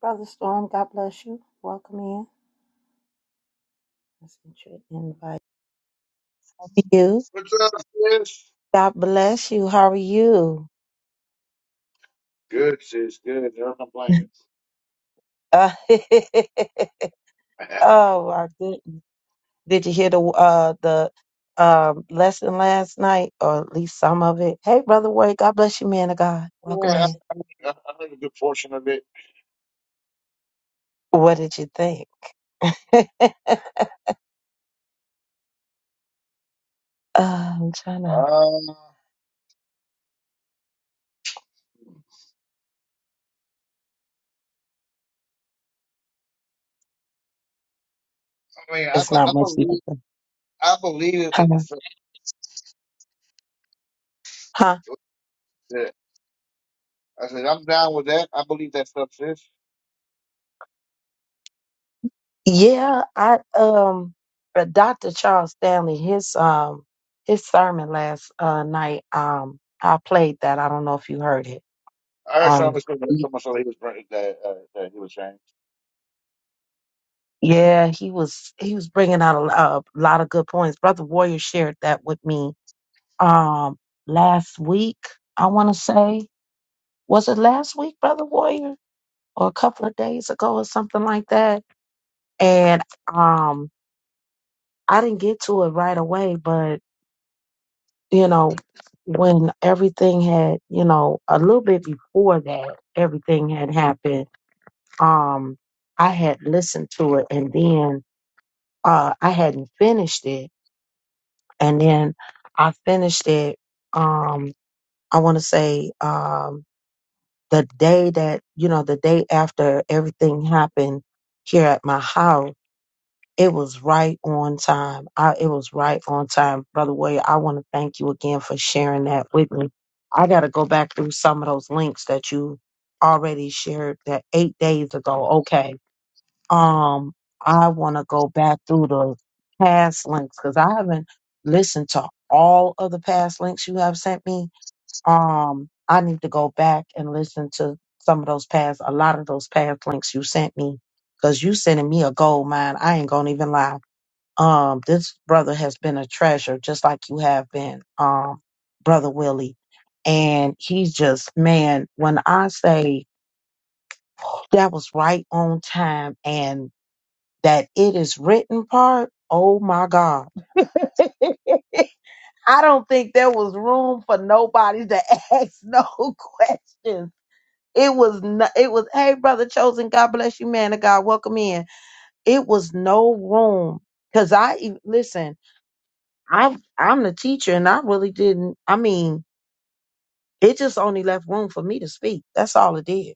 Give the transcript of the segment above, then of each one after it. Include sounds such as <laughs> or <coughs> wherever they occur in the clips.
Brother Storm, God bless you. Welcome in. Let's get you invite. You. What's up, sis? God bless you. How are you? Good, sis. Good. No complaining. Uh, <laughs> <laughs> yeah, oh my goodness. Did you hear the uh the um lesson last night or at least some of it? Hey brother Wade, God bless you, man of God. Welcome I, in. I, I heard a good portion of it. What did you think? <laughs> uh, I'm trying to Um, I mean, I, it's be- not I much you can believe, say. I believe Huh? in in stuff. Huh? that- I said I'm down with that. I believe that stuff, sis. Yeah, I um uh, Dr. Charles Stanley, his um his sermon last uh night, um I played that. I don't know if you heard it. I heard Um someone someone, someone said he was br- that uh, that he was saying. yeah, he was he was bringing out a, lo- a lot of good points. Brother Warrior shared that with me um last week, I want to say. Was it last week, Brother Warrior? Or a couple of days ago or something like that. And um I didn't get to it right away, but you know, when everything had, you know, a little bit before that, everything had happened. Um, I had listened to it and then uh I hadn't finished it. And then I finished it um I wanna say um the day that, you know, the day after everything happened here at my house It was right on time. I, it was right on time. Brother William, I want to thank you again for sharing that with me. I got to go back through some of those links that you already shared that eight days ago. Okay. Um, I want to go back through the past links because I haven't listened to all of the past links you have sent me. Um, I need to go back and listen to some of those past, a lot of those past links you sent me because you sending me a gold mine. I ain't going to even lie um, this brother has been a treasure, just like you have been, um, brother Willie. And he's just, man, when I say that was right on time and that it is written part, oh my God. <laughs> I don't think there was room for nobody to <laughs> ask no questions. It was no, it was hey brother chosen God bless you man of God welcome in. It was no room cuz I e- listen I'm I'm the teacher and I really didn't I mean it just only left room for me to speak that's all it did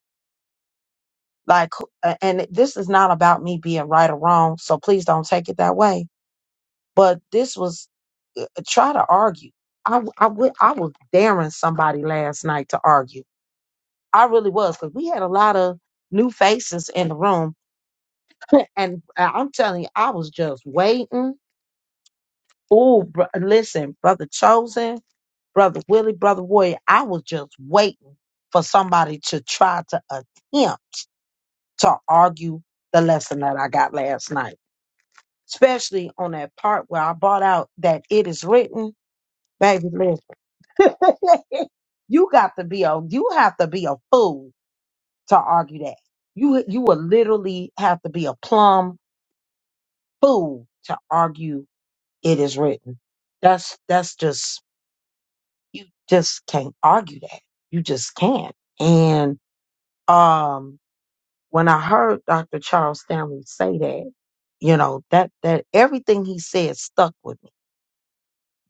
like uh, and this is not about me being right or wrong so please don't take it that way but this was uh, uh, try to argue I w- I w- I was daring somebody last night to argue I really was cuz we had a lot of new faces in the room and I- I'm telling you I was just waiting oh br- listen brother chosen Brother Willie, Brother Warrior, I was just waiting for somebody to try to attempt to argue the lesson that I got last night, especially on that part where I brought out that it is written, baby, listen. <laughs> you got to be a, you have to be a fool to argue that. You, you will literally have to be a plumb fool to argue it is written. That's, that's just, you just can't argue that. You just can't. and. um when I heard Dr. Charles Stanley say that, you know, that that everything he said stuck with me.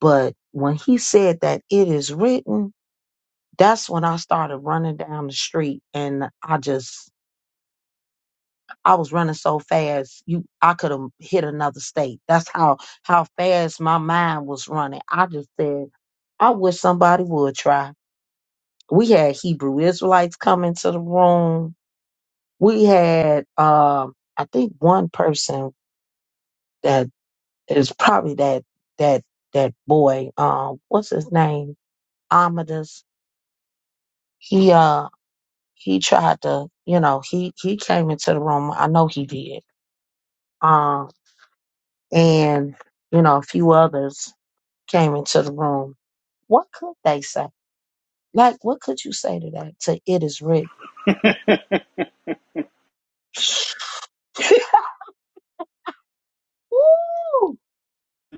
But when he said that it is written, that's when I started running down the street and I just I was running so fast, you I could have hit another state. That's how how fast my mind was running. I just said, I wish somebody would try. We had Hebrew Israelites come into the room. We had um I think one person that is probably that that that boy. Um, what's his name? Amadeus. He uh he tried to you know he he came into the room. I know he did. Um, and you know a few others came into the room. What could they say? Like what could you say to that? To it is written. <laughs> <laughs> Woo!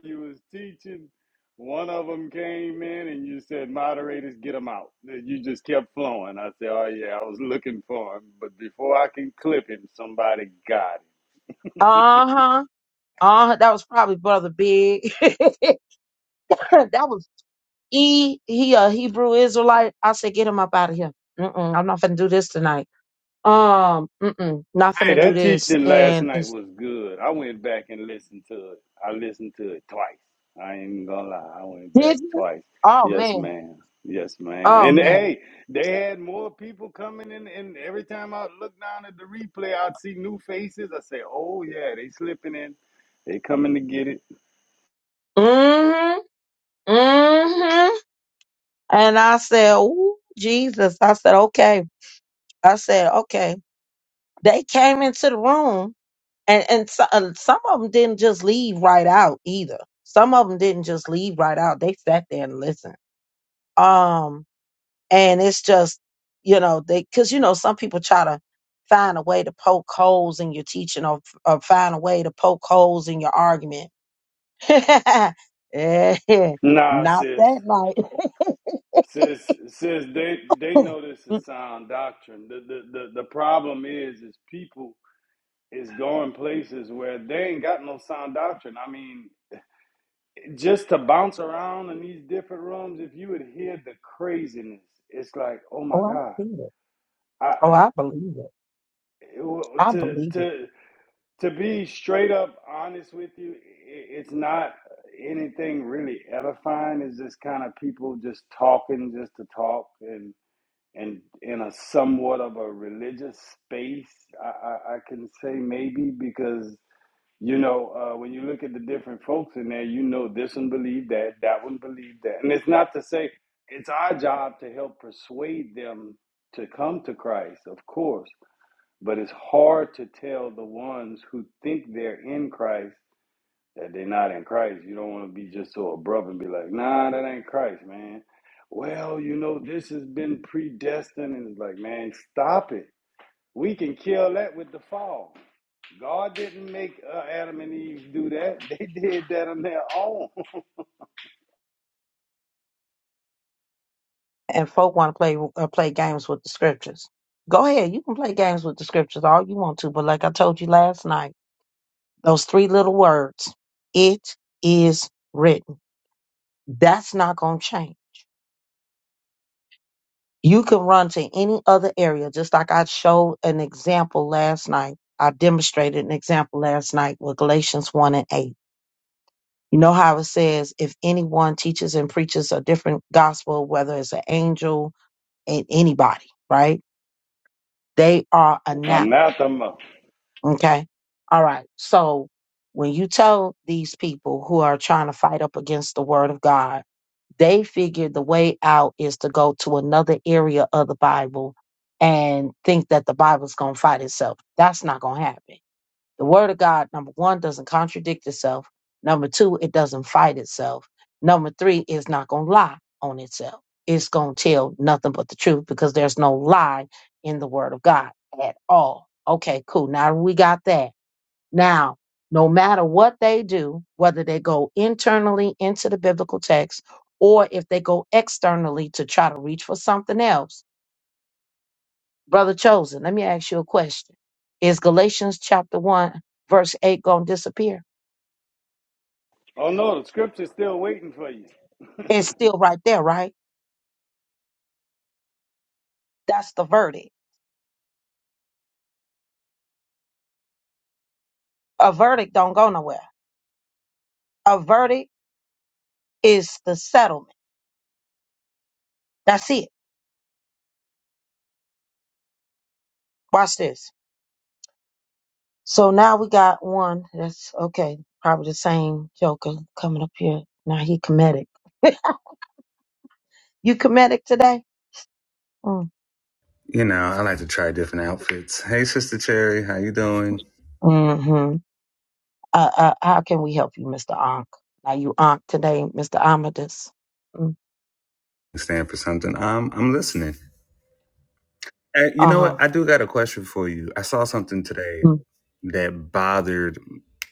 you was teaching. One of them came in and you said, moderators, get them out. You just kept flowing. I said, oh, yeah, I was looking for him. But before I can clip him, somebody got him. Uh huh. Uh, that was probably Brother Big. <laughs> that was he he a Hebrew Israelite. I said, get him up out of here. Mm-mm, I'm not finna do this tonight. Um, mm-mm, not Hey, finna do that this. teaching last And night it's was good. I went back and listened to it. I listened to it twice. I ain't even gonna lie. I went did back you? twice. Oh Yes, man, ma'am. Yes, ma'am. oh And man. hey, they had more people coming in, and every time I look down at the replay, I'd see new faces. I say, "Oh yeah, they slipping in. They coming to get it." Mm-hmm. Mm-hmm. And I said, Ooh, Jesus. I said, okay. I said, okay. They came into the room, and and so, uh, some of them didn't just leave right out either. Some of them didn't just leave right out. They sat there and listened. Um, and it's just you know they because you know some people try to find a way to poke holes in your teaching or, or find a way to poke holes in your argument <laughs> Eh, Nah, not sis, that night sis, sis. They <laughs> they know this Mm, is sound doctrine. The the the, the problem is, is people. is going places where they ain't got no sound doctrine. I mean, just to bounce around in these different rooms, if you would hear the craziness, it's like, oh my oh god. i see it I oh i believe it it i to believe it to to be straight up honest with you, i it's not anything really edifying. It's just kind of people just talking just to talk and. And in a somewhat of a religious space, I, I, I can say maybe because You know, uh, when you look at the different folks in there, you know this one believe that, that one believe that. And it's not to say it's our job to help persuade them to come to Christ, of course. But it's hard to tell the ones who think they're in Christ that they're not in Christ. You don't want to be just so abrupt and be like, nah, that ain't Christ, man. Well, you know, this has been predestined. And it's like, man, stop it. We can kill that with the fall. God didn't make uh, Adam and Eve do that. <laughs> They did that on their own. and folk want to play uh, play games with the scriptures. Go ahead, you can play games with the scriptures all you want to, but like I told you last night, those three little words, it is written. That's not going to change. You can run to any other area, just like I showed an example last night. I demonstrated an example last night with Galatians 1 and 8. You know how it says, if anyone teaches and preaches a different gospel, whether it's an angel and anybody, right? They are <laughs> anathema Anathema. Okay. All right. So when you tell these people who are trying to fight up against the word of God, they figure the way out is to go to another area of the Bible and think that the Bible's going to fight itself. That's not going to happen. The word of God, number one, doesn't contradict itself. Number two, it doesn't fight itself. Number three, it's not going to lie on itself. It's going to tell nothing but the truth because there's no lie in the word of God at all. Okay, cool. Now we got that now, no matter what they do, whether they go internally into the biblical text or if they go externally to try to reach for something else, brother chosen, let me ask you a question. Is Galatians chapter 1 verse 8 going to disappear? Oh no, the scripture's still waiting for you. It's still right there, right? That's the verdict. A verdict don't go nowhere. A verdict is the settlement. That's it. Watch this. So now we got one that's okay, probably the same joker coming up here. Now he comedic. <laughs> You comedic today? You know, I like to try different outfits. Hey, Sister Cherry, how you doing? Mm-hmm. Uh, uh, how can we help you, Mr. Ankh? Are you Ankh today, Mr. Amadeus? Mm. Stand for something. I'm I'm listening. Hey, you know Uh-huh. what? I do got a question for you. I saw something today Mm, that bothered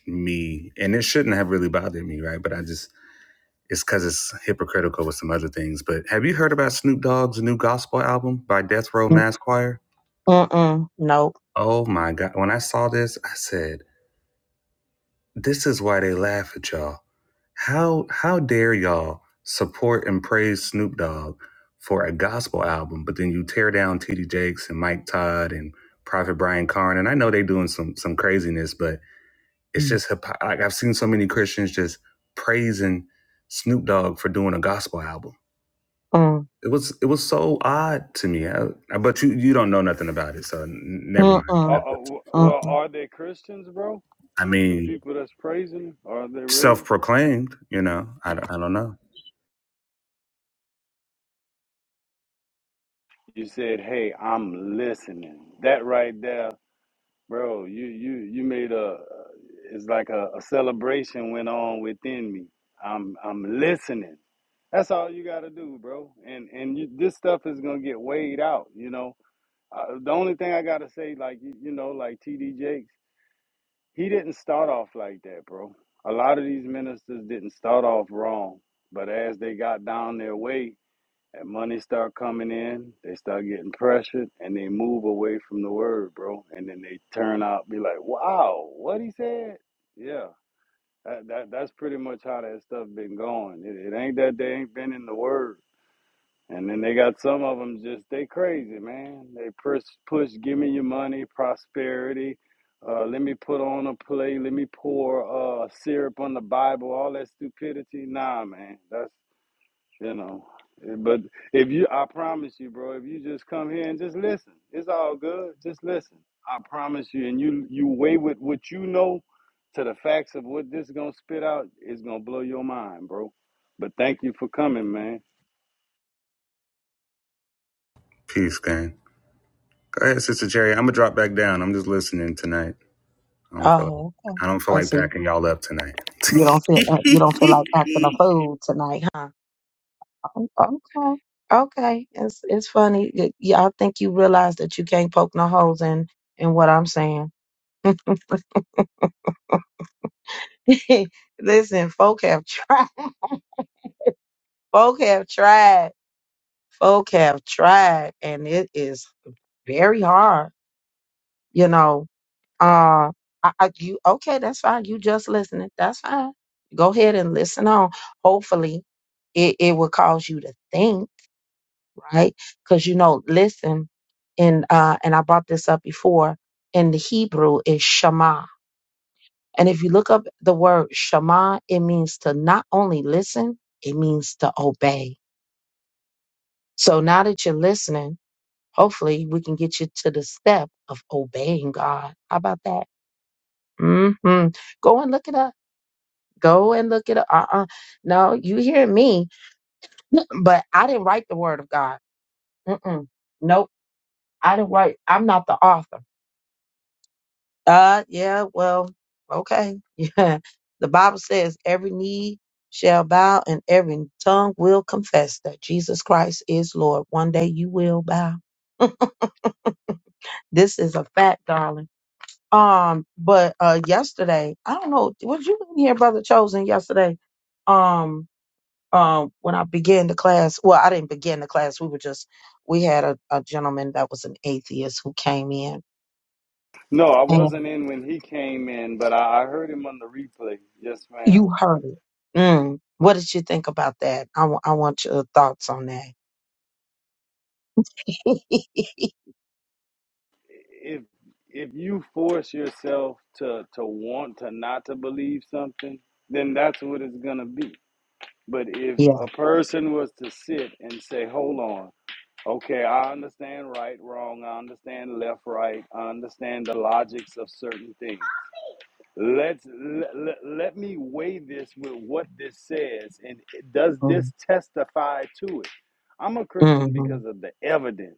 me, and it shouldn't have really bothered me, right? But I just it's because it's hypocritical with some other things. But have you heard about Snoop Dogg's new gospel album by Death Row mm, Mass Choir? Mm-mm. Nope. Oh my God! When I saw this, I said, "This is why they laugh at y'all." How how dare y'all support and praise Snoop Dogg for a gospel album, but then you tear down T.D. Jakes and Mike Todd and Prophet Brian Karn, and I know they doing some some craziness, but it's Mm. just hypo- like I've seen so many Christians just praising Snoop Dogg for doing a gospel album. Mm. It was it was so odd to me. I, I- but you you don't know nothing about it, so n- never mind. <laughs> Uh, Mm-mm. the uh, question. well, Mm-mm. are they Christians, bro? I The mean, people that's praising, are they really? self proclaimed, you know. I, don't- I don't know. You said, "Hey, I'm listening." That right there, bro. You you you made a. uh, It's like a, a celebration went on within me. I'm I'm listening. That's all you got to do, bro. And and you, this stuff is gonna get weighed out. You know, Uh, the only thing I gotta say, like you, you know, like TD Jakes, he didn't start off like that, bro. A lot of these ministers didn't start off wrong, but as they got down their way and money start coming in, they start getting pressured and they move away from the word, bro. And then they turn out be like, "Wow, what he said?" Yeah, that, that that's pretty much how that stuff been going. It, it ain't that they ain't been in the word and then they got some of them just they crazy, man. They push, push, give me your money, prosperity. Uh, let me put on a play. Let me pour uh, syrup on the Bible. All that stupidity. Nah, man. That's you know. eh, But if you, I promise you, bro. If you just come here and just listen, it's all good. Just listen. I promise you. And you, you weigh with what you know to the facts of what this gonna spit out. It's gonna blow your mind, bro. But thank you for coming, man. Peace, gang. Go ahead, Sister Cherry. I'm gonna drop back down. I'm just listening tonight. I don't feel like Oh, okay. I don't feel Oh, like so packing y'all up tonight. <laughs> you don't feel uh, you don't feel like acting a fool tonight, huh? Oh, Okay. Okay. It's it's funny. Y- Y'all think you realize that you can't poke no holes in in what I'm saying. <laughs> Listen, folk have <laughs> tried. Folk have tried. folk have tried and it is very hard, you know. Uh I, I you okay, that's fine. You just listening. That's fine. Go ahead and listen on. Hopefully it, it will cause you to think, right? Because you know, listen and uh and I brought this up before in the Hebrew is Shema. And if you look up the word Shema, it means to not only listen, it means to obey. So now that you're listening, Hopefully, we can get you to the step of obeying God. How about that? mm hmm Go and look it up. Go and look it up. Uh-uh. No, you hear me, but I didn't write the word of God. Mm-mm. Nope. I didn't write. I'm not the author. Uh, yeah, well, okay. <laughs> Yeah. The Bible says every knee shall bow and every tongue will confess that Jesus Christ is Lord. One day you will bow. This is a fact, darling. Um, but uh yesterday, I don't know, was you in here, Brother Chosen, yesterday? Um, um, when I began the class, well, I didn't begin the class, we were just we had a, a gentleman that was an atheist who came in No, I and wasn't in when he came in, but I, I heard him on the replay. Yes, ma'am. you heard it. Mm. What did you think about that? I wa- I want your thoughts on that. <laughs> If if you force yourself to to want to not to believe something, then that's what it's gonna be. But if yeah. a person was to sit and say, "Hold on, okay, I understand right, wrong. I understand left, right. I understand the logics of certain things." Let's let, let, me weigh this with what this says and does Mm. this testify to it? I'm a Christian hmm because of the evidence.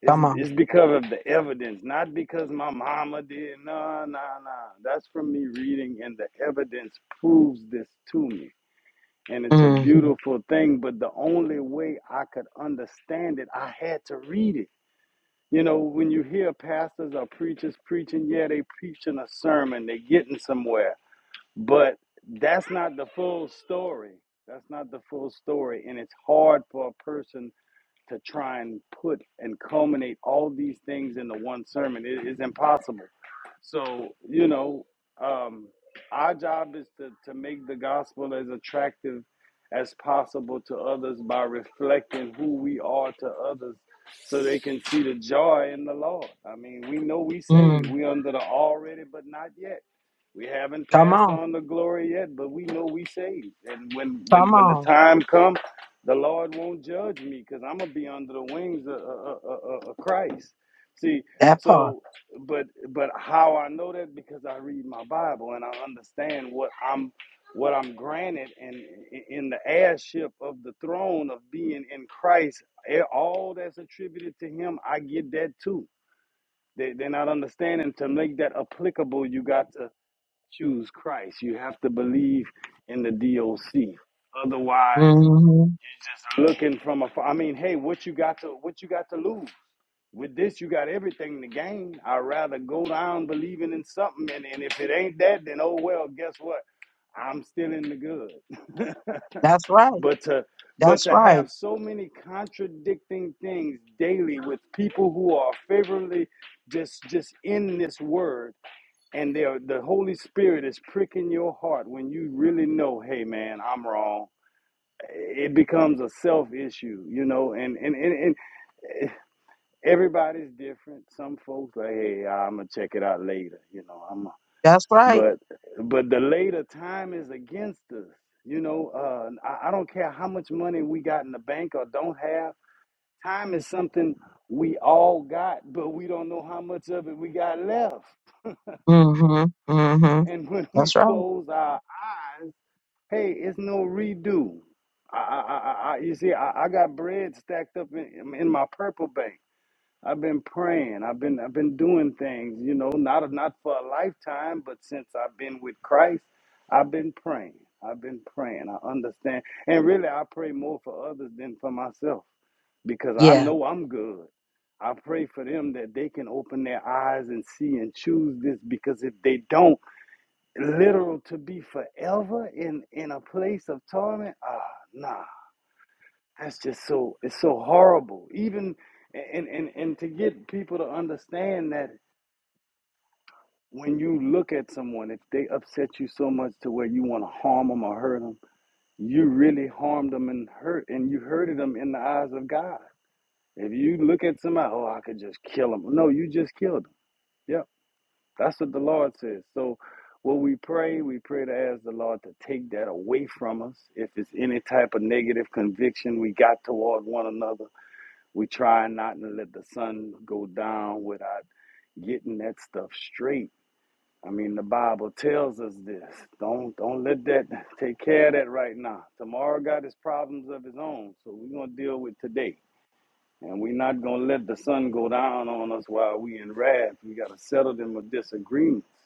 It's, Come on. it's because of the evidence, not because my mama did. No, no, no. That's from me reading, and the evidence proves this to me. And it's a hmm beautiful thing, but the only way I could understand it, I had to read it. You know, when you hear pastors or preachers preaching, yeah, they preaching a sermon, they are getting somewhere but that's not the full story. That's not the full story. And it's hard for a person to try and put and culminate all these things into one sermon. It is impossible. So, you know, um, our job is to, to make the gospel as attractive as possible to others by reflecting who we are to others so they can see the joy in the Lord. I mean, we know we saved. Mm. We under the already, but not yet. We haven't Come passed on. on the glory yet, but we know we saved. And when when Come when the on. time comes, the Lord won't judge me because I'm gonna be under the wings of, of, of, of Christ. See, That part. so but but how I know that because I read my Bible and I understand what I'm what I'm granted in in the heirship of the throne of being in Christ. Eh, All that's attributed to Him, I get that too. They, they're not understanding to make that applicable. You got to choose Christ. You have to believe in the DOC. Otherwise, hmm looking from afar. I mean, hey, what you got to what you got to lose? With this, you got everything to gain. I'd rather go down believing in something, and, and if it ain't that, then oh well. Guess what? I'm still in the good. <laughs> That's right. But to but That's to right. have so many contradicting things daily with people who are favorably just just in this word, and they're, the Holy Spirit is pricking your heart when you really know, hey man, I'm wrong it becomes a self issue, you know, and and, and, and everybody's different. Some folks like, hey, I'm gonna check it out later. You know, I'm. A, That's right. but but the later time is against us. You know, uh, I, I don't care how much money we got in the bank or don't have. Time is something we all got, but we don't know how much of it we got left. hmm hmm And <laughs> when we That's right. close our eyes, hey, it's no redo. I, I, I, I you see, I, I got bread stacked up in, in my purple bank. I've been praying. I've been I've been doing things, you know, not not for a lifetime, but since I've been with Christ, I've been praying. I've been praying. I understand. And really I pray more for others than for myself because I Yeah. know I'm good. I pray for them that they can open their eyes and see and choose this because if they don't, literal to be forever in in a place of torment, ah, nah. That's just so it's so horrible. Even and and and to get people to understand that when you look at someone, if they upset you so much to where you want to harm them or hurt them, you really harmed them and hurt and you hurted them in the eyes of God. If you look at somebody, oh, I could just kill them. No, you just killed them. Yep, that's what the Lord says. So. What we pray, we pray to ask the Lord to take that away from us. If it's any type of negative conviction we got toward one another, We try not to let the sun go down without getting that stuff straight. I mean, the Bible tells us this. Don't don't let that take care of that right now. Tomorrow got his problems of his own, so we're gonna deal with today. And we're not gonna let the sun go down on us while we in wrath. We gotta settle them with disagreements.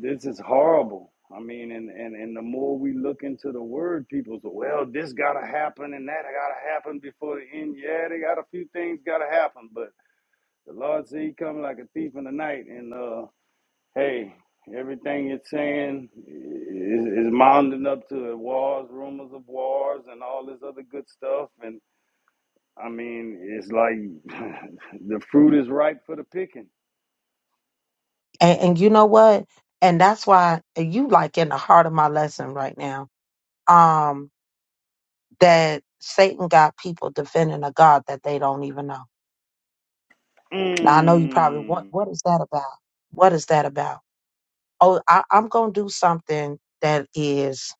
This is horrible. I mean, and, and, and the more we look into the word, people say, well, this got to happen and that got to happen before the end. Yeah, they got a few things got to happen, but the Lord said he come like a thief in the night. And, uh, hey, everything you're saying is, is mounting up to wars, rumors of wars, and all this other good stuff. And, I mean, it's like <laughs> the fruit is ripe for the picking. And and you know what? And that's why and you like in the heart of my lesson right now. Um, that Satan got people defending a God that they don't even know. Now I know you probably Mm. what what is that about? What is that about? Oh, I, I'm gonna do something that is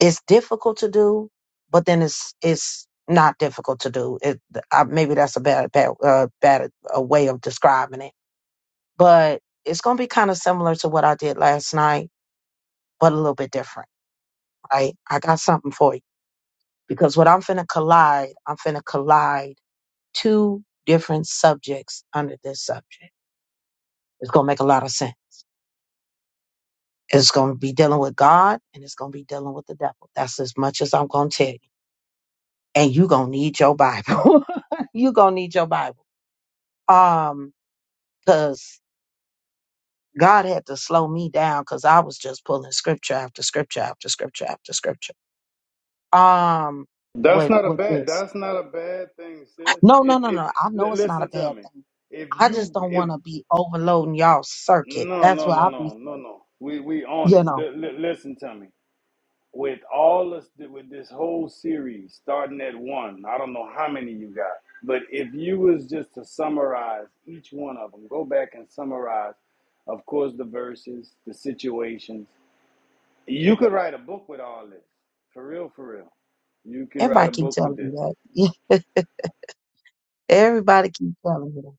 it's difficult to do, but then it's it's not difficult to do. It I, maybe that's a bad bad uh, bad uh, way of describing it but it's going to be kind of similar to what I did last night, but a little bit different, right? I got something for you because what I'm finna collide, I'm finna collide two different subjects under this subject. It's going to make a lot of sense. It's going to be dealing with God and it's going to be dealing with the devil. That's as much as I'm going to tell you. And you going to need your Bible. <laughs> you going to need your Bible. Um, cause God had to slow me down because I was just pulling scripture after scripture after scripture after scripture um That's with not a with bad. this. That's not a bad thing, sis. No, no, If no, if no. I know li- it's not a listen to bad me, thing. if I just you don't if want to be overloading y'all circuit. no That's no what no I'll no be. no no, we we on You it. know, Li- li- listen to me. With all us with this whole series starting at one, I don't know how many you got, but if you was just to summarize each one of them, go back and summarize, of course, the verses, the situations. You could write a book with all this, for real, for real. You can write everybody a keep book with telling me this. that. <laughs> Everybody keep telling me that.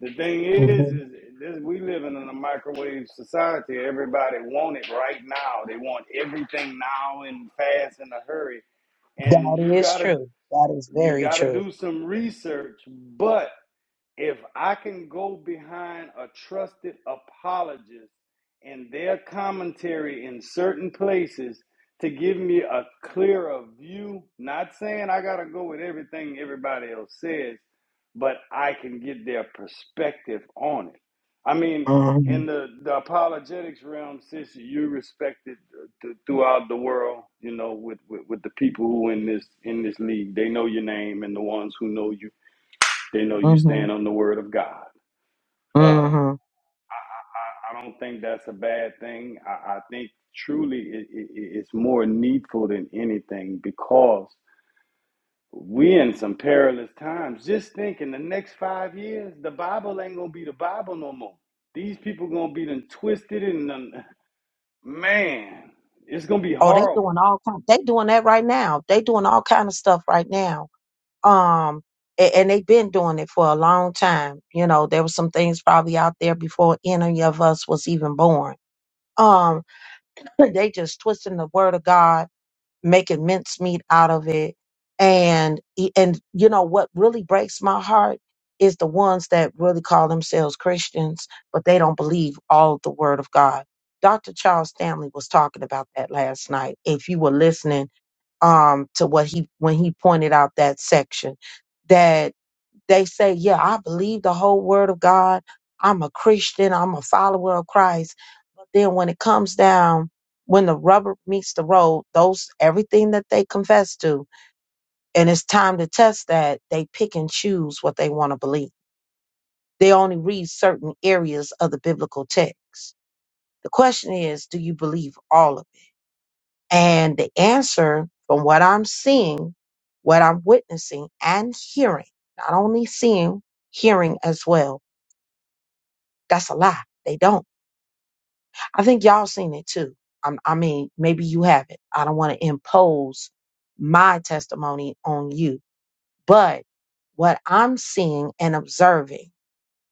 The thing is, Mhm. is this, we living in a microwave society. Everybody want it right now. They want everything now and fast in a hurry. And That you is gotta true. That is you very gotta true. do some research, but if I can go behind a trusted apologist and their commentary in certain places to give me a clearer view, not saying I got to go with everything everybody else says, but I can get their perspective on it. I mean, Mhm. in the, the apologetics realm, sis, you are respected uh, th- throughout the world, you know, with, with, with the people who in this in this league, they know your name and the ones who know you they know you Mhm. stand on the word of God. Uh, Mhm. I, I don't think that's a bad thing. I, I think truly it, it, it's more needful than anything because we in some perilous times. Just think in the next five years, the Bible ain't gonna be the Bible no more. These people gonna be done twisted and done, man, it's gonna be Oh, they doing horrible. all kind. They doing that right now. They doing all kind of stuff right now um and, and they've been doing it for a long time you know there were some things probably out there before any of us was even born um <laughs> <clears throat> they just twisting the word of god making mincemeat out of it and e- and you know what really breaks my heart is the ones that really call themselves christians but they don't believe all of the word of god dr charles stanley was talking about that last night if you were listening um to what he when he pointed out that section they say, Yeah, I believe the whole word of God. I'm a Christian. I'm a follower of Christ. But then when it comes down, when the rubber meets the road, those everything that they confess to, and it's time to test that, they pick and choose what they want to believe. They only read certain areas of the biblical text. The question is, do you believe all of it? And the answer, from what I'm seeing, what I'm witnessing and hearing, not only seeing, hearing as well That's a lie. They don't. I think y'all seen it too. i I mean, maybe you haven't. I don't want to impose my testimony on you, but what I'm seeing and observing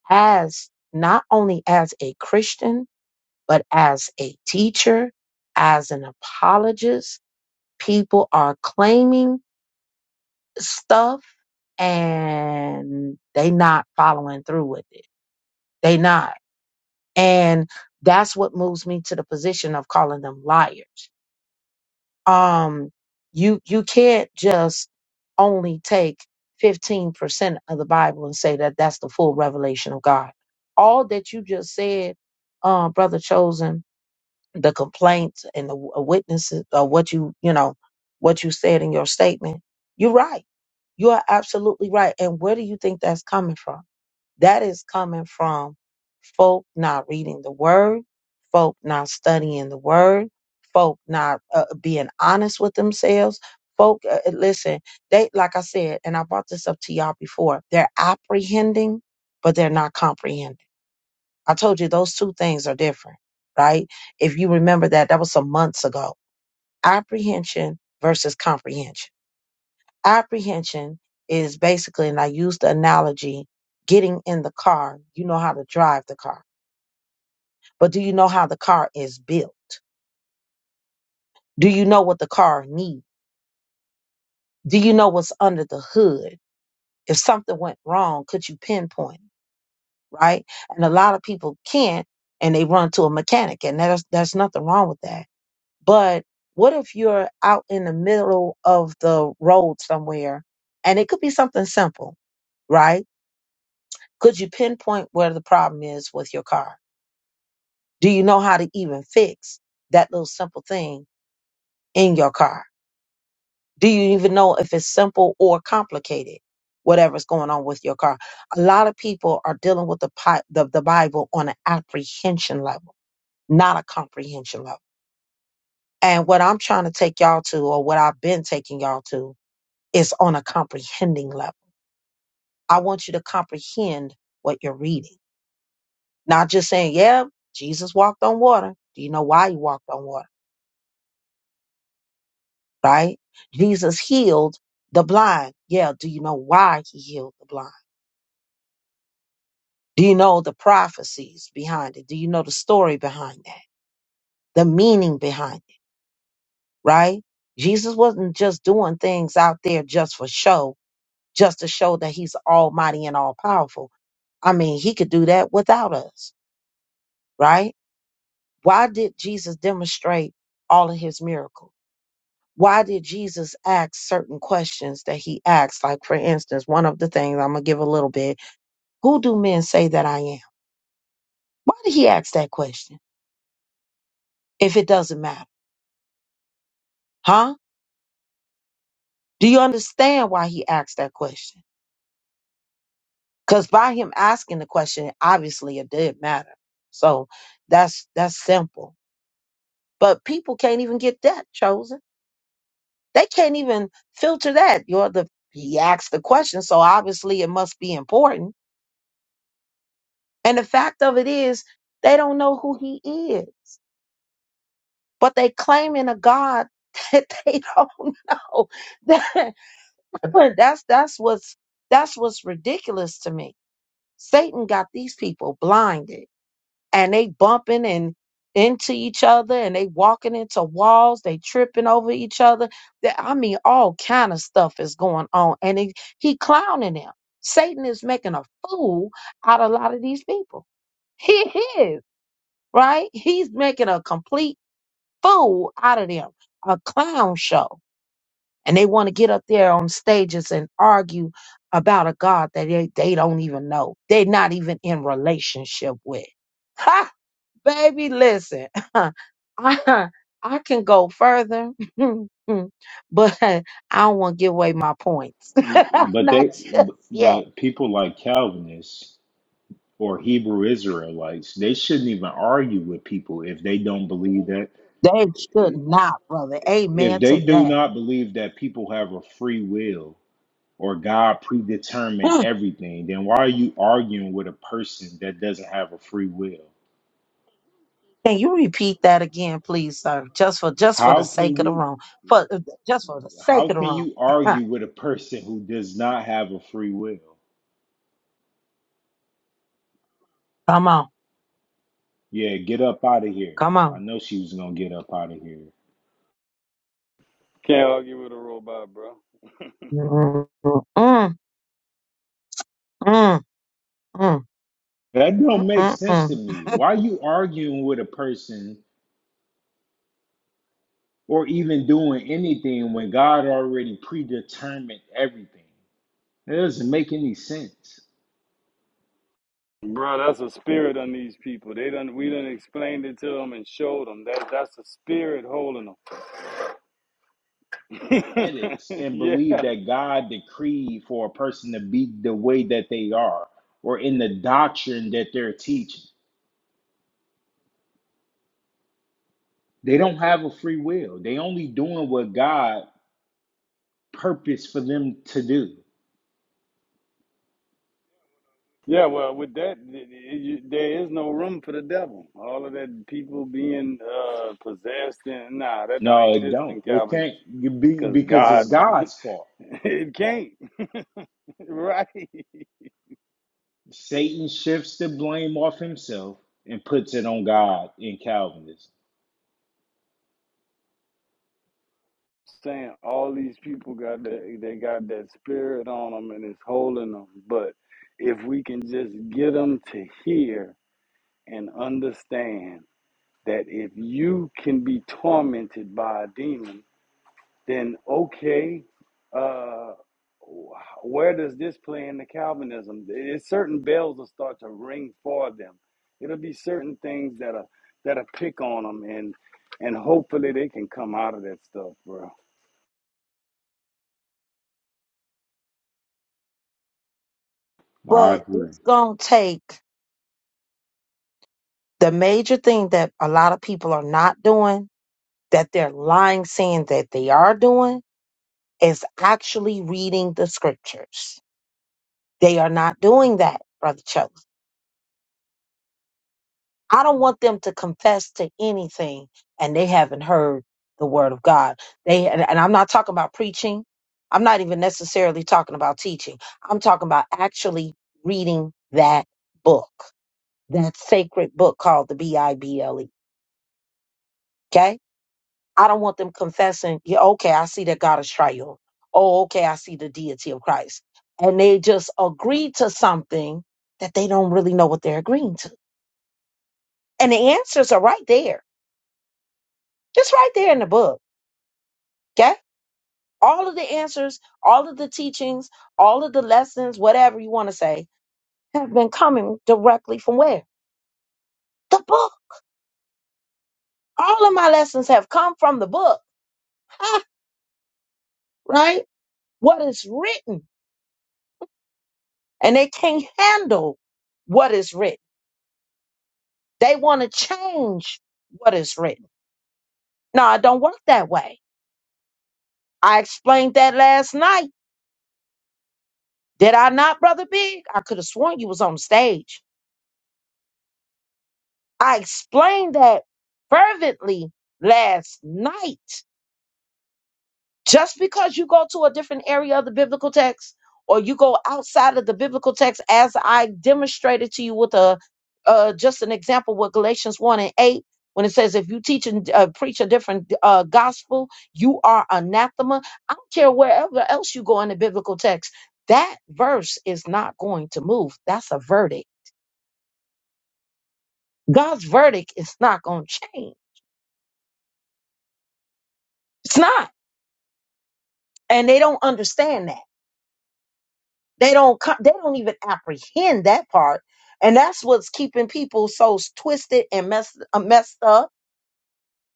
as not only as a Christian, but as a teacher, as an apologist, people are claiming stuff and they not following through with it. They not. and that's what moves me to the position of calling them liars um you you can't just only take 15% of the bible and say that that's the full revelation of god all that you just said uh, brother chosen the complaints and the w- uh, witnesses of what you you know what you said in your statement you're right you are absolutely right and where do you think that's coming from that is coming from folk not reading the word, folk not studying the word, folk not uh, being honest with themselves. Folk, uh, uh, listen, they, like I said, and I brought this up to y'all before, they're apprehending, but they're not comprehending. I told you those two things are different, right? If you remember that, that was some months ago. Apprehension versus comprehension apprehension is basically, and I use the analogy, getting in the car. You know how to drive the car, but do you know how the car is built? Do you know what the car needs? Do you know what's under the hood? If something went wrong, could you pinpoint? it, Right? And a lot of people can't, and they run to a mechanic, and that's there's nothing wrong with that. But what if you're out in the middle of the road somewhere, and it could be something simple, right? Could you pinpoint where the problem is with your car? Do you know how to even fix that little simple thing in your car? Do you even know if it's simple or complicated? Whatever's going on with your car. A lot of people are dealing with the, pi- the, the Bible on an apprehension level, not a comprehension level. And what I'm trying to take y'all to, or what I've been taking y'all to, is on a comprehending level. I want you to comprehend what you're reading. Not just saying, yeah, Jesus walked on water. Do you know why he walked on water? Right? Jesus healed the blind. Yeah. Do you know why he healed the blind? Do you know the prophecies behind it? Do you know the story behind that? The meaning behind it, right? Jesus wasn't just doing things out there just for show, just to show that he's almighty and all powerful. I mean, he could do that without us, right? Why did Jesus demonstrate all of his miracles? why did Jesus ask certain questions that he asked? Like, for instance, one of the things I'm going to give a little bit who do men say that I am? Why did he ask that question if it doesn't matter? Huh? Do you understand why he asked that question? Because by him asking the question, obviously it did matter. So that's that's simple. But people can't even get that chosen. They can't even filter that. You're the he asked the question, so obviously it must be important And the fact of it is, they don't know who he is, but they claiming a God <laughs> that they don't know. <laughs> That- that's that's what's that's what's ridiculous to me. Satan got these people blinded, and they bumping and into each other, and they walking into walls. They tripping over each other. That- I mean, all kind of stuff is going on, and he, he clowning them. Satan is making a fool out of a lot of these people. He is. right? He's making a complete fool out of them, a clown show. And they want to get up there on stages and argue about a God that they, they don't even know. They're not even in relationship with. Ha, baby, listen. <laughs> I, I can go further, <laughs> but I don't want to give away my points. <laughs> But not they, just yet. but people like Calvinists or Hebrew Israelites, they shouldn't even argue with people if they don't believe that. They should not, brother. If Amen to they do that. not believe that people have a free will or God <laughs> predetermined everything, then why are you arguing with a person that doesn't have a free will? Can you repeat that again, please, sir? Just for just for the How sake can of the you room, for uh, just for the sake how of the can room. you <laughs> argue with a person who does not have a free will? come on, Yeah, get up out of here. come I on. know she was gonna get up out of here. Can't argue with a robot, bro. Mm, mm, mm, mm, That don't mm, make mm, sense to mm. me. Why you arguing with a person or even doing anything when God already predetermined everything? It doesn't make any sense. Bro, that's a spirit on these people. They done we done explained it to them and showed them that that's a spirit holding them. <laughs> Ethics and yeah, believe that God decreed for a person to be the way that they are or in the doctrine that they're teaching. They don't have a free will. They only doing what God purposed for them to do. yeah. Well, with that, th- th- there is no room for the devil. All of that people being uh, possessed and nah, that don't No, it exist don't. in It Calvinism can't be because because it's God, God's fault. <laughs> it can't. <laughs> Right? Satan shifts the blame off himself and puts it on God in Calvinism. Saying all these people got that, they got that spirit on them and it's holding them. But if we can just get them to hear and understand that if you can be tormented by a demon then okay, uh, where does this play into Calvinism? It's certain bells will start to ring for them. It'll be certain things that are that are pick on them, and and hopefully they can come out of that stuff, bro. I But agree. it's gonna take the major thing that a lot of people are not doing, that they're lying, saying that they are doing, is actually reading the scriptures. They are not doing that, brother Chuck. I don't want them to confess to anything and they haven't heard the word of God. They and, and I'm not talking about preaching. I'm not even necessarily talking about teaching. I'm talking about actually reading that book, that sacred book called the B I B L E. Okay? I don't want them confessing, yeah, okay, I see that God is triune. Oh, okay, I see the deity of Christ. And they just agree to something that they don't really know what they're agreeing to. And the answers are right there. It's right there in the book Okay? All of the answers, all of the teachings, all of the lessons, whatever you want to say, have been coming directly from where? The book. All of my lessons have come from the book, Ha, right? What is written. And they can't handle what is written. They want to change what is written. No, it don't work that way. I explained that last night. Did I not, Brother Big? I could have sworn you was on stage. I explained that fervently last night Just because you go to a different area of the biblical text or you go outside of the biblical text, as I demonstrated to you with a uh, just an example with Galatians 1 and 8, when it says, if you teach and uh, preach a different uh, gospel, you are anathema. I don't care wherever else you go in the biblical text, that verse is not going to move. That's a verdict. God's verdict is not going to change. It's not. And they don't understand that. They don't co- they don't even apprehend that part, and that's what's keeping people so twisted and messed uh, messed up.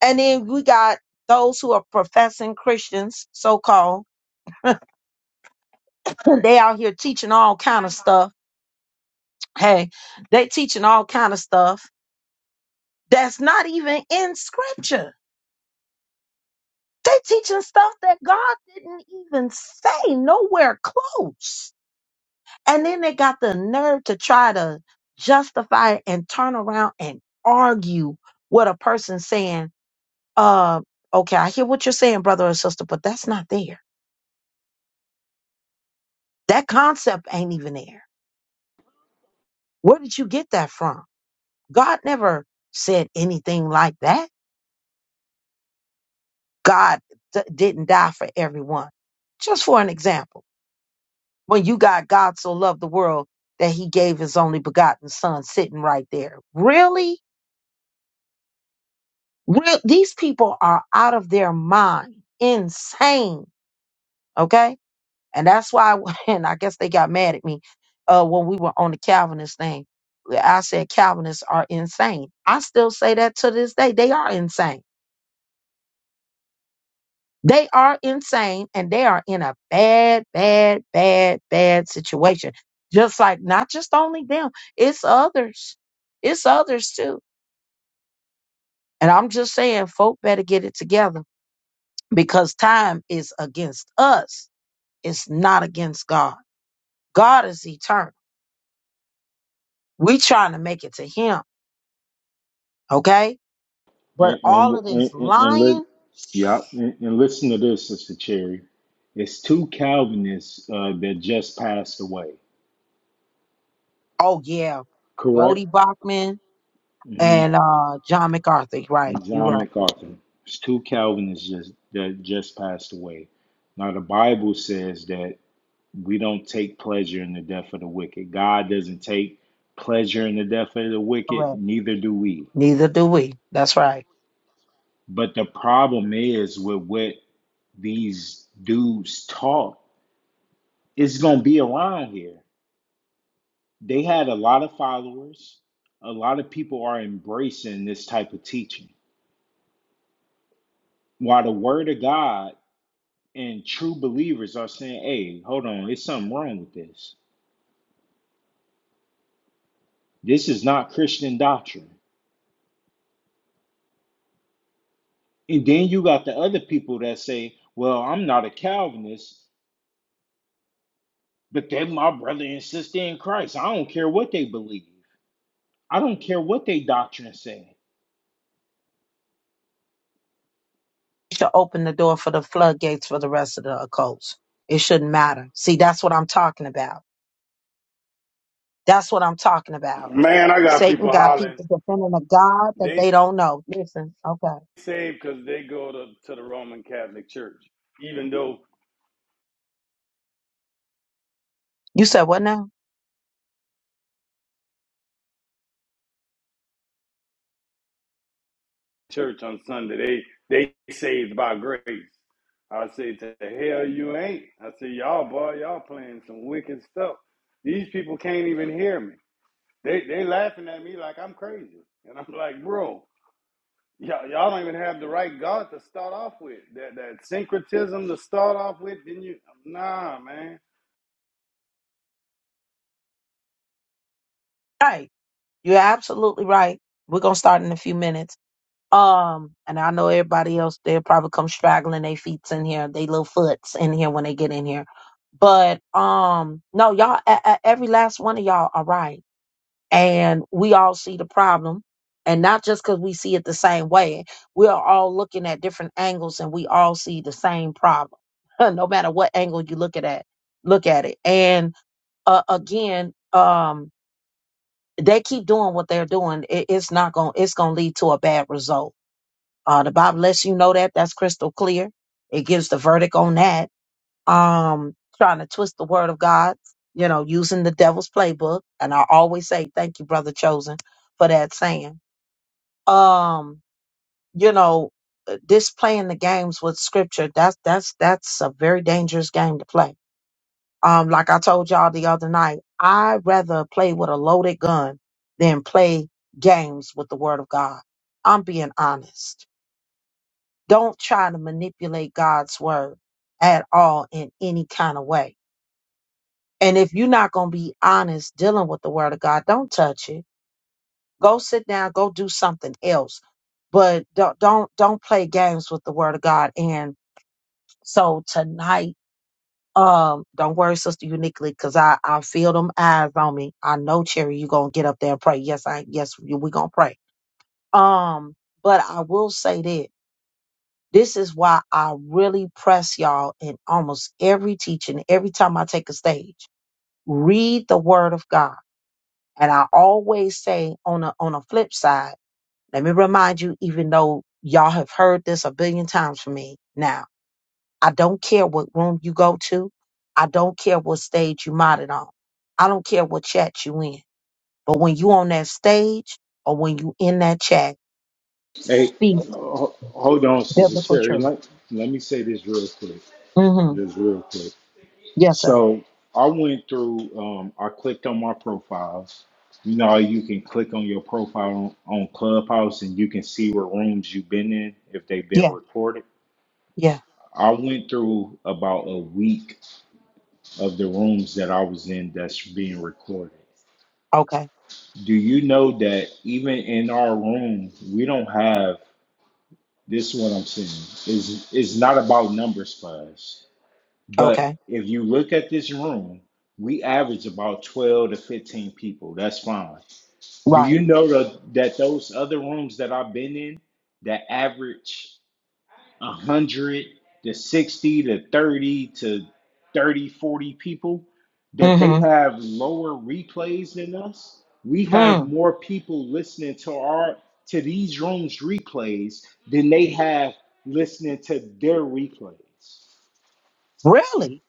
And then we got those who are professing Christians, so called. <clears throat> They out here teaching all kind of stuff. Hey, they teaching all kind of stuff that's not even in Scripture. They teaching stuff that God didn't even say nowhere close And then they got the nerve to try to justify and turn around and argue with a person saying, uh, okay, I hear what you're saying, brother or sister, but that's not there. That concept ain't even there. Where did you get that from? God never said anything like that. God d- didn't die for everyone. Just for an example, when you got God so loved the world that he gave his only begotten son sitting right there. Really? Real, these people are out of their mind, insane. Okay, and that's why. <laughs> And I guess they got mad at me uh, when we were on the Calvinist thing. I said Calvinists are insane. I still say that to this day. They are insane. They are insane, and they are in a bad, bad, bad, bad situation. Just like not just only them, it's others. It's others too. And I'm just saying, folk better get it together because time is against us is not against God. God is eternal. We trying to make it to him, okay? But And all and of this and, and, and let lying, yeah, and, and listen to this, Sister Cherry. It's two Calvinists uh, that just passed away, oh yeah, correct? Bodie Bachman mm hmm and uh John McCarthy, right? And You John right, MacArthur. It's two Calvinists just, that just passed away. Now the Bible says that we don't take pleasure in the death of the wicked. God doesn't take pleasure in the death of the wicked. correct. Neither do we. Neither do we. That's right. But the problem is with what these dudes taught, it's gonna be around here. They had a lot of followers. A lot of people are embracing this type of teaching. While the word of God and true believers are saying, hey, hold on, there's something wrong with this. This is not Christian doctrine. And then you got the other people that say, well, I'm not a Calvinist, but they're my brother and sister in Christ. I don't care what they believe. I don't care what they doctrine say. It should open the door for the floodgates for the rest of the occults. It shouldn't matter. See, that's what I'm talking about. That's what I'm talking about. Man, I got Satan people got people hollering. defending a God that They they don't know. Listen, okay. saved because they go to, to the Roman Catholic Church, even though You said what now? church on Sunday. They they saved by grace. I said, to the hell you ain't. I said, y'all boy, y'all playing some wicked stuff. These people can't even hear me. They they laughing at me like I'm crazy. And I'm like, bro, y'all, y'all don't even have the right God to start off with. That that syncretism to start off with, then you nah man. Right. You're absolutely right. We're gonna start in a few minutes. Um, and I know everybody else they'll probably come straggling their feets in here, they little foots in here when they get in here. But um, no, y'all, a- a- every last one of y'all are right, and we all see the problem, and not just because we see it the same way. We are all looking at different angles, and we all see the same problem, <laughs> no matter what angle you look at it. Look at it, and uh, again, um, they keep doing what they're doing, it, it's not going to it's going to lead to a bad result. Uh, the Bible lets you know that that's crystal clear. It gives the verdict on that. Um, trying to twist the word of God, you know, using the devil's playbook. And I always say, thank you, brother chosen, for that saying. Um, you know, uh, this playing the games with scripture, that's that's that's a very dangerous game to play um, like I told y'all the other night, I'd rather play with a loaded gun than play games with the word of God. I'm being honest. Don't try to manipulate God's word at all in any kind of way. And if you're not going to be honest dealing with the word of God, don't touch it. Go sit down, go do something else. But don't don't don't play games with the word of God. And so tonight Um, don't worry, Sister Uniquely, because I I feel them eyes on me. I know, Cherry, you gonna get up there and pray. Yes, I yes, you- we gonna pray. Um, but I will say that this is why I really press y'all in almost every teaching, every time I take a stage. Read the Word of God, and I always say on a on a flip side. Let me remind you, even though y'all have heard this a billion times from me now I don't care what room you go to. I don't care what stage you modded on. I don't care what chat you in. But when you on that stage or when you in that chat, Hey, speak ho- hold on, Sister biblical Cherry. truth. Let, let me say this real quick. Mm-hmm. Just real quick. Yes, sir. So I went through, um, I clicked on my profiles. You know, how you can click on your profile on, on Clubhouse and you can see what rooms you've been in if they've been Yeah. recorded. Yeah. I went through about a week of the rooms that I was in that's being recorded. Okay. Do you know that even in our room, we don't have This is what I'm saying. Is is not about numbers for us. But Okay. if you look at this room, we average about 12 to 15 people. That's fine. Do Right. you know that that those other rooms that I've been in that average? 100 to 60 to 30 to 30 40 people, that they Mm-hmm. have lower replays than us. We have Mm. more people listening to our to these rooms replays than they have listening to their replays. Really?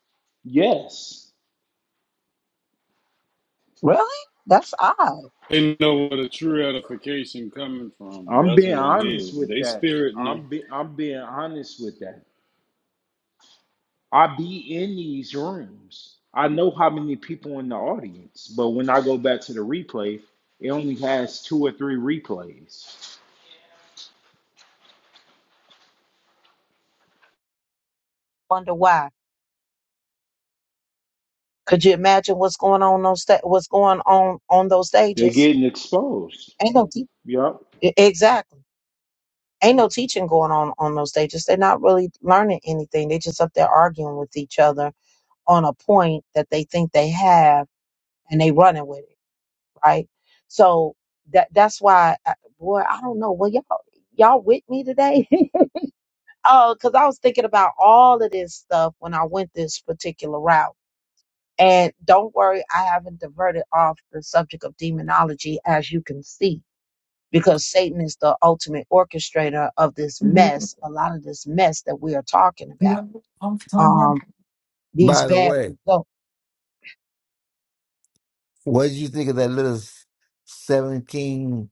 Yes. Really? That's odd. They know where the true edification coming from. I'm That's being what it honest is. with They that. spirit know. I'm be, I'm being honest with that. I be in these rooms. I know how many people in the audience, but when I go back to the replay, it only has two or three replays. Wonder why. Could you imagine what's going on those sta- what's going on on those They're stages? getting exposed. Ain't no deep. Yep. e- Exactly. Ain't no teaching going on on those stages. They're not really learning anything. they just up there arguing with each other on a point that they think they have, and they running with it, right? So that that's why, I, boy, I don't know. Well, y'all y'all with me today? <laughs> Oh, because I was thinking about all of this stuff when I went this particular route. And don't worry, I haven't diverted off the subject of demonology, as you can see because Satan is the ultimate orchestrator of this By mess, a lot of this mess that we are talking about. Um, these the bad way, results. what did you think of that little 17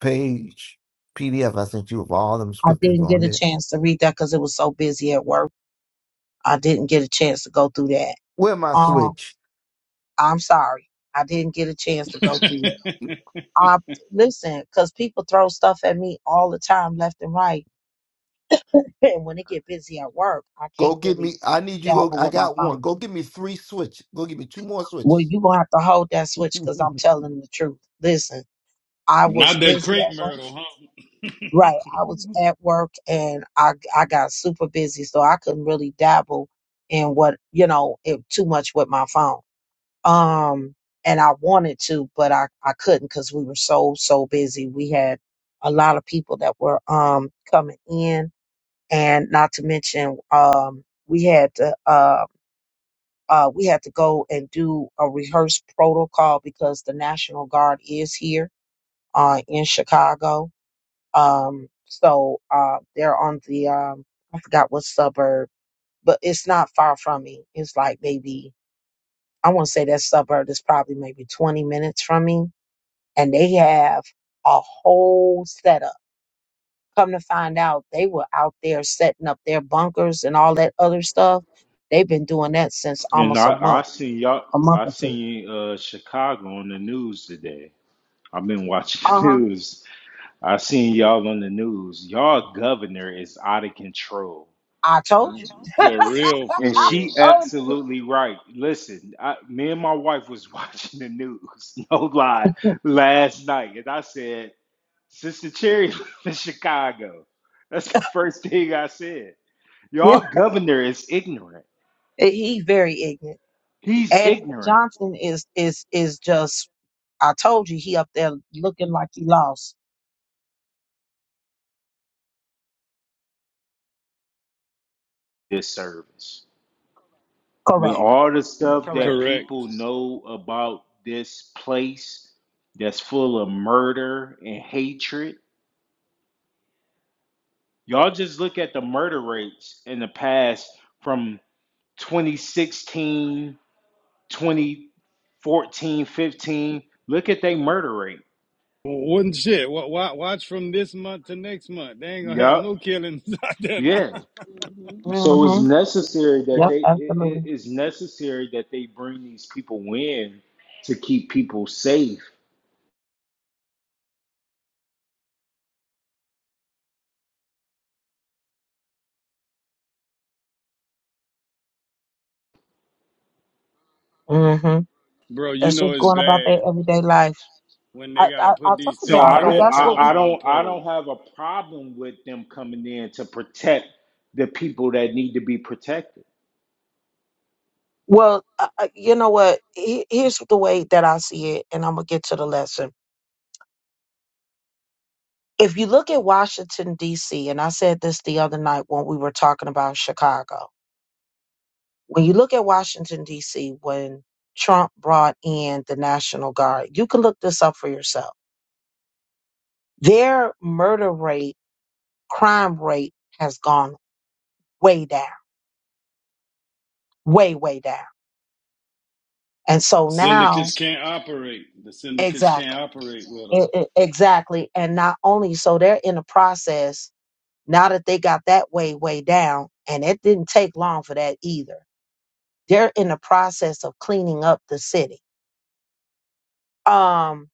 page PDF I sent you with all them I scriptures didn't get on a it? chance to read that because it was so busy at work. I didn't get a chance to go through that. Where my Um, switch? I'm sorry. I didn't get a chance to <laughs> go through it. I listen, because people throw stuff at me all the time, left and right. <laughs> And when it get busy at work, I Go can't get really me. I need you. Go, dabble I with my got one. phone. Go get me three switches. Go get me two more Well, switches. you gonna have to hold that switch <laughs> because I'm telling the truth. Listen. I was Not that busy crepe at work. myrtle, huh? <laughs> Right. I was at work and I I got super busy, so I couldn't really dabble in what you know it, too much with my phone. Um, and I wanted to, but I I couldn't because we were so so busy. We had a lot of people that were um coming in, and not to mention um we had to uh. Uh, we had to go and do a rehearsed protocol because the National Guard is here uh, in Chicago Um, so uh, they're on the um, I forgot what suburb, but it's not far from me. It's like maybe I want to say that suburb is probably maybe 20 minutes from me, and they have a whole setup. Come to find out, they were out there setting up their bunkers and all that other stuff. They've been doing that since And almost a I, I month, seen y'all a month I or two. seen uh Chicago on the news today. I've been watching <laughs> Uh the huh. news. I seen y'all on the news. Y'all governor is out of control. I told you. For real, for And real. she Oh, absolutely right. Listen, I, me and my wife was <laughs> watching the news, <laughs> no lie, <laughs> last night, and I said, "Sister Cherry <laughs> lives in Chicago." That's the first thing I said. yeah. Y'all governor is ignorant. He's very ignorant. He's And ignorant. Johnson is is is just I told you he up there looking like he lost. This service with Correct. all the stuff that Correct. Correct. people know about this place that's full of murder and hatred. Y'all just look at the murder rates in the past from 2016, 2014, 15. Look at they murder rate. Wouldn't shit. Wa- wa- Watch from this month to next month. They ain't gonna have Yup. no killings <laughs> out there Yeah. now. So it's Mm-hmm. necessary that Yep. they it, Absolutely. it- it's necessary that they bring these people in to keep people safe. Mm-hmm. Bro, you That's know just it's going about their bad everyday life. when they I gotta I, I put told these So things y'all. I in We, their don't that's I, what we. I telephone don't I don't pole. have a problem with them coming in to protect the people that need to be protected. Well, uh, uh, you know what? He- Here's the way that I see it, and I'm gonna get to the lesson. If you look at Washington D.C., and I said this the other night when we were talking about Chicago. When you look at Washington D.C., when Trump brought in the National Guard, you can look this up for yourself. Their murder rate crime rate has gone way down, way, way down. And so now, Syndicates can't operate. The syndicates can't exactly, operate with them. e- e- exactly. And not only so, they're in the process now that they got that way, way down, and it didn't take long for that either. They're in the process of cleaning up the city. Um,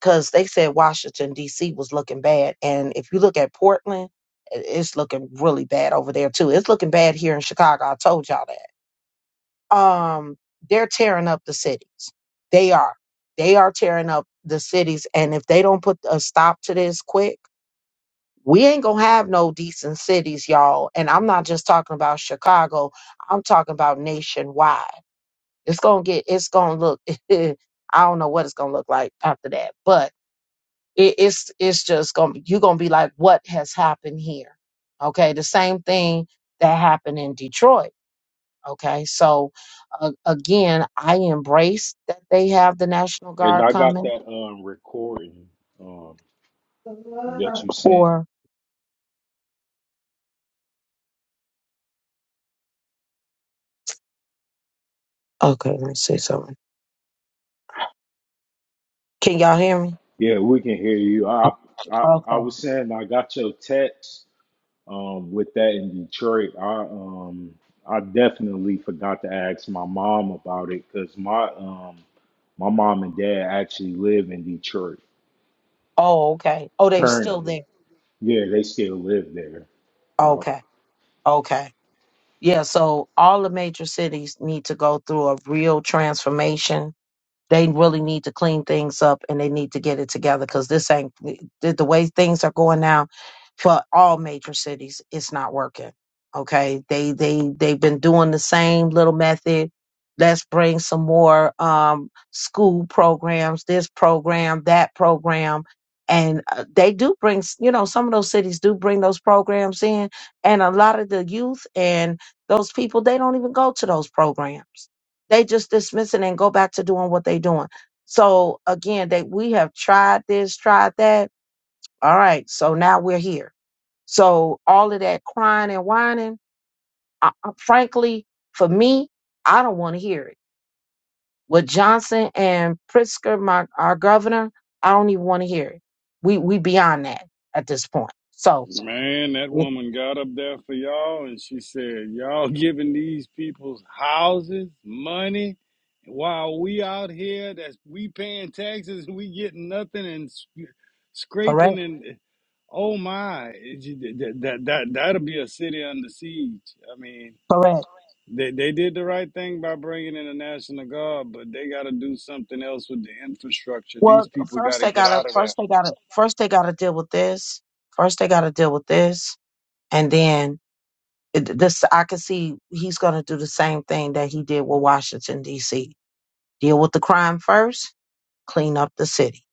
because they said Washington D.C. was looking bad, and if you look at Portland, i- it's looking really bad over there too. It's looking bad here in Chicago. I told y'all that. um they're tearing up the cities they are they are tearing up the cities and if they don't put a stop to this quick we ain't gonna have no decent cities y'all and i'm not just talking about chicago i'm talking about nationwide it's gonna get it's gonna look <laughs> i don't know what it's gonna look like after that but it, it's it's just gonna you're gonna be like what has happened here okay the same thing that happened in detroit Okay, so uh, again, I embrace that they have the National And Guard I got coming that um recording um that you sent. for. Okay, let me say something. Can y'all hear me? Yeah, we can hear you. Uh, I I, I Okay. was saying I got your text um, with that in Detroit. I um I definitely forgot to ask my mom about it because my um my mom and dad actually live in Detroit Oh, okay. Oh, they're still currently. there. Yeah, they still live there. Yeah. Okay. Okay. Yeah, so all the major cities need to go through a real transformation They really need to clean things up and they need to get it together because this ain't the, the way things are going now for all major cities. It's not working. Okay, they they they've been doing the same little method. Let's bring some more um, school programs, this program, that program, and uh, they do bring. s- You know, some of those cities do bring those programs in, and a lot of the youth and those people they don't even go to those programs they just dismiss it and go back to doing what they're doing. So again, they we have tried this, tried that. All right, so now we're here. So all of that crying and whining, I, I- frankly, for me, I don't want to hear it. With Johnson and Pritzker, my our governor, I don't even want to hear it. We we beyond that at this point. So Man, that w- woman got up there for y'all and she said, Y'all giving these people's houses, money, while we out here that's we paying taxes, we getting nothing and s- correct, scraping and oh my, that that that that'll be a city under siege. I mean, correct. they they did the right thing by bringing in the National Guard, but they got to do something else with the infrastructure. Well, These people got first to they get gotta, out of there. first they gotta, first they gotta deal with this. First they gotta deal with this, and then it- this I can see he's going to do the same thing that he did with Washington D.C. Deal with the crime first, clean up the city.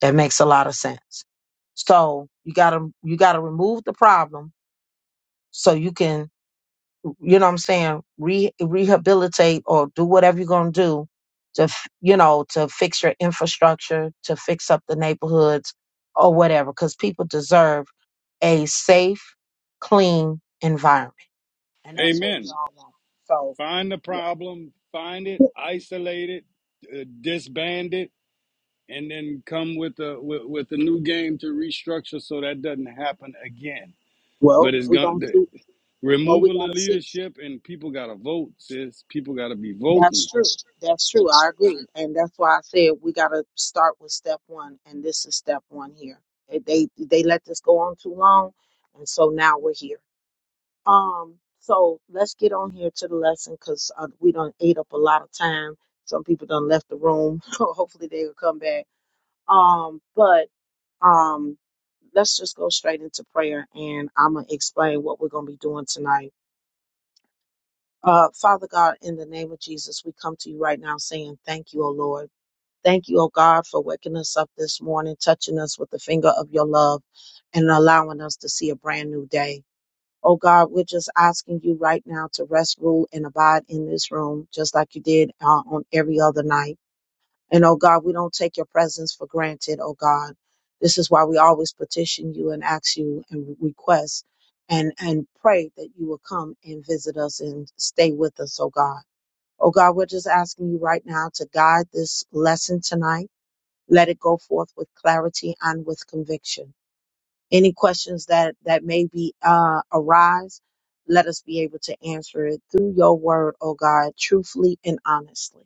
That makes a lot of sense. So you got to you got to remove the problem so you can you know what I'm saying re- rehabilitate or do whatever you're going to do to f- you know to fix your infrastructure to fix up the neighborhoods or whatever because people deserve a safe, clean environment and that's what Amen. we all want. So, find the yeah. problem, find it, isolate it, uh, disband it, and then come with a with, with a new game to restructure so that doesn't happen again. Well, But it's we're going going to to see. Well, we removal got of to see. leadership and people got to vote, sis. People got to be That's voting. true. That's true. I agree. And that's why I said we got to start with step one. And this is step one here. They, they they let this go on too long. And so now we're here. Um, so let's get on here to the lesson because uh, we done ate up a lot of time. Some people done left the room. <laughs> Hopefully they'll come back. Um, but Um, let's just go straight into prayer and I'm going to explain what we're going to be doing tonight. Uh, Father God, in the name of Jesus, we come to you right now saying thank you, O Lord. Thank you, O God, for waking us up this morning, touching us with the finger of your love and allowing us to see a brand new day. Oh God, we're just asking you right now to rest, rule, and abide in this room, just like you did uh, on every other night. And oh God, we don't take your presence for granted, oh God. This is why we always petition you and ask you and request and, and pray that you will come and visit us and stay with us, oh God. Oh God, we're just asking you right now to guide this lesson tonight. Let it go forth with clarity and with conviction. Any questions that, that may be, uh, arise, let us be able to answer it through your word, oh God, truthfully and honestly.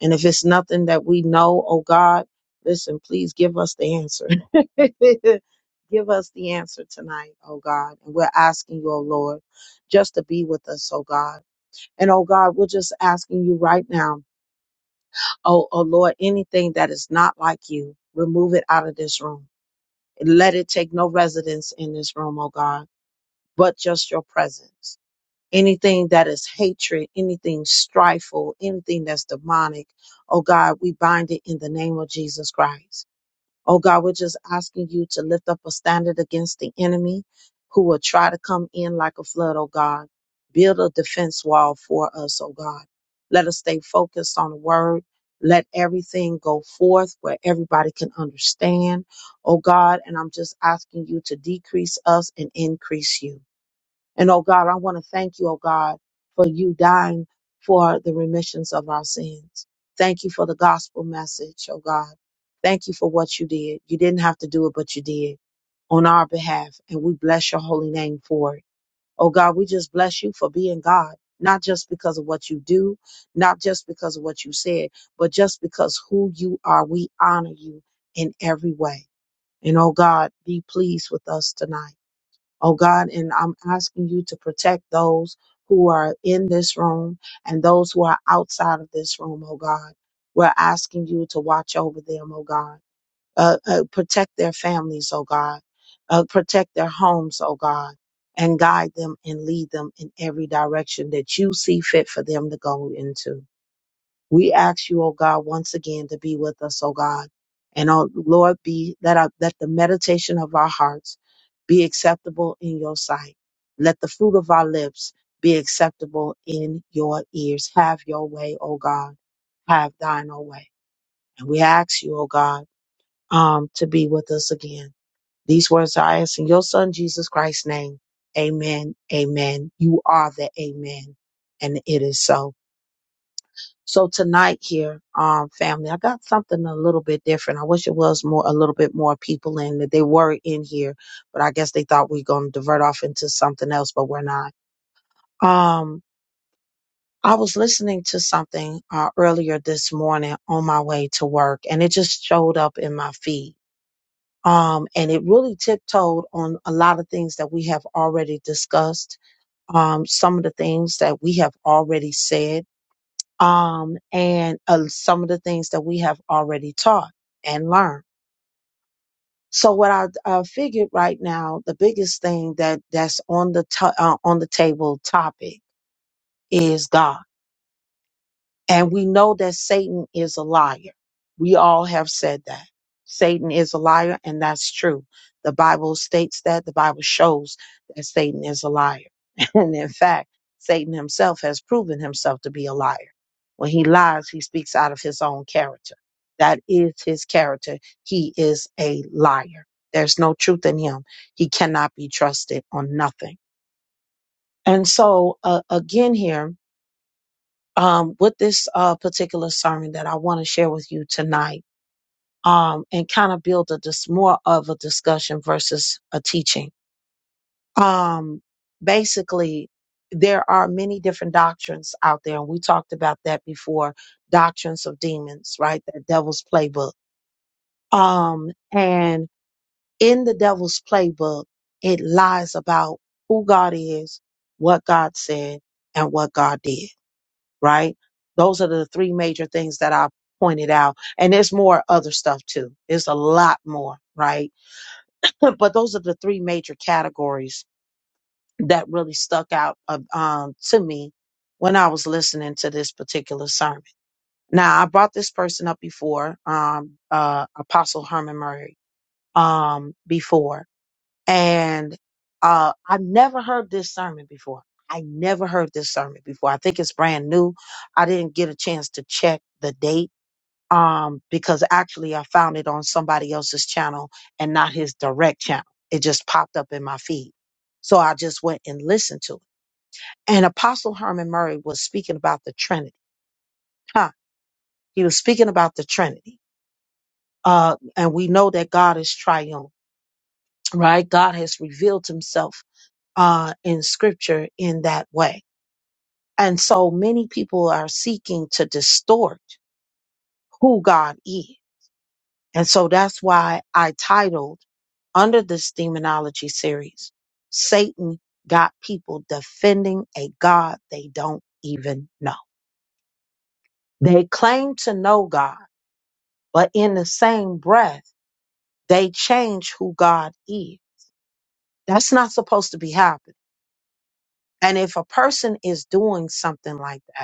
And if it's nothing that we know, oh God, listen, please give us the answer. <laughs> give us the answer tonight, oh God. And we're asking you, oh Lord, just to be with us, oh God. And oh God, we're just asking you right now, oh, oh Lord, anything that is not like you, remove it out of this room. Let it take no residence in this room, oh God, but just your presence anything that is hatred, anything strifeful, anything that's demonic. Oh God, we bind it in the name of Jesus Christ. Oh God, we're just asking you to lift up a standard against the enemy who will try to come in like a flood, oh God. Build a defense wall for us, oh God. Let us stay focused on the word. Let everything go forth where everybody can understand, oh God. And I'm just asking you to decrease us and increase you. And oh God, I want to thank you, oh God, for you dying for the remissions of our sins. Thank you for the gospel message, oh God. Thank you for what you did. You didn't have to do it, but you did on our behalf. And we bless your holy name for it. Oh God, we just bless you for being God, not just because of what you do, not just because of what you said, but just because who you are, we honor you in every way. And oh God, be pleased with us tonight oh God, and I'm asking you to protect those who are in this room and those who are outside of this room, oh God. We're asking you to watch over them, oh God. Uh, uh, protect their families, oh God. Uh, protect their homes, oh God. And guide them and lead them in every direction that you see fit for them to go into. We ask you, oh God, once again to be with us, oh God. And oh Lord, be that our, that the meditation of our hearts be acceptable in your sight. Let the fruit of our lips be acceptable in your ears. Have your way, oh God. Have thine own way. And we ask you, oh God, um, to be with us again. These words I ask in your son Jesus Christ's name. Amen. Amen. You are the amen. And it is so. So tonight here, um, family, I got something a little bit different. I wish it was more a little bit more people in that they were in here, but I guess they thought we are gonna divert off into something else, but we're not. Um, I was listening to something uh, earlier this morning on my way to work, and it just showed up in my feed. Um, and it really tiptoed on a lot of things that we have already discussed. Um, some of the things that we have already said um, and uh, some of the things that we have already taught and learned. So what I uh, figured right now, the biggest thing that that's on the to- uh, on the table topic is God And we know that Satan is a liar. We all have said that. Satan is a liar, and that's true. The Bible states that. The Bible shows that Satan is a liar. <laughs> And in fact, Satan himself has proven himself to be a liar. When he lies, he speaks out of his own character. That is his character. He is a liar. There's no truth in him. He cannot be trusted on nothing. And so, uh, again, here, um, with this uh, particular sermon that I want to share with you tonight um, and kind of build a dis- more of a discussion versus a teaching. Um, basically, there are many different doctrines out there, and we talked about that before doctrines of demons, right? The devil's playbook. Um, and in the devil's playbook, it lies about who God is, what God said, and what God did right? Those are the three major things that I pointed out. And there's more other stuff too. There's a lot more, right? <laughs> But those are the three major categories that really stuck out uh, um, to me when I was listening to this particular sermon. Now, I brought this person up before, um, uh, Apostle Herman Murray, um, before and uh, I've never heard this sermon before. I never heard this sermon before. I think it's brand new. I didn't get a chance to check the date um, because actually I found it on somebody else's channel and not his direct channel. It just popped up in my feed. So I just went and listened to it. And Apostle Herman Murray was speaking about the Trinity. Huh. He was speaking about the Trinity. Uh, and we know that God is triune, right? God has revealed himself uh, in scripture in that way. And so many people are seeking to distort who God is. And so that's why I titled under this demonology series, Satan got people defending a God they don't even know. They claim to know God, but in the same breath, they change who God is. That's not supposed to be happening. And if a person is doing something like that,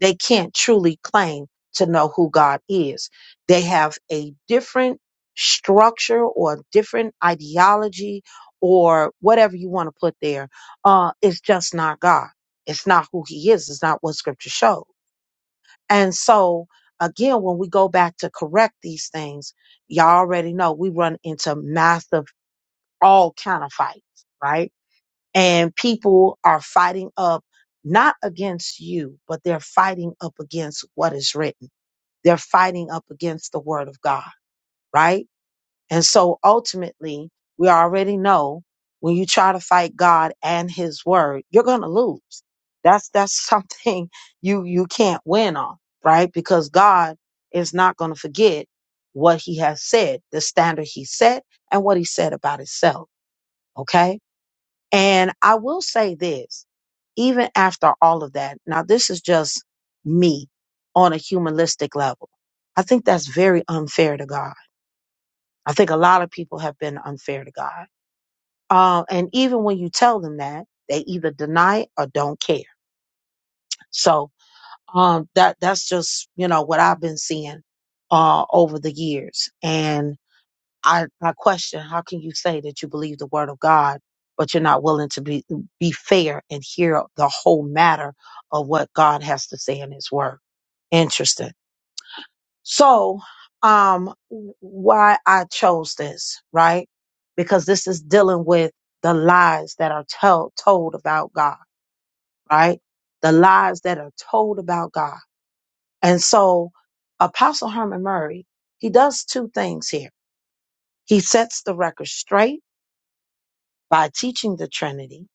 they can't truly claim to know who God is. They have a different structure or different ideology or whatever you want to put there. Uh, it's just not God. It's not who he is. It's not what scripture showed. And so again, when we go back to correct these things, y'all already know we run into massive all kind of fights, right? and people are fighting up not against you, but they're fighting up against what is written. They're fighting up against the word of God, right? And so ultimately, we already know when you try to fight God and his word, you're going to lose. That's that's <laughs> something you you can't win on, right? Because God is not going to forget what he has said, the standard he set and what he said about himself, okay? And I will say this, even after all of that, now this is just me on a humanistic level. I think that's very unfair to God. I think a lot of people have been unfair to God. Uh, and even when you tell them that, they either deny it or don't care. So um, that that's just you know what I've been seeing uh, over the years. And I, I question how can you say that you believe the word of God, but you're not willing to be be fair and hear the whole matter of what God has to say in His Word. Interesting. So, um, w- why I chose this, right? Because this is dealing with the lies that are told told about God, right? The lies that are told about God, and so Apostle Herman Murray he does two things here. He sets the record straight by teaching the Trinity,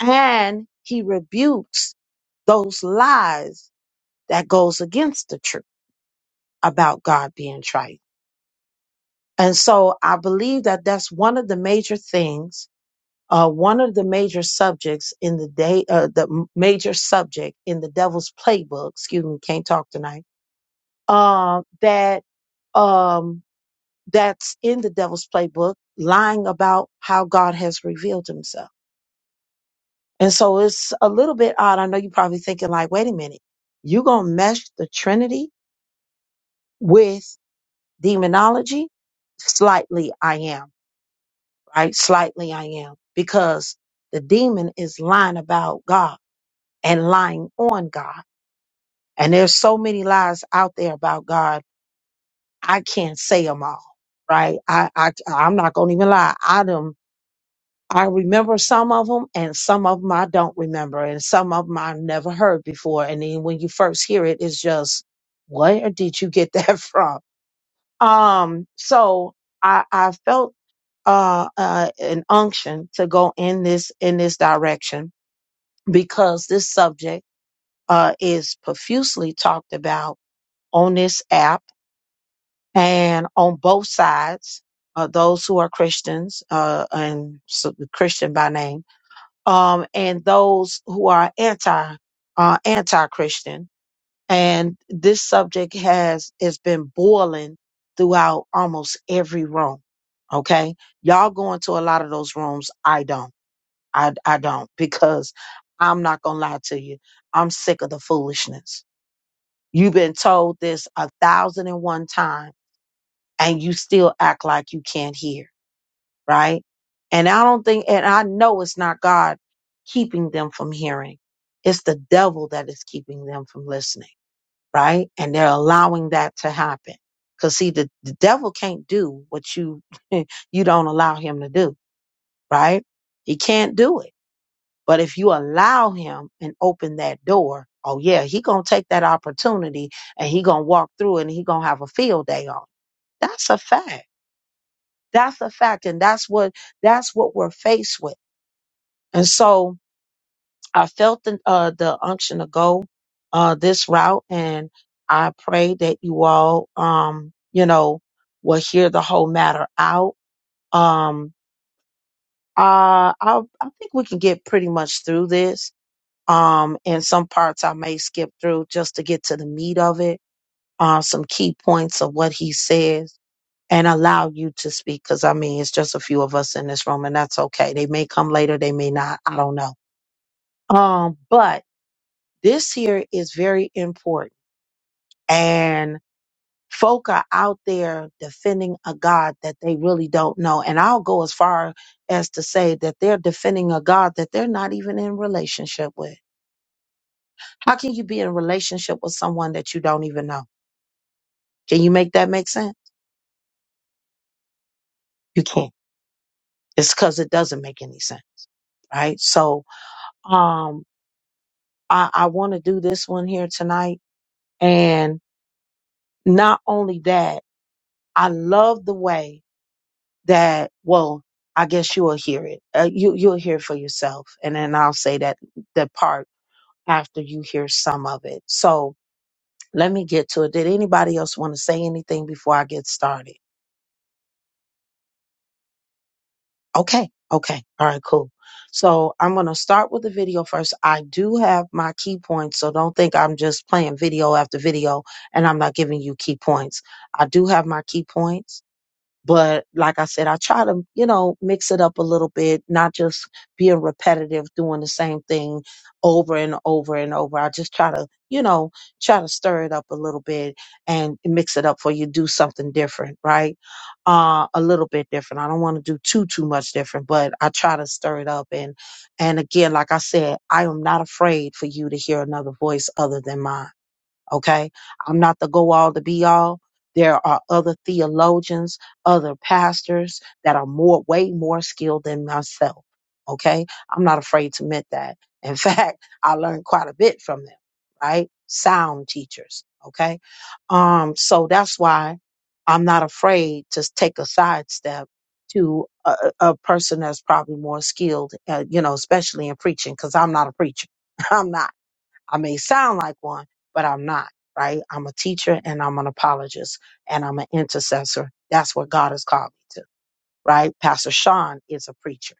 and he rebukes those lies that goes against the truth about God being trite. And so I believe that that's one of the major things, uh, one of the major subjects in the day, uh, the m- major subject in the devil's playbook. Excuse me, can't talk tonight. Uh, that um, that's in the devil's playbook, lying about how God has revealed Himself And so it's a little bit odd. I know you're probably thinking like, wait a minute, you gonna mesh the Trinity with demonology? Slightly I am, right? Slightly I am. Because the demon is lying about God and lying on God. And there's so many lies out there about God. I can't say them all, right? I, I, I'm not gonna even lie. I done I remember some of them and some of them I don't remember and some of them I never heard before. And then when you first hear it, it's just, where did you get <laughs> that from? Um, so I, I felt, uh, uh, an unction to go in this, in this direction because this subject, uh, is profusely talked about on this app and on both sides, uh, those who are Christians, uh, and so Christian by name um, and those who are anti uh, anti Christian. And this subject has has been boiling throughout almost every room. Okay, y'all go into a lot of those rooms. I don't. I I don't because I'm not gonna lie to you. I'm sick of the foolishness. You've been told this a thousand and one time, and you still act like you can't hear right? And I don't think, and I know it's not God keeping them from hearing. It's the devil that is keeping them from listening, right? And they're allowing that to happen. Cause see, the, the devil can't do what you, <laughs> you don't allow him to do, right? He can't do it. But if you allow him and open that door, oh yeah, he gonna take that opportunity and he gonna walk through it and he gonna have a field day on. it. That's a fact. That's a fact. And that's what, that's what we're faced with And so I felt the, uh, the unction to go uh, this route. And I pray that you all, um, you know, will hear the whole matter out. Um, uh, I, I think we can get pretty much through this. Um, and some parts I may skip through just to get to the meat of it, uh, some key points of what he says. And allow you to speak because I mean, it's just a few of us in this room, and that's okay. They may come later, they may not. I don't know. Um, but This here is very important. And folk are out there defending a God that they really don't know. And I'll go as far as to say that they're defending a God that they're not even in relationship with. How can you be in relationship with someone that you don't even know? Can you make that make sense? You can't. It's because it doesn't make any sense. Right. So um I, I want to do this one here tonight. And not only that, I love the way that well i guess you will hear it uh, you you'll hear it for yourself and then i'll say that the part after you hear some of it so let me get to it did anybody else want to say anything before i get started okay okay all right cool so i'm going to start with the video first i do have my key points so don't think i'm just playing video after video and i'm not giving you key points i do have my key points But like I said, I try to, you know, mix it up a little bit, not just being repetitive, doing the same thing over and over and over. I just try to, you know, try to stir it up a little bit and mix it up for you do something different, right? Uh, a little bit different. I don't want to do too, too much different, but I try to stir it up. And, and again, like I said, I am not afraid for you to hear another voice other than mine. Okay. I'm not the go all to be all. There are other theologians, other pastors that are more, way more skilled than myself. Okay. I'm not afraid to admit that. In <laughs> fact, I learned quite a bit from them, right? Sound teachers. Okay. Um, so that's why I'm not afraid to take a sidestep to a, a a person that's probably more skilled, uh, you know, especially in preaching, because I'm not a preacher. <laughs> I'm not. I may sound like one, but I'm not, right? I'm a teacher and I'm an apologist and I'm an intercessor. That's what God has called me right? Pastor Sean is a preacher.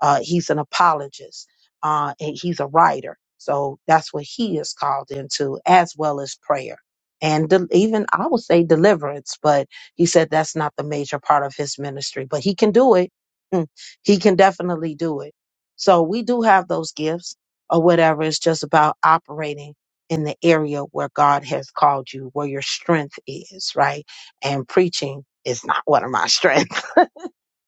Uh, he's an apologist. Uh, and he's a writer. So that's what he is called into, as well as prayer. And de- even I would say deliverance, but he said that's not the major part of his ministry, but he can do it. Mm, He can definitely do it. So we do have those gifts or whatever. It's just about operating in the area where God has called you, where your strength is, right? And preaching is not one of my <laughs> strengths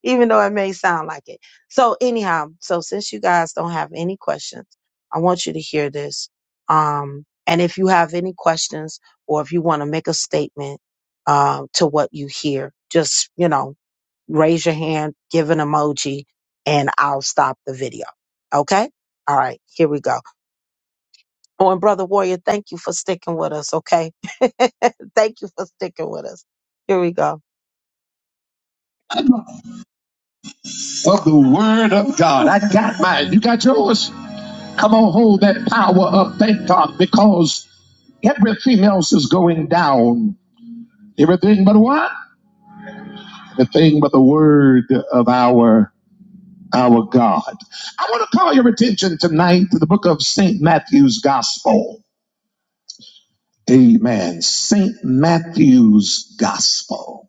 even though it may sound like it. So anyhow, so since you guys don't have any questions, I want you to hear this. Um, and if you have any questions or if you want to make a statement um, to what you hear, just you know, raise your hand, give an emoji, and I'll stop the video. Okay. All right, here we go. Oh, and Brother Warrior, thank you for sticking with us, okay? <laughs> thank you for sticking with us. Here we go. Of the word of God. I got mine. You got yours? Come on, hold that power up. Thank God, because everything else is going down. Everything but what? Everything but the word of our our God. I want to call your attention tonight to the book of St. Matthew's Gospel. Amen. St. Matthew's Gospel.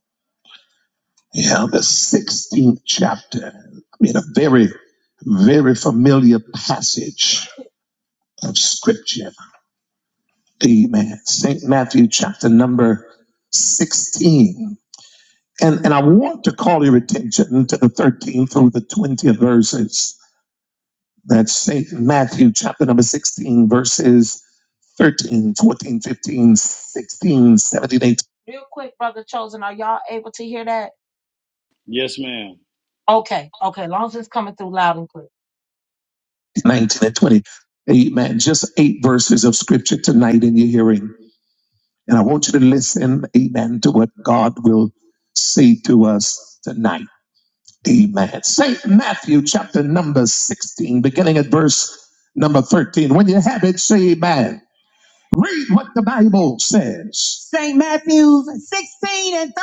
Yeah, the 16th chapter. I mean, a very, very familiar passage of scripture. Amen. St. Matthew chapter number 16. And, and I want to call your attention to the 13th through the 20th verses. That's St. Matthew chapter number 16, verses 13, 14, 15, 16, 17, 18. Real quick, Brother Chosen, are y'all able to hear that? Yes, ma'am. Okay, okay, long as it's coming through loud and clear. 19 and 20. Amen. Just eight verses of scripture tonight in your hearing. And I want you to listen, amen, to what God will say to us tonight. Amen. St. Matthew chapter number 16, beginning at verse number 13. When you have it, say amen. Read what the Bible says. St. Matthew 16 and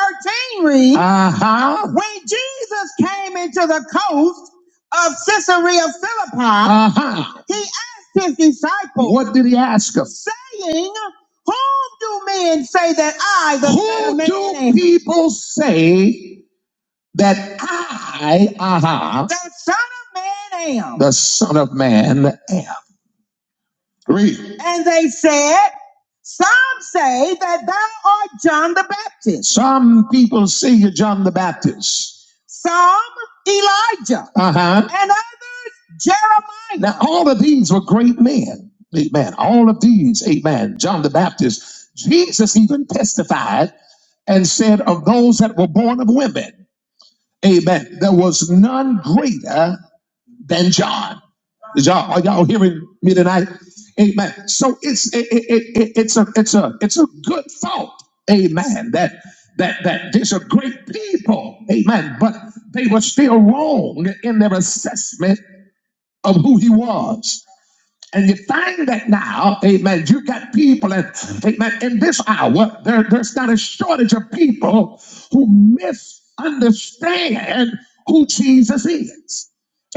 13 reads, uh-huh. when Jesus came into the coast of Caesarea of Philippi, uh-huh. he asked his disciples, what did he ask them? Saying, whom do men say that I, the Who Son of do Man do am?" people say that I, uh-huh, the Son of Man am? The Son of Man am. Read. And they said, Some say that thou art John the Baptist. Some people say you're John the Baptist. Some Elijah. Uh-huh. And others Jeremiah. Now, all of these were great men. Amen. All of these, amen. John the Baptist. Jesus even testified and said, Of those that were born of women, amen, there was none greater than John. Is y'all are y'all hearing me tonight? Amen. So it's it, it, it, it- it's a it's a it's a good thought. Amen. That that that these are great people. Amen. But they were still wrong in their assessment of who he was. And you find that now, amen, you got people and amen, in this hour, there, there's not a shortage of people who misunderstand who Jesus is.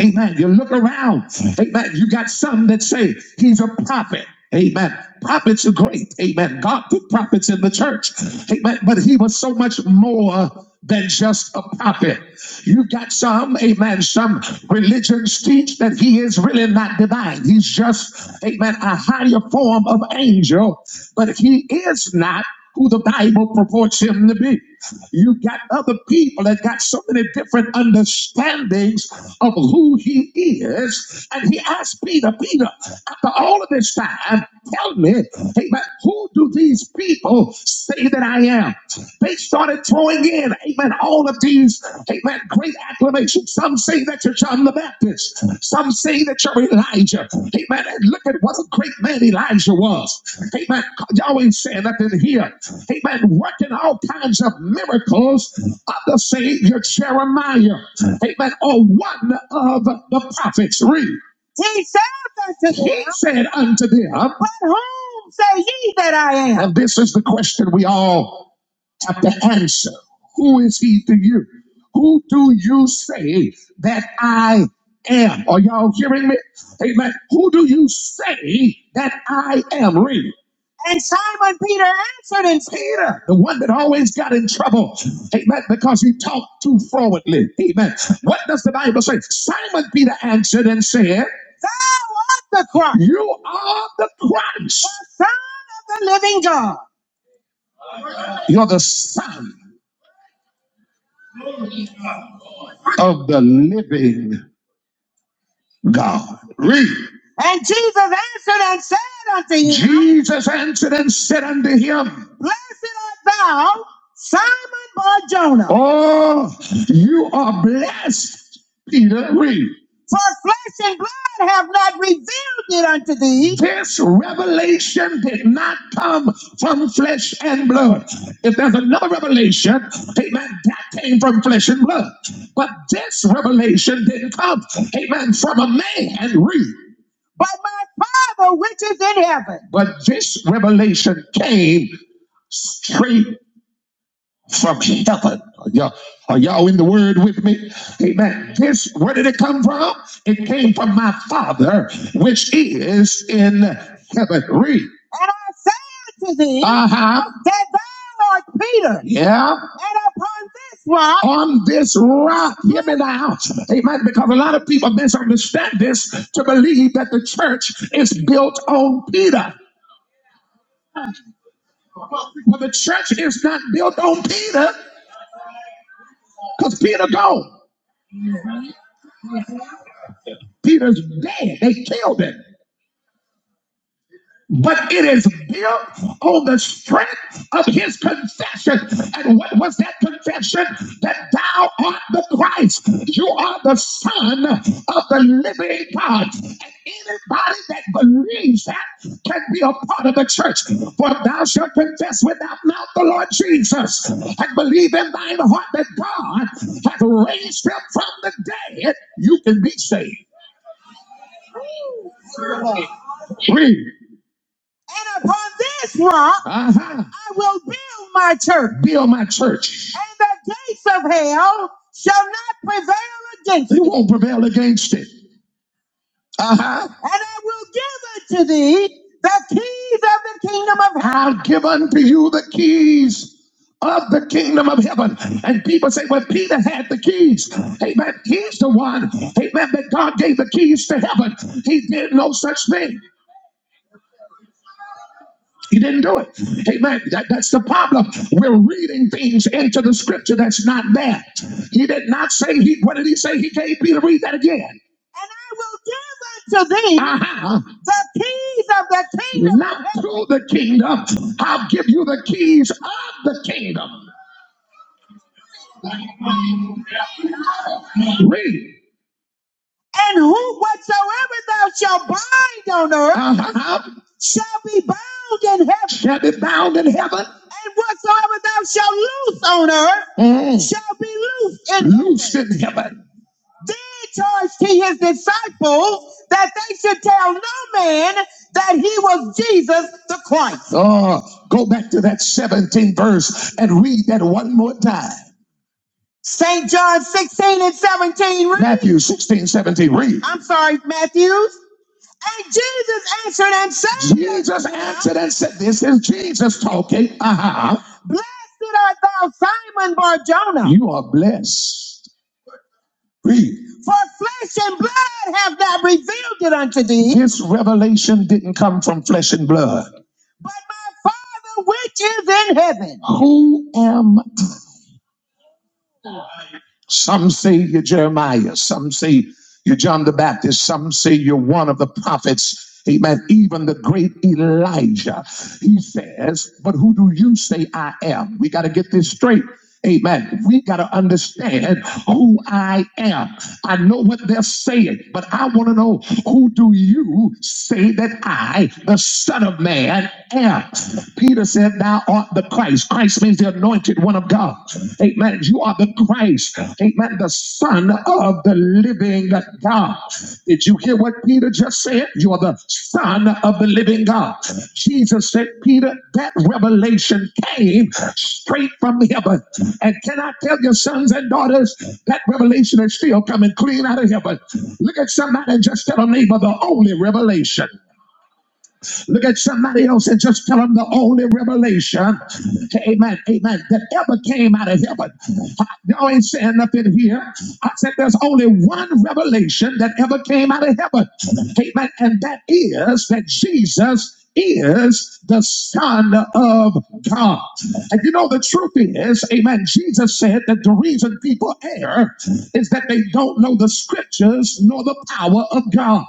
Amen. You look around. Amen. You got some that say he's a prophet. Amen. Prophets are great. Amen. God put prophets in the church. Amen. But he was so much more than just a prophet. You've got some, amen, some religions teach that he is really not divine. He's just, amen, a higher form of angel, but he is not who the Bible purports him to be. You got other people that got so many different understandings of who he is. And he asked Peter, Peter, after all of this time, tell me, hey, but who do these people say that I am? They started throwing in, amen, all of these, amen, great acclamations. Some say that you're John the Baptist. Some say that you're Elijah. Amen. And look at what a great man Elijah was. Amen. Y'all ain't saying nothing here. Amen. Working all kinds of miracles of the Savior Jeremiah. Amen. Or one of the prophets. Read. He said unto them, he said unto them, But whom say ye that I am? And this is the question we all at the answer. Who is he to you? Who do you say that I am? Are y'all hearing me? Amen. Who do you say that I am? Read it. And Simon Peter answered and said, Peter, the one that always got in trouble, amen, because he talked too forwardly, amen. What does the Bible say? Simon Peter answered and said, Thou art the Christ. You are the Christ. The Son of the living God. You're the Son. of the living God. Read. And Jesus answered and said unto him, Jesus answered and said unto him, Blessed art thou, Simon Bar Jonah, Oh, you are blessed, Peter. Read. For flesh and blood have not revealed it unto thee. This revelation did not come from flesh and blood. If there's another revelation, amen, that came from flesh and blood. But this revelation didn't come, amen, from a man, read. But my Father which is in heaven. But this revelation came straight from heaven. Are y'all, are y'all in the word with me? Amen. This, where did it come from? It came from my Father, which is in heaven. Read. And I say unto thee, uh-huh. that thou art Peter. Yeah. And upon this rock. On this rock. Hear me now. Amen. Because a lot of people misunderstand this to believe that the church is built on Peter. Well, the church is not built on Peter because Peter gone. Peter's dead. They killed him. But it is built on the strength of his confession. And what was that confession? That thou art the Christ. You are the Son of the living God. And anybody that believes that can be a part of the church. For thou shalt confess with thy mouth the Lord Jesus and believe in thine heart that God hath raised him from the dead. You can be saved. Read. And upon this rock Uh-huh. I will build my church. Build my church. And the gates of hell shall not prevail against it. They won't prevail against it. Uh-huh. And I will give unto thee the keys of the kingdom of heaven. I'll give unto you the keys of the kingdom of heaven. And people say, well, Peter had the keys. Amen. He's the one. Amen. That God gave the keys to heaven. He did no such thing. He didn't do it. Amen. That, that's the problem. We're reading things into the scripture that's not there. He did not say he. What did he say? He gave Peter. Read that again. And I will give unto thee uh-huh. the keys of the kingdom. Not through the kingdom. I'll give you the keys of the kingdom. Read. And who whatsoever thou shalt bind on earth Uh-huh. shall be bound in heaven. Shall be bound in heaven. And whatsoever thou shalt loose on earth Mm. shall be loosed in heaven. Loosed in heaven. Then charged he his disciples that they should tell no man that he was Jesus the Christ. Oh, go back to that 17th verse and read that one more time. St. John 16 and 17. Read. Matthew 16, 17. Read. I'm sorry, Matthews. And Jesus answered and said. Jesus answered and said, This is Jesus talking. Uh-huh. Blessed art thou, Simon Barjona. You are blessed. Read. For flesh and blood have thou revealed it unto thee. This revelation didn't come from flesh and blood. But my Father which is in heaven. Who am Some say you're Jeremiah. Some say you're John the Baptist. Some say you're one of the prophets. Amen. Even the great Elijah. He says, But who do you say I am? We got to get this straight. Amen. We got to understand who I am. I know what they're saying, but I want to know who do you say that I, the Son of Man, am? Peter said, Thou art the Christ. Christ means the anointed anointed one of God. Amen. You are the Christ. Amen. The Son of the living God. Did you hear what Peter just said? You are the Son of the living God. Jesus said, Peter, that revelation came straight from heaven. And can I tell your sons and daughters, that revelation is still coming clean out of heaven. Look at somebody and just tell a neighbor the only revelation. Look at somebody else and just tell them the only revelation, amen, amen, that ever came out of heaven. I, y'all ain't saying nothing here. I said there's only one revelation that ever came out of heaven, amen, and that is that Jesus is the Son of God. And you know, the truth is, amen, Jesus said that the reason people err is that they don't know the scriptures nor the power of God.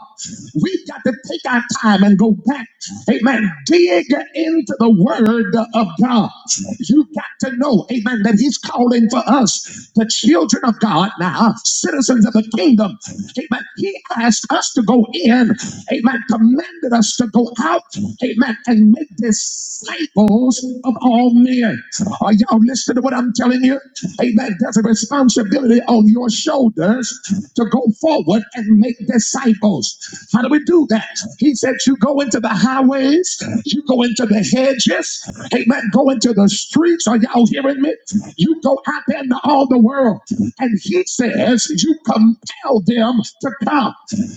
We've got to take our time and go back, amen, dig into the word of God. You've got to know, amen, that He's calling for us, the children of God now, citizens of the kingdom. Amen. He asked us to go in. Amen. Commanded us to go out. Amen. And make disciples of all men. Are y'all listening to what I'm telling you? Amen. There's a responsibility on your shoulders to go forward and make disciples. How do we do that? He said, You go into the highways, you go into the hedges, amen. Go into the streets. Are y'all hearing me? You go out there into all the world, and he says you compel them to come.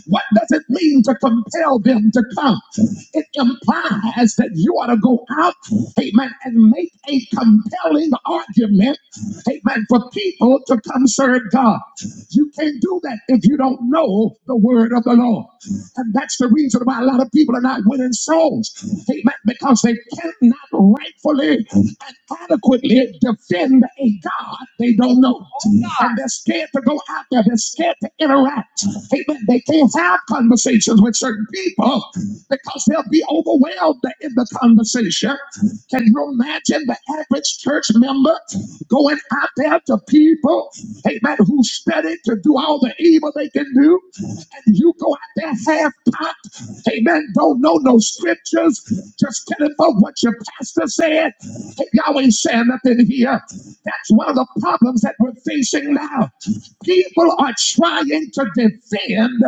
What does it mean to compel them to come? It implies that you ought to go out, amen, and make a compelling argument, amen, for people to come serve God. You can't do that if you don't know the word of the Lord. And that's the reason why a lot of people are not winning souls. Amen. Because they cannot rightfully and adequately defend a God they don't know. And they're scared to go out there. They're scared to interact. Amen. They can't have conversations with certain people because they'll be overwhelmed in the conversation. Can you imagine the average church member going out there to people, amen, who study to do all the evil they can do? You go out there half pot. Amen. Don't know no scriptures. Just telling folk what your pastor said. Y'all ain't saying nothing here. That's one of the problems that we're facing now. People are trying to defend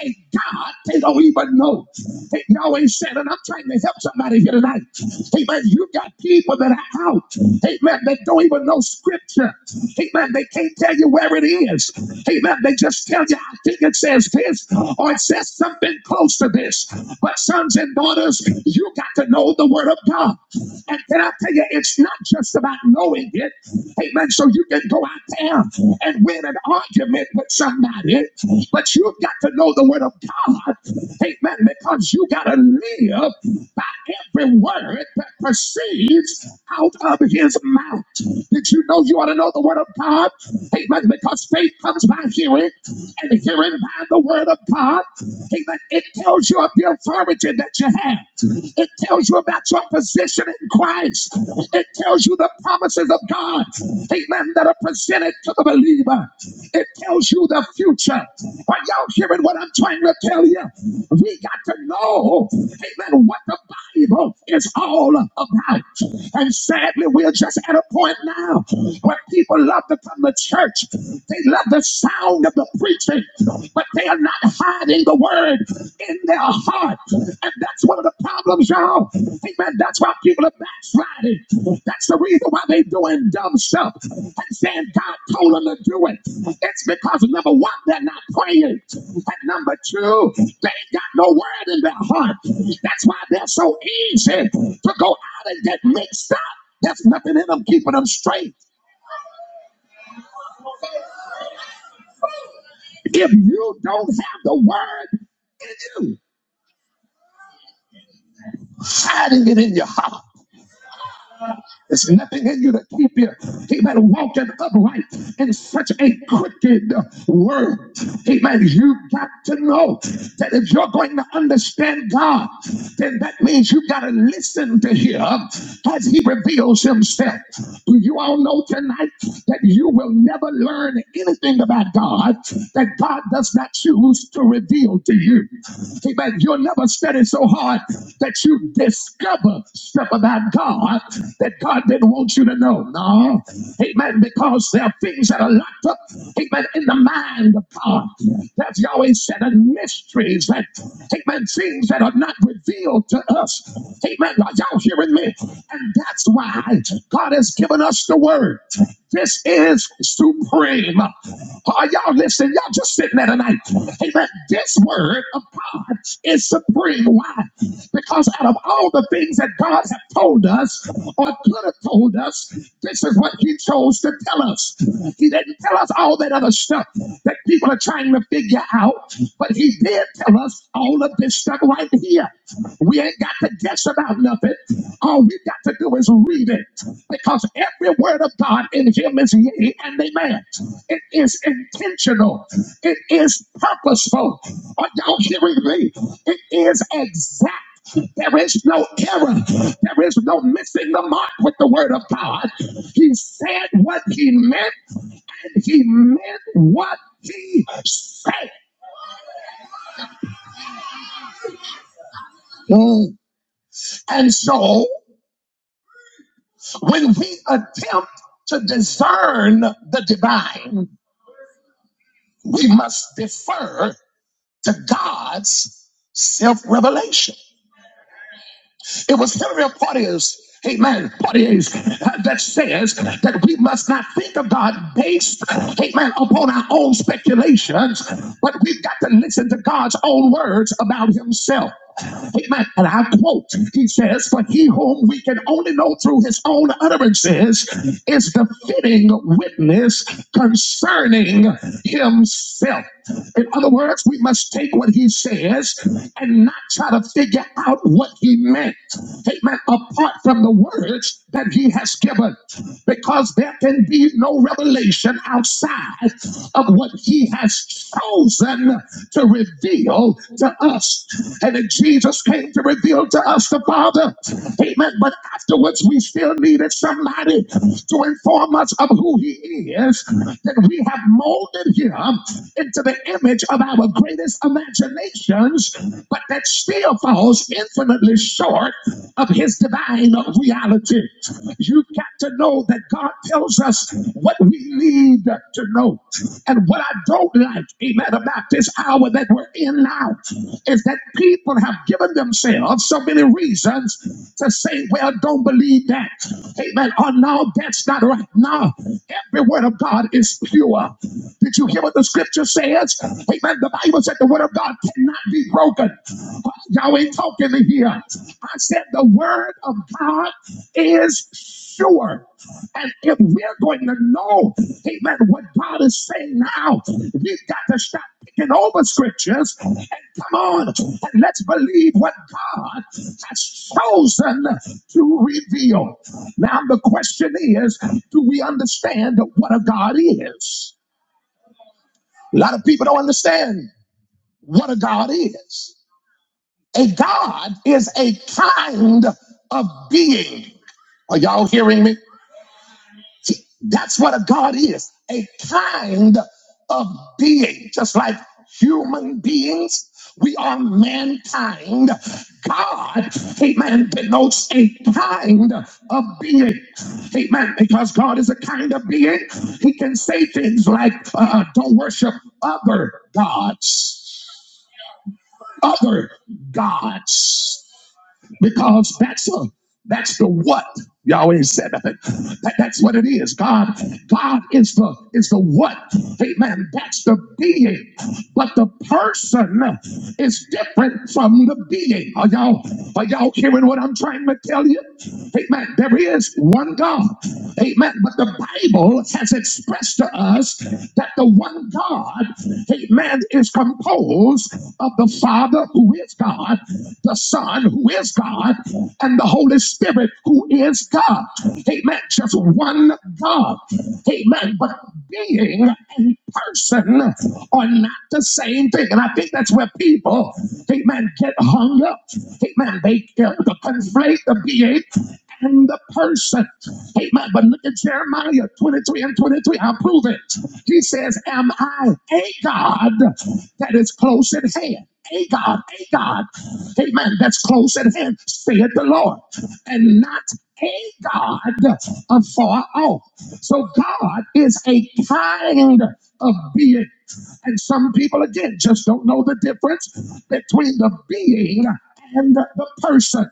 a God they don't even know. Hey, y'all ain't saying, and I'm trying to help somebody here tonight. Hey, man, you got people that are out. Hey, man, they don't even know scripture. Hey, man, they can't tell you where it is. Hey, man, they just tell you, I think it says this, or it says something close to this. But sons and daughters, you got to know the word of God. And can I tell you, it's not just about knowing it. Amen. So you can go out there and win an argument with somebody, but you've got to know the word of God. Amen. Because you got to live by every word that proceeds out of his mouth. Did you know you ought to know the word of God? Amen. Because faith comes by hearing, and hearing by the word of God. Amen. It tells you of your authority that you have. It tells you about your position in Christ. It tells you the promises of God. Amen. That are presented to the believer. It tells you the future. Are y'all hearing what I'm trying to tell you? We got to know, amen, what the Bible is all about. And sadly, we're just at a point now where people love to from the church. They love the sound of the preaching, but they are not hiding the word in their heart. And that's one of the problems, y'all. Amen. That's why people are backsliding. That's the reason why they're doing dumb stuff and saying God told them to do it. It's because, number one, they're not praying. And number two, they ain't got no word in their heart. That's why they're so easy to go out and get mixed up. There's nothing in them keeping them straight. If you don't have the word in you, hiding it in your heart. There's nothing in you to keep you. Amen. Walking upright in such a crooked world. Amen. You got to know that if you're going to understand God, then that means you have got to listen to Him as He reveals Himself. Do you all know tonight that you will never learn anything about God that God does not choose to reveal to you. Amen. You'll never study so hard that you discover stuff about God that God didn't want you to know. No. Amen. Because there are things that are locked up, amen, in the mind of God. That's Yahweh said, and mysteries that, amen, things that are not revealed to us. Amen. Are y'all hearing me? And that's why God has given us the word. This is supreme. Are y'all listening? Y'all just sitting there tonight. Amen. This word of God is supreme. Why? Because out of all the things that God has told us or could have told us, this is what He chose to tell us. He didn't tell us all that other stuff that people are trying to figure out, but He did tell us all of this stuff right here. We ain't got to guess about nothing. All we got to do is read it because every word of God in Him is yea and amen. It is intentional, it is purposeful. Are y'all hearing me? It is exact. There is no error. There is no missing the mark with the word of God. He said what he meant, and he meant what he said. Mm. And so When we attempt to discern the divine, we must defer to God's self revelation. It was Henry Porteous, amen, Porteous, uh, that says that we must not think of God based, amen, upon our own speculations, but we've got to listen to God's own words about himself. Amen. And I quote, he says, For he whom we can only know through his own utterances is the fitting witness concerning himself. In other words, we must take what he says and not try to try to figure out what he meant. Amen. Apart from the words that he has given, because there can be no revelation outside of what he has chosen to reveal to us. And then Jesus came to reveal to us the Father. Amen. But afterwards, we still needed somebody to inform us of who he is, that we have molded him into the image of our greatest imagination the nations, but that still falls infinitely short of his divine reality. You've got to know that God tells us what we need to know. And what I don't like, amen, about this hour that we're in now is that people have given themselves so many reasons to say, well, don't believe that. Amen. Oh, no, that's not right. No, every word of God is pure. Did you hear what the scripture said? Yes. Amen. The Bible said the word of God cannot be broken. Y'all ain't talking to here. I said the word of God is sure. And if we're going to know, amen, what God is saying now, we've got to stop picking over scriptures and come on and let's believe what God has chosen to reveal. Now, the question is do we understand what a God is? A lot of people don't understand what a God is. A God is a kind of being. Are y'all hearing me? He- That's what a God is a kind of being. Just like human beings, we are mankind. God, amen, denotes a kind of being. Amen. Because God is a kind of being, He can say things like, uh, uh, don't worship other gods. other gods because that's a, that's the what Yahweh said of That, that's what it is. God, God is the is the what. Amen. That's the being, but the person is different from the being. Are y'all are y'all hearing what I'm trying to tell you? Amen. There is one God. Amen. But the Bible has expressed to us that the one God, Amen, is composed of the Father, who is God, the Son, who is God, and the Holy Spirit, who is God. Amen. Just one God. Amen. But being and person are not the same thing. And I think that's where people, amen, get hung up. Amen. They uh, conflate the being and the person. Amen. But look at Jeremiah 23 and 23. I'll prove it. He says, Am I a God that is close at hand? A God, a God, amen, that's close at hand, saith the Lord, and not a God afar off. So God is a kind of being. And some people, again, just don't know the difference between the being and the person.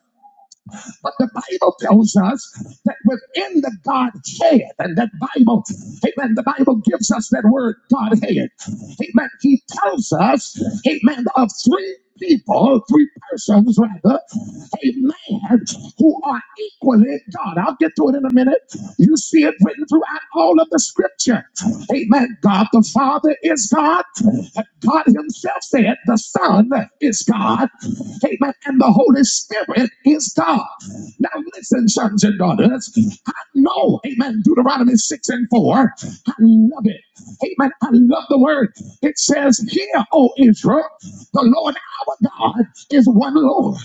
But the Bible tells us that within the Godhead, and that Bible, amen, the Bible gives us that word Godhead. Amen. He tells us, amen, of three people, three persons rather, amen, who are equally God. I'll get to it in a minute. You see it written throughout all of the scripture. Amen. God the Father is God. God Himself said the Son is God. Amen. And the Holy Spirit is God. Now listen, sons and daughters. I know, amen, Deuteronomy 6 and 4. I love it. Amen. I love the word. It says, Hear, O Israel, the Lord our God is one Lord.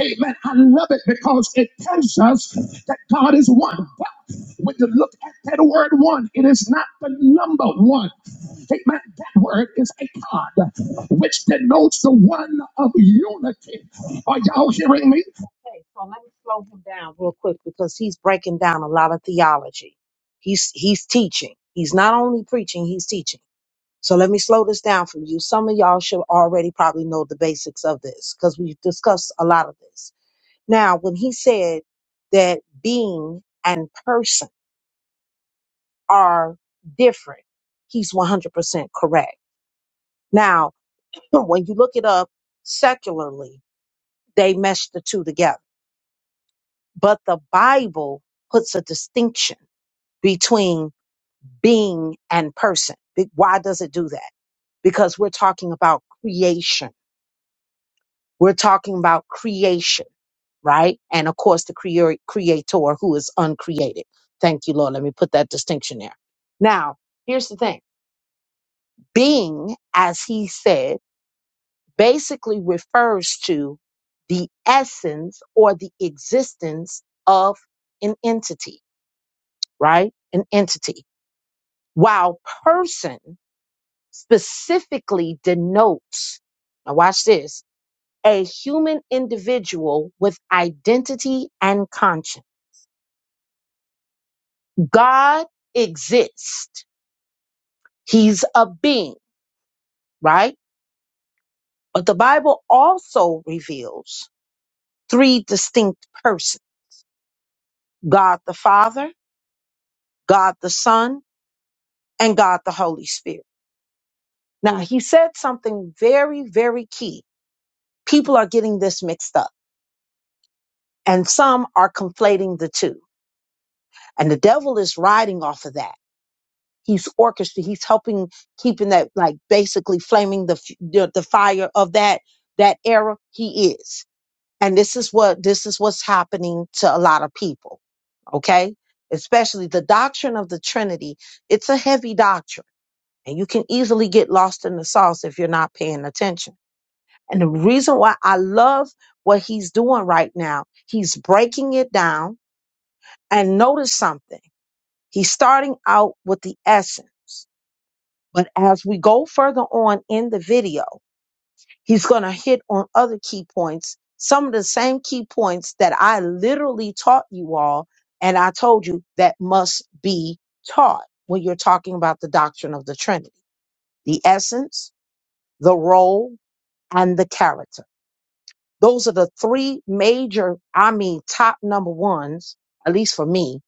Amen. I love it because it tells us that God is one. But when you look at that word one, it is not the number one statement, that word is a cod, which denotes the one of unity. Are y'all hearing me? Okay, so let me slow him down real quick because he's breaking down a lot of theology. He's he's teaching. He's not only preaching, he's teaching. So let me slow this down for you. Some of y'all should already probably know the basics of this because we've discussed a lot of this. Now, when he said that being and person are different, he's 100% correct. Now, <clears throat> when you look it up secularly, they mesh the two together. But the Bible puts a distinction between being and person. Be- Why does it do that? Because we're talking about creation. We're talking about creation, right? And of course, the creor- creator who is uncreated. Thank you, Lord. Let me put that distinction there. Now, here's the thing being, as he said. basically refers to the essence or the existence of an entity, right? An entity. While person specifically denotes, now watch this, a human individual with identity and conscience. God exists. He's a being, right? But the Bible also reveals three distinct persons. God the Father, God the Son, and God the Holy Spirit. Now, he said something very, very key. People are getting this mixed up, and some are conflating the two. And the devil is riding off of that. He's orchestrating, he's helping, keeping that, like basically flaming the, f- the, the fire of that, that era. He is. And this is what, this is what's happening to a lot of people. Okay. Especially the doctrine of the Trinity. It's a heavy doctrine and you can easily get lost in the sauce if you're not paying attention And the reason why I love what he's doing right now, he's breaking it down and notice something. He's starting out with the essence. But as we go further on in the video, he's going to hit on other key points, some of the same key points that I literally taught you all. And I told you that must be taught when you're talking about the doctrine of the Trinity the essence, the role, and the character. Those are the three major, I mean, top number ones, at least for me,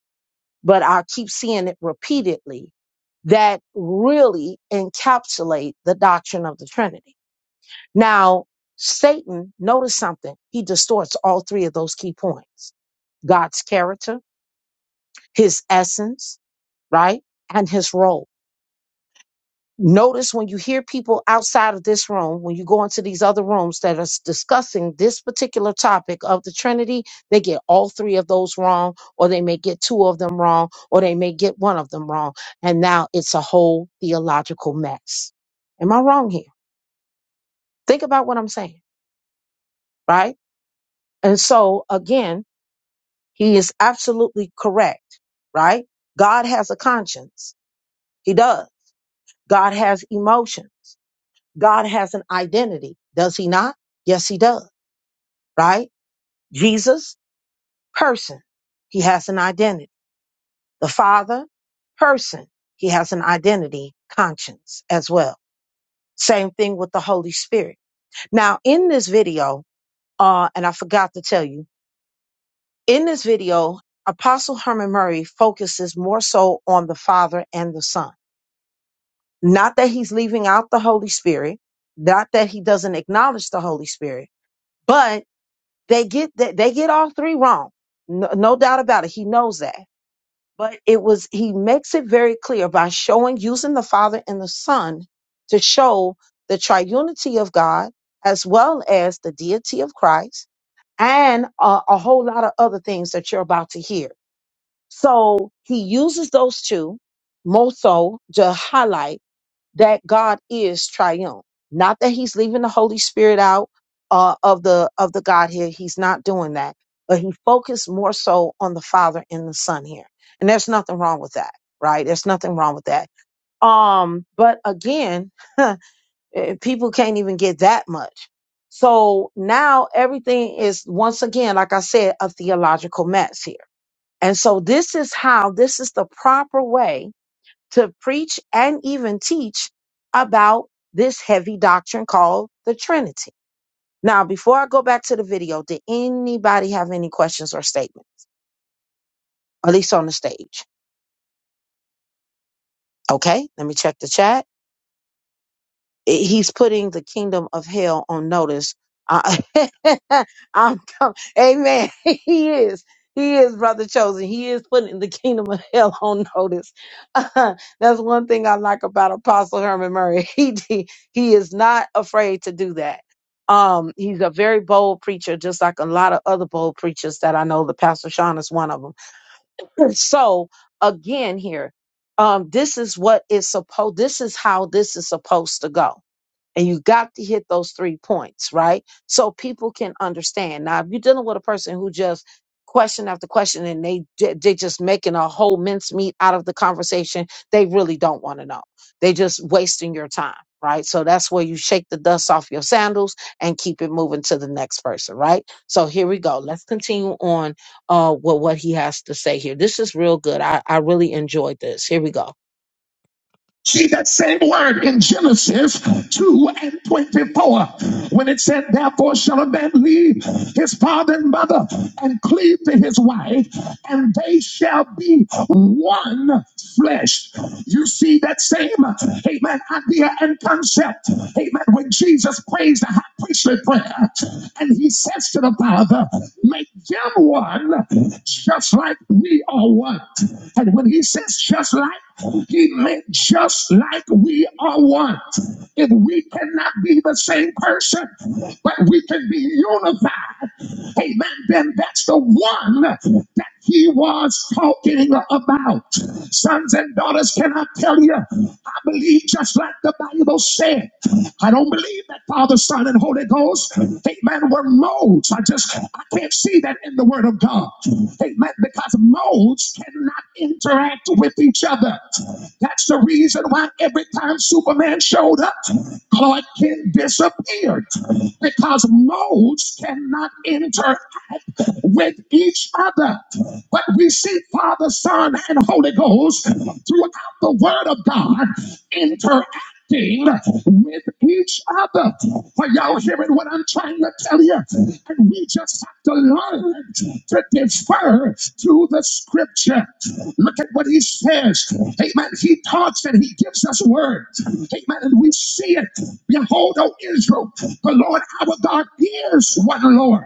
but I keep seeing it repeatedly that really encapsulate the doctrine of the Trinity. Now, Satan, notice something. He distorts all three of those key points God's character, his essence, right? And his role. Notice when you hear people outside of this room, when you go into these other rooms that are s- discussing this particular topic of the Trinity, they get all three of those wrong, or they may get two of them wrong, or they may get one of them wrong. And now it's a whole theological mess. Am I wrong here? Think about what I'm saying, right? And so again, he is absolutely correct, right? God has a conscience. He does. God has emotions. God has an identity, does he not? Yes, he does, right? Jesus, person, he has an identity. The Father, person, he has an identity, conscience as well. Same thing with the Holy Spirit. Now, in this video, uh, and I forgot to tell you, in this video, Apostle Herman Murray focuses more so on the Father and the Son. Not that he's leaving out the Holy Spirit, not that he doesn't acknowledge the Holy Spirit, but They get that they get all three wrong. No, no doubt about it. He knows that. But it was he makes it very clear by showing using the Father and the Son to show the triunity of God as well as the deity of Christ and a, a whole lot of other things that you're about to hear. So he uses those two more so to highlight that God is triumph. Not that he's leaving the Holy Spirit out uh, of the of the God here. He's not doing that. But he focused more so on the Father and the Son here. And there's nothing wrong with that, right? There's nothing wrong with that. Um, but again, <laughs> eh, people can't even get that much. So now everything is once again, like I said, a theological mess here. And so this is how this is the proper way to preach and even teach about this heavy doctrine called the Trinity. Now, before I go back to the video, did anybody have any questions or statement? At least on the stage. Okay, let me check the chat. he's putting the kingdom of hell on notice. I, <laughs> I'm, com- amen. <laughs> He is. He is brother chosen. He is putting the kingdom of hell on notice. <laughs> that's one thing I like about Apostle Herman Murray. <laughs> He d- he is not afraid to do that. Um, he's a very bold preacher, just like a lot of other bold preachers that I know. The Pastor Sean is one of them. <laughs> So again, here, um, this is what is supposed. This is how this is supposed to go and you got to hit those three points, right? So people can understand. Now, if you're dealing with a person who just question after question and they ju- they just making a whole mincemeat out of the conversation, they really don't want to know. They just wasting your time, right? So that's where you shake the dust off your sandals and keep it moving to the next person, right? So here we go. Let's continue on uh with what he has to say here. This is real good. I, I really enjoyed this. Here we go. See that same word in Genesis 2 and 24 when it said, Therefore shall a man leave his father and mother and cleave to his wife, and they shall be one flesh. You see that same, amen, idea and concept, amen, when Jesus prays the high priestly prayer and he says to the Father, make them one just like we are one. And when he says just like, he meant just like we are one. If we cannot be the same person, but we can be unified, amen, then that's the one that he was talking about. Sons and daughters, can I tell you? I believe just like the Bible said. I don't believe that Father, Son, and Holy Ghost, amen, were molds. I just, I can't see that in the Word of God. Amen, because molds cannot interact with each other. That's the reason why every time Superman showed up, Clark Kent disappeared because modes cannot interact with each other. But we see Father, Son, and Holy Ghost throughout the Word of God interacting with each other. Are y'all hearing what I'm trying to tell you? And we just have to learn to defer to the Scripture. Look at what he says. Amen. He talks and he gives us word. Amen. And we see it. Behold, O Israel, the Lord our God is one Lord.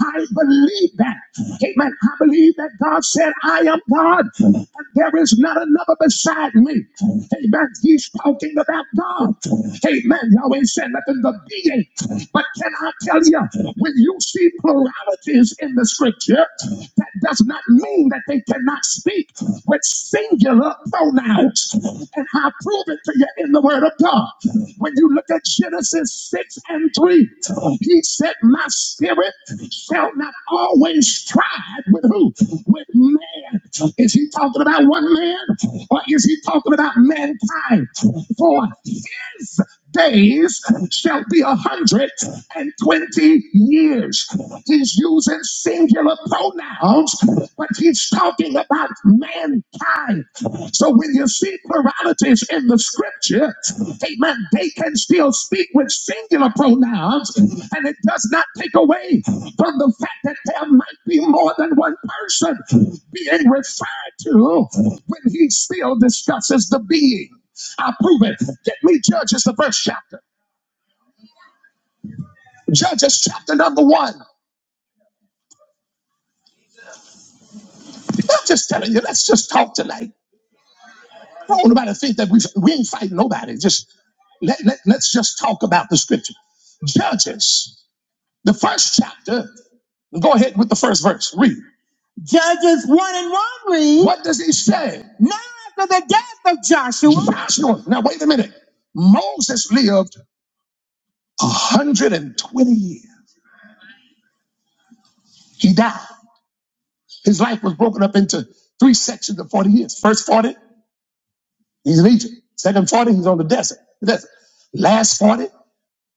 I believe that. Amen. I believe that God said, I am God, and there is not another beside me. Amen. He's talking about God. Amen. Yahweh said, let them be eight. But can I tell you, when you see pluralities in the scripture, that does not not mean that they cannot speak with singular pronouns. And I prove it to you in the Word of God. When you look at Genesis 6 and 3, he said, My spirit shall not always strive with who? With man. So Is he talking about one man or is he talking about mankind? For his days shall be a hundred and twenty years. He's using singular pronouns, but he's talking about mankind. So when you see pluralities in the scripture, amen, they can still speak with singular pronouns, and it does not take away from the fact that there might be more than one person being referred to when he still discusses the being. I prove it. Get me Judges, the first chapter. Judges, chapter number one. I'm just telling you, let's just talk tonight. I don't want nobody to think that we we ain't fighting nobody. Just let, let let's just talk about the scripture. Judges, the first chapter. Go ahead with the first verse. Read. Judges 1 and 1 read, What does he say? Now after the death of Joshua, Joshua. Now wait a minute. Moses lived 120 years. He died. His life was broken up into three sections of 40 years. First 40, he's in Egypt. Second 40, he's on the desert. The desert. Last 40.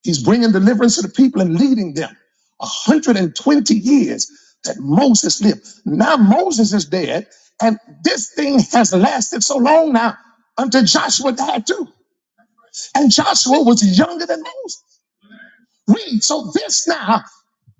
He's bringing deliverance to the people and leading them. 120 years that Moses lived. Now Moses is dead, and this thing has lasted so long now until Joshua died too. And Joshua was younger than Moses. Read. So this now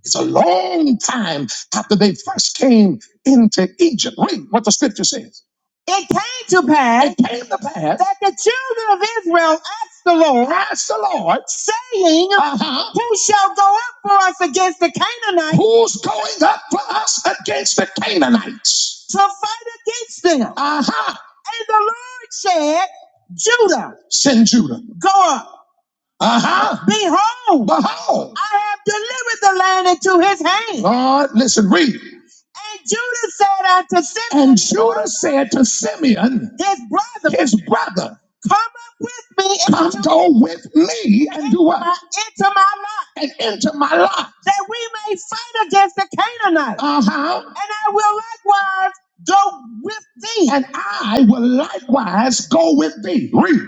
it's a long time after they first came into Egypt. Read what the scripture says. It came to pass. It came to pass that the children of Israel asked the Lord, asked the Lord, saying, uh-huh, "Who shall go up for us against the Canaanites? Who's going up for us against the Canaanites to fight against them?" Uh huh. And the Lord said, "Judah, send Judah. Go up." Uh-huh. Behold, behold, I have delivered the land into his hand. Lord, listen, read. And Judah said unto Simeon, and Judah said to Simeon, his brother, his brother, come up with me, come go with me, and do what? Into my lot, and into my lot, that we may fight against the Canaanites. Uh huh. And I will likewise go with thee, and I will likewise go with thee. Read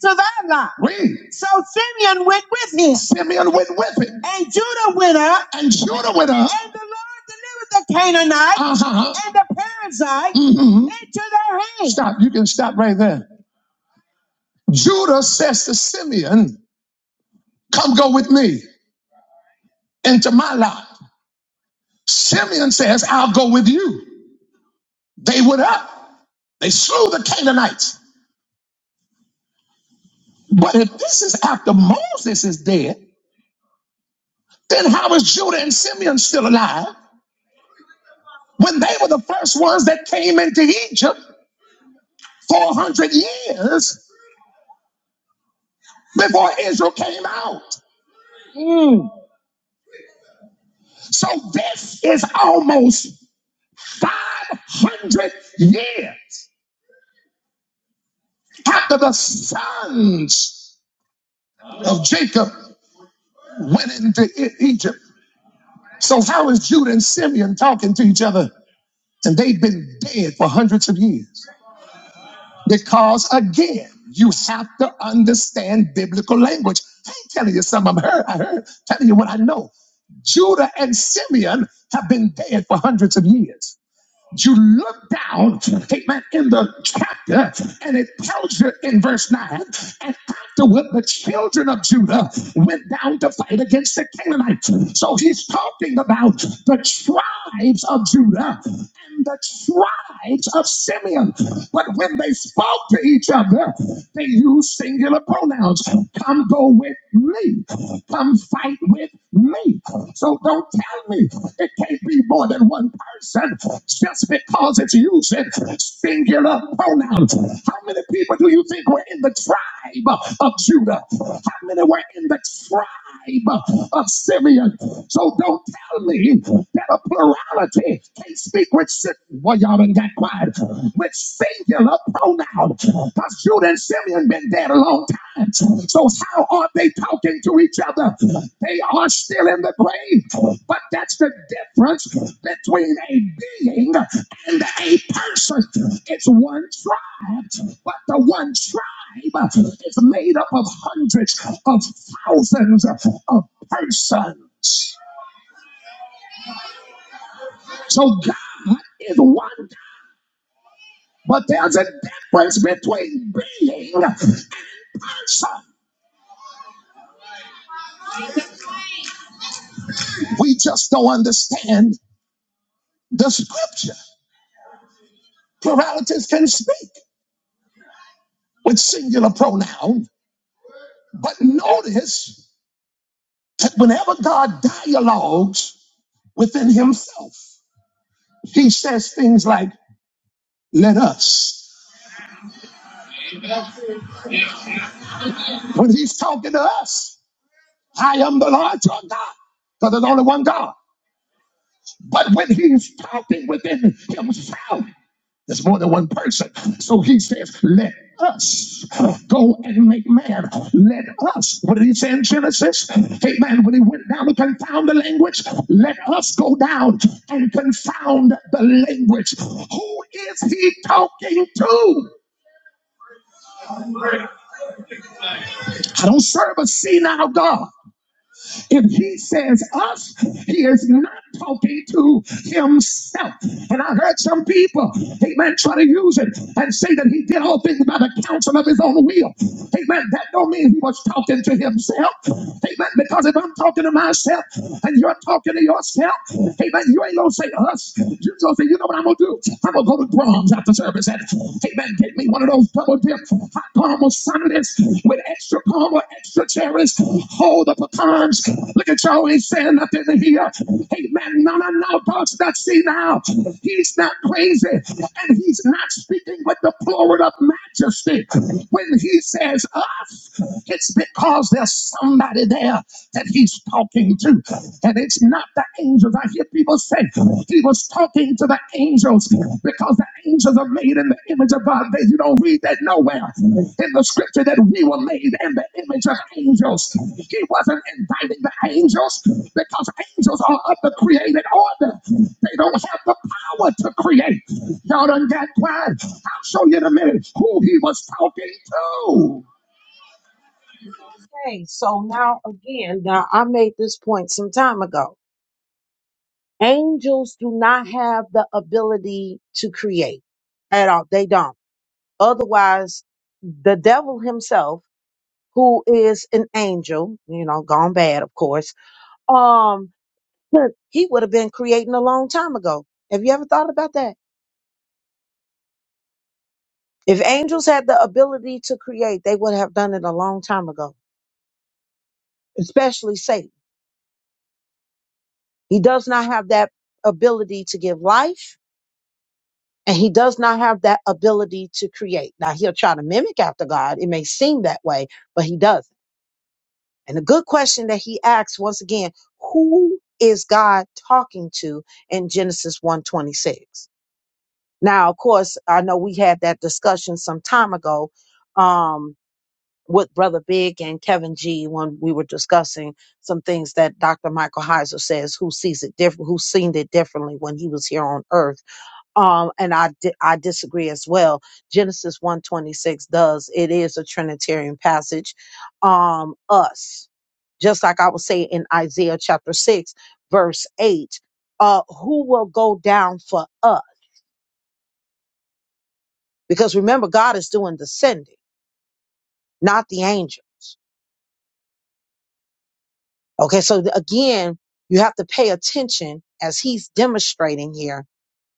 survivor. Read. So Simeon went with him. Simeon went with him. And Judah went up. And Judah went up. And the Lord delivered the Canaanite Uh-huh. and the Perizzite Mhm. into their hands. Stop. You can stop right there. Judah says to Simeon, Come go with me into my lot. Simeon says, I'll go with you. They went up. They slew the Canaanites. But if this is after Moses is dead, then how is Judah and Simeon still alive? when they were the first ones that came into Egypt 400 years before Israel came out. Mm. So this is almost 500 years after the sons of Jacob went into E- Egypt. So how is Judah and Simeon talking to each other? And they've been dead for hundreds of years. Because again, you have to understand biblical language. I ain't telling you something I'm heard, I heard, telling you what I know. Judah and Simeon have been dead for hundreds of years you look down, amen, in the chapter, and it tells you in verse 9, and afterward the children of Judah went down to fight against the Canaanites. So he's talking about the tribes of Judah and the tribes of Simeon. But when they spoke to each other, they used singular pronouns. Come go with me. Come fight with me. So don't tell me it can't be more than one person just because it's using singular pronouns. How many people do you think were in the tribe of Judah? How many were in the tribe of Simeon? So don't tell me that a plurality plurality. Can't speak with sit. Well, y'all done got quiet. With singular pronoun. Because Judah and Simeon been dead a long time. So how are they talking to each other? They are still in the grave. But that's the difference between a being and a person. It's one tribe, but the one tribe is made up of hundreds of thousands of persons. So God is one But there's a difference between being and some. We just don't understand the scripture. Pluralities can speak with singular pronoun. But notice that whenever God dialogues within himself, he says things like, let us. When he's talking to us, I am the Lord your God. Because there's only one God. But when he's talking within himself, There's more than one person. So he says, let us go and make man. Let us. What did he say in Genesis? Amen. When he went down to confound the language, let us go down and confound the language. Who is he talking to? I don't serve a senile God. If he says us, he is not talking to himself. And I heard some people, amen, try to use it and say that he did all things by the counsel of his own will. Amen. That don't mean he was talking to himself. Amen. Because if I'm talking to myself and you're talking to yourself, amen, you ain't gonna say us. You're gonna say, you know what I'm gonna do? I'm gonna go to Brahms after service and amen, get me me one of those double dip hot caramel sundaes with extra caramel, extra cherries. Hold the pecans. Look at y'all ain't saying nothing in here. Hey man, no, no, no, dogs not see now. He's not crazy, and he's not speaking with the plural of majesty. When he says us, it's because there's somebody there that he's talking to, and it's not the angel angels. I hear people say he was talking to the angels because the angels are made in the image of God. They, you don't read that nowhere in the scripture that we were made in the image of angels. He wasn't inviting the angels because angels are of the created order. They don't have the power to create. Y'all done got quiet. I'll show you in a minute who he was talking to. Okay, so now again, now I made this point some time ago. Angels do not have the ability to create at all. They don't. Otherwise, the devil himself, who is an angel, you know, gone bad, of course, um, <laughs> he would have been creating a long time ago. Have you ever thought about that? If angels had the ability to create, they would have done it a long time ago, especially Satan. He does not have that ability to give life and he does not have that ability to create. Now he'll try to mimic after God. It may seem that way, but he doesn't. And the good question that he asks once again, who is God talking to in Genesis one twenty six? Now, of course, I know we had that discussion some time ago um, with Brother Big and Kevin G when we were discussing some things that Dr. Michael Heiser says, who sees it different, who seen it differently when he was here on earth um and i di- i disagree as well genesis 126 does it is a trinitarian passage um us just like i would say in isaiah chapter 6 verse 8 uh who will go down for us because remember god is doing the sending not the angels okay so th- again you have to pay attention as he's demonstrating here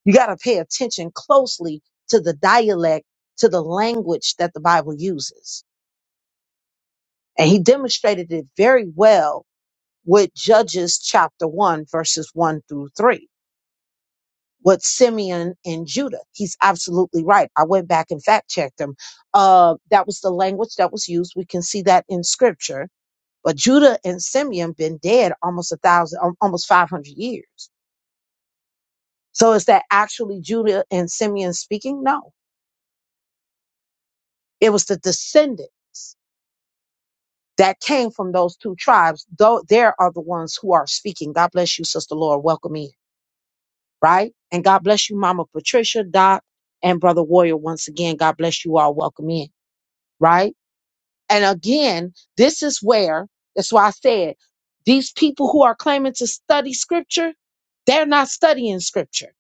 you got to pay attention closely to the dialect to the language that the bible uses And he demonstrated it very well with Judges chapter 1, verses 1 through 3, with Simeon and Judah. He's absolutely right. I went back and fact checked him. Uh, that was the language that was used. We can see that in scripture. But Judah and Simeon been dead almost a thousand, al- almost 500 years. So is that actually Judah and Simeon speaking? No. It was the descendants that came from those two tribes. Though there are the ones who are speaking. God bless you, Sister Laura. Welcome in. right? And God bless you, Mama Patricia, Doc, and Brother Warrior. Once again, God bless you all. Welcome in, right? And again, this is where, that's why I said, these people who are claiming to study scripture, they're not studying scripture.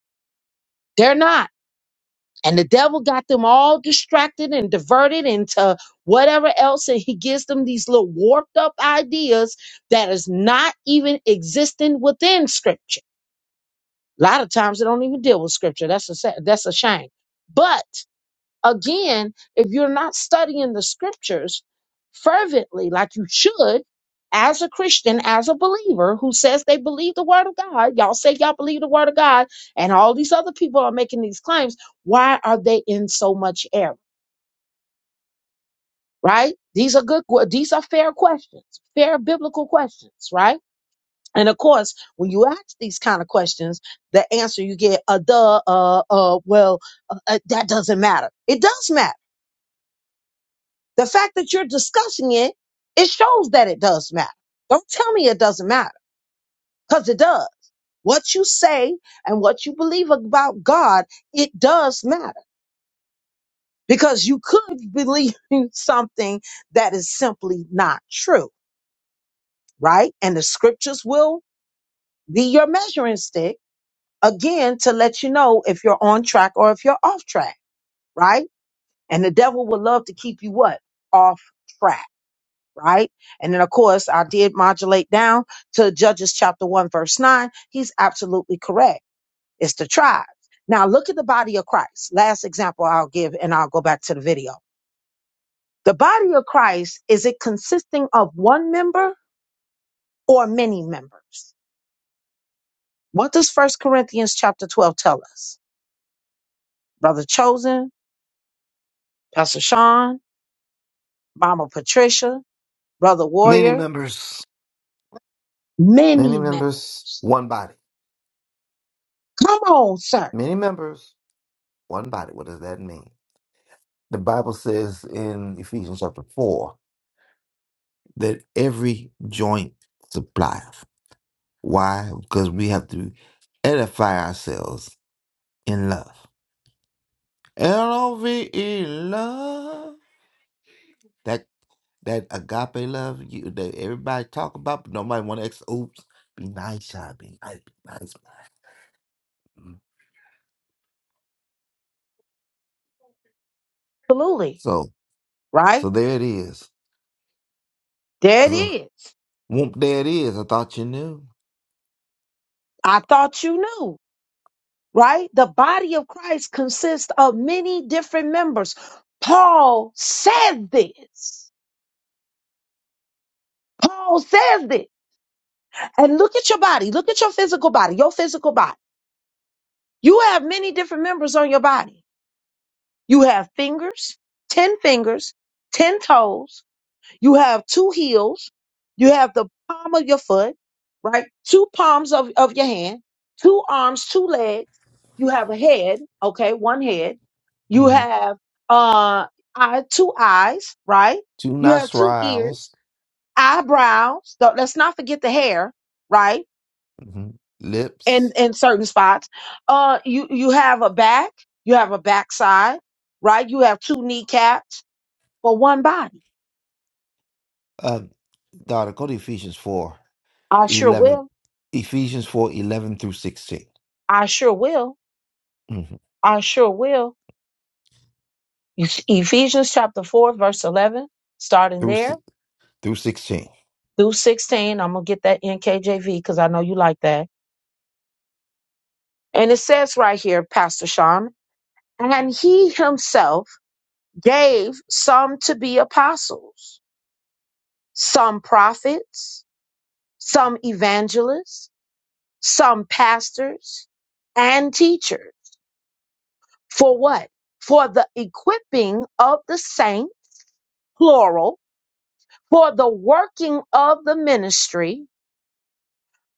They're not. And the devil got them all distracted and diverted into whatever else. And he gives them these little warped up ideas that is not even existing within scripture A lot of times they don't even deal with scripture. That's a sa- that's a shame. But again, if you're not studying the scriptures fervently like you should, as a Christian, as a believer who says they believe the word of God, y'all say y'all believe the word of God, and all these other people are making these claims. Why are they in so much error? Right? These are good. que- These are fair questions, fair biblical questions. Right? And of course, when you ask these kind of questions, the answer you get, uh, duh, uh, uh, well, uh, uh, that doesn't matter. It does matter. The fact that you're discussing it, it shows that it does matter. Don't tell me it doesn't matter because it does. What you say and what you believe about God, it does matter because you could believe <laughs> in something that is simply not true, right? And the scriptures will be your measuring stick again to let you know if you're on track or if you're off track, right? And the devil would love to keep you what? Off track, right? And then of course I did modulate down to Judges chapter one, verse nine. He's absolutely correct. It's the tribes. Now look at the body of Christ. Last example I'll give and I'll go back to the video. The body of Christ, is it consisting of one member or many members? What does First Corinthians chapter 12 tell us? Brother Chosen, Pastor Sean, Mama Patricia, Brother many Warrior, members. Many many members. members. One body. Come on, sir. Many members. One body. What does that mean? The Bible says in Ephesians chapter 4 that every joint supplies. Why? Because we have to edify ourselves in love. L O V E love. That that agape love you that everybody talk about, but nobody want to ex oops. Be nice, y'all. Be nice, be nice, man. Mm. Absolutely. So Right? so there it is. There it So, is. whoop, there it is. I thought you knew. I thought you knew. Right? The body of Christ consists of many different members. Paul said this. Paul says this. And look at your body. Look at your physical body, your physical body. You have many different members on your body. You have fingers, 10 fingers, 10 toes, You have two heels. You have the palm of your foot, right? Two palms of, of your hand, two arms, two legs. You have a head, okay, one head. You hmm have uh eye, two eyes, right? Two You have nice two ears, riles, eyebrows. Don't- Let's not forget the hair, right? hmm lips. in in certain spots. Uh you you have a back, you have a backside, right? You have two kneecaps for one body. Uh, daughter, go to Ephesians 4, I sure 11. will. Ephesians 4, 11 through 16. I sure will I sure will. You- Ephesians chapter 4, verse 11, starting through there si- through sixteen. through 16. I'm going to get that NKJV because I know you like that. And it says right here, Pastor Sean, and he himself gave some to be apostles, some prophets, some evangelists, some pastors and teachers. For what? For the equipping of the saint, plural, for the working of the ministry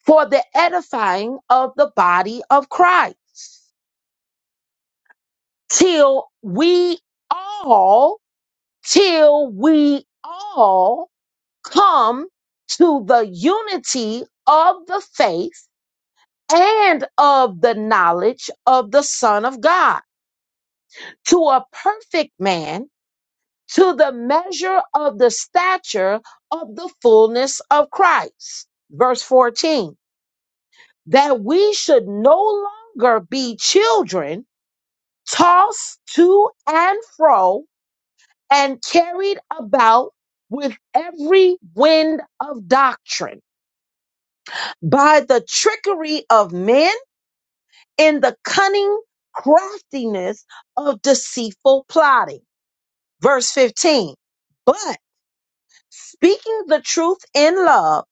for the edifying of the body of Christ till we all, till we all come to the unity of the faith and of the knowledge of the Son of God, to a perfect man, to the measure of the stature of the fullness of Christ. Verse 14, that we should no longer be children tossed to and fro and carried about with every wind of doctrine by the trickery of men in the cunning craftiness of deceitful plotting. Verse 15. But speaking the truth in love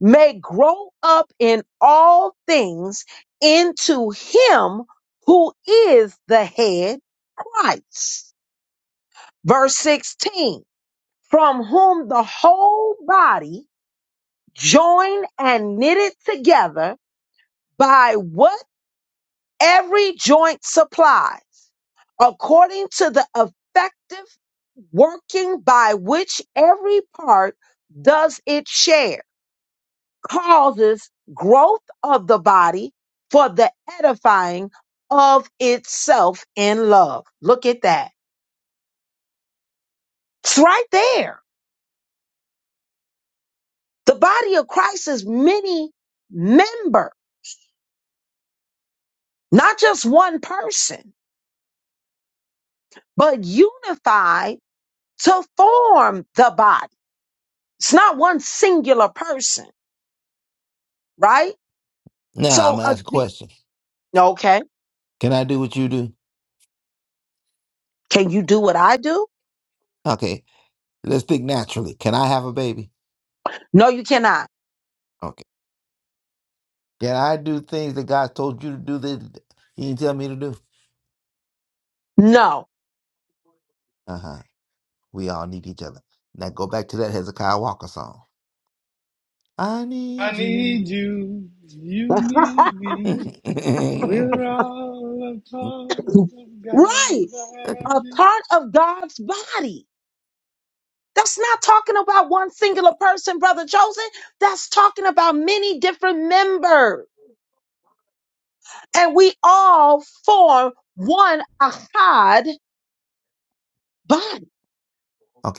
may grow up in all things into him who is the head, Christ. Verse 16 from whom the whole body, joined and knitted together by what every joint supplies, according to the effective working by which every part does its share, causes growth of the body for the edifying of itself in love. Look at that. It's right there. The body of Christ is many members not just one person, but unified to form the body. It's not one singular person, right? Now I'm So, gonna a ask a de- question. okay, Can I do what you do? can you do what I do? Okay, let's think naturally. Can I have a baby? No, you cannot. Okay. Can I do things that God told you to do that He didn't tell me to do? No, Uh huh. We all need each other. Now go back to that Hezekiah Walker song. I I need you. need you. You need me. We're okay, all a part of God's right? A body. part of God's body. That's not talking about one singular person, brother Joseph. That's talking about many different members, and we all form one ahad body,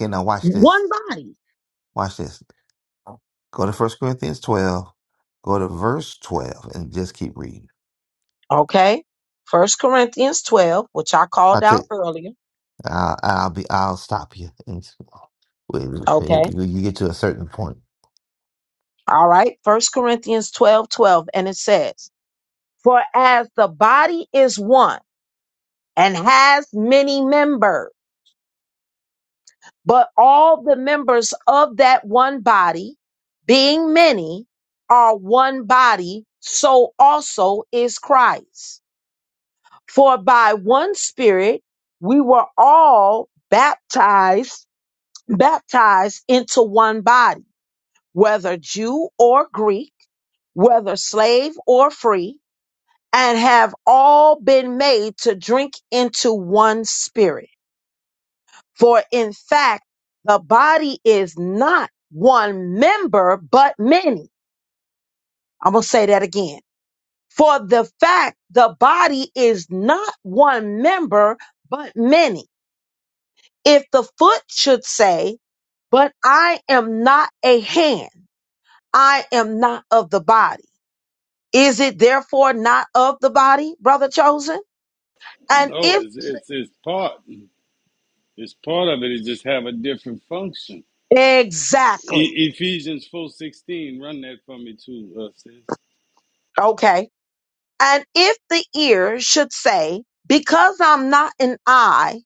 now watch one this. body. Watch this. Go to First Corinthians 12. Go to verse 12 and just keep reading. Okay. First Corinthians 12, which I I called took. out earlier. I'll, I'll be. I'll stop you. <laughs> And Okay. when you you get to a certain point. All right. First Corinthians 12, 12, And it says, For as the body is one and has many members, but all the members of that one body, being many, are one body, so also is Christ. For by one spirit we were all baptized, baptized into one body whether Jew or Greek, whether slave or free, and have all been made to drink into one spirit. For in fact, the body is not one member, but many. I'm going to say that again. For the fact the body is not one member, but many. If the foot should say, But I am not a hand, I am not of the body Is it therefore not of the body, brother chosen? And No, if it's it's it's part. It's part of it. It just have a different function. exactly, E- Ephesians four sixteen. Run that for me too, uh, sis. okay. And if the ear should say, because I'm not an eye,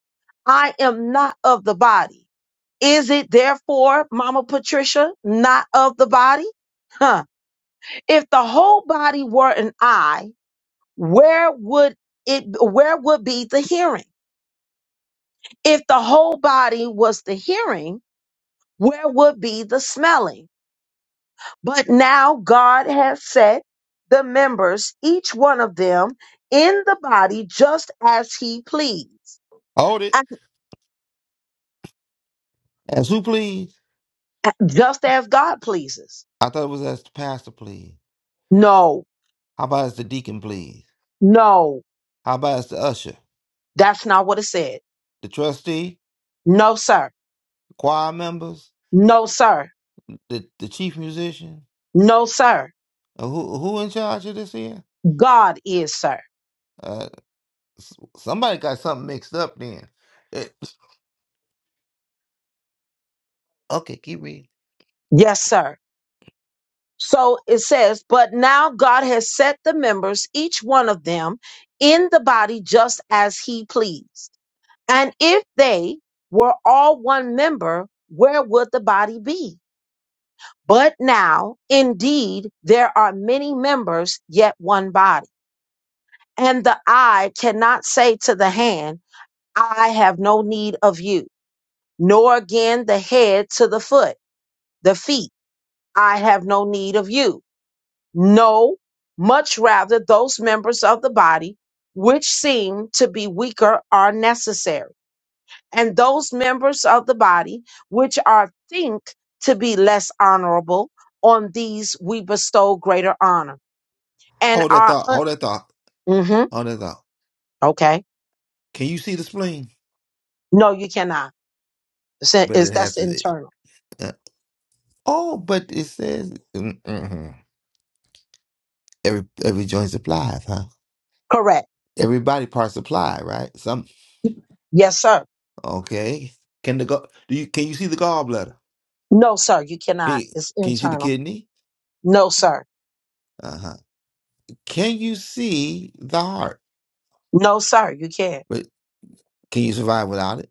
I am not of the body. Is it therefore, Mama Patricia, not of the body? Huh. If the whole body were an eye, where would it, where would be the hearing? If the whole body was the hearing, where would be the smelling? But now God has set the members, each one of them, in the body just as he pleased, Hold it. as- As who please? just as God pleases. I thought it was as the pastor please. No, How about as the deacon please? no, How about as the usher? that's not what it said. the trustee, No, sir. choir members, No, sir. the, the chief musician. No, sir. Uh, who who in charge of this here? God is, sir. Uh, s- somebody got something mixed up then. It, okay, keep reading. Yes, sir. So it says, but now God has set the members, each one of them, in the body just as he pleased. And if they were all one member, where would the body be? But now, indeed, there are many members, yet one body. And the eye cannot say to the hand, I have no need of you, nor again the head to the foot, the feet, I have no need of you. No, much rather those members of the body which seem to be weaker are necessary and those members of the body which are think to be less honorable on these we bestow greater honor and Hold that are thought. un- Hold that thought. Mhm. Hold that thought. okay Can you see the spleen? no you cannot it's, But it's- it has that's to. it- internal uh, oh, but it says mm, mhm. every every joint supplies, huh? correct Every body part supply, right? Some yes sir okay. Can the go? Do you can you see the gallbladder? no sir you Can cannot you, it's can you see the internal kidney? no sir Uh huh. Can you see the heart? no sir you can't But can you survive without it?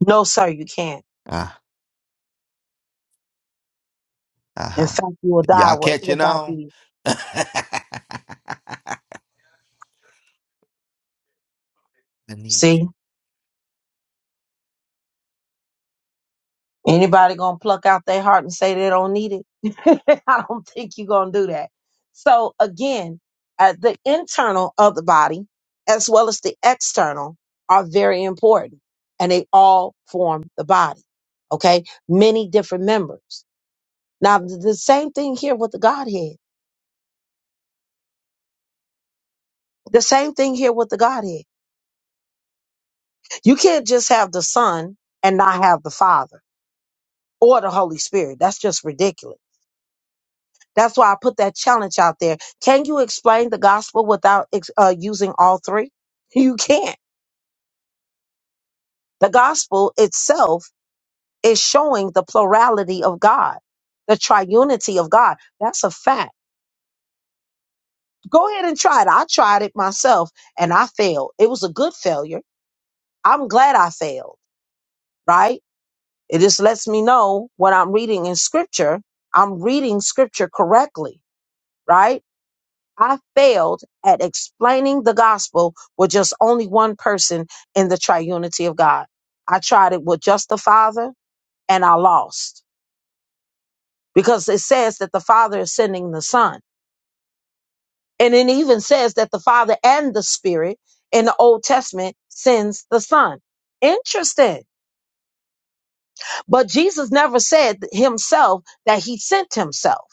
no sir you can't Ah, in aha. fact you will die Y'all wi- catching without on? these <laughs> I need see you. Anybody gonna pluck out their heart and say they don't need it? <laughs> I don't think you're gonna do that. So again, uh, the internal of the body as well as the external are very important, and they all form the body. Okay, many different members. Now th- the same thing here with the Godhead. The same thing here with the Godhead. You can't just have the Son and not have the Father or the Holy Spirit. That's just ridiculous That's why I put that challenge out there. Can you explain the gospel without ex- uh, using all three? <laughs> You can't. The gospel itself is showing the plurality of God, the triunity of God. That's a fact. Go ahead and try it. I tried it myself and I failed. It was a good failure. I'm glad I failed, right? It just lets me know when I'm reading in scripture, I'm reading scripture correctly, right? I failed at explaining the gospel with just only one person in the triunity of God. I tried it with just the Father and I lost because it says that the Father is sending the Son. And it even says that the Father and the Spirit in the Old Testament sends the Son. Interesting. But Jesus never said himself that he sent himself.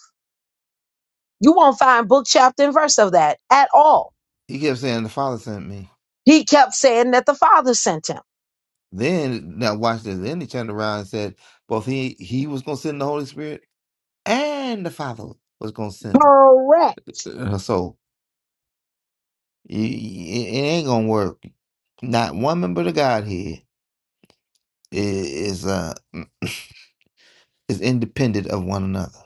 You won't find book, chapter, and verse of that at all. He kept saying the Father sent me. He kept saying that the Father sent him. Then now watch this. Then he turned around and said, both he he was gonna send the Holy Spirit and the Father was gonna send. Correct Uh, So it, it ain't gonna work. Not one member of the Godhead i- is uh <clears throat> is independent of one another.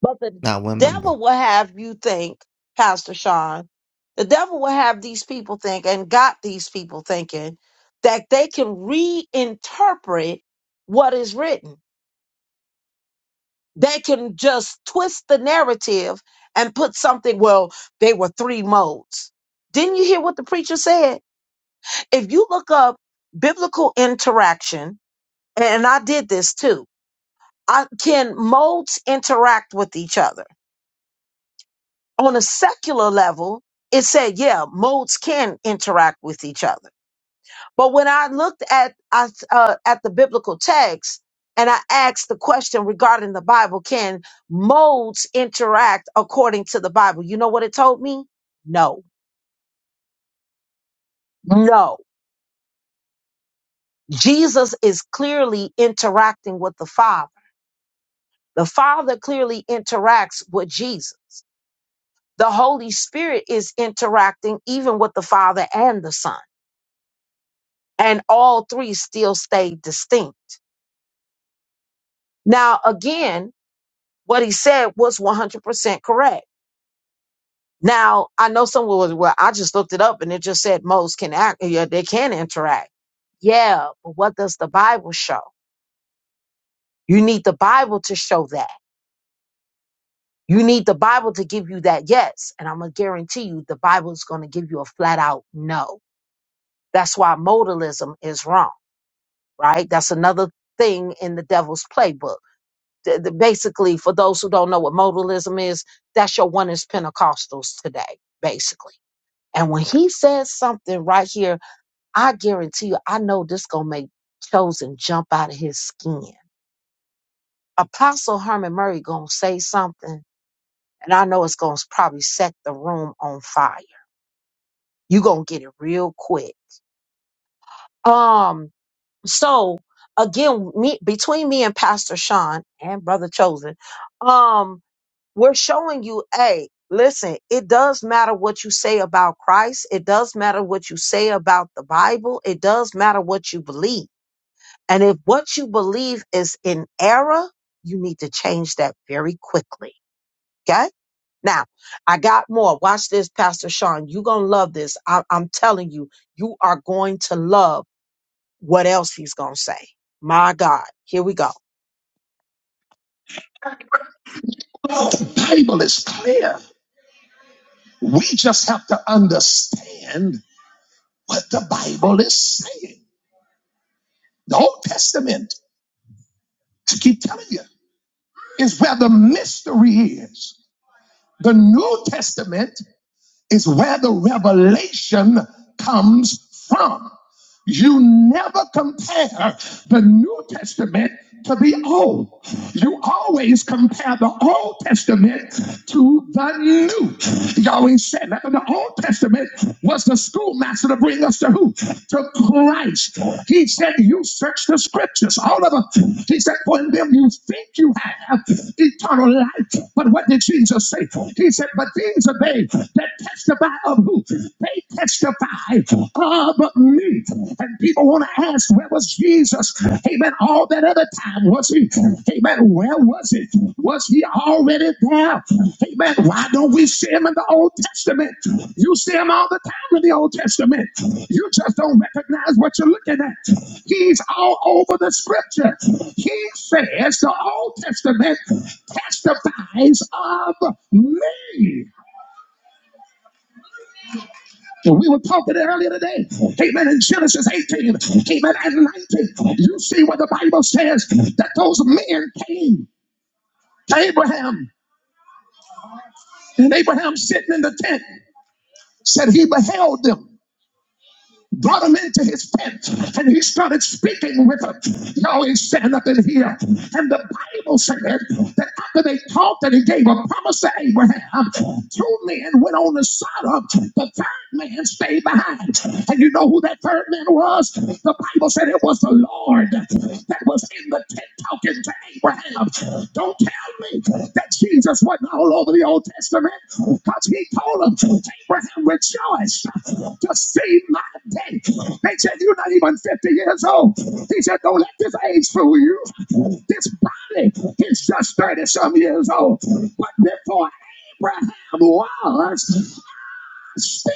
But the Not one member. devil will have you think, Pastor Sean, the devil will have these people think and got these people thinking that they can reinterpret what is written. They can just twist the narrative and put something, well, they were three modes. Didn't you hear what the preacher said? If you look up biblical interaction, and I did this too, I, can modes interact with each other? on a secular level, it said, yeah, modes can interact with each other. But when I looked at I, uh, at the biblical text and I asked the question regarding the Bible, can modes interact according to the Bible? You know what it told me? No, no. Jesus is clearly interacting with the Father. The Father clearly interacts with Jesus. The Holy Spirit is interacting even with the Father and the Son and all three still stayed distinct. Now, again, what he said was 100% correct. Now, I know someone was, well, I just looked it up and it just said most can act, yeah, they can interact. Yeah, but what does the Bible show? You need the Bible to show that. You need the Bible to give you that yes. And I'm going to guarantee you the Bible is going to give you a flat out no. That's why modalism is wrong, right? That's another thing in the devil's playbook the, the- basically, for those who don't know what modalism is, that's your one is Pentecostals today, basically. And when he says something right here, I guarantee you, I know this gonna make Chosen jump out of his skin. Apostle Herman Murray gonna say something, and I know it's gonna probably set the room on fire. You gonna get it real quick. Um, so again, me between me and Pastor Sean and Brother Chosen, um. we're showing you, hey, listen, it does matter what you say about Christ. It does matter what you say about the Bible. It does matter what you believe. And if what you believe is in error, you need to change that very quickly. Okay? Now, I got more. Watch this, Pastor Sean. You're going to love this. I- I'm telling you, you are going to love what else he's going to say. My God. Here we go. Well, the Bible is clear. We just have to understand What the Bible is saying, the Old Testament, I keep telling you, is where the mystery is. The New Testament is where the revelation comes from. You never compare the New Testament to the Old. You always compare the Old Testament to the New. You always said that the Old Testament was the schoolmaster to bring us to who? To Christ. He said, You search the scriptures, all of them. He said, For in them you think you have eternal life. But what did Jesus say? He said, But these are they that testify of who? they.'" they testify of me. And people want to ask, where was Jesus? Amen. All that other time, was he? Amen. Where was it? Was he already there? Amen. Why don't we see him in the Old Testament? You see him all the time in the Old Testament. You just don't recognize what you're looking at. He's all over the scripture. He says the Old Testament testifies of me. We were talking earlier today. Amen. In Genesis 18, amen, and 19. You see what the Bible says that those men came to Abraham. And Abraham sitting in the tent said he beheld them. brought him into his tent and he started speaking with them. Yahweh stand up in here. And the Bible said that after they talked and he gave a promise to Abraham, two men went on to Sodom. The third man stayed behind. And you know who that third man was? The Bible said it was the Lord that was in the tent talking to Abraham. Don't tell me that Jesus wasn't all over the Old Testament because he told them, Abraham rejoiced to see my day. They said, You're not even 50 years old. He said, Don't let this age fool you. This body is just 30 some years old. But before Abraham was, I still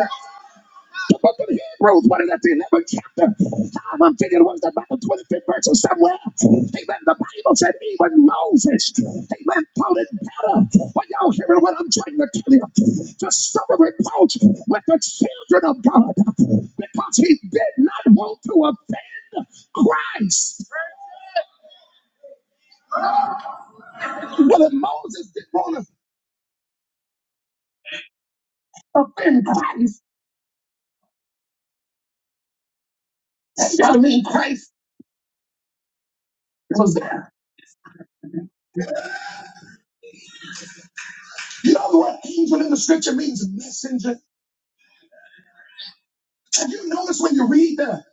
am. book of Hebrews, what is that, the 11th chapter? I'm thinking it was about the 25th verse or somewhere. Amen. The Bible said even Moses, amen, thought it better. But y'all hearing what I'm trying to tell you? To suffer reproach with the children of God because he did not want to offend Christ. Well, if Moses didn't want to offend Christ, that gotta mean Christ was there. You know the word angel in the scripture means messenger. Have you noticed when you read the,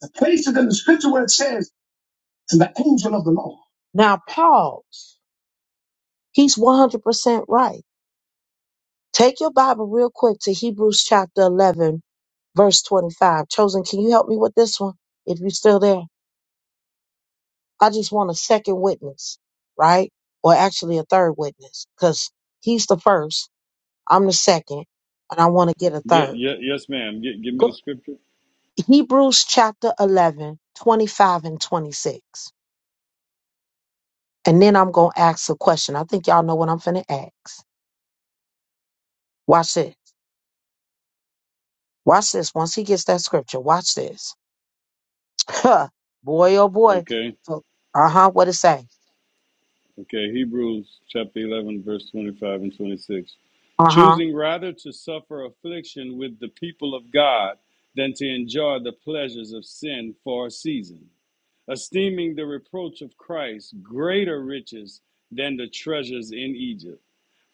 the places in the scripture where it says, and the angel of the Lord? Now, pause. He's 100% right. Take your Bible real quick to Hebrews chapter 11, verse 25. Chosen, can you help me with this one if you're still there? I just want a second witness, right? Or actually a third witness because he's the first, I'm the second, and I want to get a Ye- third. ye- yes, ma'am. Gi- give me the Go, scripture. Hebrews chapter 11, 25 and 26. And then I'm going to ask a question. I think y'all know what I'm finna ask. Watch this. Watch this. Once he gets that scripture, watch this. <laughs> <clears throat> Huh. boy, oh boy. Okay. So, uh huh. What it say? Okay. Hebrews chapter eleven, verse twenty-five and twenty-six. Uh huh. Choosing rather to suffer affliction with the people of God than to enjoy the pleasures of sin for a season, esteeming the reproach of Christ greater riches than the treasures in Egypt,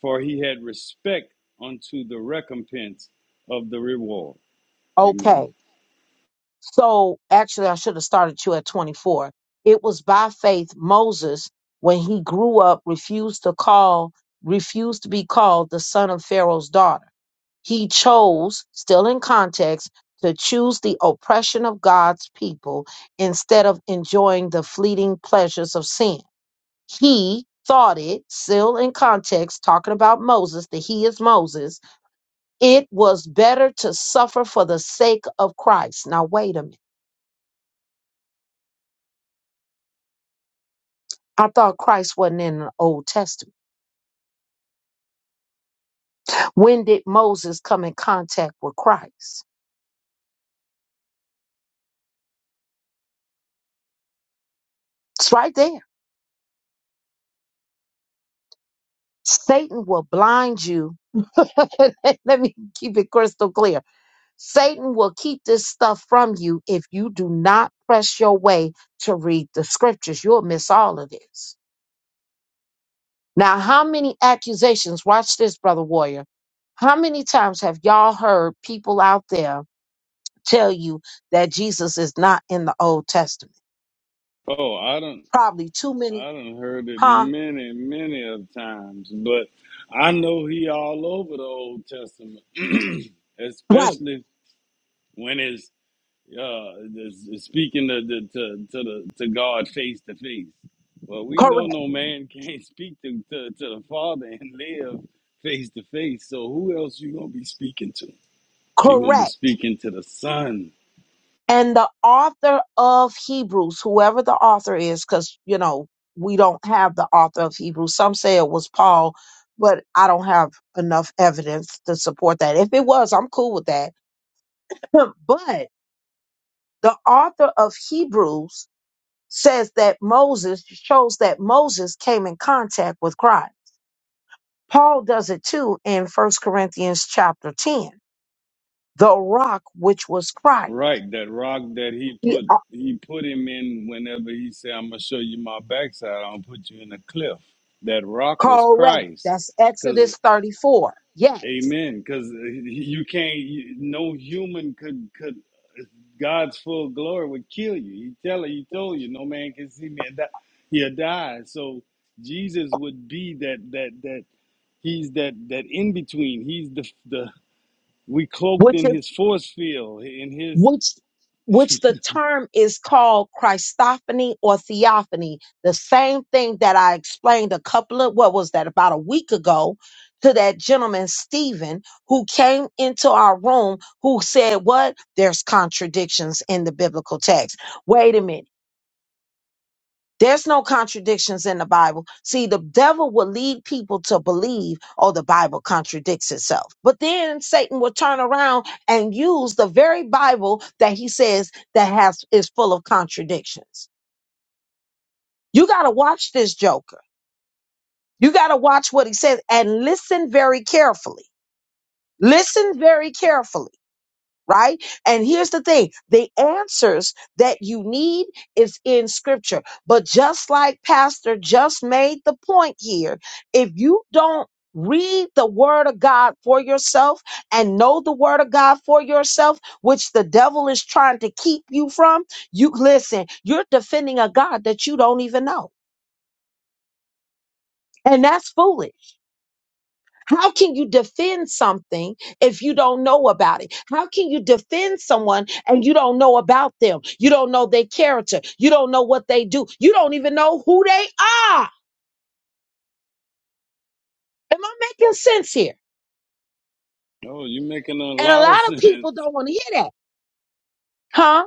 for he had respect unto the recompense of the reward. Amen. Okay. So actually, I should have started you at 24. It was by faith Moses, when he grew up, refused to call, refused to be called the son of Pharaoh's daughter. He chose, still in context, to choose the oppression of God's people instead of enjoying the fleeting pleasures of sin. He thought it, still in context, talking about Moses, the he is Moses, it was better to suffer for the sake of Christ. Now, wait a minute. I thought Christ wasn't in the Old Testament. When did Moses come in contact with Christ? It's right there. Satan will blind you. <laughs> Let me keep it crystal clear Satan will keep this stuff from you if you do not press your way to read the scriptures. You'll miss all of this. Now, how many accusations, watch this, brother warrior. How many times have y'all heard people out there tell you that Jesus is not in the Old Testament? Oh, I don't Probably too many, I don't heard it huh? many, many of times, but I know he all over the Old Testament, <clears throat> Right, especially when it's uh it's- it's speaking to the to, to the to God face to face. Well, we know correct, no man <laughs> can't speak to, to to the Father and live face to face. So who else you gonna be speaking to? You're gonna be correct. speaking to the Son. and the author of Hebrews, whoever the author is, because you know we don't have the author of Hebrews. Some say it was Paul, but I don't have enough evidence to support that. If it was, I'm cool with that. <clears throat> but the author of Hebrews says that Moses shows that Moses came in contact with Christ. Paul does it too in First Corinthians chapter 10. The rock which was Christ. Right, that rock that he The, put he put him in whenever he said, I'm gonna show you my backside, i will put you in a cliff. That rock was correct. Christ. That's Cause Exodus 34. Yes amen. Cause you can't you, no human could could God's full glory would kill you. He tell he told you no man can see me and die. he'll die. So Jesus would be that that that he's that that in between. He's the the we cloaked which in is his force field, in his which which the term is called Christophany or theophany, the same thing that I explained a couple of what was that about a week ago to that gentleman Stephen who came into our room who said what there's contradictions in the biblical text. Wait a minute. There's no contradictions in the Bible. See, the devil will lead people to believe, oh, the Bible contradicts itself. But then Satan will turn around and use the very Bible that he says that has is full of contradictions. You got to watch this joker. You got to watch what he says and listen very carefully. Listen very carefully right? And here's the thing the answers that you need is in scripture. But just like Pastor just made the point here, if you don't read the word of God for yourself and know the word of God for yourself, which the devil is trying to keep you from, you listen, you're defending a God that you don't even know. And that's foolish How can you defend something if you don't know about it? How can you defend someone and you don't know about them? You don't know their character. You don't know what they do. You don't even know who they are. Am I making sense here? No, you're making a And a lot of lot of sense <laughs> to people don't want to hear that, huh?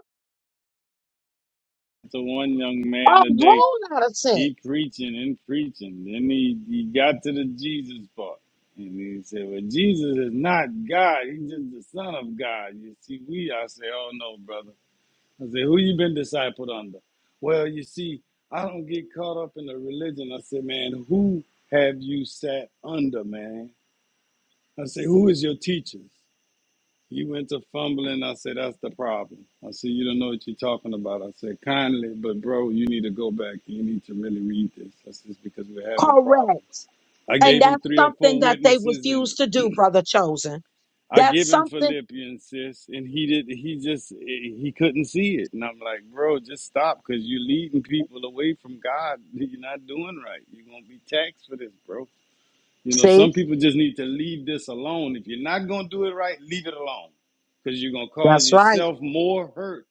one young A man today. whole lot of sense. He preaching and preaching. Then he, he got to the Jesus part. And he said, Well, Jesus is not God. He's just the Son of God. You see, we, I say, Oh, no, brother. I say, Who you been discipled under? Well, you see, I don't get caught up in the religion. I said, Man, who have you sat under, man? I say, Who is your teacher? You went to fumbling. I said, that's the problem. I said, you don't know what you're talking about. I said, kindly, but bro, you need to go back. You need to really read this. I said, it's because we're having problems. Correct. I And gave him that's three or something four that they witnesses and refuse to do, brother chosen. I That's give him something. Philippians, sis, and he did. He just he couldn't see it, and I'm like, bro, just stop, cause you're leading people away from God. <laughs> You're not doing right. You're gonna be taxed for this, bro. You know, some See, people just need to leave this alone. If you're not going to do it right, leave it alone because you're going to cause that's right. yourself more hurt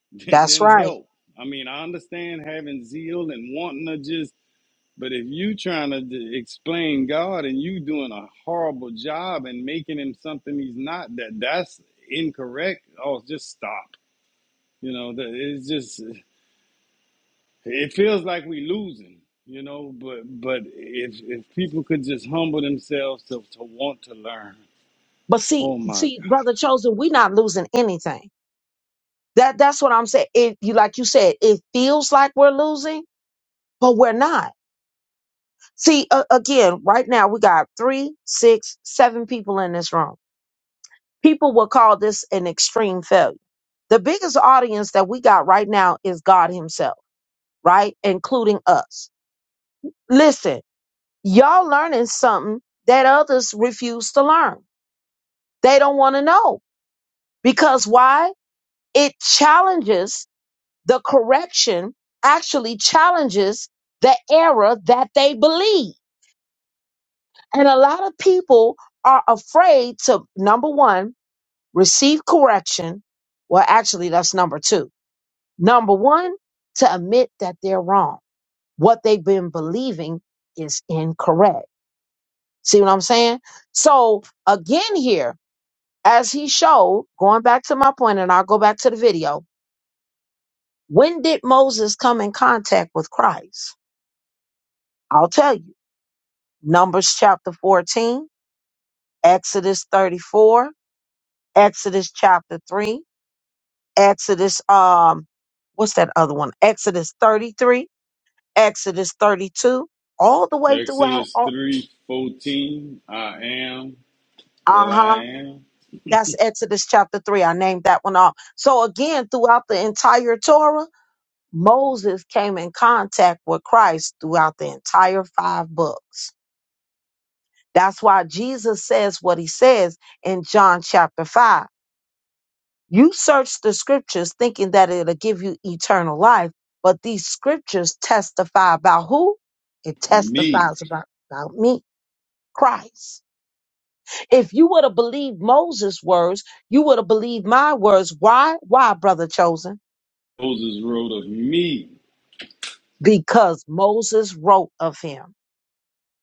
<laughs> than, That's than right. help. I mean, I understand having zeal and wanting to just, but if you trying to d- explain God and you doing a horrible job and making him something he's not, that that's incorrect. Oh, just stop. You know, that it's just, it feels like we losing. You know, but but if if people could just humble themselves to, to want to learn, But see, Oh my see, God. brother chosen, we're not losing anything That that's what I'm saying. It you like you said, it feels like we're losing, but we're not. See, uh, again, right now we got three, six, seven people in this room. People will call this an extreme failure. The biggest audience that we got right now is God Himself, right, including us. Listen, y'all learning something that others refuse to learn. They don't want to know because why? It challenges The correction actually challenges the error that they believe. And a lot of people are afraid to, number one, receive correction. Well, actually, that's number two. Number one, to admit that they're wrong. What they've been believing is incorrect. See what I'm saying? So, again, here, as he showed, going back to my point, and I'll go back to the video. When did Moses come in contact with Christ? I'll tell you. Numbers chapter 14, Exodus 34, Exodus chapter 3, Exodus um what's that other one? Exodus 33, Exodus 32, all the way throughout Exodus all, three fourteen. I am that I uh-huh. am. That's Exodus chapter 3. I named that one off. So again, throughout the entire Torah, Moses came in contact with Christ throughout the entire five books. That's why Jesus says what he says in John chapter 5 You search the scriptures thinking that it'll give you eternal life, but these scriptures testify about who? It Me. testifies about, about me, Christ. If you would have believed Moses' words, you would have believed my words. Why? Why, brother chosen? Moses wrote of me, Because Moses wrote of him.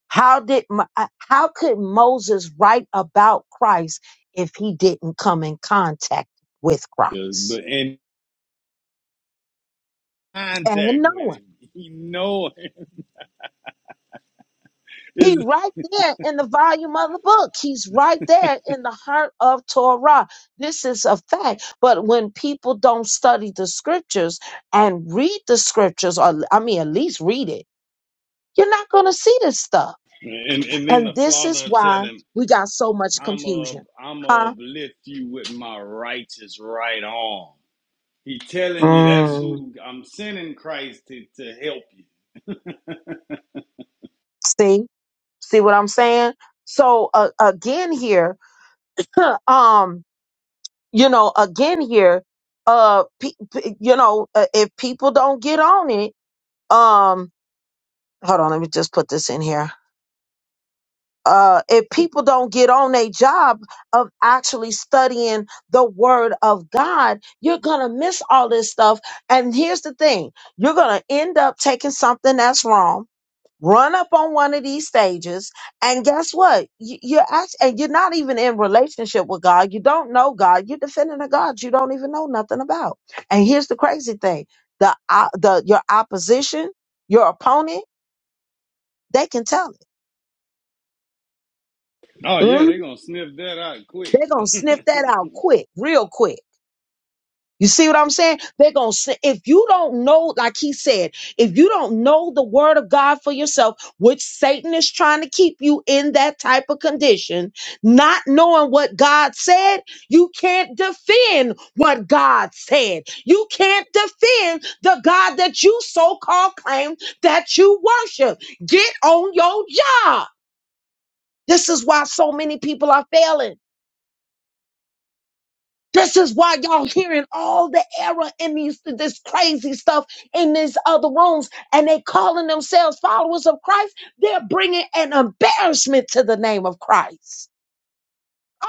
How did Mo- uh, how could Moses write about Christ if he didn't come in contact with Christ But in and contact know him? with him. He know He is right there in the volume of the book. He's right there in the heart of Torah. This is a fact. But when people don't study the scriptures and read the scriptures, or I mean, at least read it, you're not going to see this stuff. and, and then the And this is father tell why him, we got so much I'm a confusion. I'm a Huh? lift you with my righteous right arm. He telling you that's Mm, who I'm sending Christ to, to help you. see? See what I'm saying? So uh, again here, <laughs> um, you know, again here, uh, pe- pe- you know, uh, if people don't get on it, um hold on let me just put this in here uh if people don't get on a job of actually studying the word of god you're gonna miss all this stuff and here's the thing you're gonna end up taking something that's wrong run up on one of these stages and guess what You- you're act- and you're not even in relationship with god you don't know god you're defending a god you don't even know nothing about and here's the crazy thing the uh, the your opposition your opponent they can tell it Oh yeah, Mm? they gonna sniff that out quick. They're gonna sniff that out quick, real quick. You see what I'm saying? They're gonna say, if you don't know, like he said, if you don't know the word of God for yourself, which Satan is trying to keep you in that type of condition, not knowing what God said, you can't defend what God said. You can't defend the God that you so-called claim that you worship. Get on your job. This is why so many people are failing. This is why y'all hearing all the error in these this crazy stuff in these other rooms, and they calling themselves followers of Christ. They're bringing an embarrassment to the name of Christ.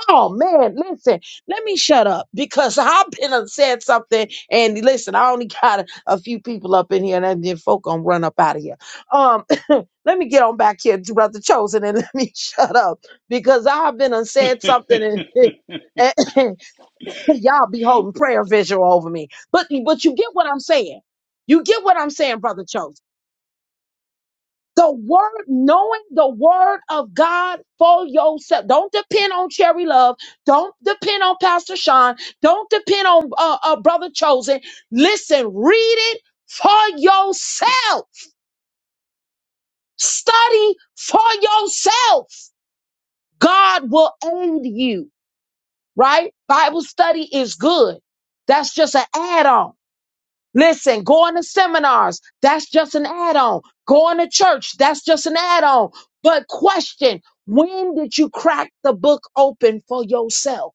Oh man, listen. Let me shut up because <laughs> I've been and said something, and listen, I only got a, a few people up in here, and then folk gonna run up out of here. Um, <laughs> let me get on back here to Brother Chosen, and let me <laughs> shut up because I've been and said something, <laughs> and <laughs> <clears throat> y'all be holding prayer visual over me. But but you get what I'm saying. You get what I'm saying, brother Chose. The word, knowing the word of God for yourself. Don't depend on Cherry Love. Don't depend on Pastor Sean. Don't depend on uh, uh, Brother Chosen. Listen, read it for yourself. Study for yourself. God will aid you, right? Bible study is good. That's just an add on. Listen, going to seminars, that's just an add on. Going to church, that's just an add on. But question, when did you crack the book open for yourself?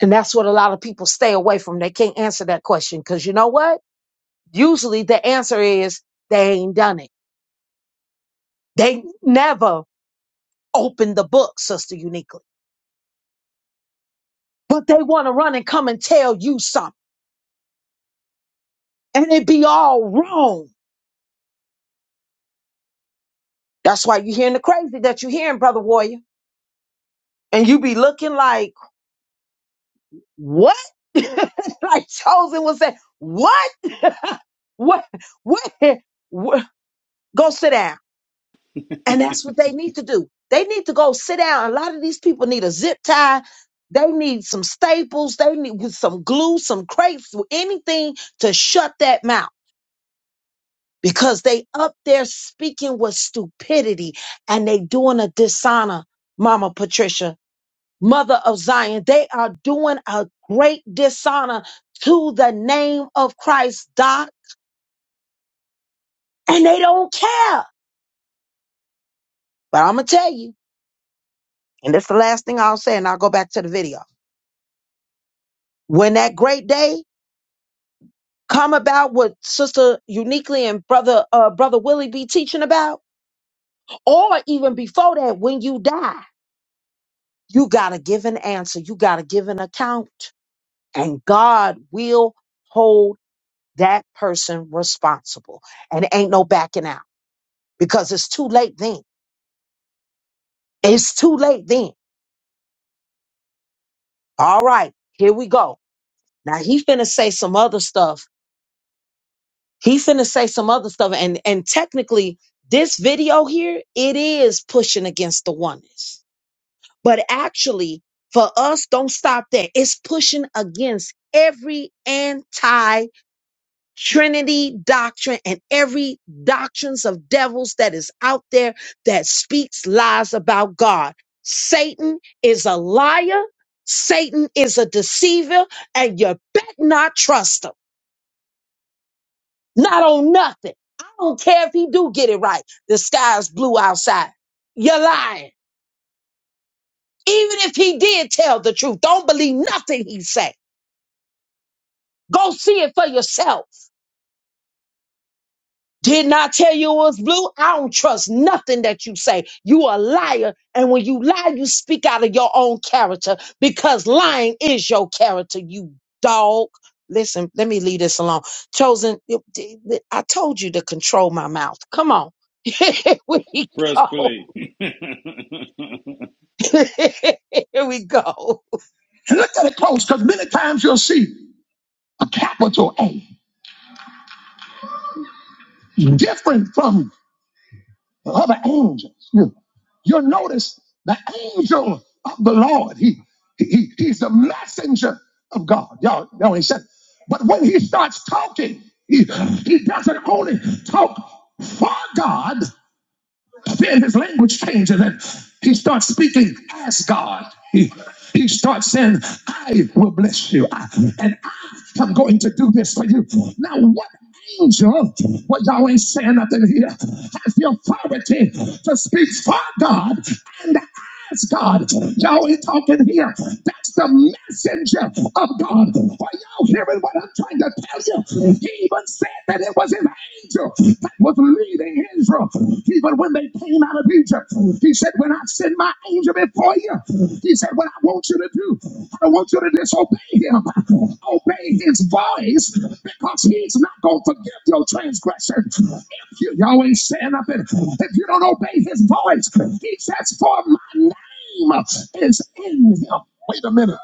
And that's what a lot of people stay away from. They can't answer that question because you know what? Usually the answer is they ain't done it. They never opened the book, Sister Uniquely. But they want to run and come and tell you something. And it be all wrong. That's why you're hearing the crazy that you're hearing, Brother Warrior. And you be looking like, what? <laughs> like Chosen was saying, what? <laughs> what? What? What? Go sit down. And that's what they need to do. They need to go sit down. A lot of these people need a zip tie. They need some staples. They need with some glue, some crepes, anything to shut that mouth because they up there speaking with stupidity and they doing a dishonor, Mama Patricia mother of Zion. They are doing a great dishonor to the name of Christ, Doc, and they don't care. But I'm going to tell you, and that's the last thing I'll say, and I'll go back to the video. When that great day come about what sister uniquely and brother uh brother willie be teaching about or even before that when you die you gotta give an answer you gotta give an account and god will hold that person responsible and ain't no backing out because it's too late then. It's too late then. All right, here we go. Now he finna say some other stuff. He finna say some other stuff, and and technically, this video here it is pushing against the oneness, but actually, for us, don't stop there. It's pushing against every anti. Trinity doctrine and every doctrines of devils that is out there that speaks lies about God. Satan is a liar. Satan is a deceiver and you bet not trust him. Not on nothing. I don't care if he do get it right. The sky's blue outside. You're lying. Even if he did tell the truth, don't believe nothing he say. Go see it for yourself. Didn't I tell you it was blue? I don't trust nothing that you say. You a liar. And when you lie, you speak out of your own character because lying is your character, you dog. Listen, let me leave this alone. Chosen, I told you to control my mouth. Come on. <laughs> Here we Press go. play. <laughs> <laughs> Here we go. And look at it close, because many times you'll see a capital A different from the other angels. You, you'll notice the angel of the Lord. He, he he's the messenger of God. Y'all know he said. But when he starts talking, he, he doesn't only talk for God, then his language changes and he starts speaking as God. He, he starts saying, I will bless you. I- and I am going to do this for you. Now, what angel, what Yahweh is saying up in here, has the authority to speak for God and I Yes, God. Y'all ain't talking here. That's the messenger of God. Are y'all hearing what I'm trying to tell you? He even said that it was his angel that was leading Israel. Even when they came out of Egypt, he said, When I send my angel before you, he he said, What I want you to do, I want you to disobey him. Obey his voice because he's not going to forgive your transgression. If you, you always stand up and if you don't obey his voice, he says, For my name is in him. Wait a minute.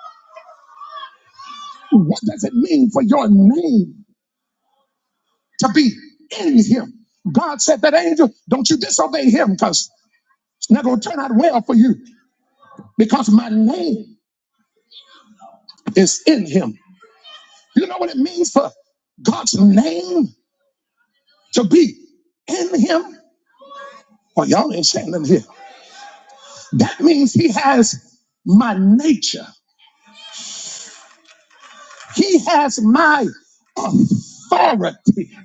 What does it mean for your name to be in him? God said that angel, don't you disobey him because it's not going to turn out well for you because my name is in him. You know what it means for God's name to be in him? Well, y'all ain't standing here. That means he has my nature. He has my authority.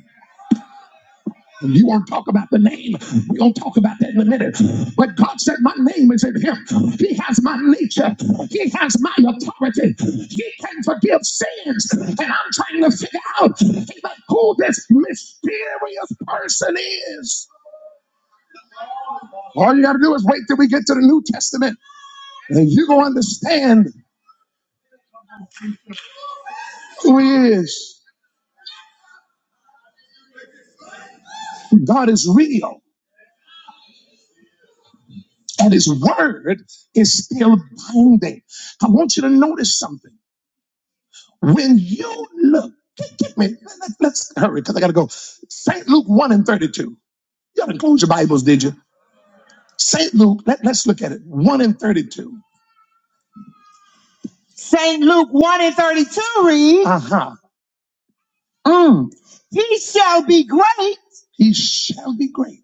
And You won't talk about the name. We won't talk about that in a minute. But God said, My name is in him. He has my nature. He has my authority. He can forgive sins. And I'm trying to figure out like, who this mysterious person is. All you got to do is wait till we get to the New Testament, and you're going to understand who He is. God is real, and His word is still binding. I want you to notice something. When you look, get me, let, let's hurry because I got to go. St. Luke 1 and 32. You haven't closed your Bibles, did you? St. Luke, let, let's look at it. 1 and 32. St. Luke 1 and 32 reads, Uh huh. Mm. He shall be great He shall be great.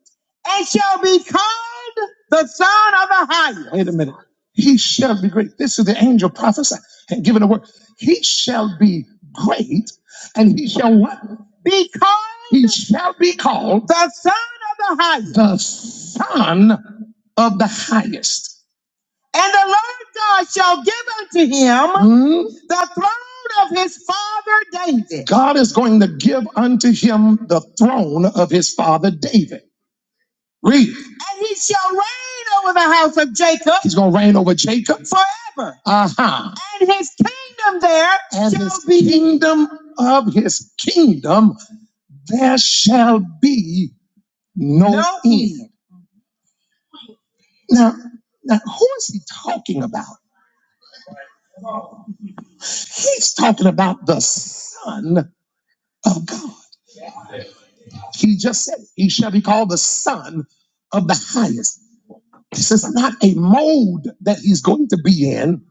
and shall be called the Son of the Highest. Wait a minute. He shall be great. This is the angel prophesying and giving a word. He shall be great and he shall what? Be called. He shall be called the Son of the Highest. the son of the highest. And the Lord God shall give unto him Hmm. the throne of his father David. God is going to give unto him the throne of his father David. Read. And he shall reign over the house of Jacob. He's going to reign over Jacob forever. Uh huh. And his kingdom there and shall his be. Kingdom of his kingdom, there shall be no, no end. end. Now, now, who is he talking about? He's talking about the Son of God. He just said, He shall be called the Son of the Highest. This is not a mode that he's going to be in.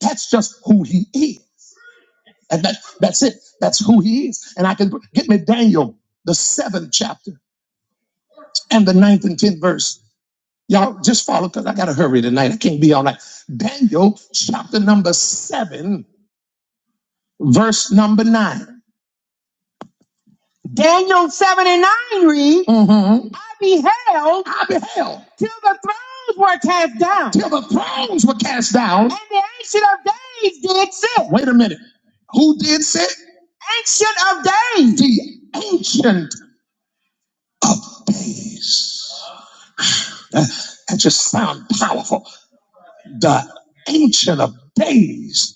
That's just who he is. And that, that's it. That's who he is. And I can get me Daniel, the seventh chapter and the ninth and tenth verse. Y'all just follow because I got to hurry tonight. I can't be all night. Daniel chapter number seven, verse number nine. Daniel 7 and 9 read, Mm-hmm. I beheld I beheld till the thrones were cast down, till the thrones were cast down. and the ancient of days did sit. Wait a minute. Who did sit? Ancient of days. The ancient days. That, that just sounds powerful. The ancient of days.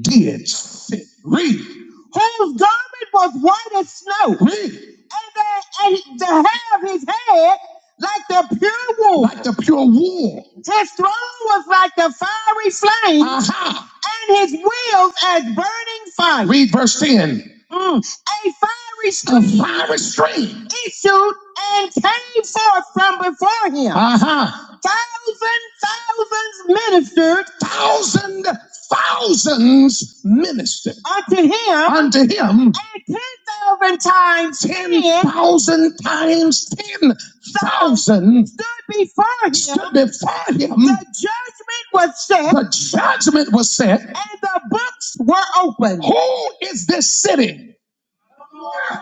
did sin. Read. whose garment was white as snow, Read. and, the, and the hair of his head like the pure wool Like the pure wool. His throne was like the fiery flame Aha. and his wheels as burning fire. Read verse 10. Mm a fiery stream. A fiery stream. Issued and came forth from before him. Uh-huh. Thousand thousands ministered. Thousand thousands ministered. Unto him. Unto him. And ten thousand times ten. Ten thousand times ten thousand. Stood before him. Stood before him. The judgment was set. The judgment was set. And the books were opened. Who is this city?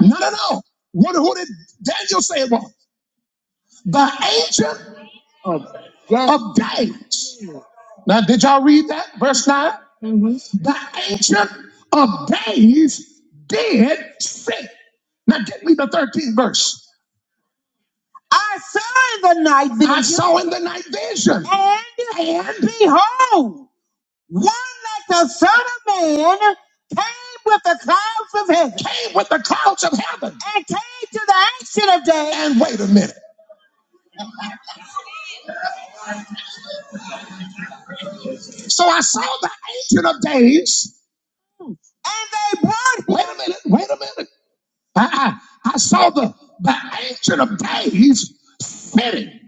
No, no, no. What, who did Daniel say it was? The ancient of days. Now, did y'all read that? Verse 9? The ancient of days did say. Now, get me the 13th verse. I saw in the night vision. I saw in the night vision. And, and behold, one like the Son of Man came with the clouds of heaven. Came with the clouds of heaven. And came to the ancient of days. And wait a minute. So I saw the Ancient of Days, and they brought. Wait a minute, wait a minute. Uh-uh. I saw the, the Ancient of Days sitting.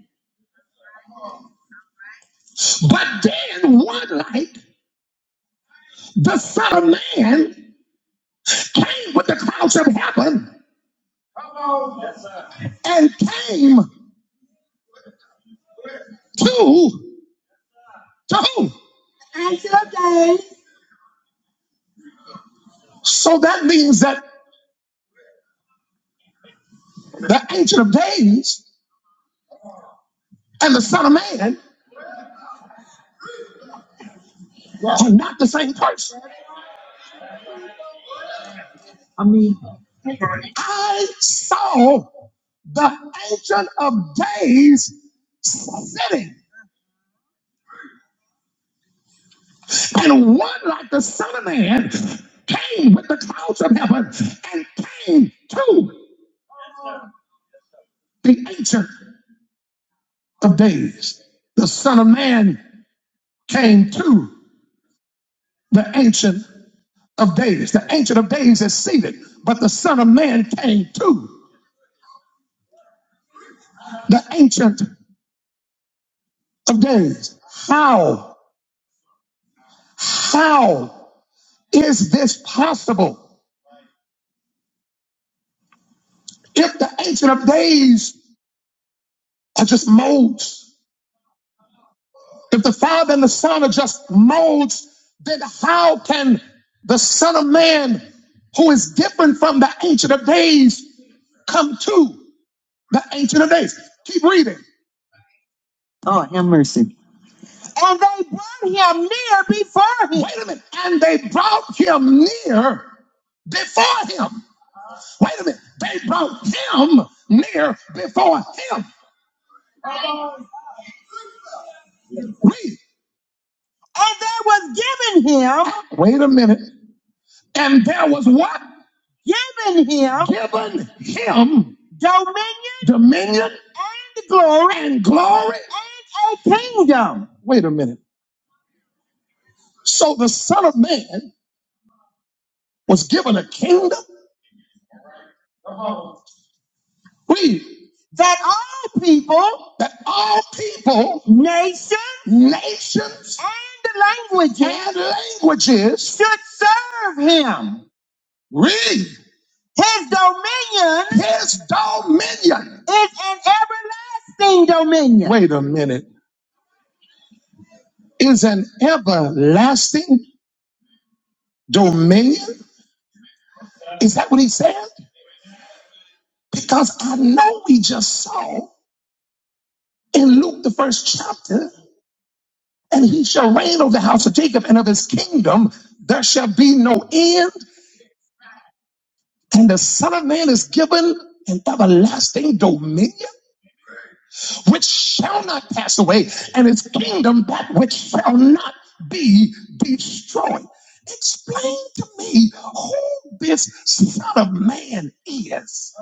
But then one night, the Son of Man came with the clouds of heaven and came to, to who? Ancient of Days. So that means that the Ancient of Days and the Son of Man are not the same person. I saw. the ancient of days sitting. And one like the Son of Man came with the clouds of heaven and came to the ancient of days. The Son of Man came to the ancient of days. The ancient of days is seated, but the Son of Man came to the ancient of days. How? How is this possible? If the ancient of days are just modes. If the Father and the Son are just modes, then how can the Son of Man, who is different from the Ancient of Days, come to the Ancient of Days? Keep reading. Oh, have mercy. And they brought him near before him. Wait a minute. And they brought him near before him. Wait a minute. They brought him near before him. Read. And there was given him. Wait a minute. And there was what? given him Given him dominion dominion and glory and glory. and a kingdom. Wait a minute. So the Son of Man was given a kingdom? Read. that all people, That all people, nations, nations, and languages and languages should serve him. read His dominion His dominion, is an everlasting dominion. wait a minute, is an everlasting dominion? Is that what he said? Because I know we just saw in Luke, the first chapter, and he shall reign over the house of Jacob and of his kingdom, there shall be no end, and the Son of Man is given an everlasting dominion. which shall not pass away, and his kingdom that which shall not be destroyed. Explain to me who this Son of Man is.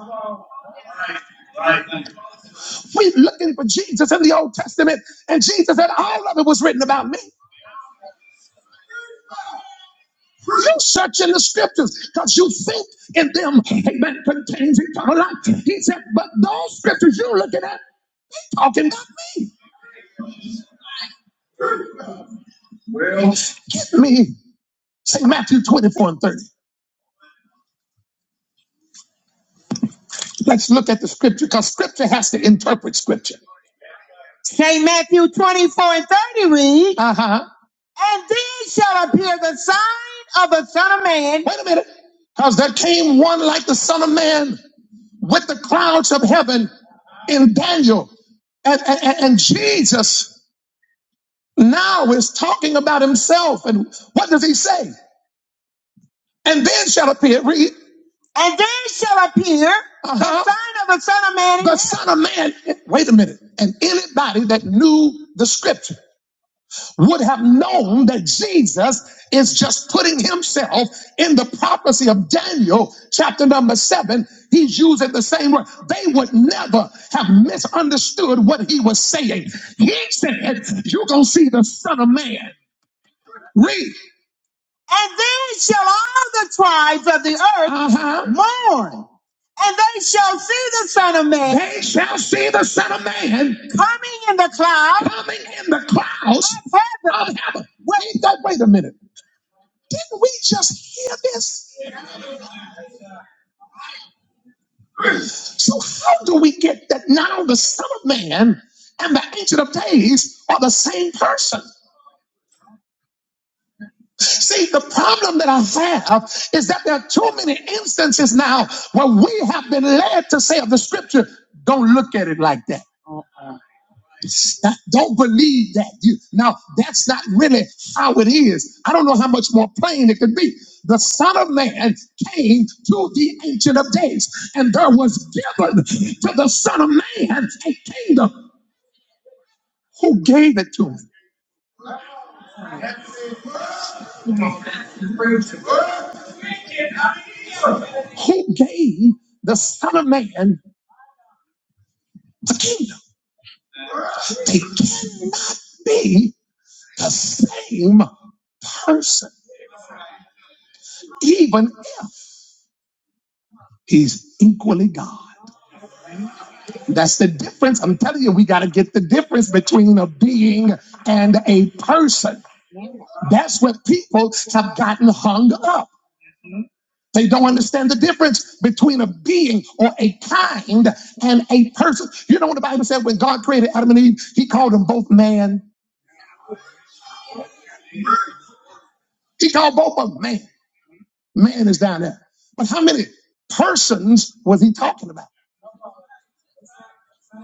We're looking for Jesus in the Old Testament, and Jesus said, All of it was written about me. You search in the scriptures because you think in them, amen, contains eternal life. He said, But those scriptures you're looking at talking about me. Give me St. Matthew 24 and 30. Let's look at the scripture because scripture has to interpret scripture. St. Matthew 24 and 30 read, Uh huh. And then shall appear the sign of the Son of Man. Wait a minute. Because there came one like the Son of Man with the clouds of heaven in Daniel. And, and, and and Jesus now is talking about himself. And what does he say? And then shall appear. Read. And then shall appear the Uh-huh. the sign of a son of man The Son of Man, wait a minute, and anybody that knew the scripture would have known that Jesus is just putting himself in the prophecy of Daniel, chapter number seven. He's using the same word. They would never have misunderstood what he was saying. He said, You're going to see the Son of Man. Read. And then shall all the tribes of the earth Uh huh. mourn. And they shall see the Son of Man They shall see the Son of Man coming in the clouds coming in the clouds of heaven. of heaven. Wait, don't, wait a minute. Didn't we just hear this? So how do we get that now the Son of Man and the Ancient of Days are the same person? See, the problem that I have is that there are too many instances now where we have been led to say of the scripture, don't look at it like that. that don't believe that you now that's not really how it is i don't know how much more plain it could be the son of man came to the ancient of days and there was given to the son of man a kingdom who gave it to him who gave the son of man the kingdom they can't be the same person even if he's equally god That's the difference. I'm telling you, we got to get the difference between a being and a person. That's what people have gotten hung up. They don't understand the difference between a being or a kind and a person. You know what the Bible said when God created Adam and Eve, he called them both man. He called both of them man. Man is down there. But how many persons was he talking about?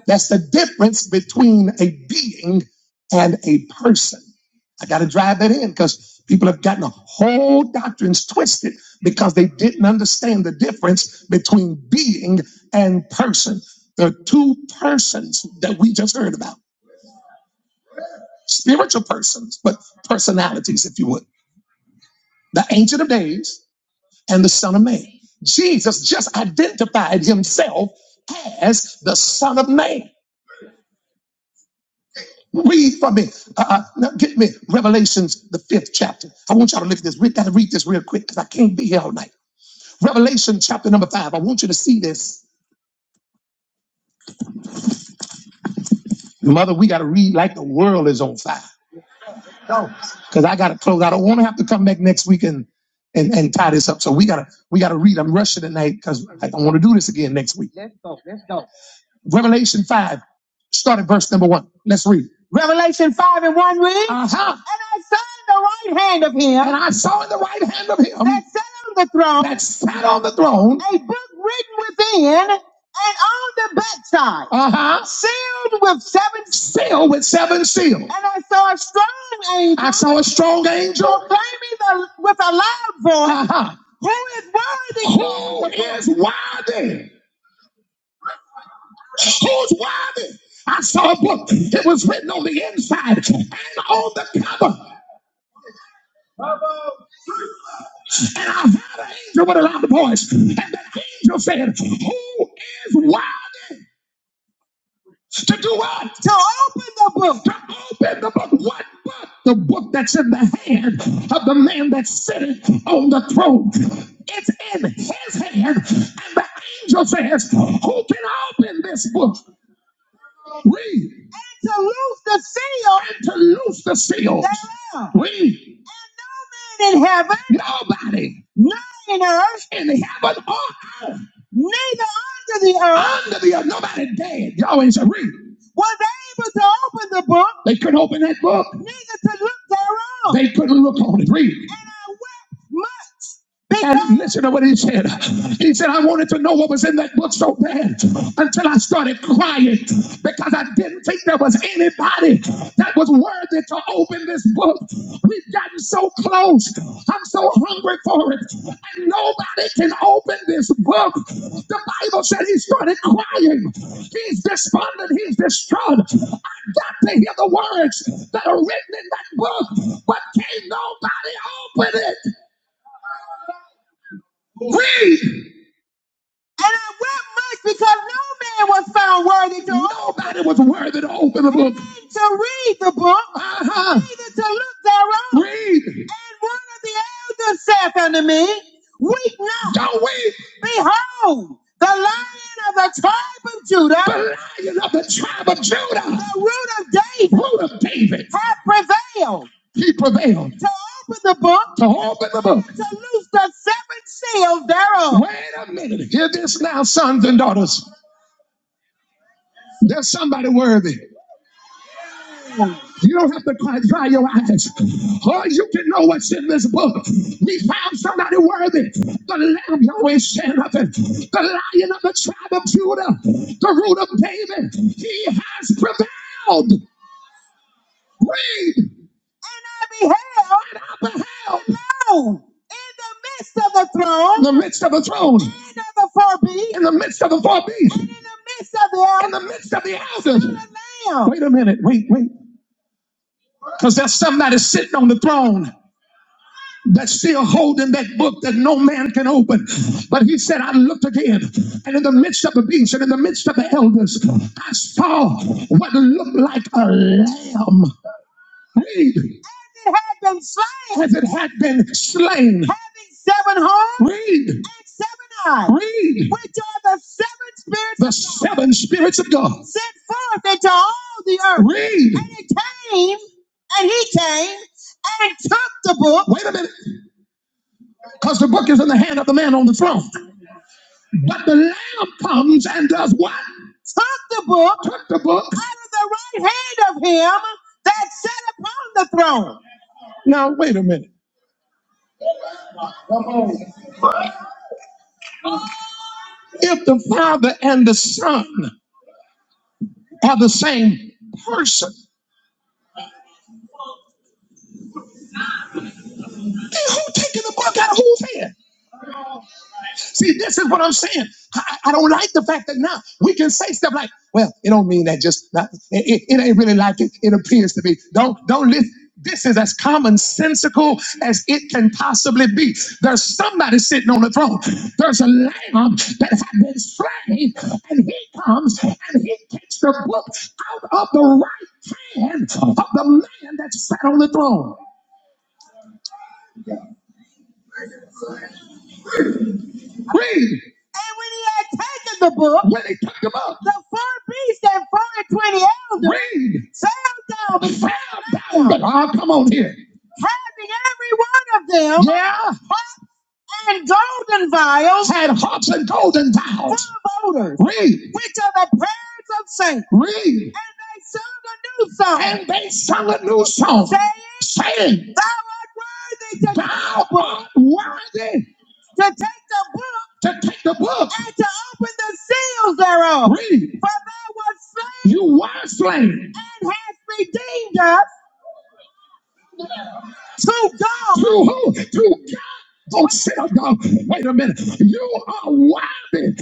That's the difference between a being and a person. I got to drive that in because people have gotten whole doctrines twisted because they didn't understand the difference between being and person. The two persons that we just heard about, spiritual persons, but personalities, if you would, the Ancient of Days and the Son of Man. Jesus just identified himself as the Son of Man. Read for me. Uh, uh, now get me Revelations, the fifth chapter. I want y'all to look at this. We got to read this real quick because I can't be here all night. Revelation chapter number five. I want you to see this. Mother, we got to read like the world is on fire. Because I got to close. I don't want to have to come back next week and, and, and tie this up. So we got to we got to read. I'm rushing tonight because I don't want to do this again next week. Let's Let's go. Let's go. Revelation 5, start at verse number 1. Let's read. Revelation 5 and 1 reads, uh-huh. And I saw in the right hand of him. And I saw in the right hand of him. That sat on the throne. That sat on the throne. A book written within and on the backside. Uh-huh. Sealed with seven. Sealed with seven seals. And I saw a strong angel. I saw a strong angel. Claiming the, with a loud voice. Uh-huh. Who is worthy? Who is worthy? Who's worthy? I saw a book. It was written on the inside and on the cover. And I heard an angel with a loud voice. And that angel said, Who is worthy to do what? To open the book. To open the book. What book? The book that's in the hand of the man that's sitting on the throne. It's in his hand. And the angel says, Who can open this book? Read. And to loose the seal. And to loose the seal. thereof. Read. And no man in heaven. Nobody. None in earth. In heaven or earth. Neither under the earth. Under the earth. Nobody dead. Y'all ain't said read. Was able to open the book. They couldn't open that book. Neither to look thereof. They couldn't look on it. Read. And I wept much. And listen to what he said. He said, I wanted to know what was in that book so bad until I started crying because I didn't think there was anybody that was worthy to open this book. We've gotten so close. I'm so hungry for it. And nobody can open this book. The Bible said he started crying. He's despondent. He's distraught. I got to hear the words that are written in that book, but can't nobody open it. Read. And I wept much because no man was found worthy to open. Nobody was worthy to open the book. And to read the book. Uh-huh. Neither to look thereof. Read. And one of the elders saith unto me, Weep not. Don't weep. Behold, the lion of the tribe of Judah. The lion of the tribe of Judah. The root of David. Root of David. Hath prevailed. He prevailed to open the book, to open the book. to loose the seven seals thereof. Wait a minute. Hear this now, sons and daughters. There's somebody worthy. You don't have to cry, dry your eyes. All you can know what's in this book. We found somebody worthy. The lamb always said nothing. The lion of the tribe of Judah. The root of David. He has prevailed. Read. and I beheld and I beheld alone in the midst of the throne, in the midst of the throne, and of the four beasts, in the midst of the four beasts, and in the midst of the elders, in the midst of the elders. a lamb. Wait a minute, wait, wait, because there's somebody sitting on the throne. That's still holding that book that no man can open. But he said, I looked again, and in the midst of the beast, and in the midst of the elders, I saw what looked like a lamb Read. As it had been slain. As it had been slain. Having seven horns. Read. And seven eyes. Read. Which are the seven spirits. The of God. The seven spirits of God. Sent forth into all the earth. Read. And it came, and he came, and took the book. Wait a minute, because the book is in the hand of the man on the throne. But the Lamb comes and does what? Took the book. Took the book out of the right hand of him that sat upon the throne. Now, wait a minute. If the Father and the Son are the same person, then who taking the book out of whose hand? See, this is what I'm saying. I, I don't like the fact that now we can say stuff like, well, it don't mean that just not, it, it, it ain't really like it, it appears to be. Don't don't listen. This is as commonsensical as it can possibly be. There's somebody sitting on the throne. There's a lamb that has been slain, and he comes and he takes the book out of the right hand of the man that sat on the throne. Read. And when he had taken the book, When they took him up, the four beasts and four and twenty elders read. fell down Fell down. him, Oh, come on here. having every one of them Yeah and golden vials had harps and golden vials. for voters, Read, which are the prayers of saints. read. And they sung a new song, And they sung a new song, saying, saying, Thou art worthy to take Thou the book, art worthy to take the book, to take the book. and to open the seals thereof. Read, For thou wast slain you were slain. and hast redeemed us to God To who? To don't sit down. Wait a minute. You are worthy.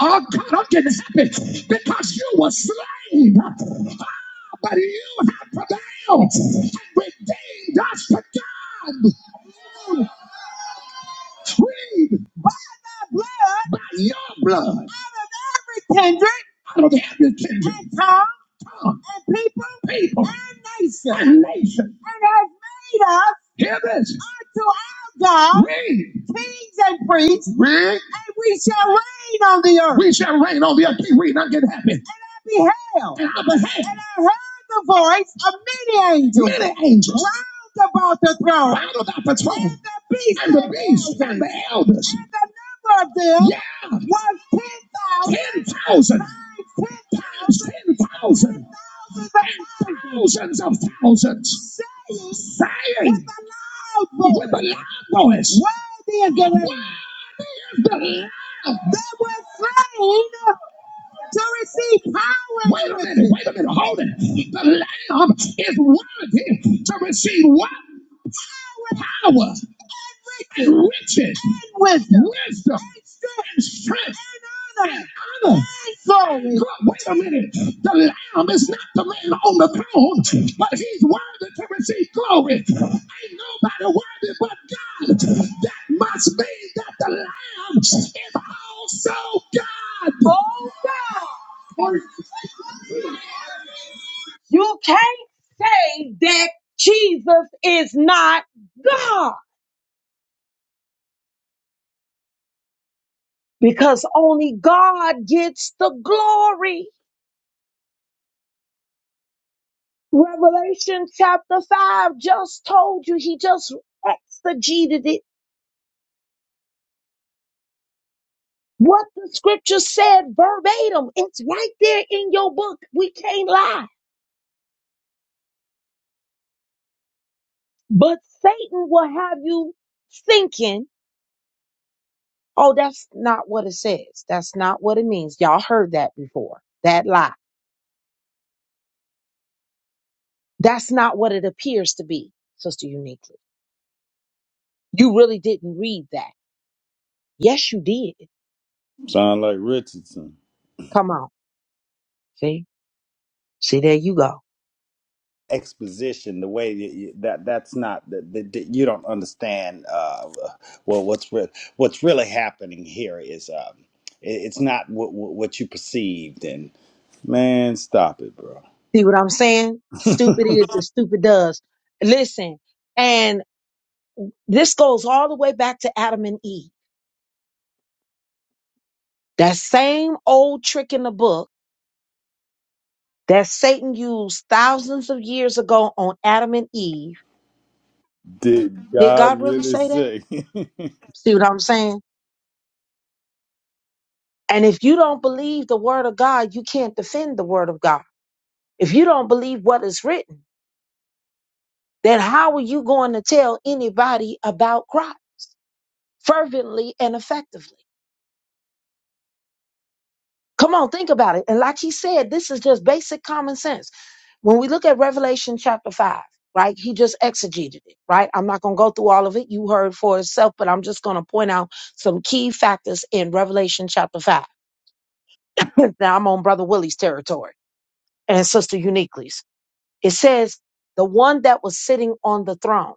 All kind of can happen because you were slain, but you have prevailed and redeemed us to God. Read blood, by your blood, out of every kindred, out of every kindred, and tongue, tongue, and people, people, and nation, and nation, and has made us, hear this, unto our God, we, kings and priests, we, and we shall reign on the earth. We shall reign on the earth. Keep reading, I'm getting happy. And I beheld, and I beheld, and I heard the voice of many angels, many angels, round about the throne, round about the throne, and the beast, and the beast, and the elders. and the of them Yeah, was ten thousand 10,000, times of and thousands, thousands of thousands, saying with a loud with a voice, loud voice, Worthy is the Where Lamb. is the Lamb? They were slain to receive power Wait a minute, wait a minute, hold it. The Lamb is worthy to receive what? with power and riches and wisdom, wisdom and strength and honor. Glory. wait a minute. The Lamb is not the man on the throne, but he's worthy to receive glory. Ain't nobody worthy but God. That must mean that the Lamb is also God. You are Revelation chapter 5 just told you, he just exegeted it. What the scripture said verbatim, it's right there in your book. We can't lie. But Satan will have you thinking, oh, that's not what it says. That's not what it means. Y'all heard that before. That lie. That's not what it appears to be, Sister Uniquely. You really didn't read that. Yes, you did. Sound like Richardson. Come on. See? See, there you go. Exposition, the way that, you, that that's not that, that, that you don't understand. Uh, well, what's re- what's really happening here is um, it, it's not what, what what you perceived. And man, stop it, bro. See what I'm saying? Stupid is as stupid does. Listen, and this goes all the way back to Adam and Eve. That same old trick in the book that Satan used thousands of years ago on Adam and Eve. Did Did God God really really say that? say? <laughs> See what I'm saying? And if you don't believe the word of God, you can't defend the word of God. If you don't believe what is written, then how are you going to tell anybody about Christ fervently and effectively? Come on, think about it. And like he said, this is just basic common sense. When we look at Revelation chapter 5, right, he just exegeted it, right? I'm not going to go through all of it. You heard for yourself, but I'm just going to point out some key factors in Revelation chapter 5. <laughs> now I'm on Brother Willie's territory and Sister Uniquely's. It says, the one that was sitting on the throne.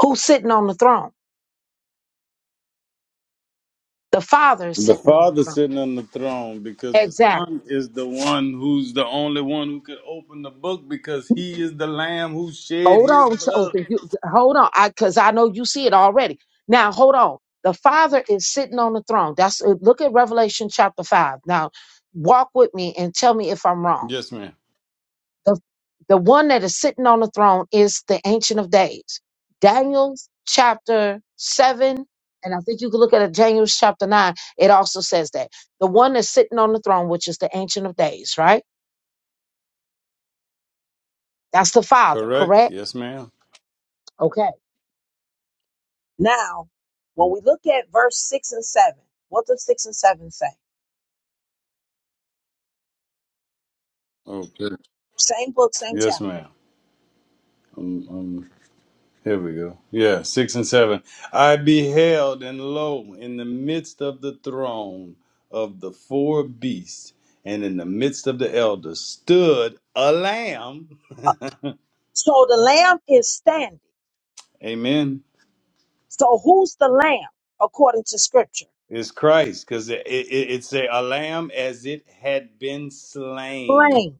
Who's sitting on the throne? The Father is The sitting on the Father throne. sitting on the throne because the Exactly. Son is the one who's the only one who could open the book because he is the Lamb who shed Hold his on, blood. chosen. You hold on, I because I know you see it already. Now hold on. The Father is sitting on the throne. That's uh, look at Revelation chapter five. Now walk with me and tell me if I'm wrong. Yes, ma'am. The the one that is sitting on the throne is the Ancient of Days. Daniel chapter seven, and I think you can look at it, Daniel chapter nine. It also says that the one that's sitting on the throne, which is the Ancient of Days, right? That's the Father, Correct. correct? Yes, ma'am. Okay. Now, Okay. Yes, ma'am. Um, um, here we go. Yeah, six and seven. I beheld, and lo, in the midst of the throne of the four beasts, and in the midst of the elders, stood a lamb. so the lamb is standing. <laughs> Amen. So who's the lamb according to scripture? Is Christ, because it, it, it's a, a lamb as it had been slain. Slain.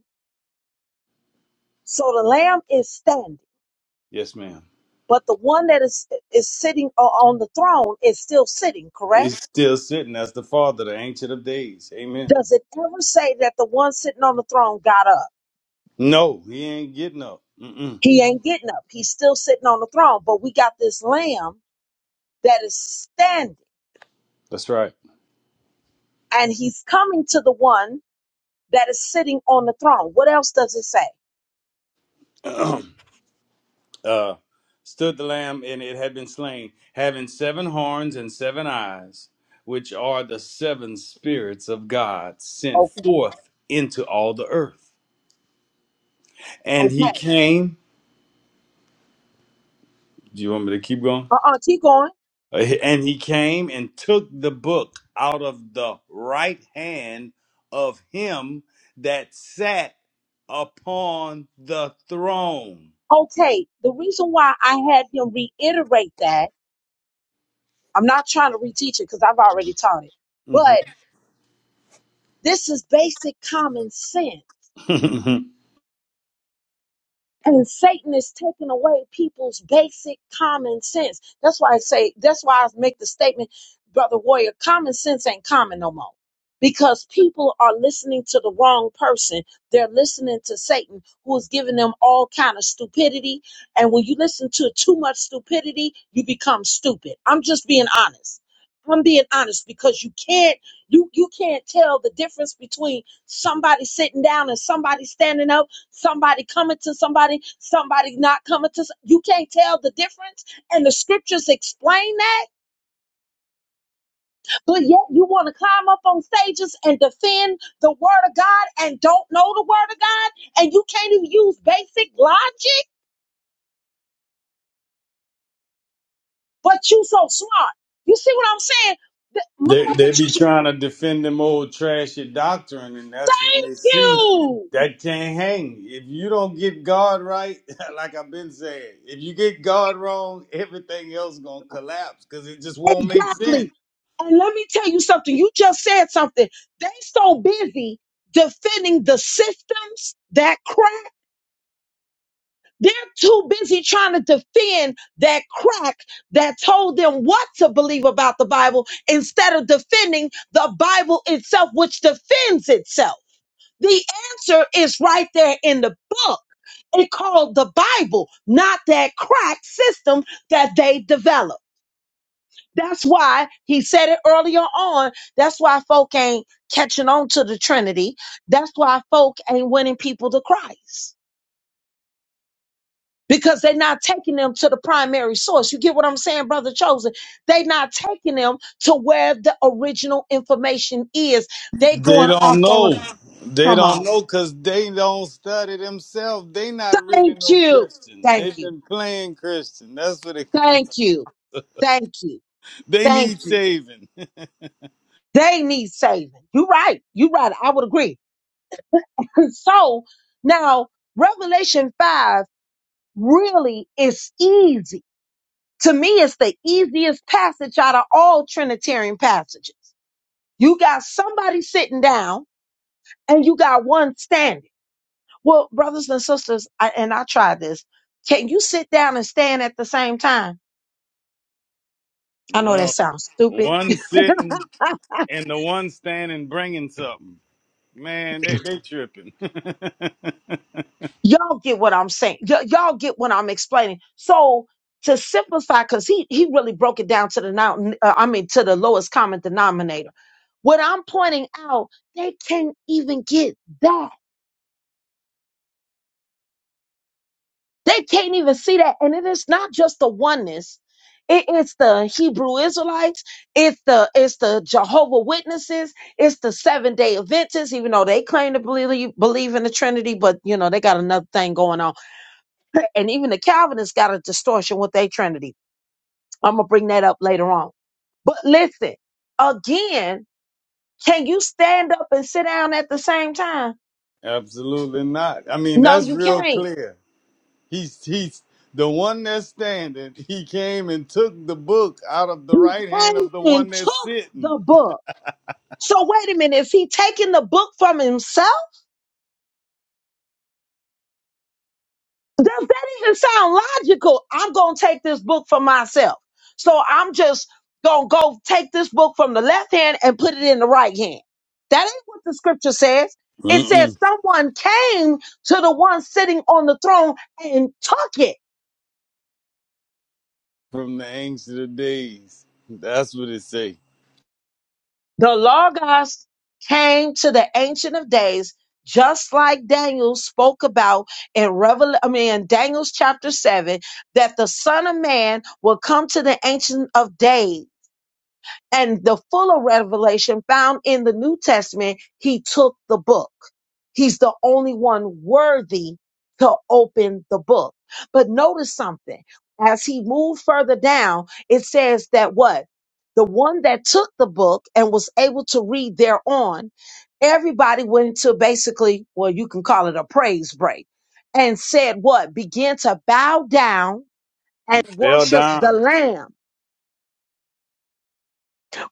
So the lamb ended, Yes, ma'am. but the one that is is sitting o- on the throne is still sitting, correct? It's still sitting as the Father, the Ancient of Days. Amen. Does it ever say that the one sitting on the throne got up? No, he ain't getting up. Mm-mm. He ain't getting up. He's still sitting on the throne, but we got this lamb that is standing That's right. and he's coming to the one that is sitting on the throne. What else does it say? <clears throat> uh, stood the lamb, and it had been slain, having seven horns and seven eyes, which are the seven spirits of God sent forth into all the earth. And he came. Do you want me to keep going? Uh, And he came and took the book out of the right hand of him that sat upon the throne. Okay, the reason why I had him reiterate that, I'm not trying to reteach it because I've already taught it. Mhm. but This is basic common sense. <laughs> And Satan is taking away people's basic common sense. That's why I say, that's why I make the statement, Brother Warrior, common sense ain't common no more. Because people are listening to the wrong person. They're listening to Satan, who is giving them all kind of stupidity. And when you listen to too much stupidity, you become stupid. I'm just being honest. I'm being honest because you can't you you can't tell the difference between somebody sitting down and somebody standing up Somebody coming to somebody, somebody not coming to. s- You can't tell the difference, and the scriptures explain that. But yet you want to climb up on stages and defend the word of God and don't know the word of God, and you can't even use basic logic. But you so smart. You see what I'm saying? The- They Mama they be Patricia, trying to defend them old trashy doctrine, and that's when they see ooh, that can't hang. If you don't get God right, <laughs> like I've been saying, if you get God wrong, everything else gonna collapse because it just won't make exactly. sense. And let me tell you something. You just said something. They so busy defending the systems that crash. They're too busy trying to defend that crack that told them what to believe about the Bible instead of defending the Bible itself, which defends itself. The answer is right there in the book. It called the Bible, not that crack system that they developed. That's why he said it earlier on. That's why folk ain't catching on to the Trinity. That's why folk ain't winning people to Christ because they're not taking them to the primary source. You get what I'm saying, brother chosen? They're not taking them to where the original information is. They're They going don't off on, know. They come don't on. know because they don't study themselves. They not really Thank no you. Christian. Thank They've you. been playing Christian. That's what it <laughs> comes. Thank you. Thank you. They Thank need you. saving. <laughs> They need saving. You're right. You're right. I would agree. <laughs> so now Revelation 5 really is easy. To me, it's the easiest passage out of all Trinitarian passages You got somebody sitting down and you got one standing. Well, brothers and sisters, I, and I tried this. Can you sit down and stand at the same time? I know that No, sounds stupid. one sitting and the one standing bringing something. Man, they they tripping. Y'all get what I'm saying. Y- y'all get what I'm explaining. So to simplify, because he he really broke it down to the now, uh, I mean to the lowest common denominator. What I'm pointing out, they can't even get that. They can't even see that. And it is not just the oneness. It- it's the Hebrew Israelites. It's the it's the Jehovah Witnesses. It's the Seven Day Adventists, even though they claim to believe believe in the Trinity, but you know they got another thing going on. <laughs> And even the Calvinists got a distortion with their Trinity. I'm gonna bring that up later on. But listen, again, can you stand up and sit down at the same time? <laughs> Absolutely not. I mean, No, that's you real can't. clear. He's he's the one that's standing. He came and took the book out of the You right hand came of the one and that's took sitting. the book So wait a minute, is he taking the book from himself? Does that even sound logical? I'm going to take this book for myself. So I'm just going to go take this book from the left hand and put it in the right hand. That ain't what the scripture says. It says Mm-mm. someone came to the one sitting on the throne and took it. From the ancient of days. That's what it say. The Logos came to the Ancient of Days, just like Daniel spoke about in Revel. I mean, in Daniel's chapter seven, that the Son of Man will come to the Ancient of Days and the fuller revelation found in the New Testament, he took the book. He's the only one worthy to open the book. But notice something. As he moved further down, it says that what? The one that took the book and was able to read thereon, everybody went to basically, well, you can call it a praise break and said what? Begin to bow down and And fell worship the down. Lamb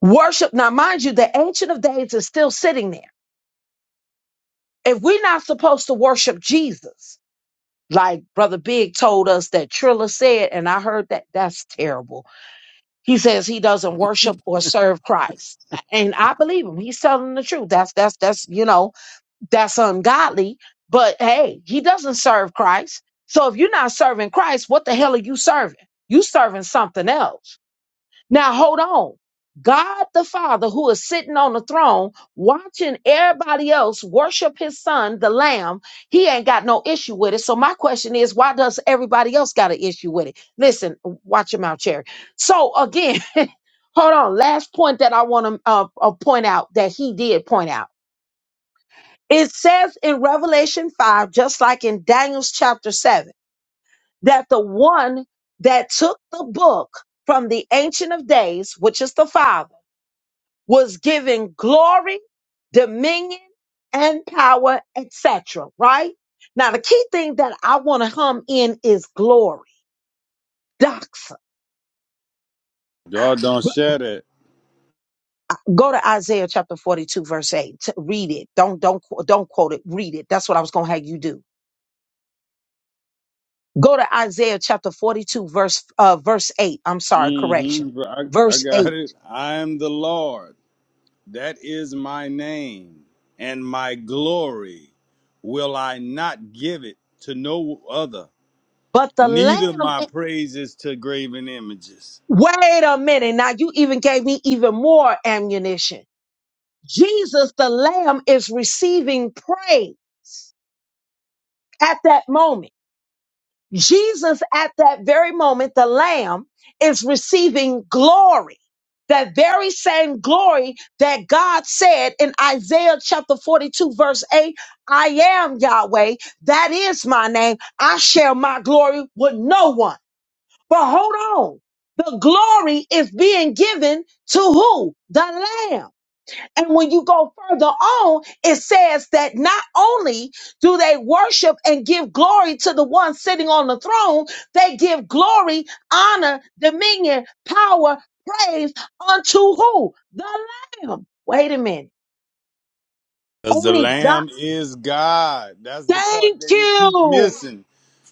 Worship, now mind you, the Ancient of Days is still sitting there. If we're not supposed to worship Jesus, like Brother Big told us that Trilla said, and I heard that, that's terrible. He says he doesn't worship or serve Christ. And I believe him. He's telling the truth. That's, that's, that's, you know, that's ungodly. But hey, he doesn't serve Christ. So if you're not serving Christ, what the hell are you serving? You serving something else. Now hold on. God the Father, who is sitting on the throne, watching everybody else worship his son, the Lamb, he ain't got no issue with it. So my question is, why does everybody else got an issue with it? Listen, watch him out, Cherry. So again, <laughs> hold on. Last point that I want to uh, uh, point out that he did point out. It says in Revelation 5, just like in Daniel's chapter 7, that the one that took the book from the Ancient of Days, which is the Father, was given glory, dominion, and power, etc. Right? Now, the key thing that I want to hum in is glory. Doxa. God don't share that. Go to Isaiah chapter 42, verse 8. T- Read it. Don't, don't, qu- don't quote it. Read it. That's what I was going to have you do. Go to Isaiah chapter 42, verse, uh, verse 8. I'm sorry, correction. Mm-hmm. I, I Verse got 8. it. I am the Lord. That is my name and my glory will I not give it to no other, But the neither lamb, my eh, praises to graven images. wait a minute. Now you even gave me even more ammunition Jesus, the Lamb, is receiving praise at that moment. Jesus, at that very moment, the Lamb is receiving glory. That very same glory that God said in Isaiah chapter 42, verse 8 I am Yahweh. That is my name. I share my glory with no one. But hold on. The glory is being given to who? The Lamb. And when you go further on, it says that not only do they worship and give glory to the one sitting on the throne, they give glory, honor, dominion, power, praise unto who? The Lamb. Wait a minute. Because the Only God. Lamb is God. That's the part Thank they keep you. missing.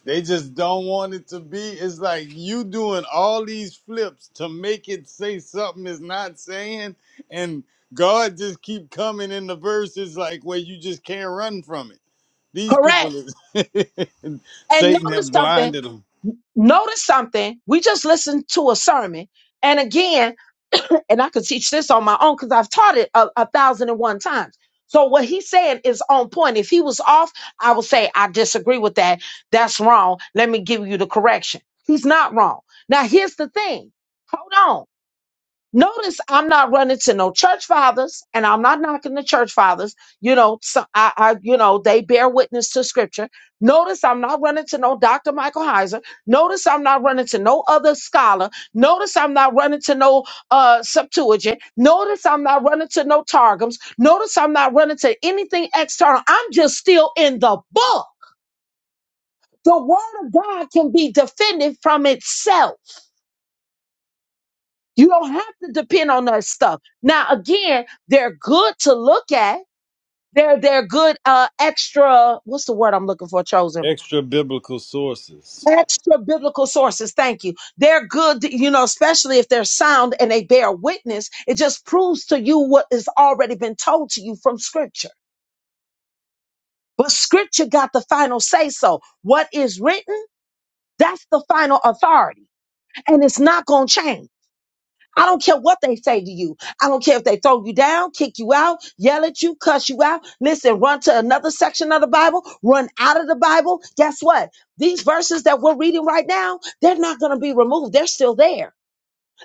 They just don't want it to be. It's like you doing all these flips to make it say something it's not saying, and God just keep coming in the verses like where you just can't run from it. These Correct. people, is <laughs> And Satan notice have something. blinded them. Notice something. We just listened to a sermon. And again, <coughs> <clears throat> and I could teach this on my own because I've taught it a, a thousand and one times. So what he's saying is on point. If he was off, I would say I disagree with that. That's wrong. Let me give you the correction. He's not wrong. Now here's the thing. Hold on. Notice I'm not running to no church fathers and I'm not knocking the church fathers. You know, so I, I, you know, they bear witness to scripture. Notice I'm not running to no Dr. Michael Heiser. Notice I'm not running to no other scholar. Notice I'm not running to no, uh, Septuagint. Notice I'm not running to no Targums. Notice I'm not running to anything external. I'm just still in the book. The word of God can be defended from itself. You don't have to depend on that stuff. Now, again, they're good to look at. They're they're good uh extra what's the word I'm looking for, chosen? Extra biblical sources. Extra biblical sources. Thank you. They're good, you know, especially if they're sound and they bear witness. It just proves to you what has already been told to you from scripture. But scripture got the final say so. What is written, that's the final authority. And it's not gonna change. I don't care what they say to you. I don't care if they throw you down, kick you out, yell at you, cuss you out. Listen, run to another section of the Bible, run out of the Bible. Guess what? These verses that we're reading right now, they're not going to be removed. They're still there.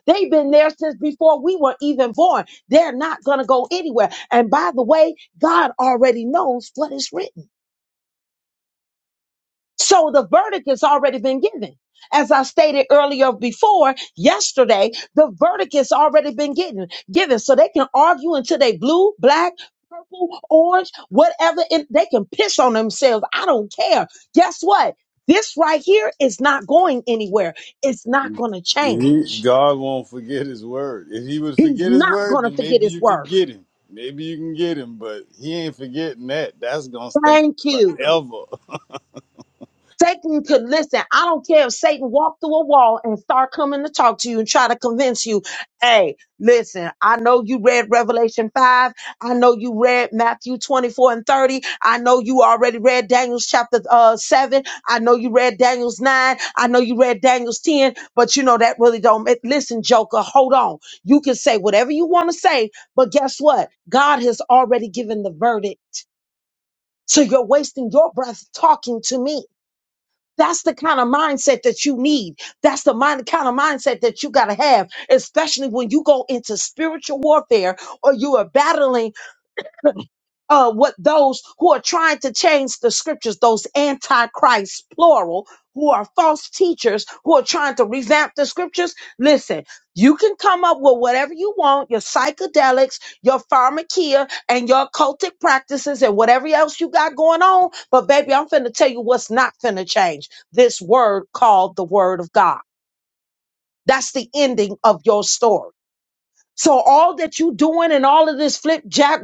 They've been there since before we were even born. They're not going to go anywhere. And by the way, God already knows what is written. So the verdict has already been given. As I stated earlier before, yesterday, the verdict has already been given, given. So they can argue until they blue, black, purple, orange, whatever. And they can piss on themselves. I don't care. Guess what? This right here is not going anywhere. It's not going to He, change. God won't forget his word. If he would He's forget his not word, going to then forget maybe his you could word. get him. Maybe you can get him, but he ain't forgetting that. That's gonna stand Thank you. forever. Satan could listen. I don't care if Satan walked through a wall and start coming to talk to you and try to convince you, hey, listen, I know you read Revelation 5. I know you read Matthew 24 and 30. I know you already read Daniel's chapter uh, 7. I know you read Daniel's 9. I know you read Daniel's 10, but you know that really don't make listen, Joker, hold on. You can say whatever you want to say, but guess what? God has already given the verdict. So you're wasting your breath talking to me. That's the kind of mindset that you need. That's the mind, kind of mindset that you got to have, especially when you go into spiritual warfare or you are battling uh, what those who are trying to change the scriptures, those antichrists, plural, who are false teachers who are trying to revamp the scriptures. Listen, you can come up with whatever you want, your psychedelics, your pharmakia, and your cultic practices and whatever else you got going on. But baby, I'm finna tell you what's not finna change. This word called the word of God. That's the ending of your story. So all that you doing and all of this flip jack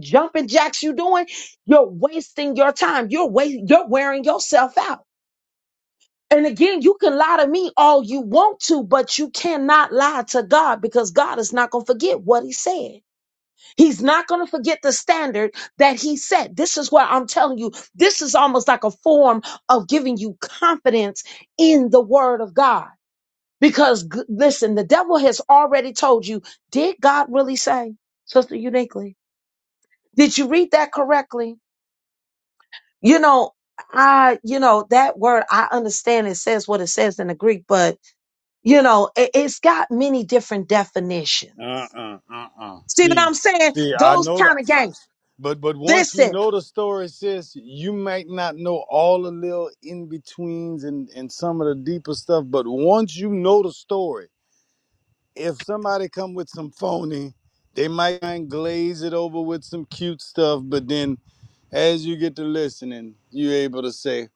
jumping jacks you doing, you're wasting your time. You're wa- you're wearing yourself out. And again, you can lie to me all you want to, but you cannot lie to God because God is not going to forget what he said. He's not going to forget the standard that he set. This is what I'm telling you. This is almost like a form of giving you confidence in the word of God because g- listen, the devil has already told you, did God really say, Sister Uniquely? Did you read that correctly? You know, I, you know, that word, I understand it says what it says in the Greek, but, you know, it, it's got many different definitions. Uh uh uh uh. See what See, I'm saying? see, I Those know the, kind of I, games. but but once you Listen, know the story, sis, you might not know all the little in betweens and and some of the deeper stuff. But once you know the story, if somebody come with some phony, they might try and glaze it over with some cute stuff, but then As you get to listening, you're able to say,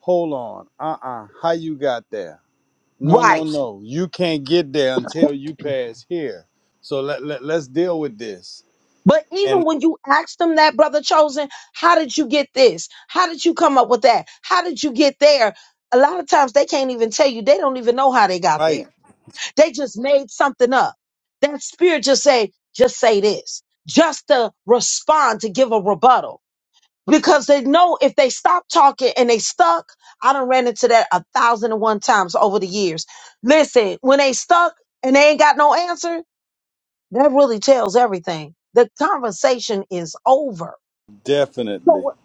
hold on, uh-uh, how you got there? No, no, right. no. You can't get there until you pass here. So let, let, let's deal with this. But even And when you asked them that, brother chosen, how did you get this? How did you come up with that? How did you get there? A lot of times they can't even tell you. They don't even know how they got there right, They just made something up. That spirit just say, just say this, just to respond to give a rebuttal. Because they know if they stop talking and they stuck, I done ran into that a thousand and one times over the years. Listen, when they stuck and they ain't got no answer, that really tells everything. The conversation is over. So definitely. what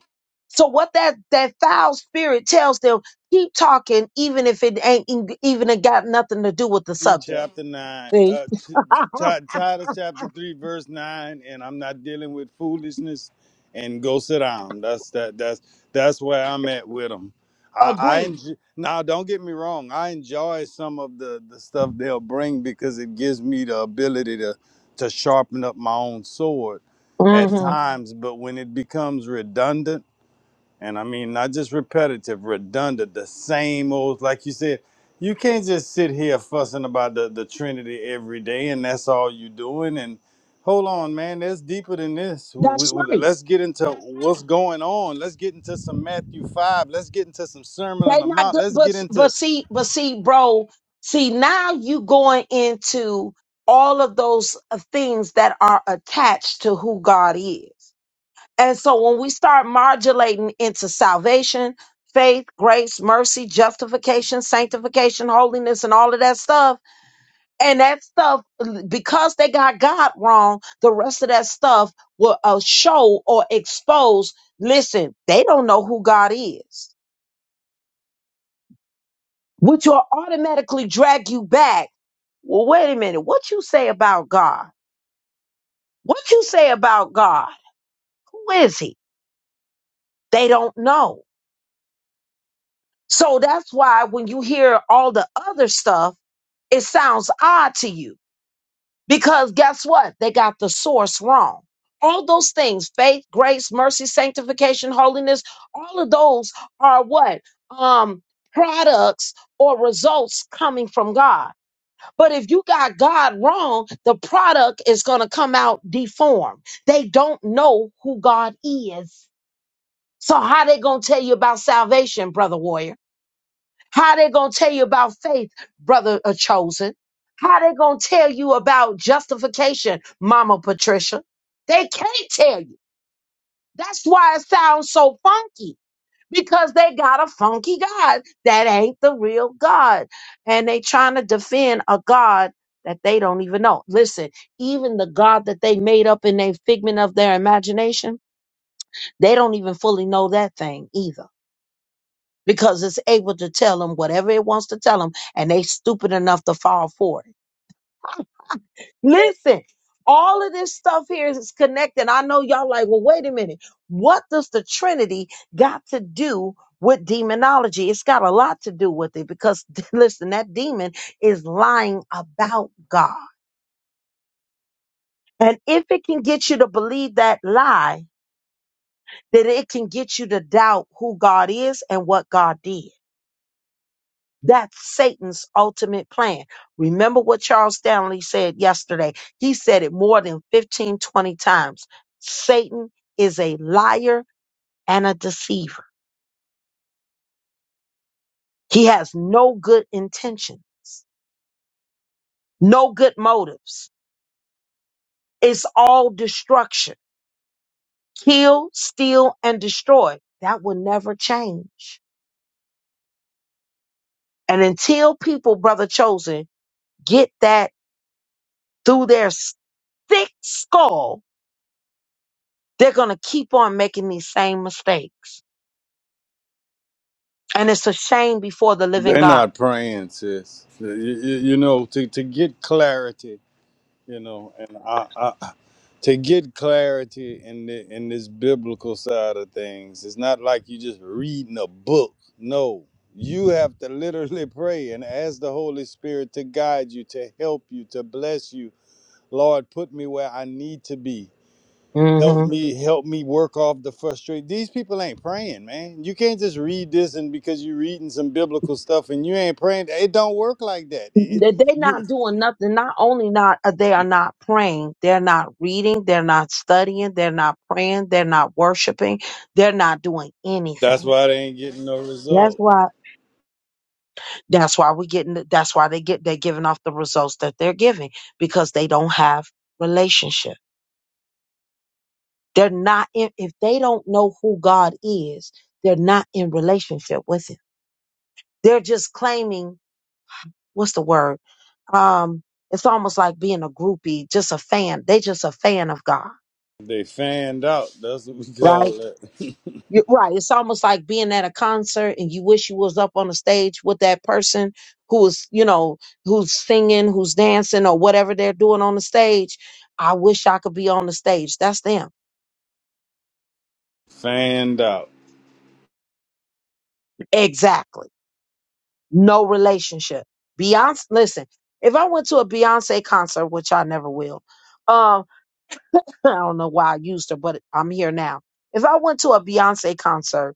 so what that that foul spirit tells them, keep talking even if it ain't en- even it got nothing to do with the 3, subject. chapter 9. See? Uh, t- t- Titus, chapter 3, verse 9. And I'm not dealing with foolishness. And go sit down. That's that. That's that's where I'm at with them. I, I Agreed. enjoy, now don't get me wrong. I enjoy some of the the stuff they'll bring because it gives me the ability to to sharpen up my own sword at hmm times. But when it becomes redundant and I mean, not just repetitive, redundant, the same old, like you said, you can't just sit here fussing about the, the Trinity every day and that's all you doing. And hold on, man, that's deeper than this. We, we, That's we- right. let's get into what's going on. Let's get into some Matthew 5. Let's get into some Sermon on They the not Mount. good, Let's but get but into. see, but see, bro, see now you going into all of those uh, things that are attached to who God is. And so when we start modulating into salvation, faith, grace, mercy, justification, sanctification, holiness, and all of that stuff, and that stuff, because they got God wrong, the rest of that stuff will uh, show or expose. Listen, they don't know who God is which will automatically drag you back. Well, wait a minute. What you say about God? What you say about God? Who is he? They don't know. So that's why when you hear all the other stuff, it sounds odd to you because guess what? They got the source wrong. All those things, faith, grace, mercy, sanctification, holiness, all of those are what? Um, products or results coming from God. But if you got God wrong, the product is going to come out deformed. They don't know who God is. So how they going to tell you about salvation, brother warrior? How they going to tell you about faith, brother uh, chosen? How they going to tell you about justification, mama Patricia? They can't tell you. That's why it sounds so funky because they got a funky God that ain't the real God. And they trying to defend a God that they don't even know. Listen, even the God that they made up in their figment of their imagination, they don't even fully know that thing either because it's able to tell them whatever it wants to tell them and they stupid enough to fall for it. Listen, all of this stuff here is connected. I know y'all like, well, wait a minute. What does the Trinity got to do with demonology? It's got a lot to do with it because, <laughs> listen, that demon is lying about God. And if it can get you to believe that lie, then it can get you to doubt who God is and what God did. That's Satan's ultimate plan. Remember what Charles Stanley said yesterday. He said it more than 15, 20 times. Satan is a liar and a deceiver. He has no good intention, no good motives. It's all destruction. Kill, steal, and destroy. That will never change. And until people, brother chosen, get that through their thick skull, they're going to keep on making these same mistakes And it's a shame before the living They're God not praying, sis. You, you, you know, to, to get clarity, you know, and I, I, to get clarity in the, in this biblical side of things it's not like you just reading a book no you have to literally <laughs> pray and ask the holy spirit to guide you to help you to bless you lord put me where i need to be help hmm me help me work off the frustration these people ain't praying man you can't just read this and because you're reading some biblical stuff and you ain't praying it don't work like that it, it, that they're you, not doing nothing. Not only not uh, they are not praying, they're not reading, they're not studying, they're not praying, they're not worshiping, they're not doing that's anything. why they ain't getting no results That's why. That's why we getting. the- That's why they get. They're giving off the results that they're giving because they don't have relationship. They're not. In, if they don't know who God is, they're not in relationship with Him. They're just claiming. What's the word? um it's almost like being a groupie just a fan they just a fan of god They fanned out. That's what we right call it. You're right it's almost like being at a concert and you wish you was up on the stage with that person who is you know who's singing who's dancing or whatever they're doing on the stage i wish i could be on the stage that's them <laughs> fanned out. exactly no relationship beyonce listen if i went to a beyonce concert which i never will um <laughs> i don't know why i used her but i'm here now if i went to a beyonce concert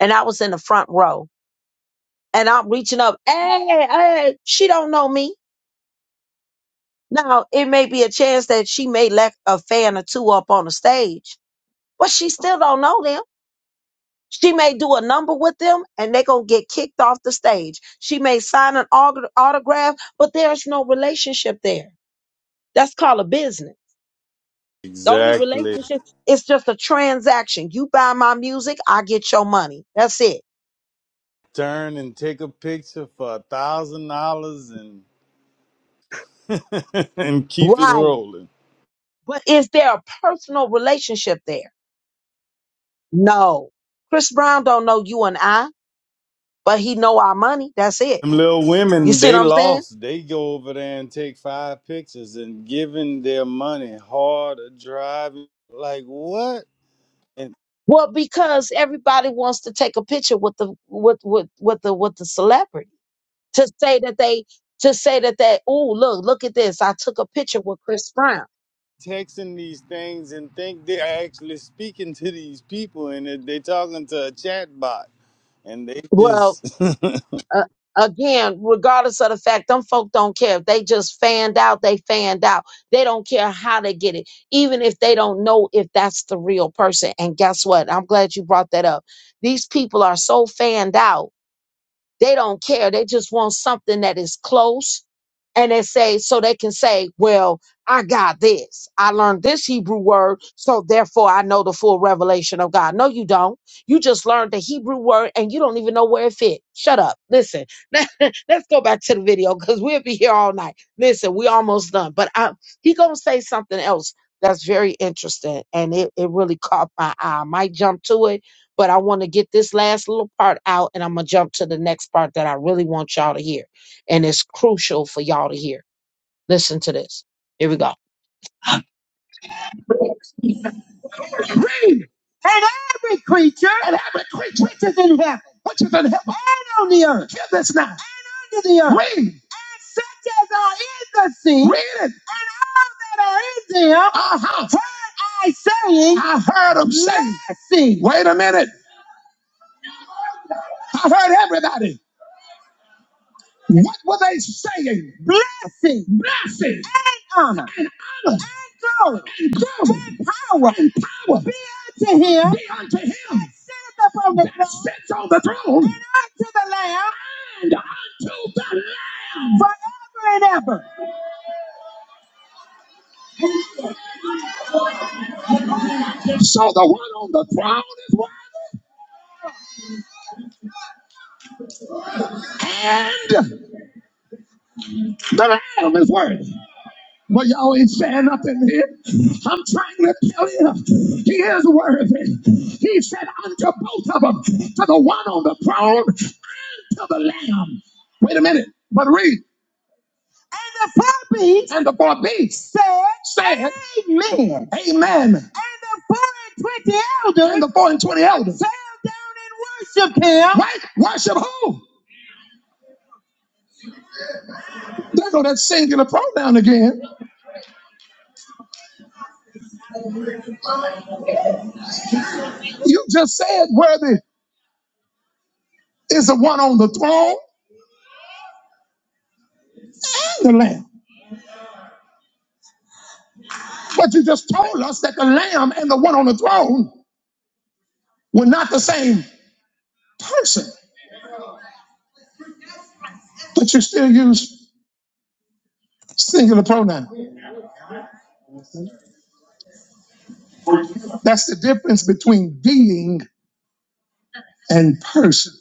and I was in the front row and I'm reaching up. Hey, hey, she don't know me. Now it may be a chance that she may let a fan or two up on the stage, but she still don't know them. She may do a number with them and they gonna get kicked off the stage. She may sign an aut- autograph, but there's no relationship there. That's called a business. The only Exactly. relationship is just a transaction. You buy my music, I get your money. That's it. Turn and take a picture for a thousand dollars and <laughs> and keep it Right. rolling. But is there a personal relationship there? No. Chris Brown don't know you and I, but he know our money. That's it. Them little You women, see what they I'm saying? lost. They go over there and take five pictures and giving their money hard or driving. Like what? And Well, because everybody wants to take a picture with the with with with the with the celebrity to say that they to say that they oh look look at this I took a picture with Chris Brown. texting these things and think they're actually speaking to these people and they they talking to a chat bot. And they Well, just <laughs> uh, again, regardless of the fact, them folk don't care. If they just fanned out, they fanned out. They don't care how they get it, even if they don't know if that's the real person. And guess what? I'm glad you brought that up. These people are so fanned out they don't care. They just want something that is close. And they say, so they can say, well, I got this. I learned this Hebrew word, so therefore I know the full revelation of God. No, you don't. You just learned the Hebrew word and you don't even know where it fit. Shut up. Listen, <laughs> let's go back to the video because we'll be here all night. Listen, we almost done, but I, he gonna say something else that's very interesting and it, it really caught my eye. I might jump to it but I want to get this last little part out and I'm going to jump to the next part that I really want y'all to hear. And it's crucial for y'all to hear. Listen to this. Here we go. Read. And every creature, and every creature which is in heaven, which is in heaven, and on the earth, hear this now, and under the earth, read. And such as are in the sea, read it. And all that are in them, uh-huh. heard I saying, I heard them saying, Mercy. wait a minute, I heard everybody. What were they saying? Blessing, blessing, and honor, and honor, and glory, and glory, and power, and power be unto him, be unto him that sitteth upon the that throne, sits on the throne, and unto the Lamb, and unto the Lamb, forever and ever. So the one on the throne is worthy, and the Lamb is worthy. But y'all ain't saying nothing here. I'm trying to tell you, he is worthy. He said unto both of them, to the one on the throne, and to the lamb. Wait a minute, but read. And the four beasts. And the four beasts. Said. Said. Amen. Amen. And the four and twenty elders. And the four and twenty elders. Fell down and worshiped him. Right? Worship who? There go that singular pronoun again. You just said worthy is the one on the throne. And the lamb. But you just told us that the lamb and the one on the throne were not the same person, but you still use singular pronoun. That's the difference between being and person.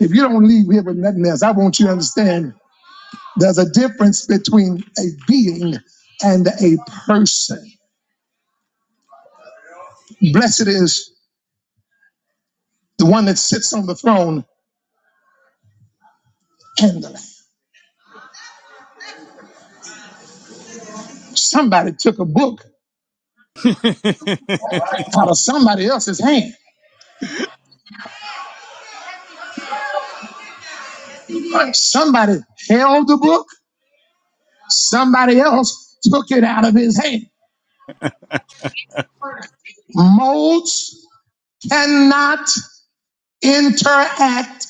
If you don't leave here with nothing else, I want you to understand there's a difference between a being and a person. Blessed is the one that sits on the throne and the lamb. Somebody took a book out of somebody else's hand. Somebody held the book Somebody else took it out of his hand. Modes cannot interact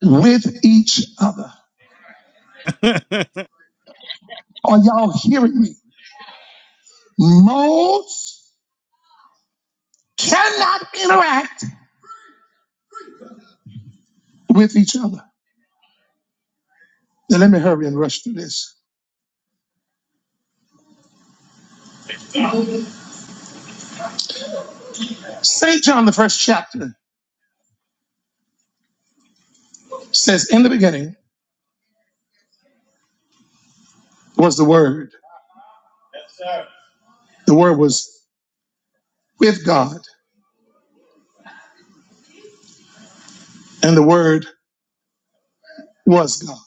with each other. Are y'all hearing me? Modes cannot interact with each other. Now let me hurry and rush through this. St. John, the first chapter, says, In the beginning was the Word. The Word was with God, and the Word was God.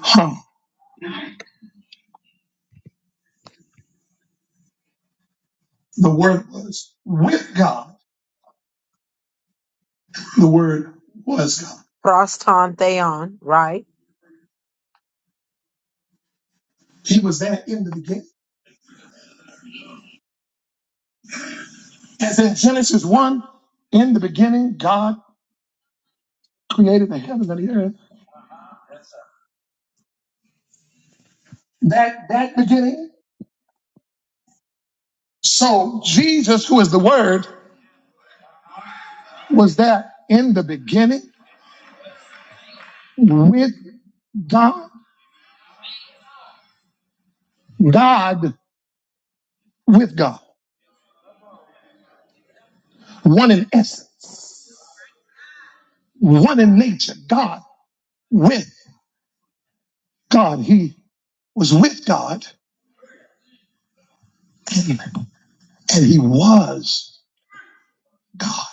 Huh. The Word was with God The word was God. Proston theon, right? He was there in the beginning. As in Genesis 1, in the beginning, God created the heaven and the earth. That that beginning. So Jesus, who is the word, was there in the beginning with God. God with God. One in essence, one in nature. God with God. He was with God and, and he was God.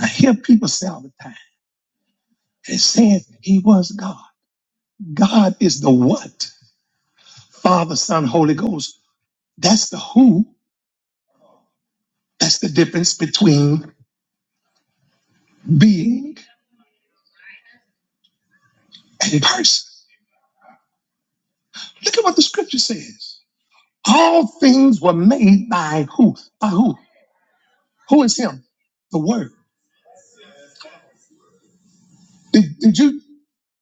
I hear people say all the time, they said he was God. God is the what? Father, Son, Holy Ghost. That's the who. That's the difference between being and person. Look at what the scripture says. All things were made by who? By who? Who is him? The word. Did, did you,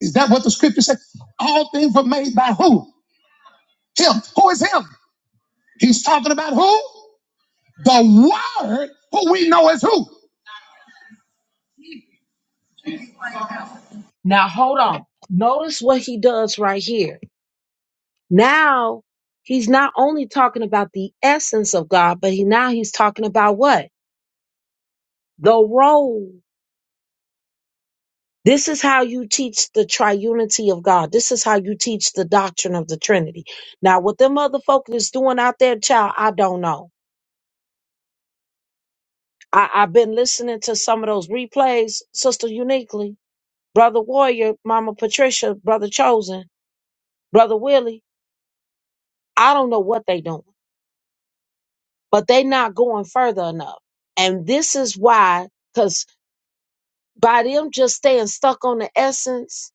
is that what the scripture said? All things were made by who? Him. Who is him? He's talking about who? The word who we know as who? Now hold on. Notice what he does right here. Now he's not only talking about the essence of God, but he now he's talking about what? The role. This is how you teach the triunity of God. This is how you teach the doctrine of the Trinity. Now, what them other folk is doing out there, child, I don't know. I, I've been listening to some of those replays, Sister Uniquely, Brother Warrior, Mama Patricia, Brother Chosen, Brother Willie. I don't know what they doing. but they not going further enough. And this is why, because by them just staying stuck on the essence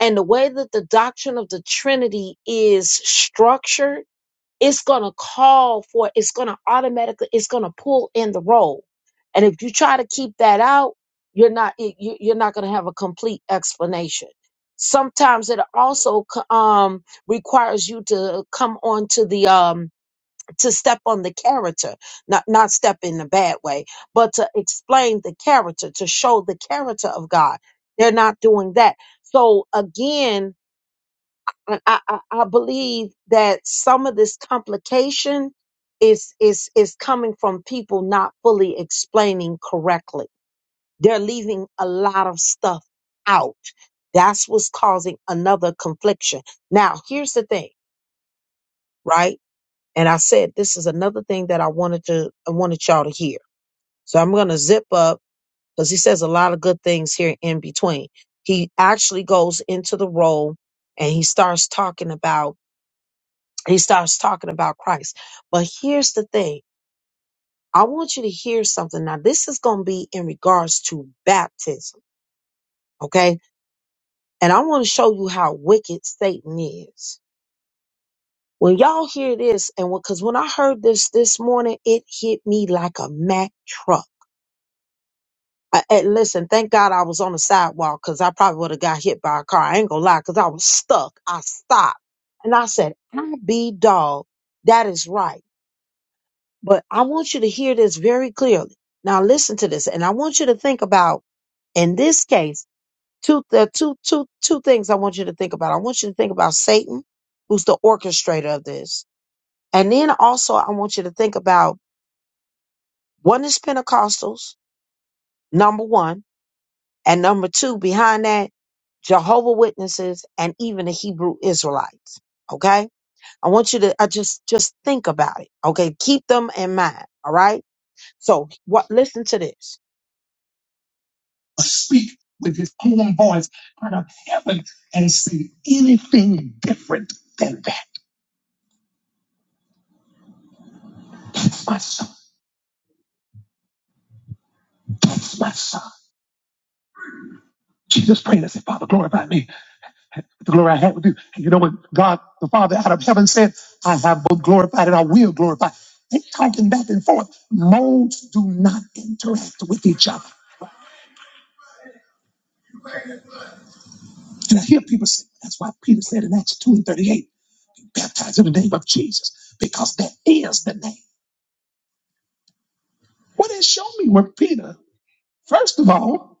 and the way that the doctrine of the Trinity is structured, it's gonna call for, it's gonna automatically, it's gonna pull in the role. And if you try to keep that out, you're not you, you- you're not gonna have a complete explanation. Sometimes it also co- um, requires you to come on to the um, to step on the character, not not step in a bad way, but to explain the character, to show the character of God. They're not doing that. So again, I, I, I believe that some of this complication is is is coming from people not fully explaining correctly. They're leaving a lot of stuff out. That's what's causing another confliction. Now, here's the thing, right? And I said, this is another thing that I wanted to, I wanted y'all to hear. So I'm going to zip up because he says a lot of good things here in between. He actually goes into the role and he starts talking about, he starts talking about Christ. But here's the thing. I want you to hear something. Now, this is going to be in regards to baptism. Okay. And I want to show you how wicked Satan is. When y'all hear this, and because when I heard this this morning, it hit me like a Mack truck I, and listen, thank God I was on the sidewalk because I probably would have got hit by a car. I ain't gonna lie, because I was stuck. I stopped and I said, I be dog. That is right. But I want you to hear this very clearly. Now listen to this, and I want you to think about in this case, two the two two two things I want you to think about. I want you to think about Satan, who's the orchestrator of this. And then also I want you to think about one is Pentecostals, number one. And number two, behind that, Jehovah Witnesses and even the Hebrew Israelites. Okay. I want you to I just just think about it. Okay. Keep them in mind. All right. So what listen to this. Speak with his own voice out of heaven and see anything different than that. My son, my son. Jesus prayed and said, Father, glorify me. The glory I had with you. You know what God the Father out of heaven said, I have both glorified and I will glorify. They talking back and forth. Modes do not interact with each other. And I hear people say, that's why Peter said in Acts 2 and 38, baptized in the name of Jesus, because that is the name. Well, then show me where Peter, first of all,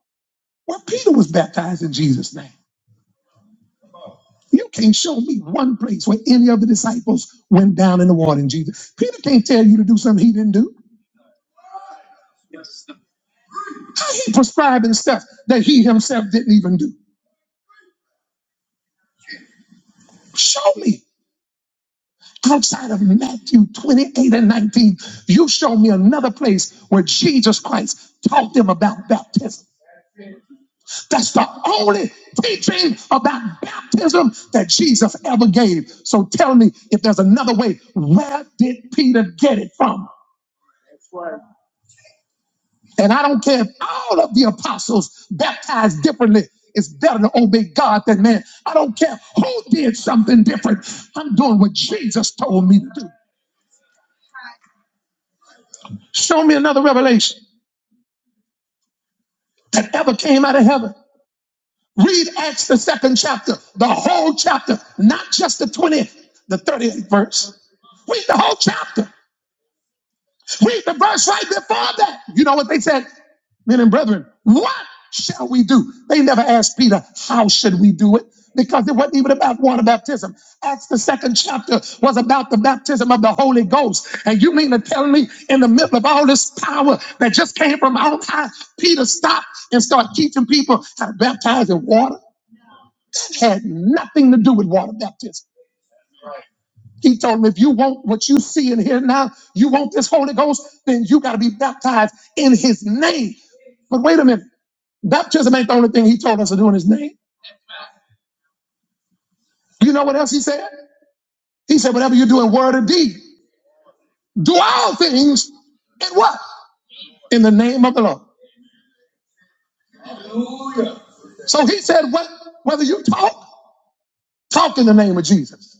where Peter was baptized in Jesus' name. You can't show me one place where any of the disciples went down in the water in Jesus. Peter can't tell you to do something he didn't do. prescribing stuff that he himself didn't even do. Show me outside of Matthew 28 and 19. You show me another place where Jesus Christ taught them about baptism. That's the only teaching about baptism that Jesus ever gave. So tell me if there's another way. Where did Peter get it from? And I don't care if all of the apostles baptized differently. It's better to obey God than man. I don't care who did something different. I'm doing what Jesus told me to do. Show me another revelation that ever came out of heaven. Read Acts, the second chapter, the whole chapter, not just the 20th, the 30th verse. Read the whole chapter. Read the verse right before that. You know what they said? Men and brethren, what shall we do? They never asked Peter, how should we do it? Because it wasn't even about water baptism. Acts, the second chapter, was about the baptism of the Holy Ghost. And you mean to tell me, in the middle of all this power that just came from on high, Peter stopped and started teaching people how to baptize in water? It Had nothing to do with water baptism. He told him, if you want what you see and hear now, you want this Holy Ghost, then you got to be baptized in his name. But wait a minute, baptism ain't the only thing he told us to do in his name. You know what else he said? He said, whatever you do in word or deed, do all things in what? In the name of the Lord. Hallelujah. So he said, what, whether you talk, talk in the name of Jesus.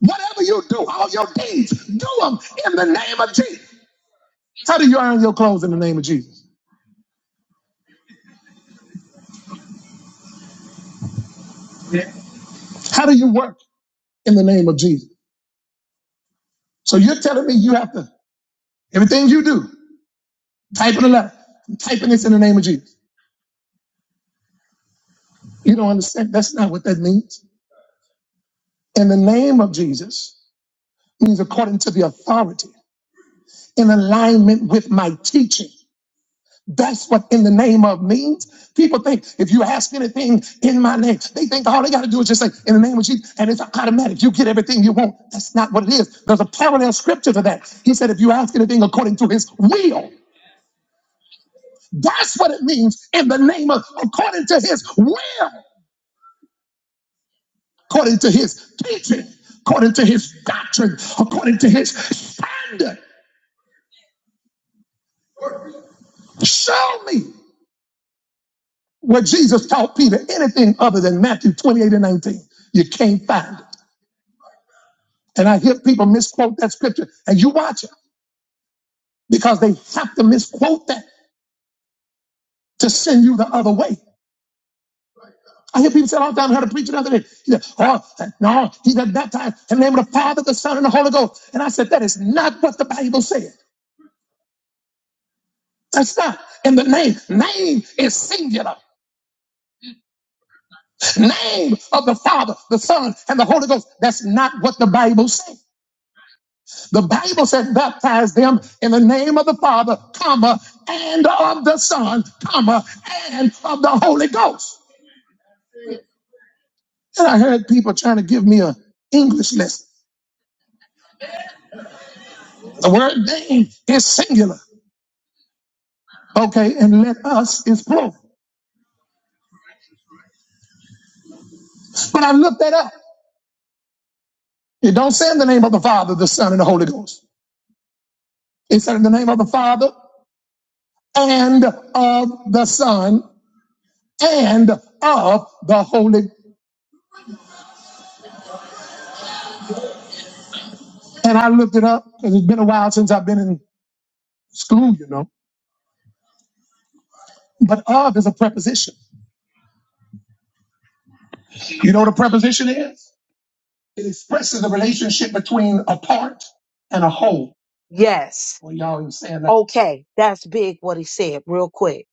Whatever you do, all your deeds, do them in the name of Jesus. How do you earn your clothes in the name of Jesus? How do you work in the name of Jesus? So you're telling me you have to, everything you do, type in the letter. I'm typing this in the name of Jesus. You don't understand. That's not what that means. In the name of Jesus means according to the authority, in alignment with my teaching. That's what in the name of means. People think if you ask anything in my name, they think all they got to do is just say in the name of Jesus, and it's automatic. You get everything you want. That's not what it is. There's a parallel scripture to that. He said, if you ask anything according to his will, That's what it means in the name of, according to his will, according to his teaching, according to his doctrine, according to his standard. Show me where Jesus taught Peter anything other than Matthew 28 and 19. You can't find it. And I hear people misquote that scripture, and you watch it because they have to misquote that to send you the other way. I hear people say all the time, I heard a preacher the other day. He said, oh, no, he got baptized in the name of the Father, the Son, and the Holy Ghost. And I said, that is not what the Bible said. That's not in the name. Name is singular. Name of the Father, the Son, and the Holy Ghost. That's not what the Bible says. The Bible says baptize them in the name of the Father, comma, and of the Son, comma, and of the Holy Ghost. And I heard people trying to give me an English lesson. The word name is singular. Okay, and let us is plural. But I looked that up. It don't say in the name of the Father, the Son, and the Holy Ghost. It said in the name of the Father. and of the Son and of the Holy. And I looked it up because it's been a while since I've been in school, you know. But of is a preposition. You know what a preposition is? It expresses the relationship between a part and a whole. Yes. Well, y'all ain't saying that. Okay, that's big what he said, real quick.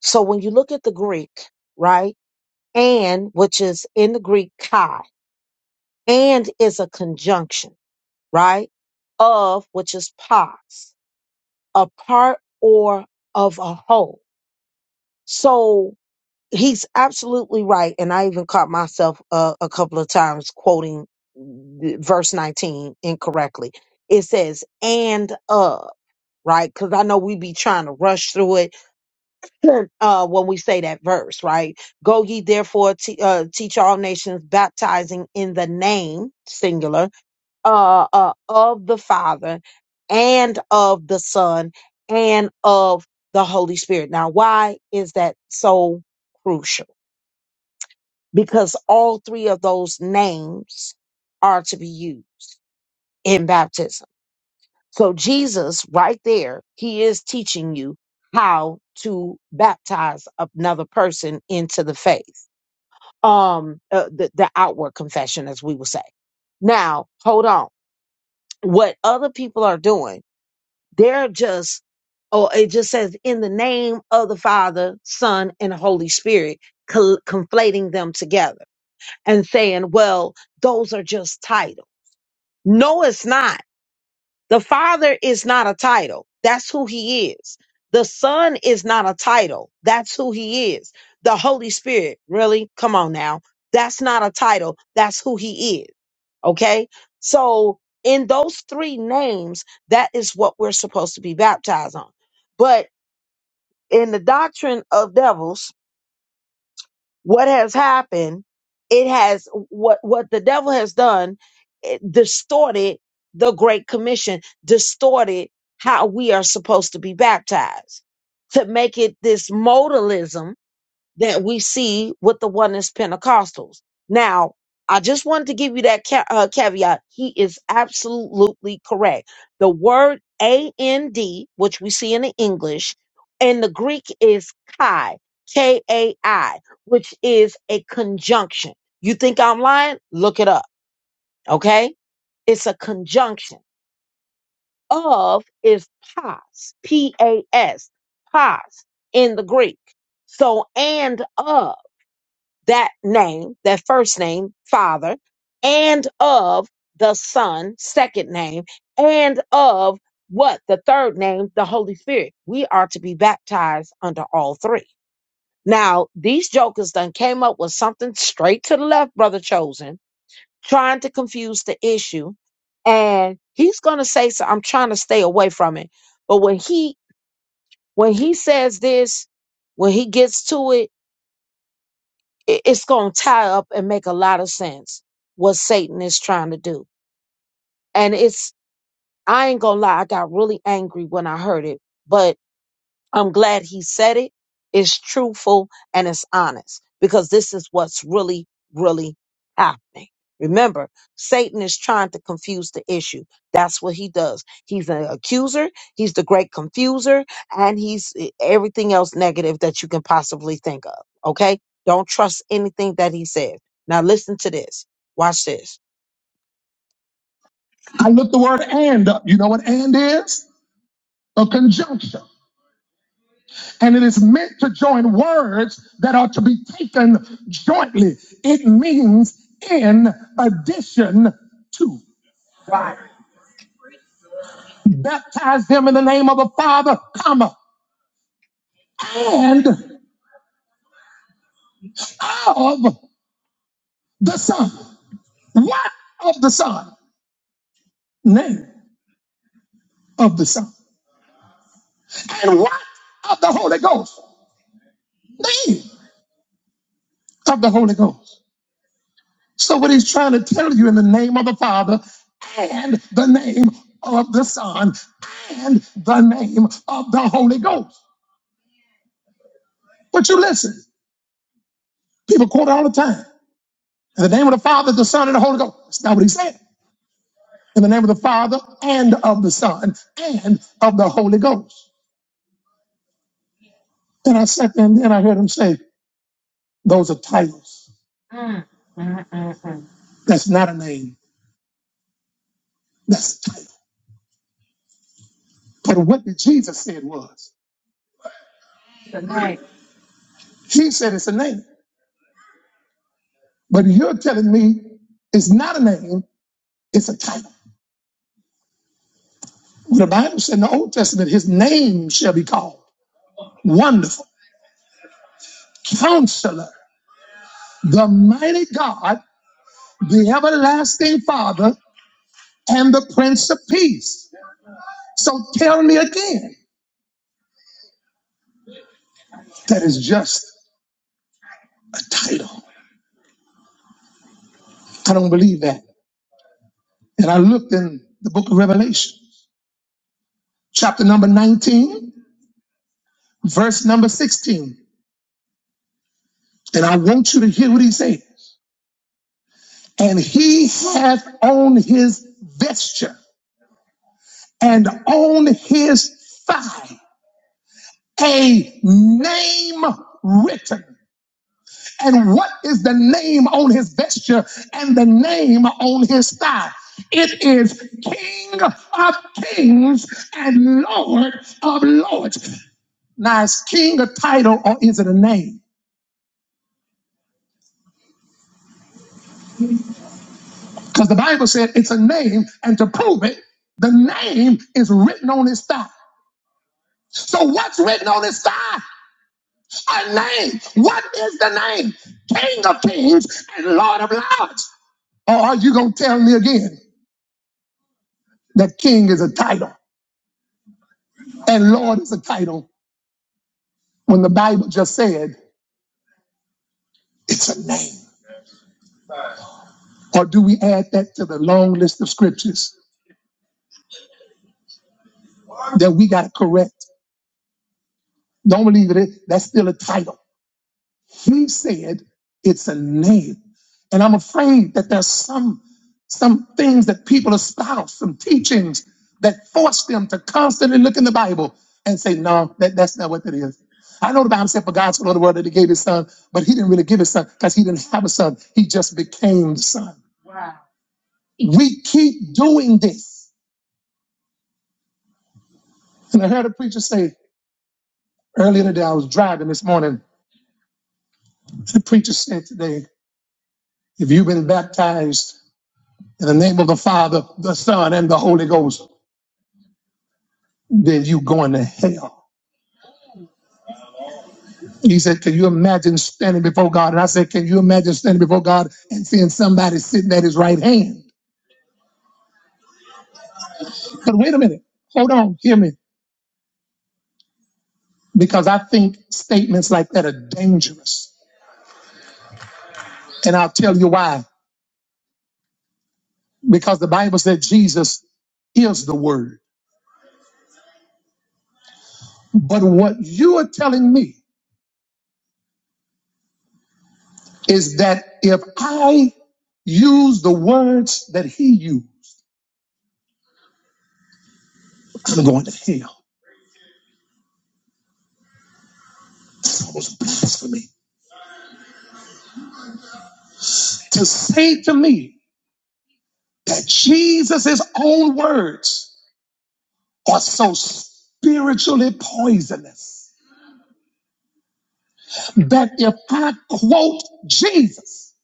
So when you look at the Greek, right, and which is in the Greek chi, and is a conjunction, right, of which is pos. a part or of a whole. So he's absolutely right. And I even caught myself uh, a couple of times quoting th- verse 19 incorrectly. It says, and of, right? Because I know we be trying to rush through it Sure. uh, when we say that verse, right? Go ye therefore, te- uh, teach all nations, baptizing in the name, singular uh, uh, of the Father and of the Son and of the Holy Spirit. Now, why is that so crucial? Because all three of those names are to be used in baptism. So, Jesus, right there, he is teaching you how to baptize another person into the faith, um, uh, the, the outward confession, as we will say. Now, hold on. What other people are doing They're just, oh, it just says in the name of the Father, Son, and Holy Spirit, col- conflating them together and saying, well, those are just titles. No, it's not. The Father is not a title. That's who He is. The Son is not a title. That's who He is. The Holy Spirit, really? Come on now. That's not a title. That's who He is. Okay. So in those three names, that is what we're supposed to be baptized on. But in the doctrine of devils, what has happened, it has what, what the devil has done, it distorted the Great Commission, distorted how we are supposed to be baptized to make it this modalism that we see with the oneness Pentecostals. Now, I just wanted to give you that ca- uh, caveat. He is absolutely correct. The word and, which we see in the English, and the Greek is kai, K A I, which is a conjunction. You think I'm lying? Look it up. Okay. It's a conjunction. Of is pas, P A S, pas in the Greek. So, and of that name, that first name, Father, and of the Son, second name, and of what? The third name, the Holy Spirit. We are to be baptized under all three. Now, these jokers done came up with something straight to the left, brother chosen, trying to confuse the issue. And he's gonna say so. I'm trying to stay away from it. But when he when he says this, when he gets to it, it- it's going to tie up and make a lot of sense what Satan is trying to do. And it's, I ain't going to lie, I got really angry when I heard it, but I'm glad he said it. It's truthful and it's honest because this is what's really, really happening. Remember, Satan is trying to confuse the issue. That's what he does. He's an accuser, he's the great confuser, and he's e, everything else negative that you can possibly think of. Okay? Don't trust anything that he says. Now, listen to this. Watch this. I looked the word and up. You know what and is? A conjunction. and it is meant to join words that are to be taken jointly. It means in addition to. Baptize them in the name of the Father, comma, and of the Son. What of the Son? Name of the Son. And what of the Holy Ghost? Name of the Holy Ghost. So, what he's trying to tell you in the name of the Father and the name of the Son and the name of the Holy Ghost. But you listen, people quote it all the time. In the name of the Father, the Son, and the Holy Ghost. That's not what he said. In the name of the Father and of the Son and of the Holy Ghost. And I sat there and then I heard him say, Those are titles. That's not a name. That's a title. But what did Jesus say it was? Right. He said it's a name. But you're telling me it's not a name It's a title. The Bible said in the Old Testament, his name shall be called Wonderful, Counselor, the Mighty God, the Everlasting Father, and the Prince of Peace. So tell me again, that is just a title. I don't believe that. And I looked in the book of Revelation, chapter number 19, verse number 16. And I want you to hear what he said. And he hath on his vesture and on his thigh a name written. And what is the name on his vesture and the name on his thigh? It is King of Kings and Lord of Lords. Now, is King a title or is it a name? Because the Bible said it's a name, and to prove it, the name is written on his thigh. So, what's written on his thigh? A name. What is the name? King of Kings and Lord of Lords. Or are you going to tell me again that king is a title and Lord is a title when the Bible just said it's a name? Or do we add that to the long list of scriptures that we got to correct? Don't believe it. That's still a title. He said it's a name. And I'm afraid that there's some some things that people espouse, some teachings that force them to constantly look in the Bible and say, no, that, that's not what it is." I know the Bible said for God so loved the world that he gave his son, but he didn't really give his son because he didn't have a son. He just became the son. We keep doing this. And I heard a preacher say earlier today, I was driving this morning. The preacher said today, if you've been baptized In the name of the Father, the Son, and the Holy Ghost, then you going to hell. He said, Can you imagine standing before God? And I said, Can you imagine standing before God and seeing somebody sitting at his right hand? But wait a minute. Hold on. Hear me. Because I think statements like that are dangerous. And I'll tell you why. Because the Bible said Jesus is the word. But what you are telling me is that if I use the words that he used, I'm going to hell. was blasphemy to say to me that Jesus' own words are so spiritually poisonous that if I quote Jesus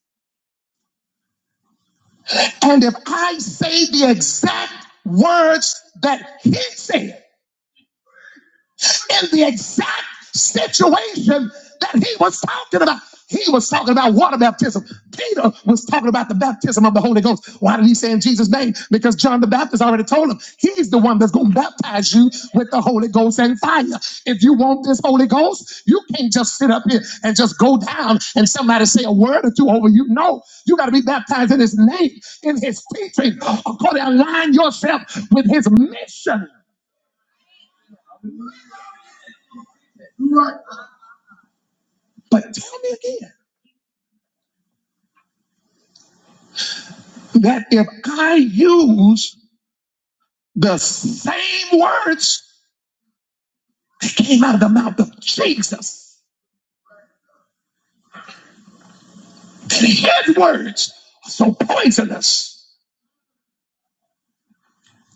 and if I say the exact words that he said, in the exact situation that he was talking about. He was talking about water baptism. Peter was talking about the baptism of the Holy Ghost. Why did he say in Jesus' name? Because John the Baptist already told him he's the one that's going to baptize you with the Holy Ghost and fire. If you want this Holy Ghost, you can't just sit up here and just go down and somebody say a word or two over you. No, you got to be baptized in his name, in his teaching, according to align yourself with his mission. But tell me again. that if I use the same words that came out of the mouth of Jesus, that his words are so poisonous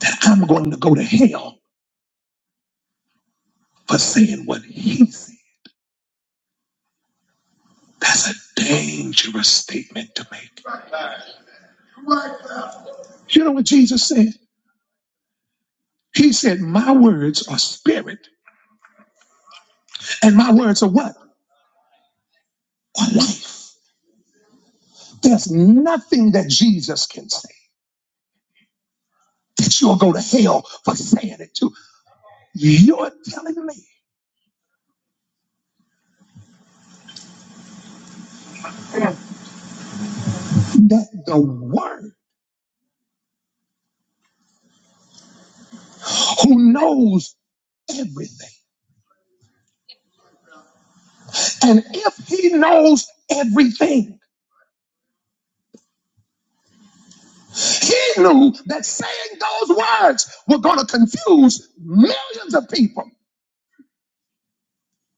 that I'm going to go to hell for saying what he said. That's a dangerous statement to make. You know what Jesus said? He said, My words are spirit, and my words are what? Are life. There's nothing that Jesus can say that you'll go to hell for saying it to. You're telling me that the Word, who knows everything, and if He knows everything, He knew that saying those words were going to confuse millions of people.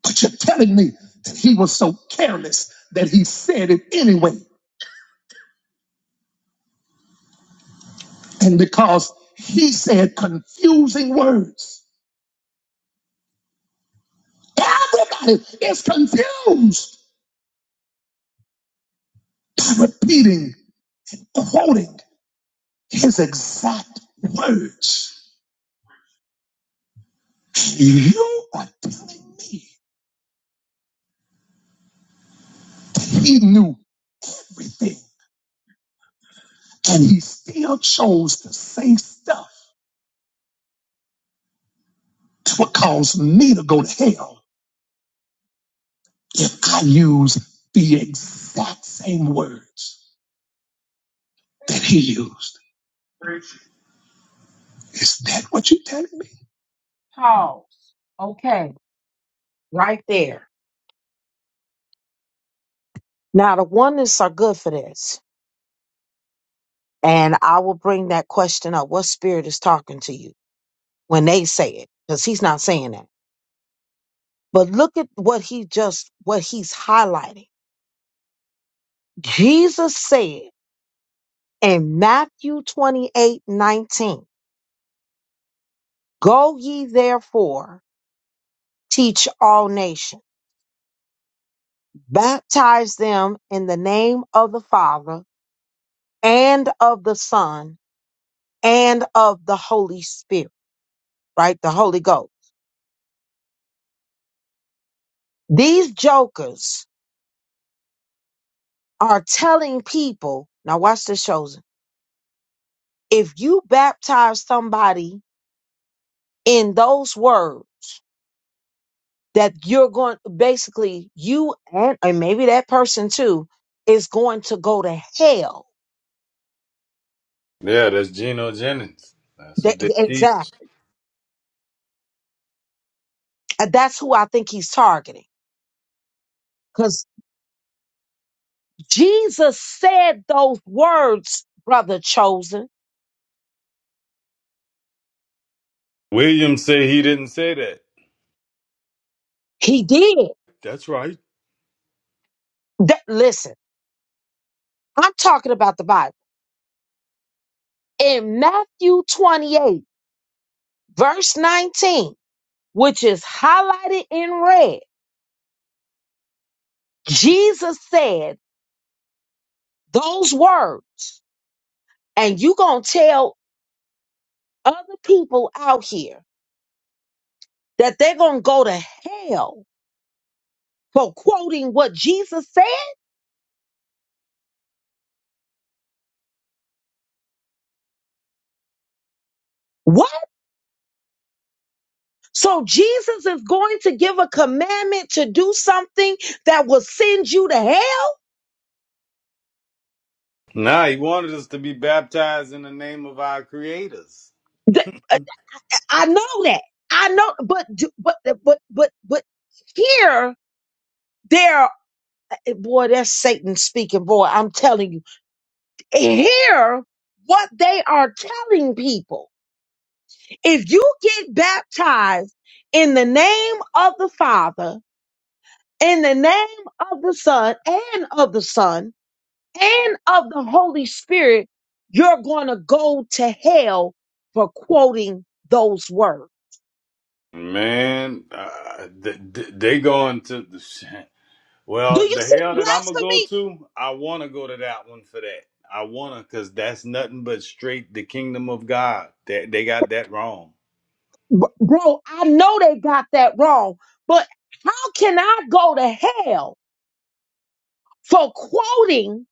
But you're telling me that He was so careless that He said it anyway. And because He said confusing words, everybody is confused by repeating, quoting His exact words. You are telling me that he knew everything and he still chose to say stuff to what caused me to go to hell if I use the exact same words that he used. Is that what you're telling me? Pause. Okay, right there. Now the oneness are good for this, and I will bring that question up. What spirit is talking to you when they say it? Because he's not saying that. But look at what he just, what he's highlighting. Jesus said in Matthew 28 19, Go ye therefore, teach all nations, baptize them in the name of the Father and of the Son and of the Holy Spirit, right? The Holy Ghost. These jokers are telling people, now watch this, chosen. If you baptize somebody in those words, that you're going basically you and, and maybe that person too is going to go to hell. Yeah, that's Geno Jennings. That's That, what they teach. exactly. And that's who I think he's targeting. Because Jesus said those words, brother chosen. Williams say he didn't say that. He did. That's right. That- listen, I'm talking about the Bible. In Matthew 28, verse 19, which is highlighted in red, Jesus said those words. And you gonna tell other people out here that they're going to go to hell for quoting what Jesus said? What? So Jesus is going to give a commandment to do something that will send you to hell? Nah, he wanted us to be baptized in the name of our creators. Th- uh, I know that. I know, but, d- but, uh, but, but, but here, there, eh, boy, that's Satan speaking, boy, I'm telling you. Here, what they are telling people, if you get baptized in the name of the Father, in the name of the Son and of the Son and of the Holy Spirit, you're going to go to hell for quoting those words. Man, uh, th- th- they going to the shit. Do Well, you the see hell the that I'm gonna go blasphemy? to, I want to go to that one for that. I wanna, cause that's nothing but straight the kingdom of God. That they got that wrong. B- Bro, I know they got that wrong, but how can I go to hell for quoting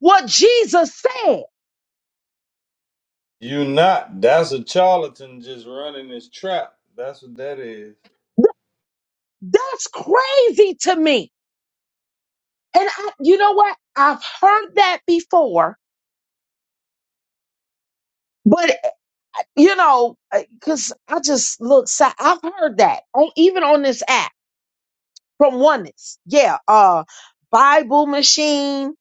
what Jesus said? You not. That's a charlatan just running his trap. That's what that is. Th- That's crazy to me. And I, you know what? I've heard that before, but. you know, because I just look. si- I've heard that on even on this app from Oneness. Yeah, uh, Bible Machine.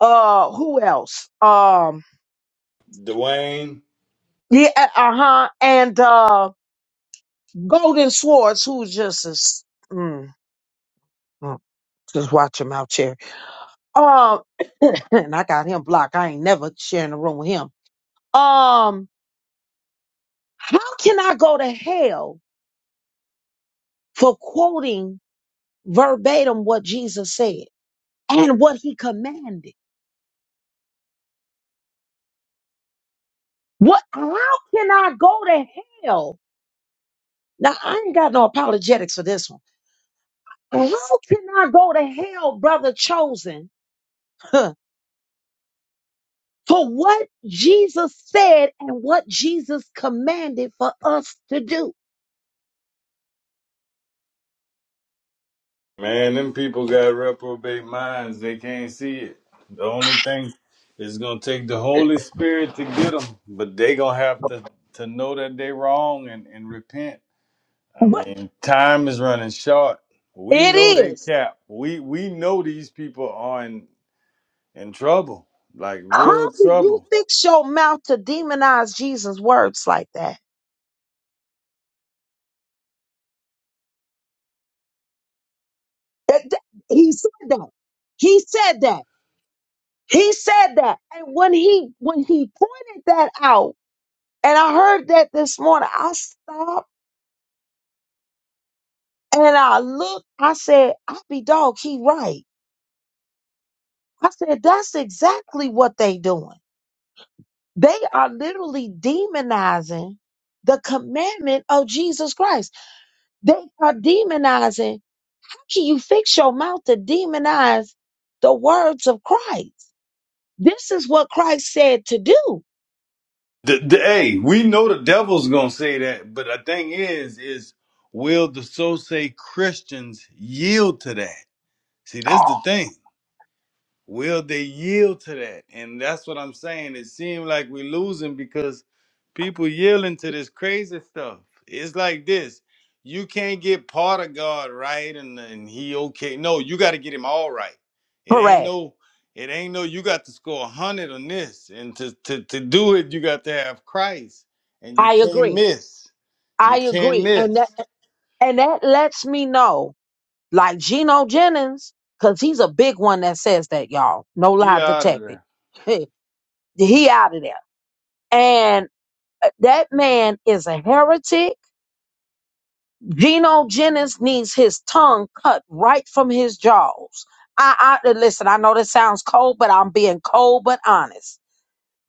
Uh, who else? Um, Dwayne, yeah, uh huh. And uh, Golden Swords, who just is. Mm, mm, just watch him out, Cherry. Um, <clears throat> and I got him blocked. I ain't never sharing a room with him. Um, how can I go to hell for quoting verbatim what Jesus said and what he commanded? What? How can I go to hell? Now I ain't got no apologetics for this one. How can I go to hell, brother chosen, huh, for what Jesus said and what Jesus commanded for us to do? man, them people got reprobate minds. They can't see it. The only thing is gonna take the Holy Spirit to get them, but they gonna have to to know that they wrong and and repent. I But mean, time is running short. We know it they is. cap. We we know these people are in in trouble, like How real do you trouble. fix your mouth to demonize Jesus' words like that? That- that- He said that. He said that. He said that. And when he when he pointed that out, and I heard that this morning, I stopped. And I looked, I said, I be dog, he right. I said, that's exactly what they doing. They are literally demonizing the commandment of Jesus Christ. They are demonizing. How can you fix your mouth to demonize the words of Christ? This is what Christ said to do. The, the, hey, we know the devil's gonna say that, but the thing is, is will the so say Christians yield to that? See, this is the thing. Will they yield to that? And that's what I'm saying. It seems like we're losing because people yielding to this crazy stuff. It's like this. You can't get part of God right and, and he okay. No, you got to get him all right. It ain't Correct. no, it ain't no, you got to score a hundred on this. And to, to, to do it, you got to have Christ. And you I can't agree. miss. You I can't agree. miss. And that and that lets me know like Geno Jennings, because he's a big one that says that, y'all. No He lie out of detected. there. <laughs> he out of there. And uh, that man is a heretic. Geno Jennings needs his tongue cut right from his jaws. I, I uh, listen, I know this sounds cold, but I'm being cold but honest.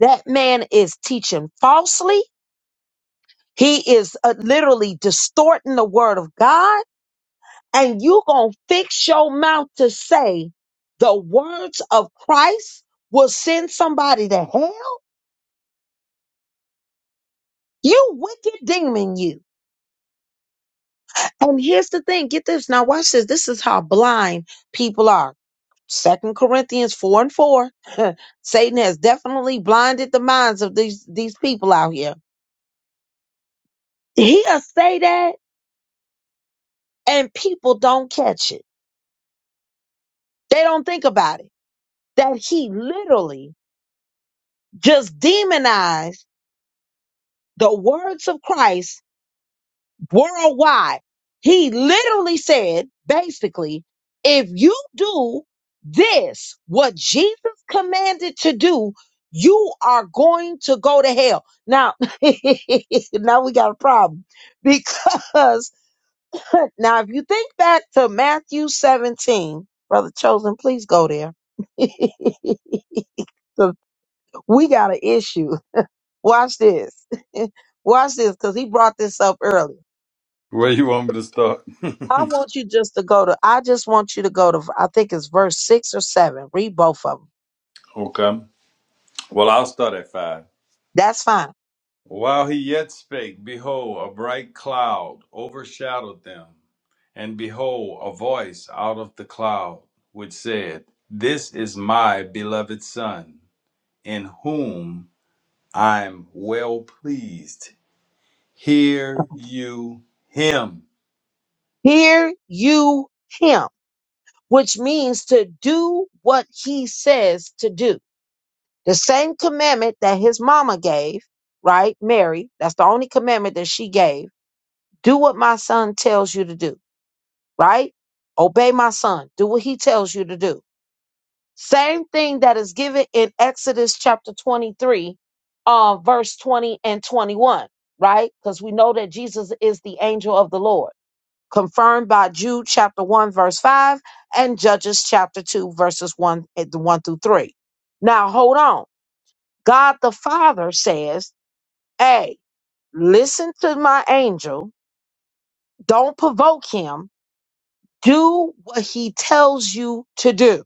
That man is teaching falsely. He is uh, literally distorting the word of God and you gonna fix your mouth to say the words of Christ will send somebody to hell? You wicked demon, you. And here's the thing, get this. Now watch this. This is how blind people are. Second Corinthians four and four. <laughs> Satan has definitely blinded the minds of these these people out here. He'll say that and people don't catch it. They don't think about it. That he literally just demonized the words of Christ worldwide. He literally said, basically, if you do this, what Jesus commanded to do, you are going to go to hell. Now, <laughs> now we got a problem because <laughs> now, if you think back to Matthew 17, Brother Chosen, please go there. <laughs> 'Cause we got an issue. Watch this. <laughs> Watch this because he brought this up earlier. Where you want me to start? <laughs> I want you just to go to, I just want you to go to, I think it's verse six or seven. Read both of them. Okay. Well, I'll start at five. That's fine. While he yet spake, behold, a bright cloud overshadowed them. And behold, a voice out of the cloud, which said, This is my beloved Son, in whom I'm well pleased. Hear you him. Hear you him, which means to do what he says to do. The same commandment that his mama gave, right? Mary, that's the only commandment that she gave. Do what my son tells you to do. right? Obey my son. Do what he tells you to do. Same thing that is given in Exodus chapter 23, uh, verse 20 and 21, right? Because we know that Jesus is the angel of the Lord, confirmed by Jude chapter 1, verse 5, and Judges chapter 2, verses 1, eh, 1 through 3. Now, hold on. God the Father says, Hey, listen to my angel. Don't provoke him. Do what he tells you to do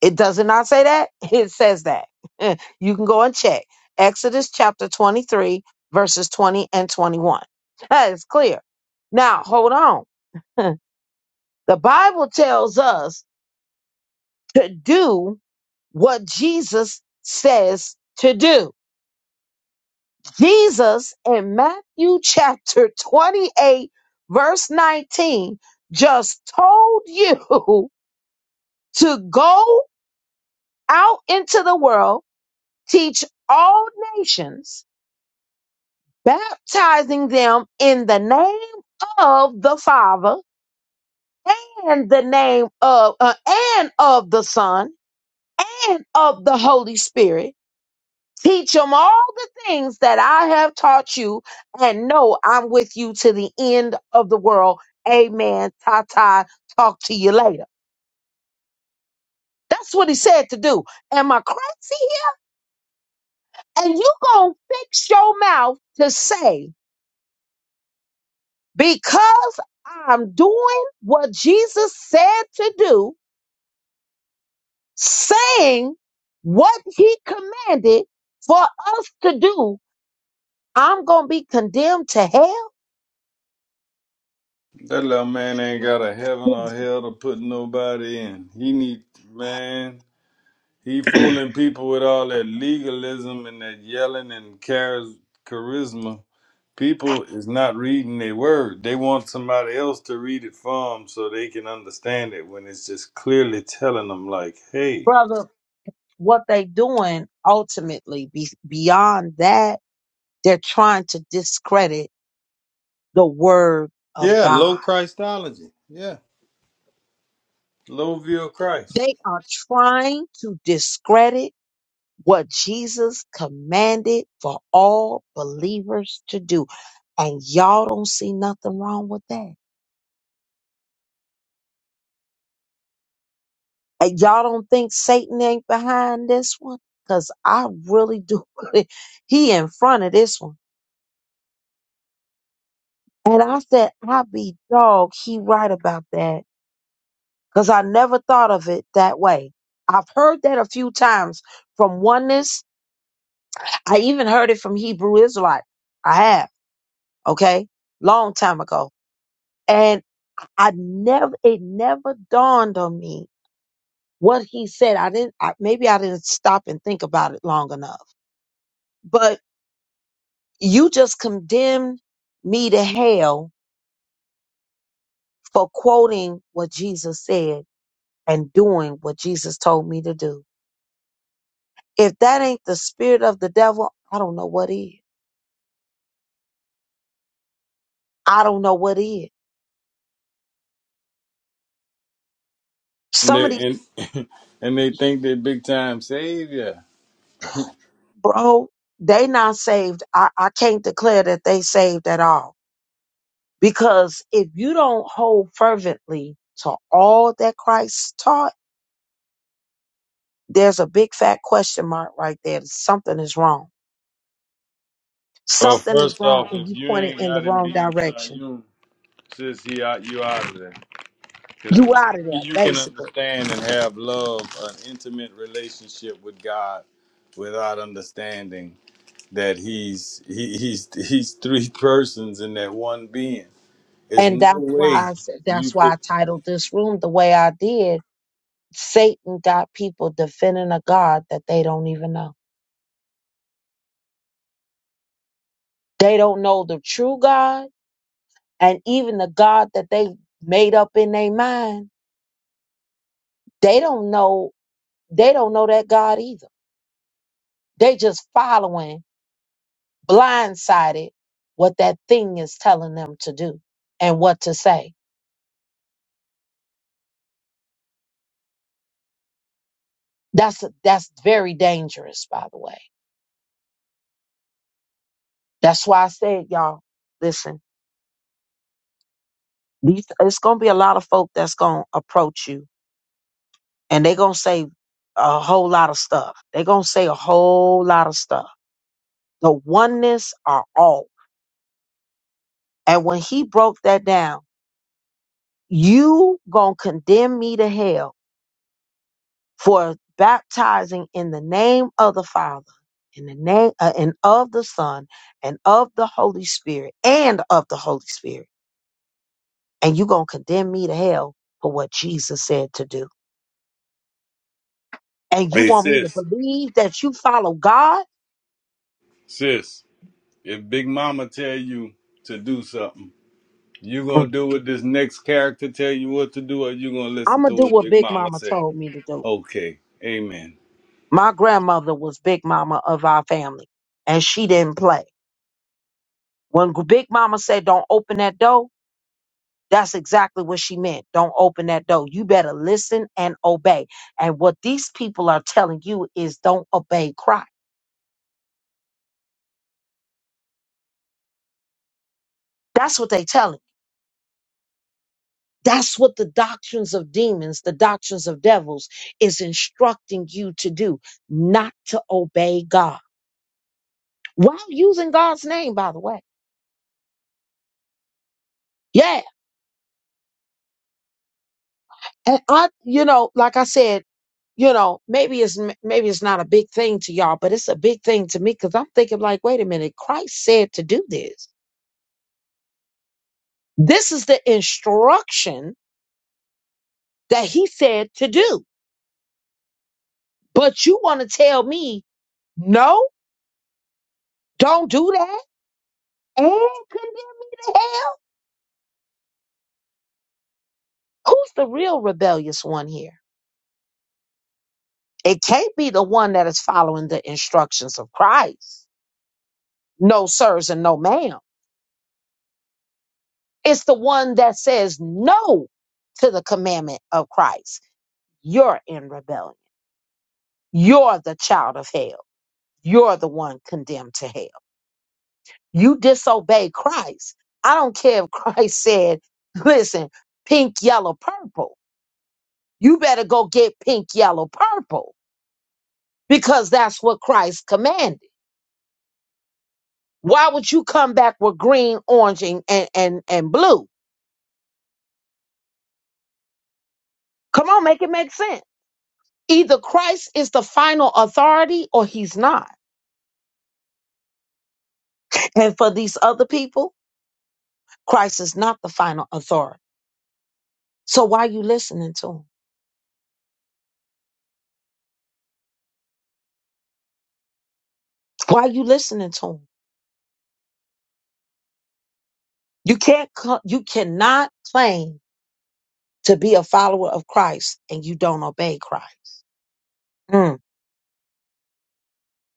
It does it not say that? <laughs> It says that. <laughs> you can go and check. Exodus chapter 23, verses 20 and 21. <laughs> That is clear. Now, hold on. <laughs> The Bible tells us to do what Jesus says to do. Jesus in Matthew chapter 28, verse 19, just told you <laughs> to go out into the world, teach all nations baptizing them in the name of the Father and the name of uh, and of the Son and of the Holy Spirit. Teach them all the things that I have taught you, and know I'm with you to the end of the world. Amen. Ta ta. Talk to you later. That's what he said to do. Am I crazy here? And you gonna fix your mouth to say because I'm doing what Jesus said to do, saying what he commanded for us to do, I'm going to be condemned to hell. That little man ain't got a heaven or hell to put nobody in. He need, man. He fooling people with all that legalism and that yelling and chariz- charisma. People is not reading their word. They want somebody else to read it for them so they can understand it when it's just clearly telling them, like, hey, Brother, what they doing ultimately be, beyond that, they're trying to discredit the word of yeah, low God. Christology. Yeah, low view of Christ. They are trying to discredit what Jesus commanded for all believers to do. And y'all don't see nothing wrong with that. And y'all don't think Satan ain't behind this one? Because I really do. <laughs> believe he in front of this one. And I said, I be dog, he right about that. Because I never thought of it that way. I've heard that a few times from oneness. I even heard it from Hebrew Israelite. I have, okay? Long time ago. I never, it never dawned on me what he said. I didn't, I, maybe I didn't stop and think about it long enough, but you just condemned me to hell for quoting what Jesus said and doing what Jesus told me to do. If that ain't the spirit of the devil, I don't know what is. I don't know what is. And Some of they, these, and, <laughs> and they think they're big time savior. bro, they not saved. I, I can't declare that they saved at all Because if you don't hold fervently to all that Christ taught, there's a big fat question mark right there. Something is wrong. Well, Something is first off, wrong, and if you you pointed ain't in the got him wrong being direction. triune, sis, he out, you out of there. You Because out of there, you can basically. understand and have love, an intimate relationship with God, without understanding that He's he, He's He's three <laughs> persons in that one being. There's And no that's why way I said you that's why could. I titled this room the way I did. Satan got people defending a God that they don't even know. They don't know the true God, and even the God that they made up in their mind, they don't know. They don't know that God either They just following blindsided what that thing is telling them to do and what to say. That's that's very dangerous, by the way. That's why I said, y'all, listen, these it's gonna be a lot of folk that's gonna approach you and they gonna say a whole lot of stuff. they gonna say a whole lot of stuff. The oneness are all. And when he broke that down, you gonna condemn me to hell for baptizing in the name of the Father, in the name uh, and of the Son, and of the Holy Spirit, and of the Holy Spirit. And you gonna condemn me to hell for what Jesus said to do. And you Hey, want me to sis, believe that you follow God? sis, if Big Mama tell you to do something, you Mm. gonna do what this next character tell you what to do, or you gonna I'm listen gonna to do what what Big Big Mama Mama say? told me to do. Okay, Amen. My grandmother was Big Mama of our family, and she didn't play. When Big Mama said, "Don't open that door," That's exactly what she meant. Don't open that door. You better listen and obey. And what these people are telling you is don't obey Christ. That's what they telling. you. That's what the doctrines of demons, the doctrines of devils is instructing you to do, not to obey God. While using God's name, by the way. Yeah. And I, you know, like I said, you know, maybe it's maybe it's not a big thing to y'all, but it's a big thing to me because I'm thinking like, wait a minute, Christ said to do this. This is the instruction that he said to do. But you want to tell me, no, don't do that and condemn me to hell? Who's the real rebellious one here? It can't be the one that is following the instructions of Christ. No, sirs, and no, ma'am. It's the one that says no to the commandment of Christ. You're in rebellion. You're the child of hell. You're the one condemned to hell. You disobey Christ. I don't care if <laughs> Christ said, listen, pink, yellow, purple. You better go get pink, yellow, purple because that's what Christ commanded. Why would you come back with green, orange, and, and, and, and blue? Come on, make it make sense. Either Christ is the final authority or he's not. And for these other people, Christ is not the final authority. So why are you listening to him? Why are you listening to him? You can't, co- you cannot claim to be a follower of Christ and you don't obey Christ. Mm,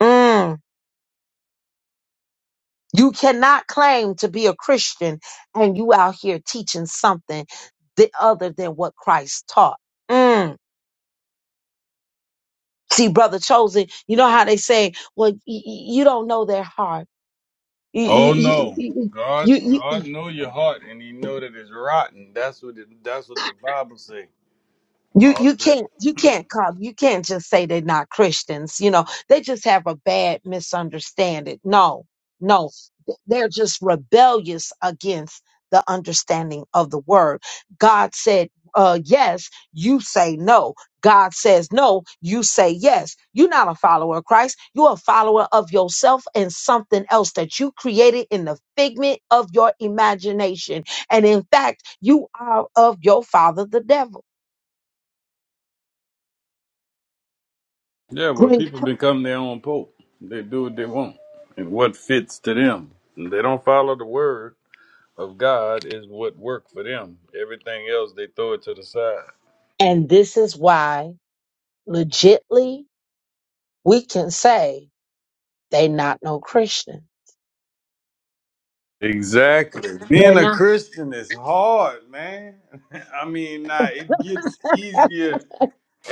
mm. You cannot claim to be a Christian and you out here teaching something th- other than what Christ taught. Mm. See, brother chosen, you know how they say, well, y- y- you don't know their heart. You, Oh you, no, you, God, you, you, God you- know your heart, and He know that it's rotten. That's what it, that's what the Bible say. You All of you that. can't you can't come you can't just say they're not Christians. You know they just have a bad misunderstanding. No, no, th- they're just rebellious against the understanding of the word. God said uh, yes, you say no. God says no, you say yes. You're not a follower of Christ. You're a follower of yourself and something else that you created in the figment of your imagination. And in fact, you are of your father, the devil. Yeah, well, people become their own pope. They do what they want, and what fits to them. And they don't follow the word of God is what worked for them. Everything else they throw it to the side. And this is why, legitly, we can say they not no Christian. Exactly. Being They're a not. Christian is hard, man. <laughs> I mean, nah, it gets easier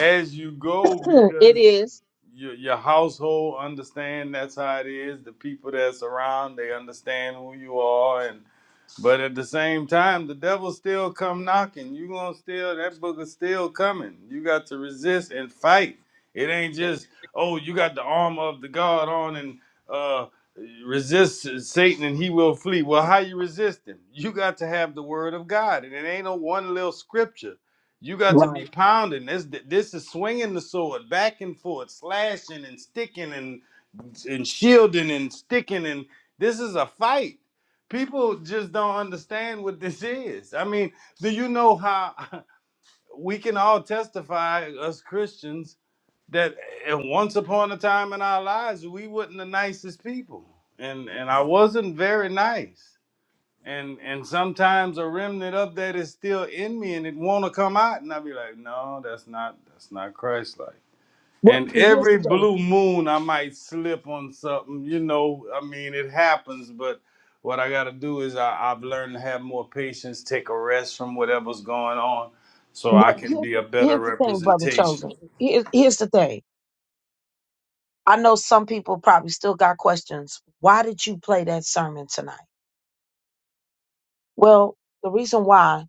as you go It because is your your household understand that's how it is. The people that's around, they understand who you are and but at the same time, the devil still come knocking. You gonna still that booger's still coming. You got to resist and fight. It ain't just oh you got the armor of the God on and uh resist Satan and he will flee. Well, how you resist him? You got to have the word of God, and it ain't no one little scripture. You got to be right. pounding. This this is swinging the sword back and forth, slashing and sticking and and shielding and sticking and this is a fight people just don't understand what this is. I mean, do you know how <laughs> we can all testify, us Christians, that at once upon a time in our lives we wasn't the nicest people, and and I wasn't very nice, and and sometimes a remnant of that is still in me, and it want to come out, and I be like, no, that's not that's not Christ Well, and see, here's every the thing. blue moon, I might slip on something. You know, I mean, it happens, but what I got to do is I, I've learned to have more patience, take a rest from whatever's going on so I Well, can here's be a the better here's the thing, brother representation. chosen. Here's here's the thing. I know some people probably still got questions. Why did you play that sermon tonight? Well, the reason why,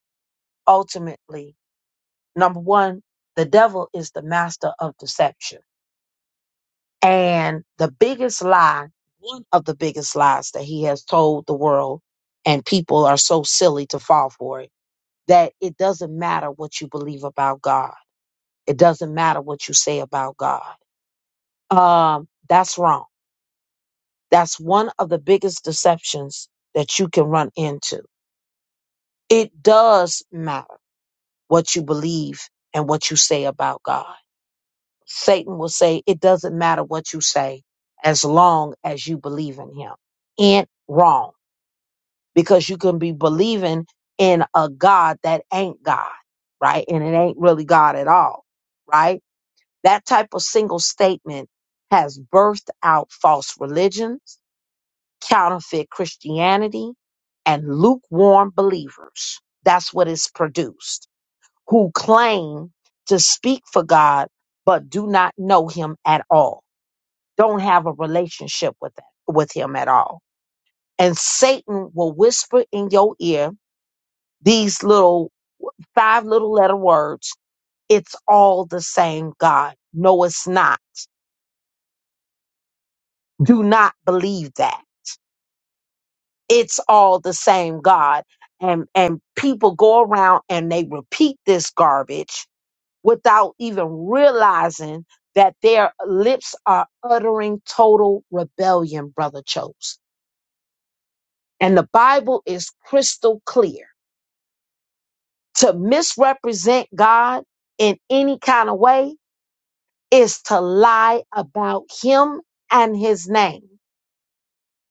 ultimately, number one, the devil is the master of deception. And the biggest lie, one of the biggest lies that he has told the world, and people are so silly to fall for it, that it doesn't matter what you believe about God. It doesn't matter what you say about God. Um, that's wrong. That's one of the biggest deceptions that you can run into. It does matter what you believe and what you say about God. Satan will say, it doesn't matter what you say as long as you believe in him. It wrong because you can be believing in a God that ain't God, right? And it ain't really God at all, right? That type of single statement has birthed out false religions, counterfeit Christianity, and lukewarm believers. That's what it's produced, who claim to speak for God, but do not know him at all, don't have a relationship with, that with him at all. And Satan will whisper in your ear these little five little letter words. It's all the same God. No, it's not. Do not believe that. It's all the same God. And and people go around and they repeat this garbage without even realizing that their lips are uttering total rebellion, brother Chose. And the Bible is crystal clear. To misrepresent God in any kind of way is to lie about him and his name.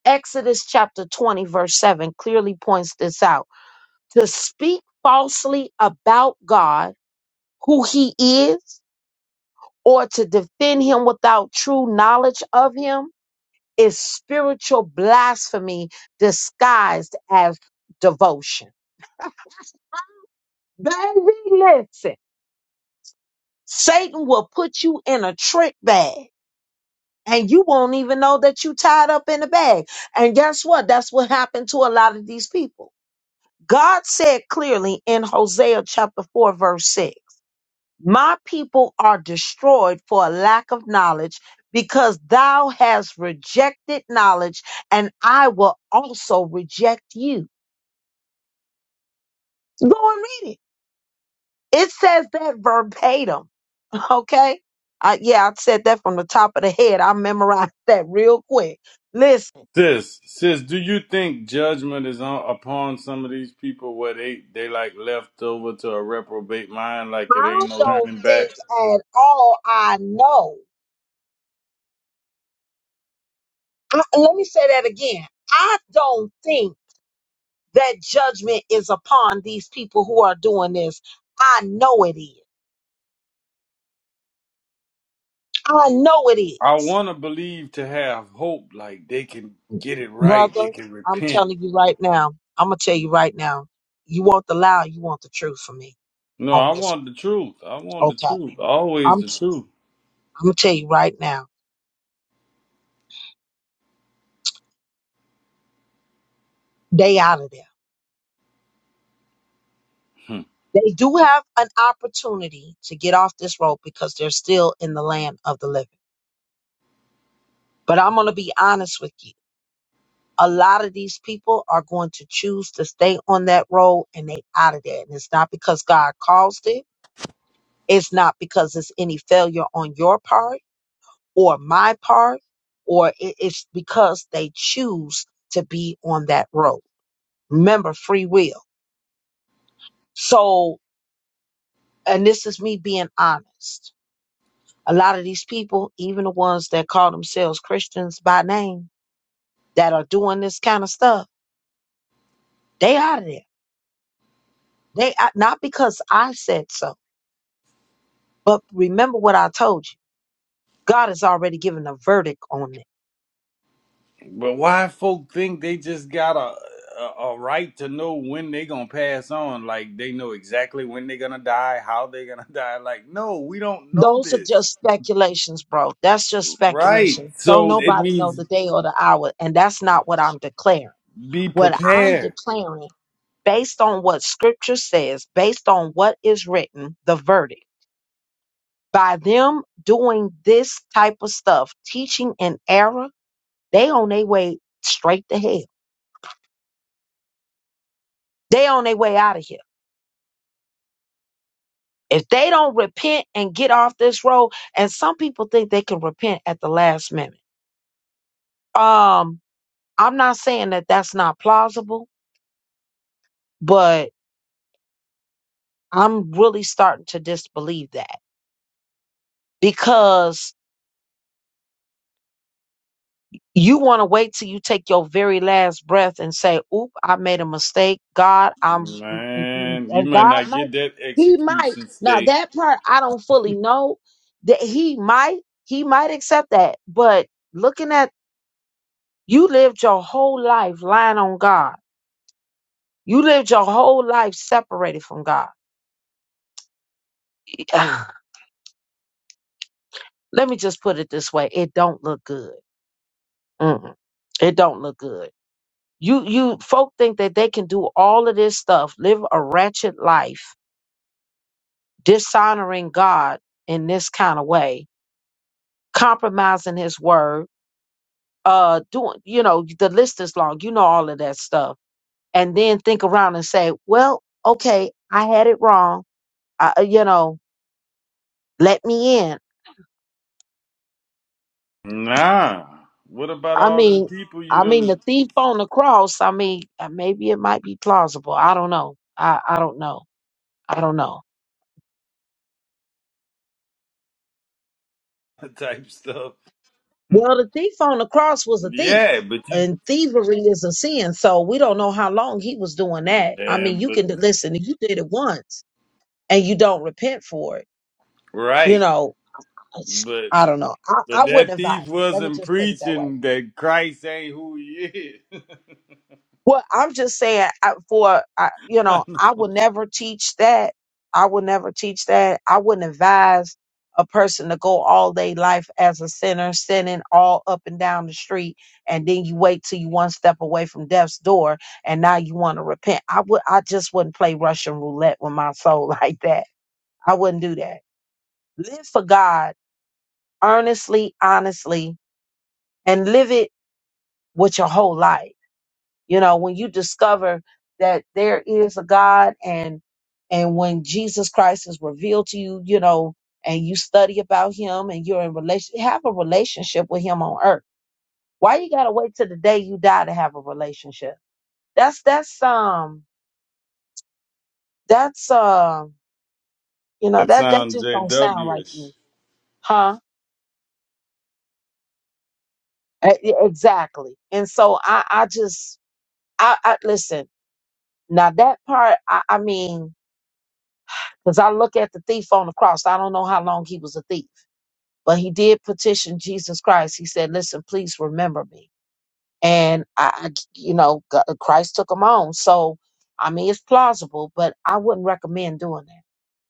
Exodus chapter 20, verse 7 clearly points this out. To speak falsely about God, who he is, or to defend him without true knowledge of him is spiritual blasphemy disguised as devotion. Baby, listen. Satan will put you in a trick bag and you won't even know that you tied up in a bag. And guess what? That's what happened to a lot of these people. God said clearly in Hosea chapter 4 verse 6, "My people are destroyed for a lack of knowledge because thou hast rejected knowledge and I will also reject you." Go and read it. It says that verbatim, <laughs> okay? Uh, yeah, I said that from the top of the head. I memorized <laughs> that real quick. Listen. Sis, sis, do you think judgment is on, upon some of these people where they, they like left over to a reprobate mind, like it I ain't no don't turning back? think at all I know. I, let me say that again. I don't think that judgment is upon these people who are doing this. I know it is. I know it I is. want to believe to have hope, like they can get it right, they Brother, can I'm repent telling you right now. I'm going to tell you right now. You want the lie, you want the truth from me No, on I this. want the truth. I want one. the Okay. truth. Always I'm, the t- truth. I'm going to tell you right now. They out of there. Hmm. They do have an opportunity to get off this road because they're still in the land of the living. But I'm going to be honest with you. A lot of these people are going to choose to stay on that road and they out of there. And it's not because God caused it. It's not because it's any failure on your part or my part, or it- it's because they choose to be on that road. Remember free will. So, and this is me being honest. A lot of these people, even the ones that call themselves Christians by name that are doing this kind of stuff, they out of there They I- not because I said so, but remember what I told you. God has already given a verdict on it. But why folk think they just got a, a a right to know when they gonna pass on? Like they know exactly when they gonna die, how they gonna <laughs> die. Like no, we don't know Those are this. just speculations, bro. That's just Right. speculation. Don't So it nobody know means the day or the hour, and that's not what I'm declaring. be What I'm prepared. declaring, based on what Scripture says, based on what is written, the verdict. By them doing this type of stuff, teaching an error, they on their way straight to hell. They on their way out of here If they don't repent and get off this road, and some people think they can repent at the last minute. Um, I'm not saying that that's not plausible, but I'm really starting to disbelieve that because you want to wait till you take your very last breath and say, "Oop, I made a mistake." God, I'm, and Man, you and might God not might, get that He might. execution Now stay. that part I don't fully know. That He might, He might accept that, but looking at You lived your whole life lying on God. You lived your whole life separated from God. <clears throat> <sighs> Let me just put it this way: it don't look good. Mm-mm. It don't look good. You you folk think that they can do all of this stuff, live a wretched life, dishonoring God in this kind of way, compromising His word, uh, doing you know the list is long. You know all of that stuff, and then think around and say, well, okay, I had it wrong. I, uh, you know, let me in. Nah. What about I all them mean, people you I done mean, the thief on the cross. I mean, uh, maybe it might be plausible. I don't know. I, I don't know. I don't know. <laughs> type stuff? Well, the thief on the cross was a thief, Yeah, but you. and thievery is a sin. So we don't know how long he was doing that. I Yeah, mean, you but. can listen. If you did it once and you don't repent for it, you Right. know. But I don't know. I, but I that wouldn't advise thief it. Let me wasn't just put it that way. preaching that Christ ain't who he is. Well, I'm just saying, I, for I, you <laughs> know, that I will never teach that. I will never teach that. I wouldn't advise a person to go all day life as a sinner, sinning all up and down the street, and then you wait till you one step away from death's door, and now you want to repent. I would, I just wouldn't play Russian roulette with my soul <laughs> like that. I wouldn't do that. Live for God earnestly, honestly, and live it with your whole life you know when you discover that there is a god and and when jesus christ is revealed to you you know and you study about him and you're in relation have a relationship with him on earth why you gotta wait till the day you die to have a relationship that's that's um that's um you know that that sounds just don't sound JW right to ish. me huh E- e- exactly and so i i just i, I listen now that part i i mean Because I look at the thief on the cross. I don't know how long he was a thief, but he did petition Jesus Christ. He said, Listen, please remember me. And I, I- you know, G- Christ took him on. So, I mean, it's plausible, but I wouldn't recommend doing that.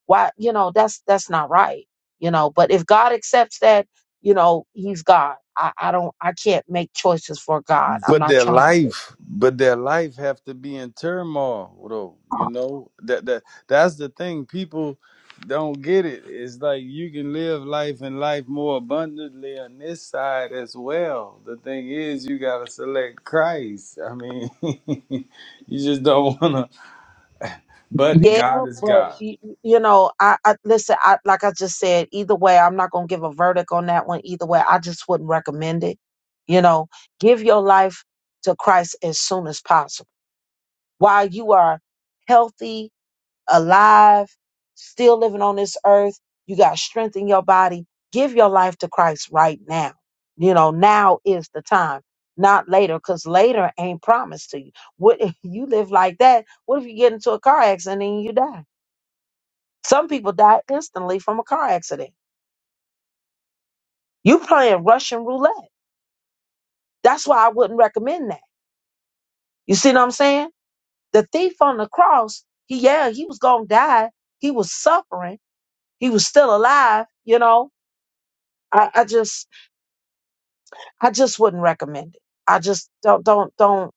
Why, you know, that's that's not right, you know. But if God accepts that, you know, He's God. I, I don't, I can't make choices for God. I'm But not their trying to. life, but their life have to be in turmoil though. You know? That that that's the thing. People don't get it. It's like you can live life and life more abundantly on this side as well. The thing is you gotta select Christ. I mean <laughs> you just don't wanna but Yeah, God but is God. y- you know, I, I listen. I like I just said. Either way, I'm not gonna give a verdict on that one. Either way, I just wouldn't recommend it. You know, give your life to Christ as soon as possible while you are healthy alive, still living on this earth. You got strength in your body. Give your life to Christ right now. You know, now is the time, not later, because later ain't promised to you. What if you live like that? What if you get into a car accident and you die? Some people die instantly from a car accident. You playing Russian roulette. That's why I wouldn't recommend that. You see what I'm saying? The thief on the cross, he yeah, he was gonna die. He was suffering. He was still alive, you know. I, I just I just wouldn't recommend it. I just don't don't don't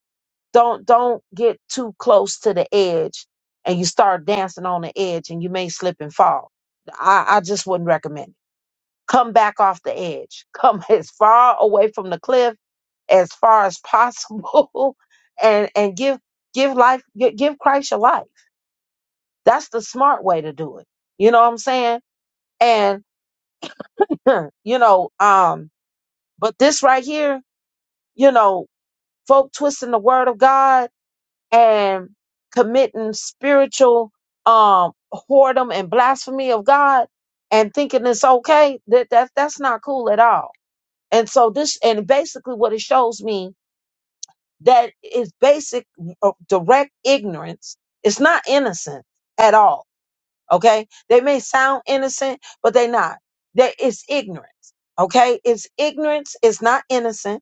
don't don't get too close to the edge and you start dancing on the edge and you may slip and fall. I, I just wouldn't recommend it. Come back off the edge. Come <laughs> as far away from the cliff as far as possible <laughs> and and give give life gi- give Christ your life. That's the smart way to do it. You know what I'm saying? And <laughs> <clears throat> you know um but this right here, you know, folk twisting the word of God and committing spiritual um whoredom and blasphemy of God and thinking it's okay, that, that that's not cool at all. And so this and basically what it shows me that is basic uh, direct ignorance. It's not innocent at all. Okay. They may sound innocent, but they're not. That it's ignorance. Okay. It's ignorance. It's not innocent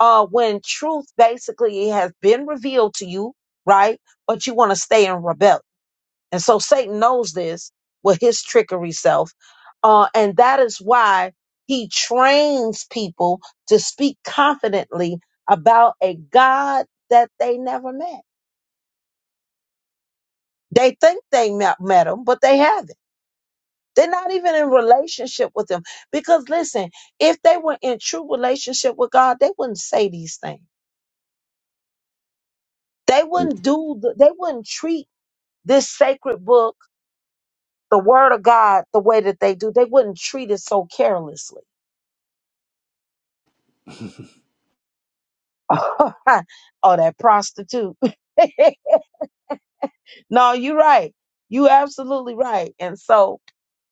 uh, when truth basically has been revealed to you, right? But you want to stay in rebellion. And so Satan knows this with his trickery self. Uh, and that is why he trains people to speak confidently about a God that they never met. They think they met, met him, but they haven't. They're not even in relationship with him. Because listen, if they were in true relationship with God, they wouldn't say these things. They wouldn't do, the, they wouldn't treat this sacred book, the word of God, the way that they do, they wouldn't treat it so carelessly. <laughs> oh, that prostitute. <laughs> no, you're right. You absolutely right. And so,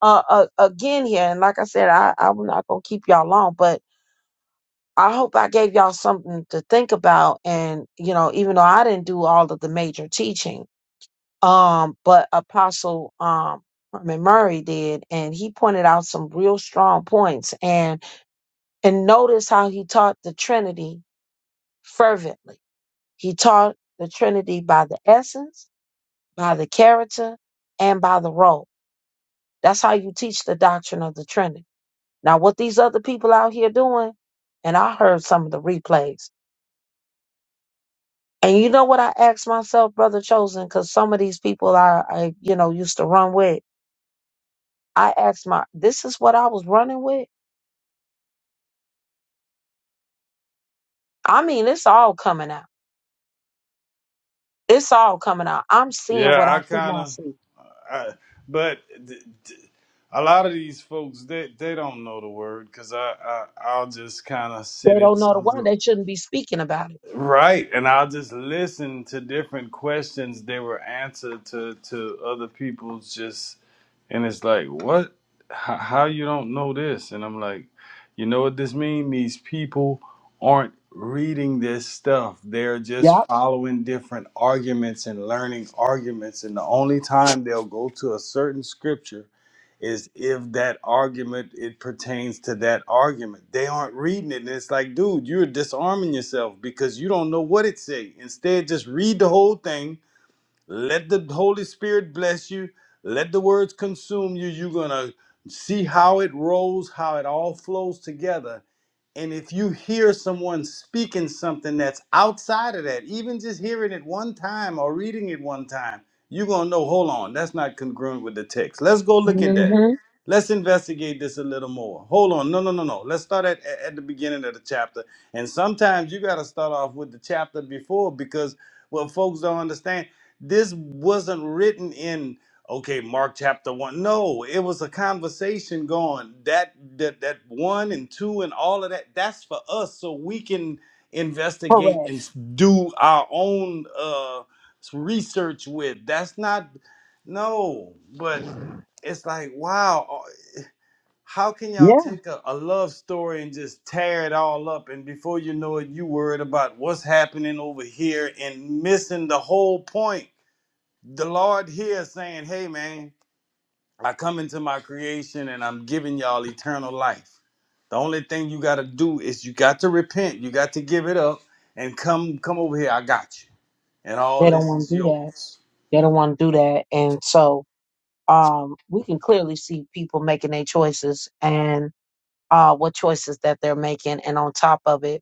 uh, uh, again here, and like I said, I, I'm not gonna keep y'all long, but I hope I gave y'all something to think about. And you know, even though I didn't do all of the major teaching, um, but Apostle um Herman Murray did, and he pointed out some real strong points. And And notice how he taught the Trinity fervently. He taught the Trinity by the essence, by the character, and by the role. That's how you teach the doctrine of the Trinity. Now, what these other people out here doing, and I heard some of the replays. And you know what I asked myself, brother chosen, because some of these people I, I, you know, used to run with. I asked my, this is what I was running with. I mean, it's all coming out. It's all coming out. I'm seeing what Yeah, I I could kind not of, see. I, but th- a lot of these folks they they don't know the word because I, I I'll just kind of They sit in don't know the some word. room, They shouldn't be speaking about it. right? And I'll just listen to different questions they were answered to to other people's just and it's like what H- how you don't know this and i'm like you know what this means these people aren't reading this stuff they're Yep. just following different arguments and learning arguments and the only time they'll go to a certain scripture is if that argument it pertains to that argument they aren't reading it and it's like dude you're disarming yourself because you don't know what it say instead just read the whole thing let the Holy Spirit bless you. Let the words consume you. You're going to see how it rolls, how it all flows together. And if you hear someone speaking something that's outside of that, even just hearing it one time or reading it one time, you're going to know, hold on, that's not congruent with the text. Let's go look at that. hmm Let's investigate this a little more. Hold on. No, no, no, no. Let's start at, at at the beginning of the chapter. And sometimes you got to start off with the chapter before because what folks don't understand, this wasn't written in okay mark chapter 1 no it was a conversation going that that that 1 and 2 and all of that that's for us so we can investigate and s- do our own uh s- research with that's not no but it's like wow uh, how can y'all Yep. take a, a love story and just tear it all up and before you know it you worried about what's happening over here and missing the whole point the lord here saying hey man I come into my creation and I'm giving y'all eternal life. The only thing you gotta do is you got to repent, you got to give it up, and come come over here. I got you, and all They don't this want is to do that. yours. They don't want to do that. And so um, we can clearly see people making their choices and uh, what choices that they're making. And on top of it,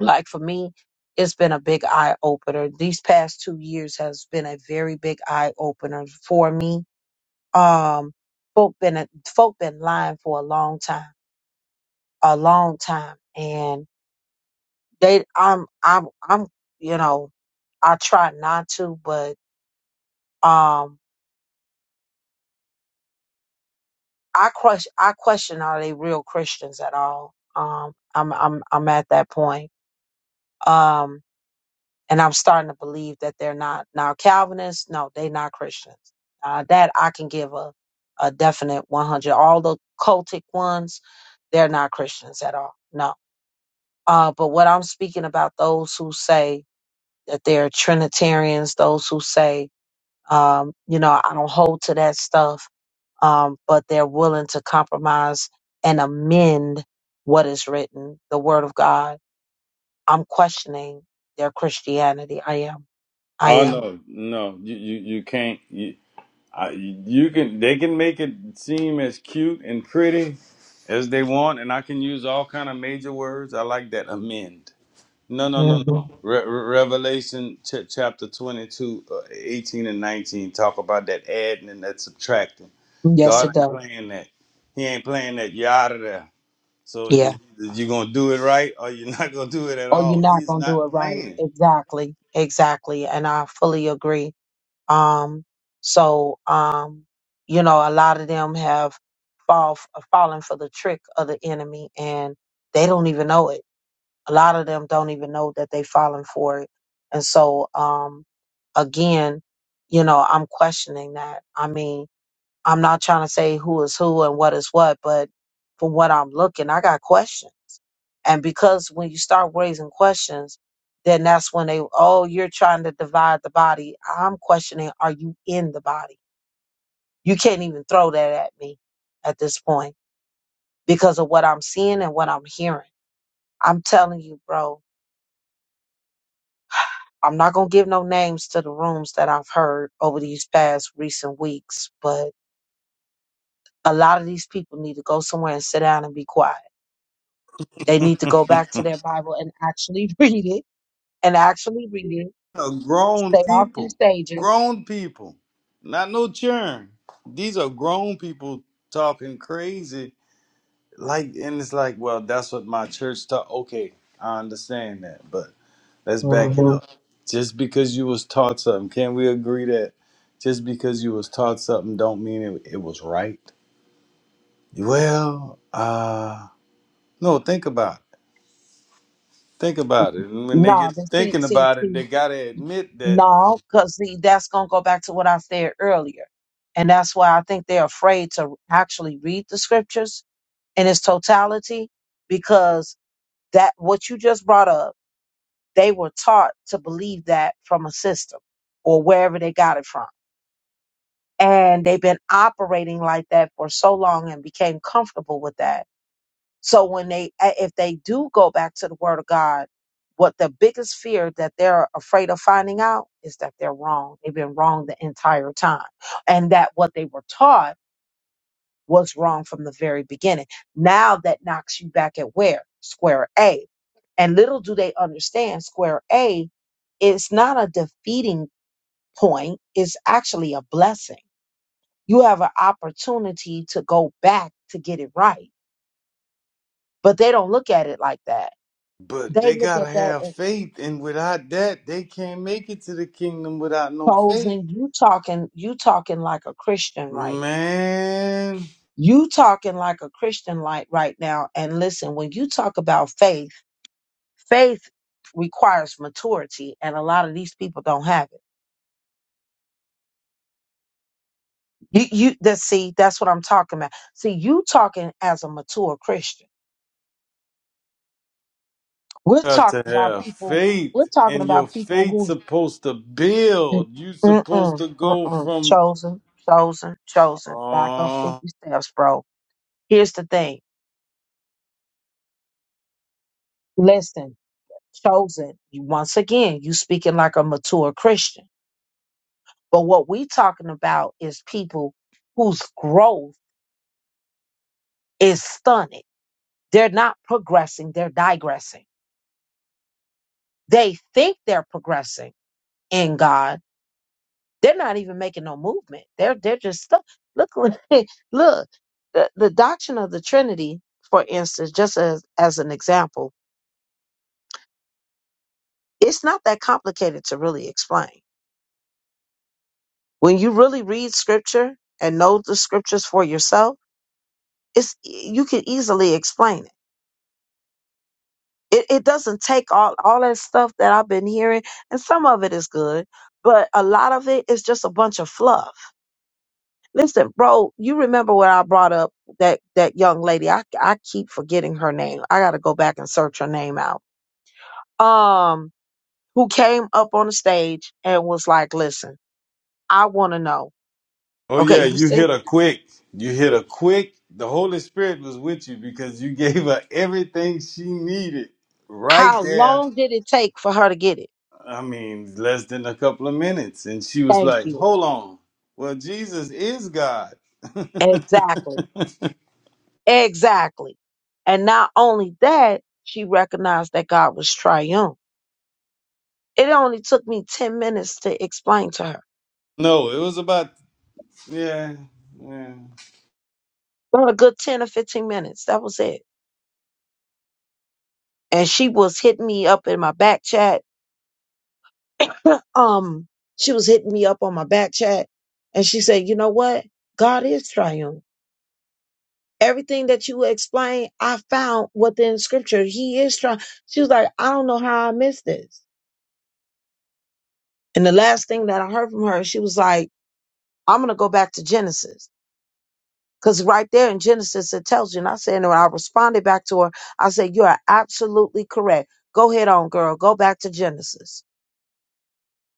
like for me, it's been a big eye opener. These past two years has been a very big eye opener for me. Um, folk been folk been lying for a long time, a long time, and. They I'm I'm I'm you know, I try not to, but um I question I question are they real Christians at all? Um I'm I'm I'm at that point. Um and I'm starting to believe that they're not now Calvinists, no, they not Christians. Uh that I can give a a definite 100 all the cultic ones, they're not Christians at all. No. Uh but what I'm speaking about those who say that they're trinitarians, those who say Um, you know, I don't hold to that stuff, um, but they're willing to compromise and amend what is written, the word of God. I'm questioning their Christianity. I am. I Oh am. no, no, you you, you can't. You, I, you can. They can make it seem as cute and pretty as they want, and I can use all kind of major words. I like that amend. No, no, hmm no, no. Re- Re- Revelation ch- chapter 22, uh, 18 and 19 talk about that adding and that subtracting. Yes, God it ain't does. playing that. He ain't playing that. You're out of there. So Yeah. is, is you going to do it right or you're not going to do it at Oh, you're all. not He's going to not do it right. playing. Exactly. Exactly. And I fully agree. Um, so, um, you know, a lot of them have fall, fallen for the trick of the enemy and they don't even know it a lot of them don't even know that they've fallen for it. And so, um, again, you know, I'm questioning that. I mean, I'm not trying to say who is who and what is what, but from what I'm looking, I got questions. And because when you start raising questions, then that's when they, oh, you're trying to divide the body. I'm questioning, are you in the body? You can't even throw that at me at this point because of what I'm seeing and what I'm hearing. I'm telling you, bro, I'm not gonna give no names to the rooms that I've heard over these past recent weeks, but a lot of these people need to go somewhere and sit down and be quiet. They need to go back to their Bible and actually <laughs> read it and actually read it. Uh, grown Stay off these people. stages. Grown people. Not no churn. These are grown people talking crazy. Like, and it's like, well, that's what my church taught. Okay, I understand that, but Let's back it Mhm. up. Just because you was taught something, can we agree that just because you was taught something don't mean it, it was right? Well, uh no, think about it. Think about it. And when they Nah, get to but see, thinking see, about it, see, they gotta admit that no, because see, that's gonna go back to what I said earlier, and that's why I think they're afraid to actually read the scriptures in its totality because that what you just brought up They were taught to believe that from a system or wherever they got it from. And they've been operating like that for so long and became comfortable with that. So when they, a- if they do go back to the word of God, what the biggest fear that they're afraid of finding out is that they're wrong. They've been wrong the entire time and that what they were taught was wrong from the very beginning. Now that knocks you back at where? Square A. And little do they understand, square A is not a defeating point, it's actually a blessing. You have an opportunity to go back to get it right. But they don't look at it like that. but They they look gotta at that have as faith and without that they can't make it to the kingdom without no faith. posing. You talking, you talking like a Christian right now. Man, You talking like a Christian like right now. And listen, when you talk about faith, Faith requires maturity, and a lot of these people don't have it. You, you that see, that's what I'm talking about. See, you talking as a mature Christian. We're got to talking about have people. We're faith, talking and your about people faith who's supposed to mm, build. You supposed mm-mm, to go mm-mm, from chosen, chosen, chosen. Back up Oh, fifty steps, bro. Here's the thing. Listen, chosen. You once again, you speaking like a mature Christian. But what we talking about is people whose growth is stunted They're not progressing, they're digressing. They think they're progressing in God. They're not even making no movement. They're they're just stuck. Look, <laughs> look, the, the doctrine of the Trinity, for instance, just as, as an example, it's not that complicated to really explain. When you really read scripture and know the scriptures for yourself, it's you can easily explain it it, it doesn't take all all that stuff that I've been hearing, and some of it is good, but a lot of it is just a bunch of fluff. Listen, bro, you remember when I brought up that that young lady? I I keep forgetting her name. I got to go back and search her name out. Um, who came up on the stage and was like, "Listen, I want to know. oh Okay, yeah, you you said hit a quick. You hit a quick. The Holy Spirit was with you because you <laughs> gave her everything she needed right how there. long did it take for her to get it? I mean, less than a couple of minutes, and she was Thank like, you. "Hold on." Well, Jesus is God. <laughs> Exactly. Exactly. And not only that, she recognized that God was triune. It only took me 10 minutes to explain to her. no, it was about yeah, yeah. About a good 10 or 15 minutes. That was it. And she was hitting me up in my back chat. <laughs> um, she was hitting me up on my back chat. And she said, you know what? God is triune. Everything that you explained, I found within scripture. He is trying. She was like, I don't know how I missed this. And the last thing that I heard from her, she was like, I'm going to go back to Genesis. Because right there in Genesis, it tells you. And I said, and I responded back to her. I said, you are absolutely correct. Go ahead on, girl. Go back to Genesis.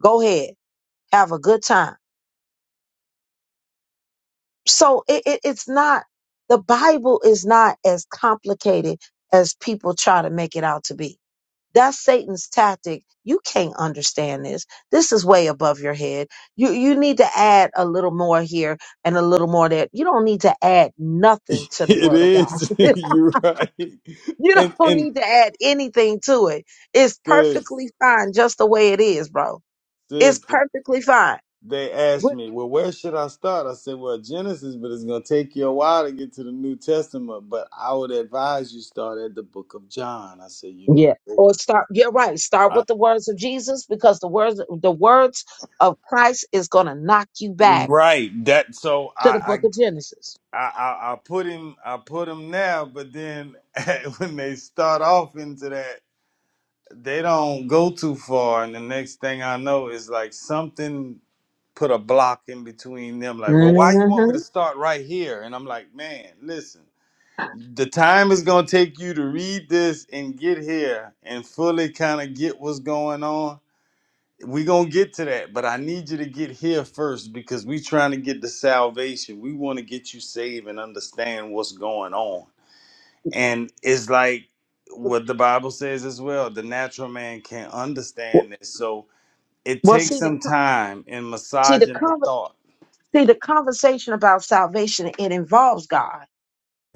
Go ahead. Have a good time. So it, it, it's not, the Bible is not as complicated as people try to make it out to be. That's Satan's tactic. You can't understand this. This is way above your head. You you need to add a little more here and a little more there. You don't need to add nothing to the It word of God is. <laughs> You're right. You And don't and need to add anything to it. It's sis, perfectly fine just the way it is, bro. sis. It's perfectly fine. they asked What- me, well, where should I start? I said, well, Genesis, but it's going to take you a while to get to the New Testament. But I would advise you start at the book of John. I said, you know, Yeah. oh, Or start. Yeah, right. Start I, with the words of Jesus because the words the words of Christ is gonna knock you back right. That so to the Book I of Genesis. I, I I I put him I put him now, but then <laughs> when they start off into that, they don't go too far, and the next thing I know is like something put a block in between them. Like, well, why you want me to hmm start right here? And I'm like, man, listen. the time is gonna take you to read this and get here and fully kind of get what's going on. we gonna get to that, but I need you to get here first because we trying to get to salvation. We want to get you saved and understand what's going on. And it's like what the Bible says as well. The natural man can't understand this. So it Well, takes see the some co- time in see the massaging the conver- thought. see the conversation about salvation. It involves God,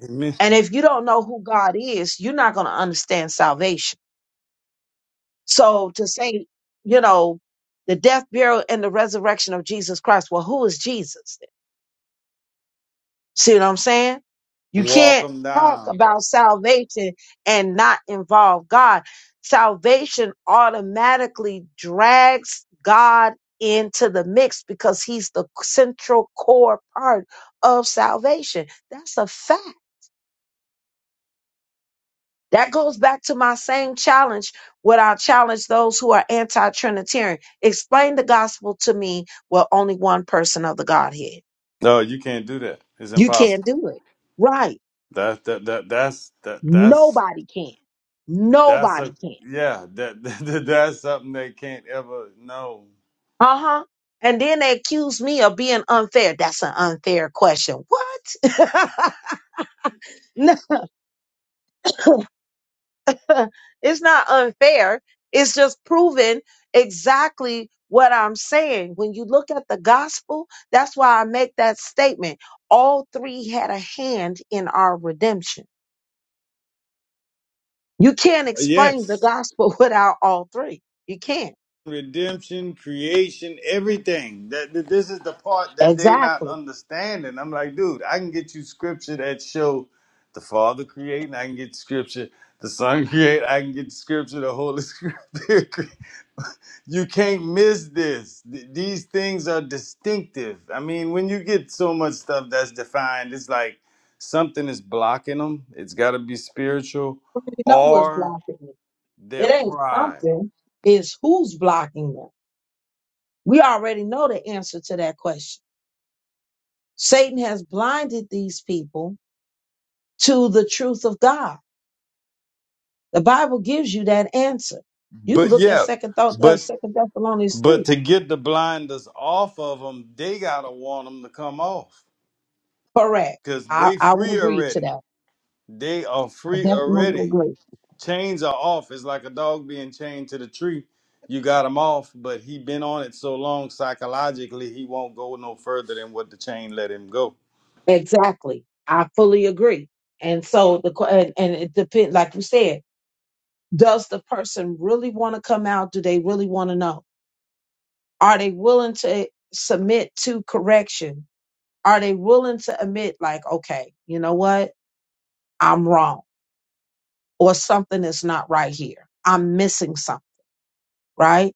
Amen. and if you don't know who God is, you're not gonna understand salvation. So to say, you know, the death, burial, and the resurrection of Jesus Christ, well, who is Jesus? then? See what I'm saying? You Walk can't them talk down. about salvation and not involve God. Salvation automatically drags God into the mix because he's the central core part of salvation. That's a fact. That goes back to my same challenge when I challenge those who are anti Trinitarian. Explain the gospel to me. Well, only one person of the Godhead. No, you can't do that. It's You impossible. can't do it. Right. That that that that's that that's Nobody can. that's Nobody a can. yeah that, <laughs> that's something they can't ever know. Uh huh. And then they accuse me of being unfair. That's an unfair question. What? <laughs> no. <laughs> <laughs> it's not unfair. It's just proving exactly what I'm saying. When you look at the gospel, that's why I make that statement. All three had a hand in our redemption. You can't explain the Yes. gospel <laughs> without all three. You can't. redemption, creation, everything. That, that this is the part that they not Exactly. understanding. I'm like, dude, I can get you scripture that show the Father creating. I can get scripture the Son <laughs> create. I can get scripture the Holy Spirit. <laughs> create. you can't miss this. Th- these things are distinctive. I mean, when you get so much stuff that's defined, it's like something is blocking them. It's got to be spiritual You know what's or blocking them. their It ain't pride. something, it's who's blocking them. We already know the answer to that question. Satan has blinded these people to the truth of God. The Bible gives you that answer. You can But look at yeah, Second Thought, uh, but Second Thessalonians But two. to get the blinders off of them, they gotta want them to come off, Correct. cause I they I would free agree to already. that. They are I free definitely would already. agree. Chains are off. It's like a dog being chained to the tree. You got him off, but he been on it so long psychologically, he won't go no further than what the chain let him go. Exactly. I fully agree. And so the que- and, and it depends, like you said, does the person really want to come out? Do they really want to know? Are they willing to submit to correction? Are they willing to admit, like, okay, you know what, I'm wrong, or something is not right here. I'm missing something, right?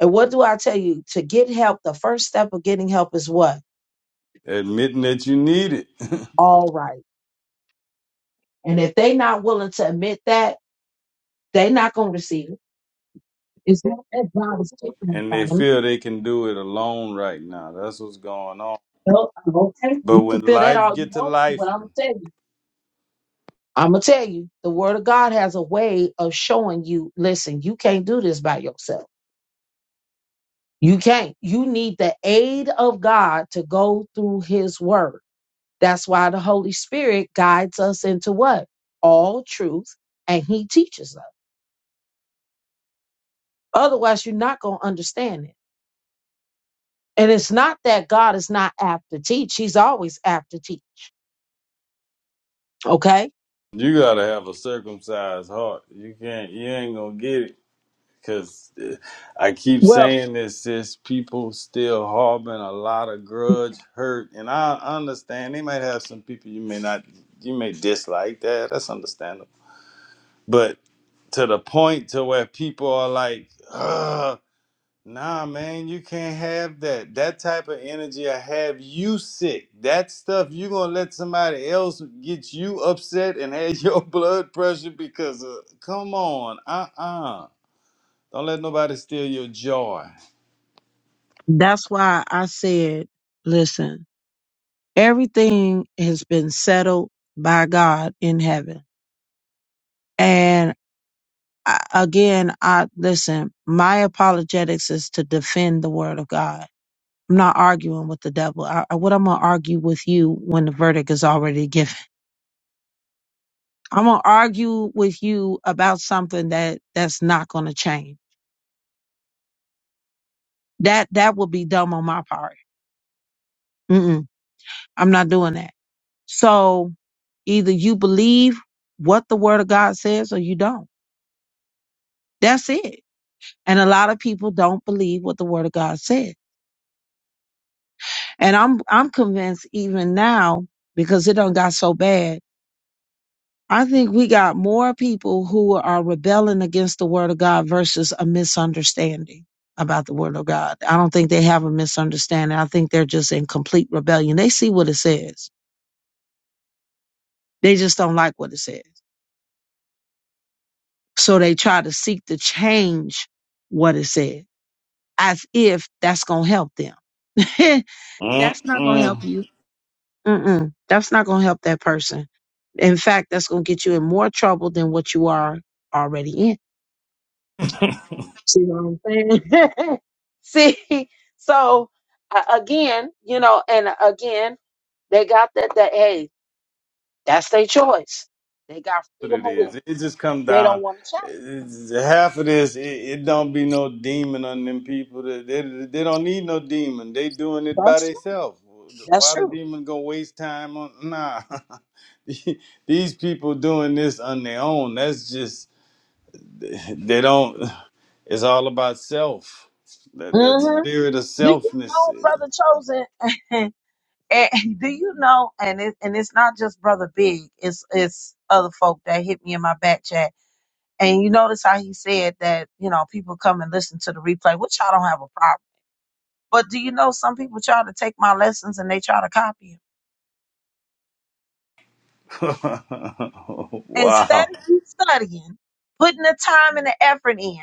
And what do I tell you? To get help, the first step of getting help is what? Admitting that you need it, <laughs> All right. And if they not willing to admit that, they not going to receive it. It's not that God is taking it and from they them. feel they can do it alone right now. That's what's going on. No, I'm okay. But You can when feel that life all you get to want to, but life, I'm going to tell you. I'm going to tell you, the word of God has a way of showing you, listen, you can't do this by yourself. You can't. You need the aid of God to go through his word. That's why the Holy Spirit guides us into what? All truth. And he teaches us. Otherwise, you're not going to understand it. And it's not that God is not apt to teach, He's always apt to teach. Okay? You gotta have a circumcised heart. You can't. You ain't gonna get it. Cause uh, I keep Well, saying this, sis. People still harboring a lot of grudge, hurt, and I understand they might have some people you may not, you may dislike that. That's understandable. But to the point to where people are like, Ugh. Nah, man, you can't have that. That type of energy will have you sick. That stuff you gonna let somebody else get you upset and have your <laughs> blood pressure because of, come on, uh uh do not let nobody steal your joy. that's why I said, listen, everything has been settled by God in heaven. And I, again, I listen, my apologetics is to defend the word of God. I'm not arguing with the devil. I, I- what I'm going to argue with you when the verdict is already given. I'm going to argue with you about something that that's not going to change. That that would be dumb on my part. Mm-mm, I'm not doing that. So either you believe what the word of God says or you don't. That's it. And a lot of people don't believe what the word of God said. And I'm I'm convinced even now because it done got so bad. I think we got more people who are rebelling against the word of God versus a misunderstanding about the word of God. I don't think they have a misunderstanding. I think they're just in complete rebellion. They see what it says They just don't like what it says. So they try to seek to change what it says as if that's going to help them. <laughs> that's not going to help Mm-mm. you. Mm-mm. That's not going to help that person. In fact, that's going to get you in more trouble than what you are already in. See what I'm saying? <laughs> See, so a- again, you know, and again, they got that, that hey, that's their choice. They got what freedom it of is. will. It just come They don't down. want to change. it's- Half of this, it, it don't be no demon on them people. That they, they don't need no demon. They doing it by That's true. themselves. That's Why the true. demon gonna waste time on? Nah, <laughs> these people doing this on their own. That's just they don't. It's all about self. That that hmm spirit of Do you selfness. know, brother Chosen? <laughs> and do you know? And it, and it's not just brother Big. It's it's other folk that hit me in my back chat. And you notice how he said that you know people come and listen to the replay, which I don't have a problem. But do you know some people try to take my lessons and they try to copy them <laughs> instead wow. of you studying, putting the time and the effort in.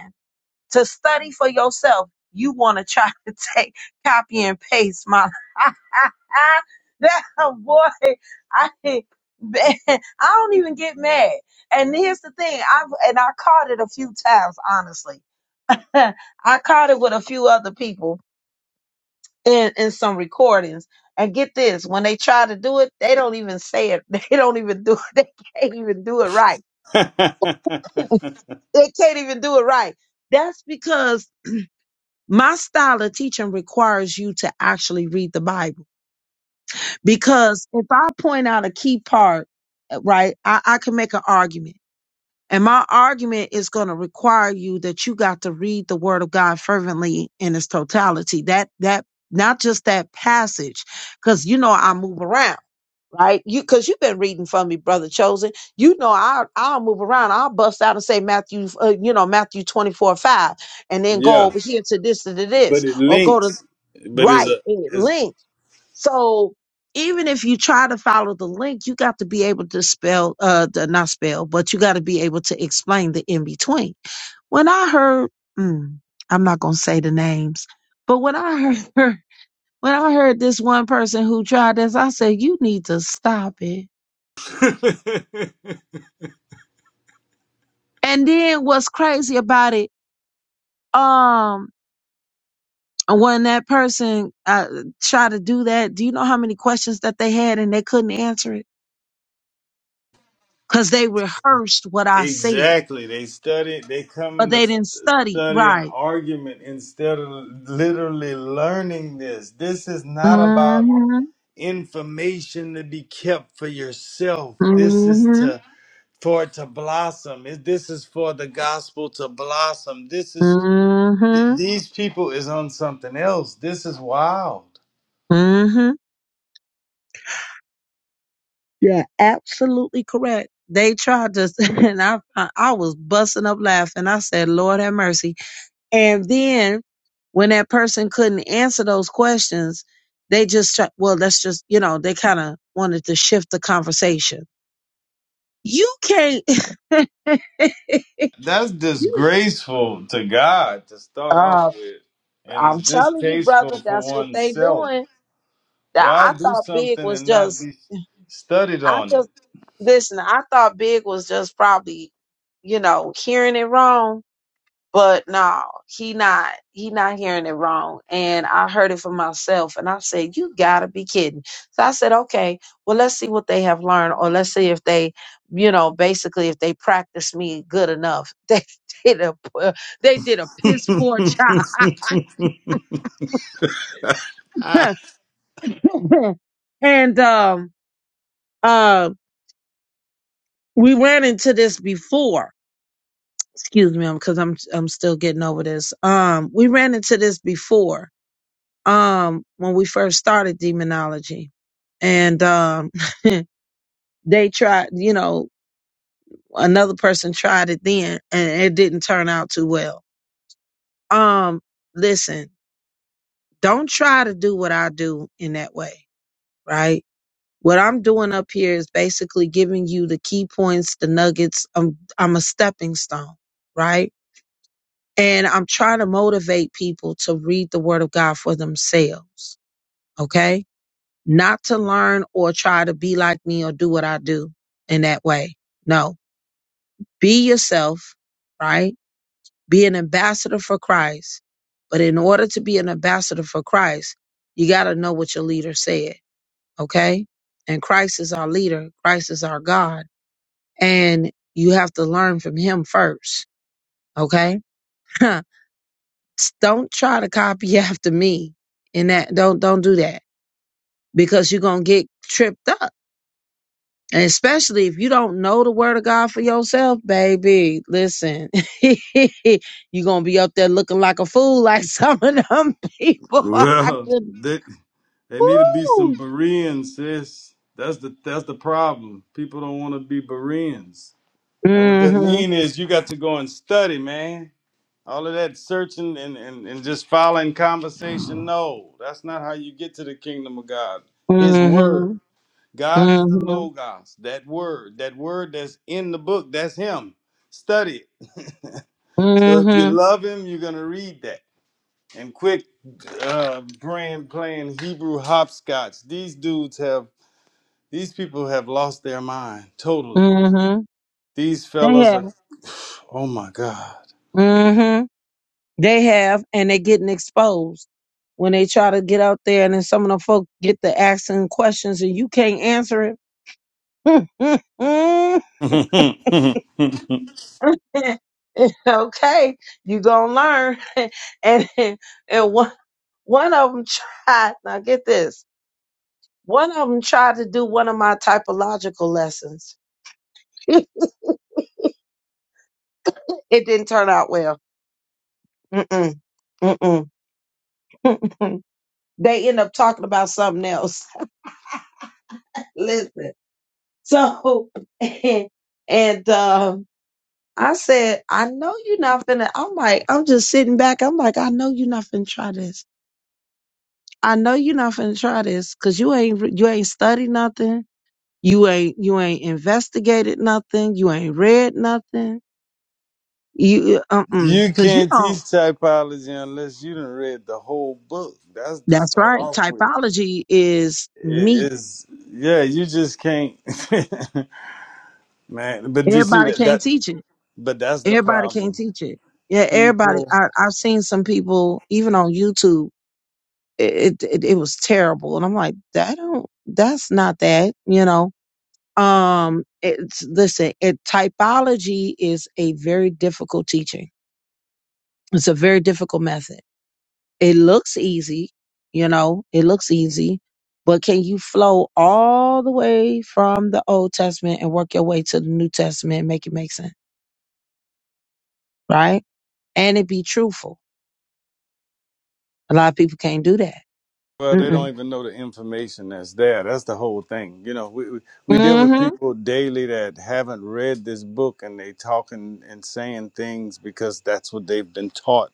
to study for yourself, you want to try <laughs> to take copy and paste my <laughs> that boy. I man, <laughs> I don't even get mad. And here's the thing, I've and I caught it a few times, honestly. <laughs> I caught it with a few other people in, in some recordings. And get this, when they try to do it, they don't even say it. <laughs> They don't even do it. They can't even do it right. <laughs> They can't even do it right. That's because My style of teaching requires you to actually read the Bible because if I point out a key part, uh, right, I, I can make an argument. And my argument is going to require you that you got to read the word of God fervently in its totality. That, that, not just that passage, because you know I move around, right? You, because you've been reading for me, brother chosen. You know I, I'll move around. I'll bust out and say Matthew, uh, you know Matthew twenty four five, and then go yeah, over here to this to but this, it or go to links. But it's Right. a And it it's links. So even if you try to follow the link, you got to be able to spell, uh, the, not spell, but you got to be able to explain the in between. When I heard, mm, I'm not going to say the names, but when I heard, <laughs> when I heard this one person who tried this, I said, you need to stop it. <laughs> And then what's crazy about it, um, when that person uh, tried to do that, do you know how many questions that they had and they couldn't answer it? because they rehearsed what I said, exactly. They study. They but coming to they didn't study study an right. argument instead of literally learning this. This is not about Mm-hmm, information to be kept for yourself. This is mm-hmm, to for it to blossom. It- This is for the gospel to blossom. This is th- mm-hmm, these people is on something else. This is wild. mm-hmm. You're absolutely correct. They tried to, <laughs> and I, I was busting up laughing. I said, Lord have mercy. And then when that person couldn't answer those questions, they just, try, well, let's just, you know, they kind of wanted to shift the conversation. You can't, <laughs> That's you, disgraceful to God to start off uh, with, and it's I'm telling you, distasteful brother, for that's what they oneself. doing That Why I do thought big something was and not just be studied I on it? just listen, I thought big was just probably, you know, hearing it wrong. But no, he not he not hearing it wrong. And I heard it for myself and I said, You gotta be kidding. So I said, Okay, well let's see what they have learned or let's see if they you know, basically if they practice me good enough. <laughs> They did a p- they did a piss poor job. <laughs> and um uh we ran into this before excuse me because i'm i'm still getting over this um we ran into this before um when we first started demonology and um <laughs> they tried you know another person tried it then and it didn't turn out too well um listen don't try to do what i do in that way right what i'm doing up here is basically giving you the key points the nuggets i'm i'm a stepping stone right And I'm trying to motivate people to read the word of God for themselves. Okay. Not to learn or try to be like me or do what I do in that way. No, be yourself, right? Be an ambassador for Christ. But in order to be an ambassador for Christ, you got to know what your leader said. Okay. And Christ is our leader. Christ is our God. And you have to learn from him first. Okay. <laughs> S- Don't try to copy after me in that. Don't don't do that because you're gonna get tripped up. And especially if you don't know the word of God for yourself, baby, listen, <laughs> you're gonna be up there looking like a fool, like <laughs> some of them <laughs> people. I Well, could they, they need to be some do. Bereans, sis. That's the that's the problem. People don't want to be Bereans. And what that Mm-hmm. mean is you got to go and study, man. All of that searching and, and, and just following conversation. No, that's not how you get to the kingdom of God. His word. Mm-hmm. God is the Mm-hmm. Logos, that word, that word that's in the book, that's Him. Study it. So if you Mm-hmm. love Him, you're going to read that. And quick uh, brand playing Hebrew hopscotch. These dudes have, these people have lost their mind totally. Mm-hmm. These They fellas have. are, oh my God. Mm-hmm. They have, and they're getting exposed. when they try to get out there and then some of the folk get to asking questions and you can't answer it. <laughs> <laughs> okay, you gonna learn. <laughs> and and one one of them tried. Now get this. One of them tried to do one of my typological lessons. <laughs> it didn't turn out well. Mm-mm, mm-mm. <laughs> They end up talking about something else. <laughs> Listen. So <laughs> and, and um I said, I know you're not finna. I'm like, I'm just sitting back. I'm like, I know you're not finna try this. I know you're not finna try this because you ain't re- you ain't studied nothing. You ain't you ain't investigated nothing. You ain't read nothing. You uh uh you because you can't teach don't. typology unless you done read the whole book. That's to That's start right. off with. Typology is me. It is, yeah, you just can't. <laughs> Man, but you see Everybody that can't that teach it. but that's the Everybody can't problem. teach it. Yeah, everybody. People, I, I've seen some people even on YouTube it, it it was terrible and i'm like that don't that's not that you know um it's listen it typology is a very difficult teaching it's a very difficult method it looks easy you know it looks easy but can you flow all the way from the old testament and work your way to the new testament and make it make sense right and it be truthful a lot of people can't do that well, they don't Mm-mm. even know the information that's there. That's the whole thing. You know, we we we deal with mm-hmm people daily that haven't read this book and they talking and saying things because that's what they've been taught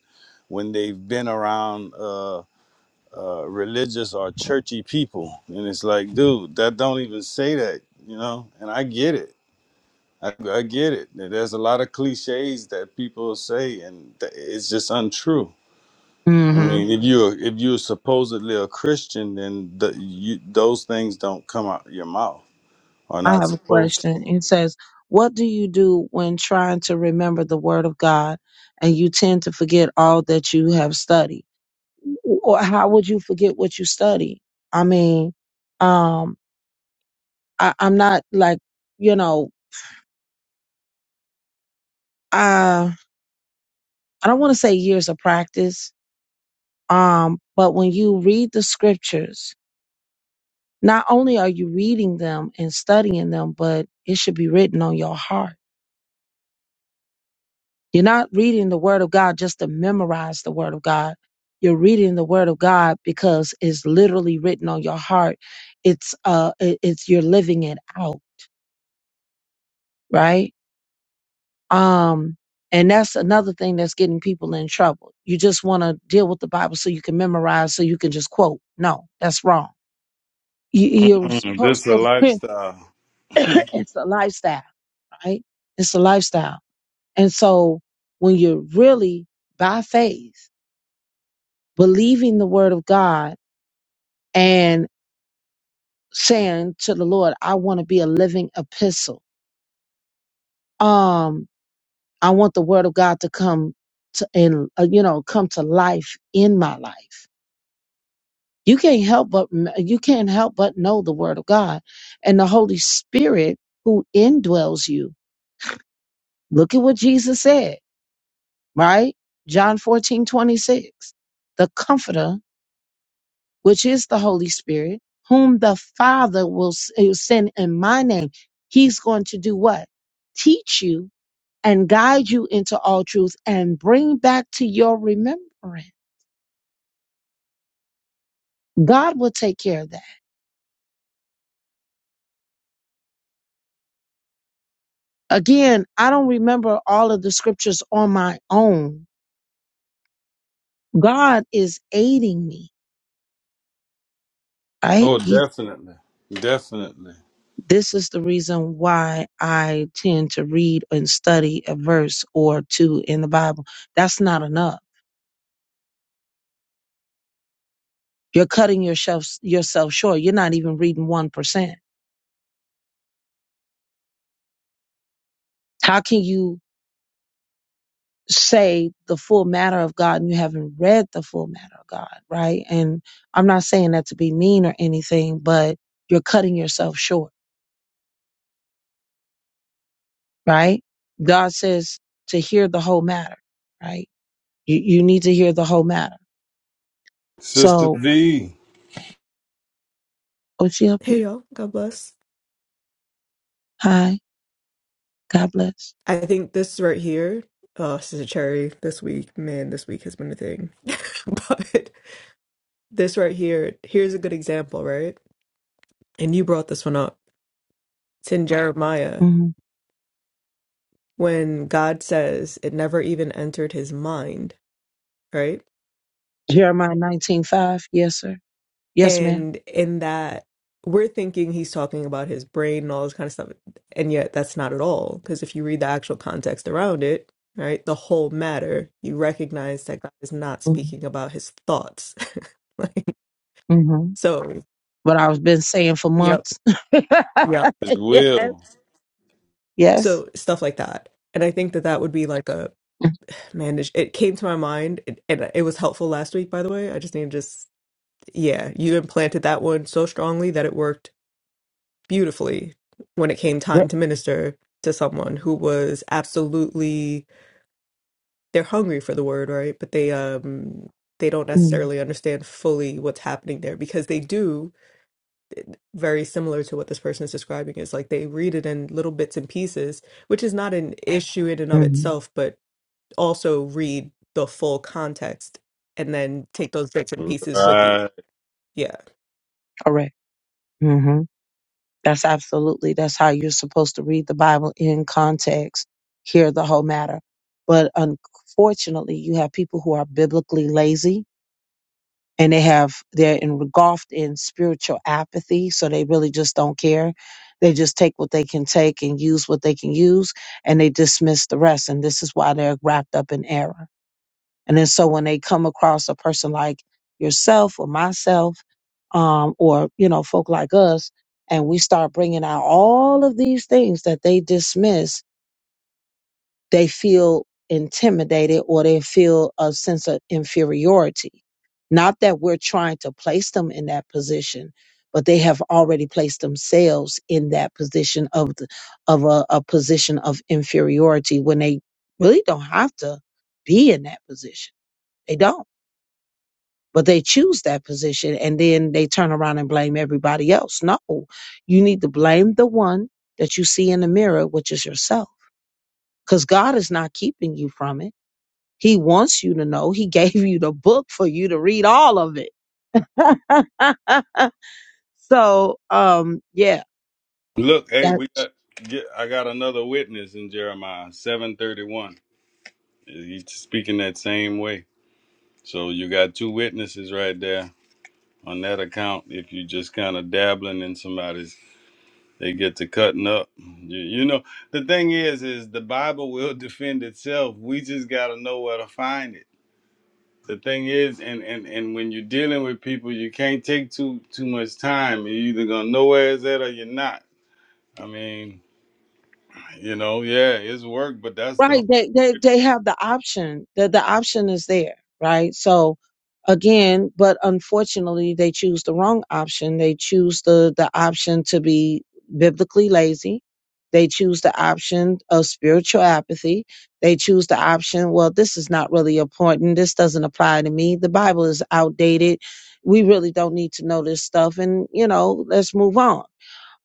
when they've been around uh, uh, religious or churchy people, and it's like, dude, that don't even say that. You know, and I get it. I, I get it. There's a lot of cliches that people say, and th- it's just untrue I Mm. Mm-hmm. mean, if you're if you're supposedly a Christian, then the, you, those things don't come out your mouth. Are I not have a supposed. To. question. It says, What do you do when trying to remember the Word of God and you tend to forget all that you have studied? Or how would you forget what you study? I mean, um, I, I'm not like, you know, I, I don't want to say years of practice, um, but when you read the scriptures, not only are you reading them and studying them, but it should be written on your heart You're not reading the Word of God just to memorize the Word of God. You're reading the Word of God because it's literally written on your heart. It's uh, it- it's you're living it out, right? Um, and that's another thing that's getting people in trouble. You just want to deal with the Bible so you can memorize, so you can just quote. No, that's wrong. You, you're Mm-mm, this supposed is a to. <laughs> lifestyle. <coughs> <laughs> it's a lifestyle, right? It's a lifestyle, and so when you're really by faith believing the word of God and saying to the Lord, I want to be a living epistle. Um, I want the word of God to come to and uh, you know come to life in my life. You can't help but you can't help but know the word of God and the Holy Spirit who indwells you. Look at what Jesus said, right? John 14 26, The comforter which is the Holy Spirit, whom the Father will s- uh, send in my name. He's going to do what? Teach you and guide you into all truth and bring back to your remembrance. God will take care of that. Again, I don't remember all of the scriptures on my own. God is aiding me, right? Oh, He, definitely, definitely. this is the reason why I tend to read and study a verse or two in the Bible. That's not enough You're cutting yourself yourself short. You're not even reading one percent. How can you say the full matter of God and you haven't read the full matter of God, right? And I'm not saying that to be mean or anything, but you're cutting yourself short, right? God says to hear the whole matter, right? You you need to hear the whole matter. Sister So, V oh, she up here. Hey y'all, God bless. Hi, God bless. I think this right here, uh, Sister Cherry, this week, man, this week has been a thing. <laughs> But this right here, here's a good example, right? And you brought this one up. It's in Jeremiah hmm when God says it never even entered his mind, right? Jeremiah 19:5. Yes, sir. Yes, madam and in that we're thinking he's talking about his brain and all this kind of stuff and yet that's not at all because if you read the actual context around it right the whole matter you recognize that god is not Mm-hmm. speaking about his thoughts <laughs> like Mm-hmm. so What I was been saying for yep months. yep is <laughs> yeah. will. Yes. so stuff like that and i think that that would be like a man it it came to my mind it, and it was helpful last week by the way i just need to just yeah you implanted that one so strongly that it worked beautifully when it came Right. time to minister to someone who was absolutely they're hungry for the word right but they um they don't necessarily understand fully what's happening there because they do very similar to what this person is describing is like they read it in little bits and pieces which is not an issue in and of Mm-hmm. itself but also read the full context and then take those bits and pieces with you Right. Yeah. Correct. hmm That's absolutely that's how you're supposed to read the Bible in context, hear the whole matter. But unfortunately, you have people who are biblically lazy and they have they're engulfed in spiritual apathy, so they really just don't care. They just take what they can take and use what they can use, and they dismiss the rest. And this is why they're wrapped up in error. And then so when they come across a person like yourself or myself, um, or, you know, folk like us, and we start bringing out all of these things that they dismiss, they feel intimidated or they feel a sense of inferiority. Not that we're trying to place them in that position, but they have already placed themselves in that position of the, of a, a position of inferiority when they really don't have to be in that position. They don't but they choose that position and then they turn around and blame everybody else. No, you need to blame the one that you see in the mirror, which is yourself, because God is not keeping you from it. He wants you to know. He <laughs> gave you the book for you to read all of it. <laughs> so, um, yeah, Look, hey, we got. Get, I got another witness in Jeremiah seven thirty one. He's speaking that same way. So you got two witnesses right there on that account. If you're just kind of dabbling in somebody's They get to cutting up. You, you know, the thing is, is the Bible will <laughs> defend itself. We just got to know where to find it. The thing is, and, and, and when you're dealing with people, you can't take too too much time. You're either gonna know where it's at or you're not. I mean, you know, yeah, it's work, but that's the whole. right they they they have the option the the option is there right so again but unfortunately they choose the wrong option they choose the the option to be biblically lazy they choose the option of spiritual apathy they choose the option well this is not really important this doesn't apply to me the bible is outdated we really don't need to know this stuff and you know let's move on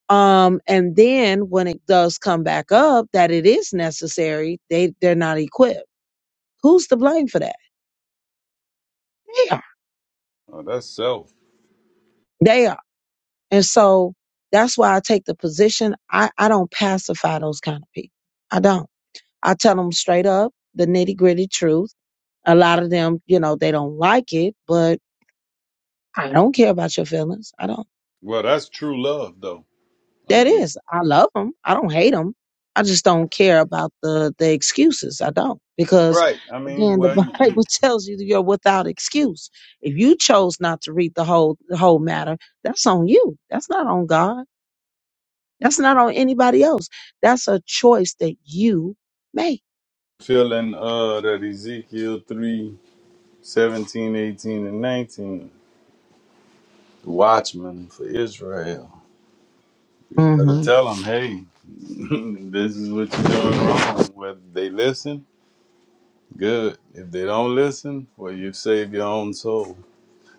um and then when it does come back up that it is necessary they they're not equipped who's to blame for that they are Oh, that's self. they are and so that's why i take the position i i don't pacify those kind of people i don't i tell them straight up the nitty gritty truth a lot of them you know they don't like it but i don't care about your feelings i don't Well, that's true love, though. I That mean, is, I love them. I don't hate them. I just don't care about the the excuses. I don't because right? I mean, again, the well, you, <laughs> you Bible tells you that you're without excuse. If you chose not to read the whole the whole matter, that's on you. That's not on God. That's not on anybody else. That's a choice that you make. feeling uh that Ezekiel 3 17, 18, and nineteen. watchman for Israel. Gotta Mm-hmm. tell them, hey, <laughs> this is what you're doing wrong. Whether they listen, good. If they don't listen, well, you've saved your own soul.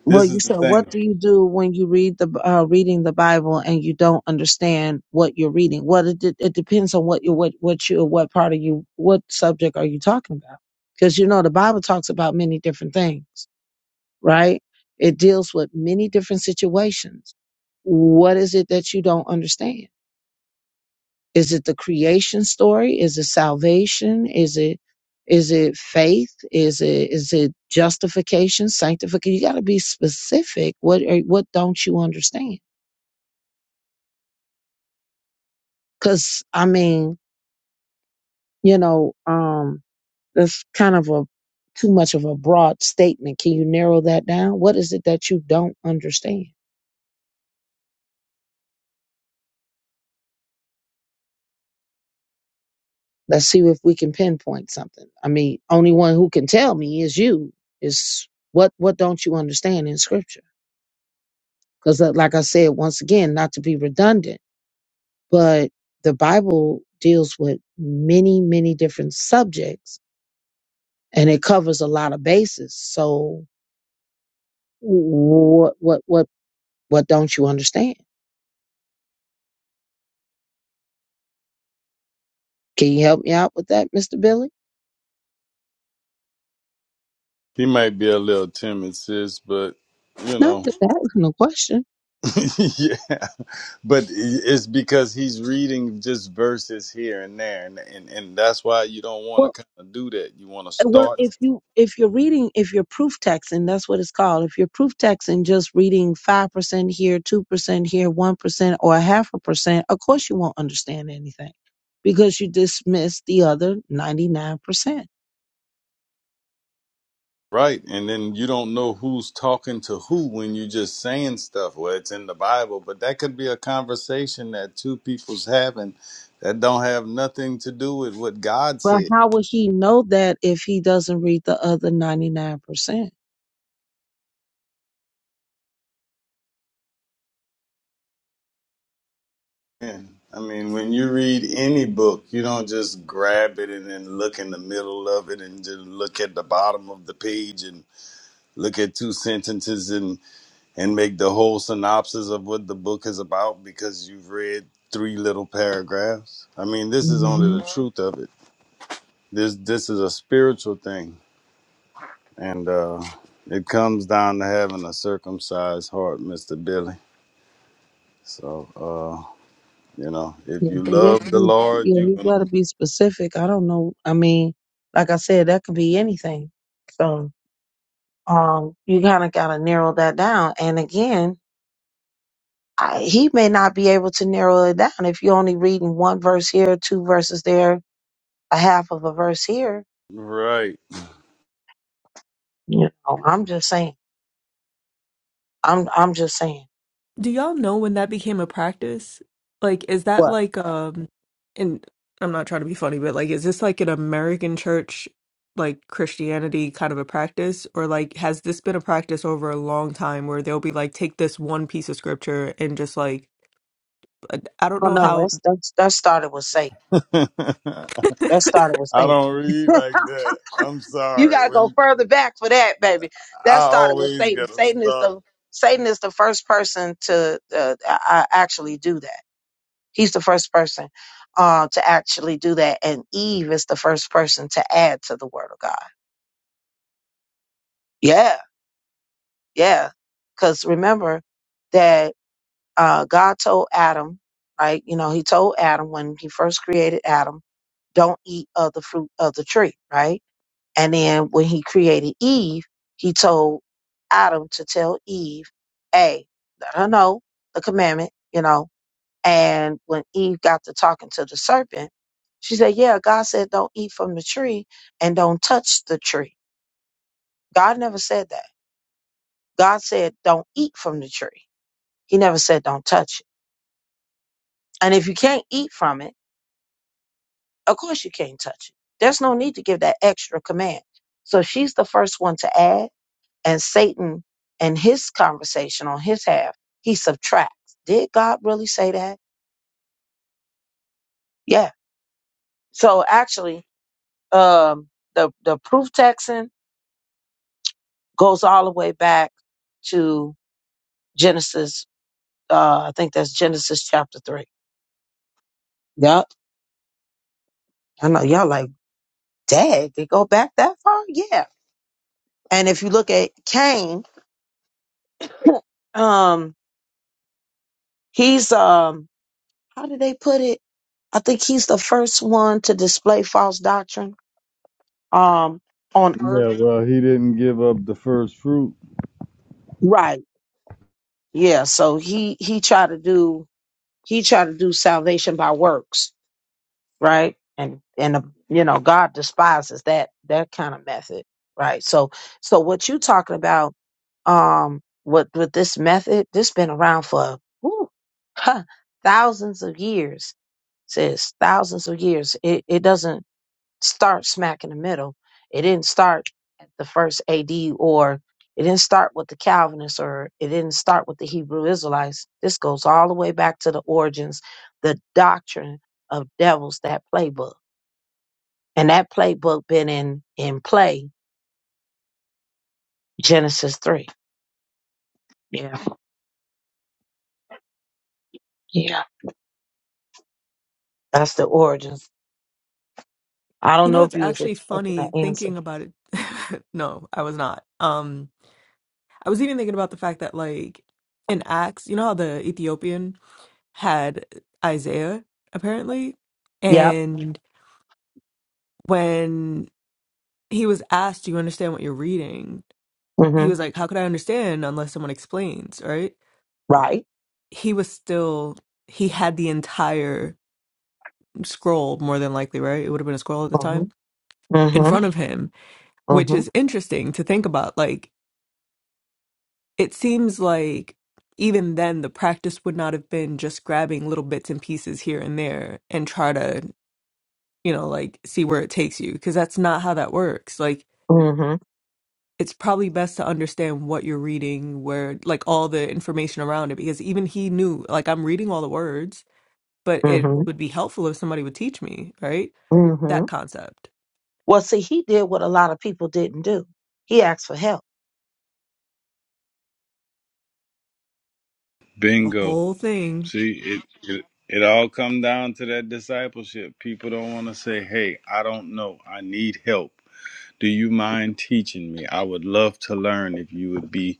Well, This is you the said, thing. what do you do when you read the uh, reading the Bible and you don't understand what you're reading? Well, it, de- it depends on what you what what you what part of you what subject are you talking about? Because you know the Bible talks about many different things, right? It deals with many different situations. What is it that you don't understand? Is it the creation story? Is it salvation? Is it is it faith? Is it is it justification, sanctification? You got to be specific. What are, what don't you understand? Because I mean, you know, um, that's kind of a too much of a broad statement. Can you narrow that down? What is it that you don't understand? Let's see if we can pinpoint something. I mean, only one who can tell me is you. Is what what don't you understand in scripture? Because, like I said, once again, not to be redundant, but the Bible deals with many, many different subjects, and it covers a lot of bases. So, what, what, what, what don't you understand? Can you help me out with that, Mister Billy? He might be a little timid, sis, but you No, know, that wasn't a question. <laughs> yeah. But it's because he's reading just verses here and there, and and, and that's why you don't want to kind of do that. You want to Uh, well start. if you if you're reading if you're proof texting that's what it's called if you're proof texting just reading 5% here 2% here 1% or a half a percent of course you won't understand anything because you dismiss the other 99% Right. And then you don't know who's talking to who when you're just saying stuff. Well, it's in the Bible, but that could be a conversation that two people's having that don't have nothing to do with what God But said. how would he know that if he doesn't read the other 99%? And, I mean, when you read any book, you don't just grab it and then look in the middle of it and just look at the bottom of the page and look at two sentences and, and make the whole synopsis of what the book is about because you've read three little paragraphs. I mean, this is only hmm the truth of it. This this is a spiritual thing, and uh, it comes down to having a circumcised heart, Mister Billy. So uh, you know, if Yeah, you but he has to love the be, Lord, yeah, you're you gonna gotta be specific. I don't know. I mean, like I said, that could be anything. So, um, you kind of gotta narrow that down. And again, I, he may not be able to narrow it down if you're only reading one verse here, two verses there, a half of a verse here. right. You know, I'm just saying. I'm I'm just saying. Do y'all know when that became a practice? Like, is that What? like um and I'm not trying to be funny, but like is this like an American church like Christianity kind of a practice? Or like has this been a practice over a long time where they'll be like take this one piece of scripture and just like I I don't Oh know no, no, how that's that's that started with Satan. <laughs> I That's Satan. don't read like that. I'm You sorry. gotta go When first for that, baby. I That started with always Satan. gotta Satan is start. the Satan is the first person to uh, uh, actually do that. He's the first person uh, to actually do that, and Eve is the first person to add to the Word of God. Yeah, yeah. Because remember, that. uh, God told Adam, right? You know, he told Adam when he first created Adam, don't eat of the fruit of the tree, right? And then when he created Eve, he told Adam to tell Eve, hey, let her know the commandment, you know. And when Eve got to talking to the serpent, she said, yeah, God said don't eat from the tree and don't touch the tree. God never said that. God said don't eat from the tree. He never said don't touch it. And if you can't eat from it, Of course you can't touch it. There's no need to give that extra command. So she's the first one to add, and Satan and his conversation on his half, he subtracts. Did God really say that? Yeah. So actually, um, the the proof texting goes all the way back to Genesis. Uh, I think that's Genesis chapter three. Yup. I know y'all like, dad, they go back that far? Yeah. And if you look at Cain, um, he's um, how do they put it? I think he's the first one to display false doctrine um on earth. Yeah, well, he didn't give up the first fruit. Right. Yeah. So he he tried to do he tried to do salvation by works, right? And and uh, you know God despises that that kind of method, right? So so what you talking about um with with this method? This been around for ooh, huh, <laughs> thousands of years. Says thousands of years. It it doesn't start smack in the middle. It didn't start at the first AD or it didn't start with the Calvinists or it didn't start with the Hebrew Israelites. This goes all the way back to the origins, the doctrine of devils, that playbook. And that playbook been in in play Genesis 3. Yeah. Yeah. That's the origins. I you don't know, know if it's you was actually expecting that funny answer. thinking about it. <laughs> No, I was not. Um I was even thinking about the fact that like in Acts, you know how the Ethiopian had Isaiah, apparently. Yep. And when he was asked, Do you understand what you're reading? He was like, How could I understand unless someone explains, right? Right. He was still, he had the entire scroll, more than likely, right? It would have been a scroll at the Mhm. time in Mhm. front of him, which Mhm. is interesting to think about. Like, it seems like even then the practice would not have been just grabbing little bits and pieces here and there and try to you know, like see where it takes you because that's not how that works. Like it's probably best to understand what you're reading, where like all the information around it because even he knew like I'm reading all the words, but it Mhm. would be helpful if somebody would teach me, right? That Mhm. concept. Well, see, he did what a lot of people didn't do. He asked for help The Bingo. whole thing See, it it, it all come down to that discipleship. People don't want to say, "Hey, I don't know. I need help." Do you mind teaching me? I would love to learn if you would be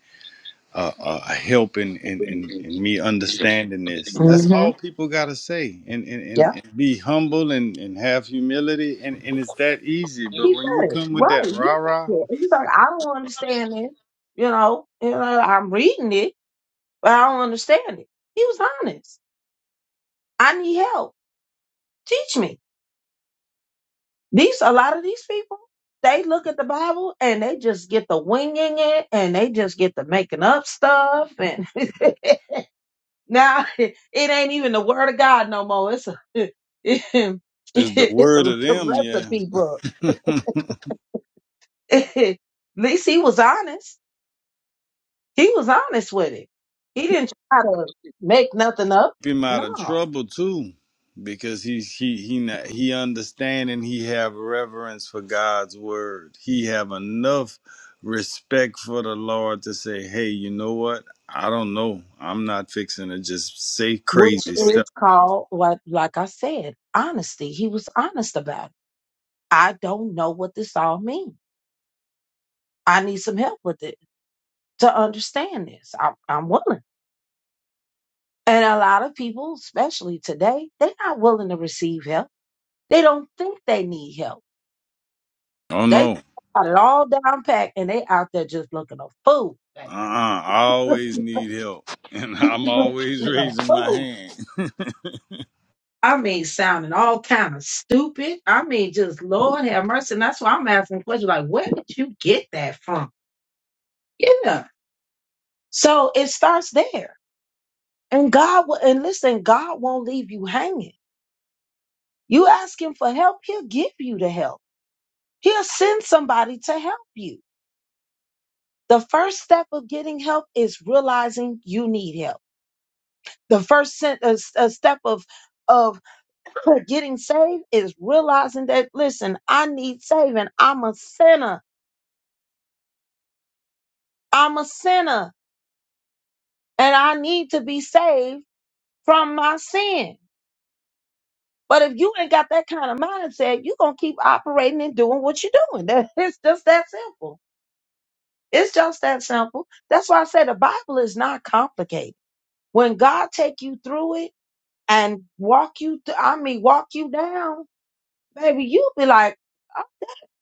uh, uh, a help in, in, in, in me understanding this. That's hmm all people got to say and, and, and, and be humble and, and have humility. And, and it's that easy. But He when you said it come with right. that He rah rah, said it. He's like, I don't understand this. You know, you know, I'm reading it, but I don't understand it. He was honest. I need help. Teach me. These a lot of these people, they look at the Bible and they just get the winging it, and they just get the making up stuff. And <laughs> now it ain't even the word of God no more. It's a <laughs> it's the it's word of a them, yeah. recipe book. <laughs> <laughs> At least he was honest He was honest with it. He didn't try to make nothing up. him out of No, trouble too, because he's he he not, he understand and he have reverence for God's word. He have enough respect for the Lord to say, "Hey, you know what? I don't know. I'm not fixing to just say which crazy is stuff. called what, like I said, honesty. He was honest about it. I don't know what this all means. I need some help with it to understand this. I'm, I'm willing. And a lot of people, especially today, they're not willing to receive help. They don't think they need help. Oh They no, got it all down packed and they out there just looking a fool. uh-uh. Like, I always need help, <laughs> and <laughs> I'm looking always a raising my fool hand." <laughs> I mean, sounding all kind of stupid. I mean, just Lord have mercy. And that's why I'm asking questions like, where did you get that from? Yeah. So it starts there. And God will, and listen, God won't leave you hanging. You ask Him for help, He'll give you the help. He'll send somebody to help you. The first step of getting help is realizing you need help. The first sen- uh, s- uh, step of of <clears throat> getting saved is realizing that listen, I need saving. I'm a sinner. I'm a sinner and I need to be saved from my sin. But if you ain't got that kind of mindset, you're going to keep operating and doing what you're doing. That, <laughs> it's just that simple. It's just that simple. That's why I say the Bible is not complicated. When God take you through it and walk you, th- I mean, walk you down, baby, you'll be like, I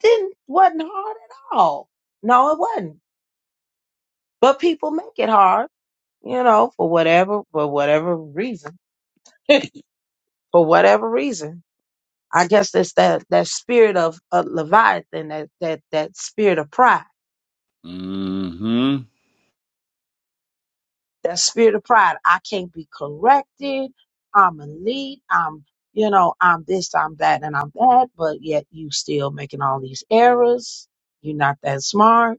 didn't, wasn't hard at all. No, it wasn't. But people make it hard, you know, for whatever, for whatever reason, for whatever reason I guess that's that that spirit of, of Leviathan, that that that spirit of pride, hmm that spirit of pride. I can't be corrected. I'm elite. I'm you know I'm this, I'm that, and I'm that. But yet you still making all these errors. You're not that smart.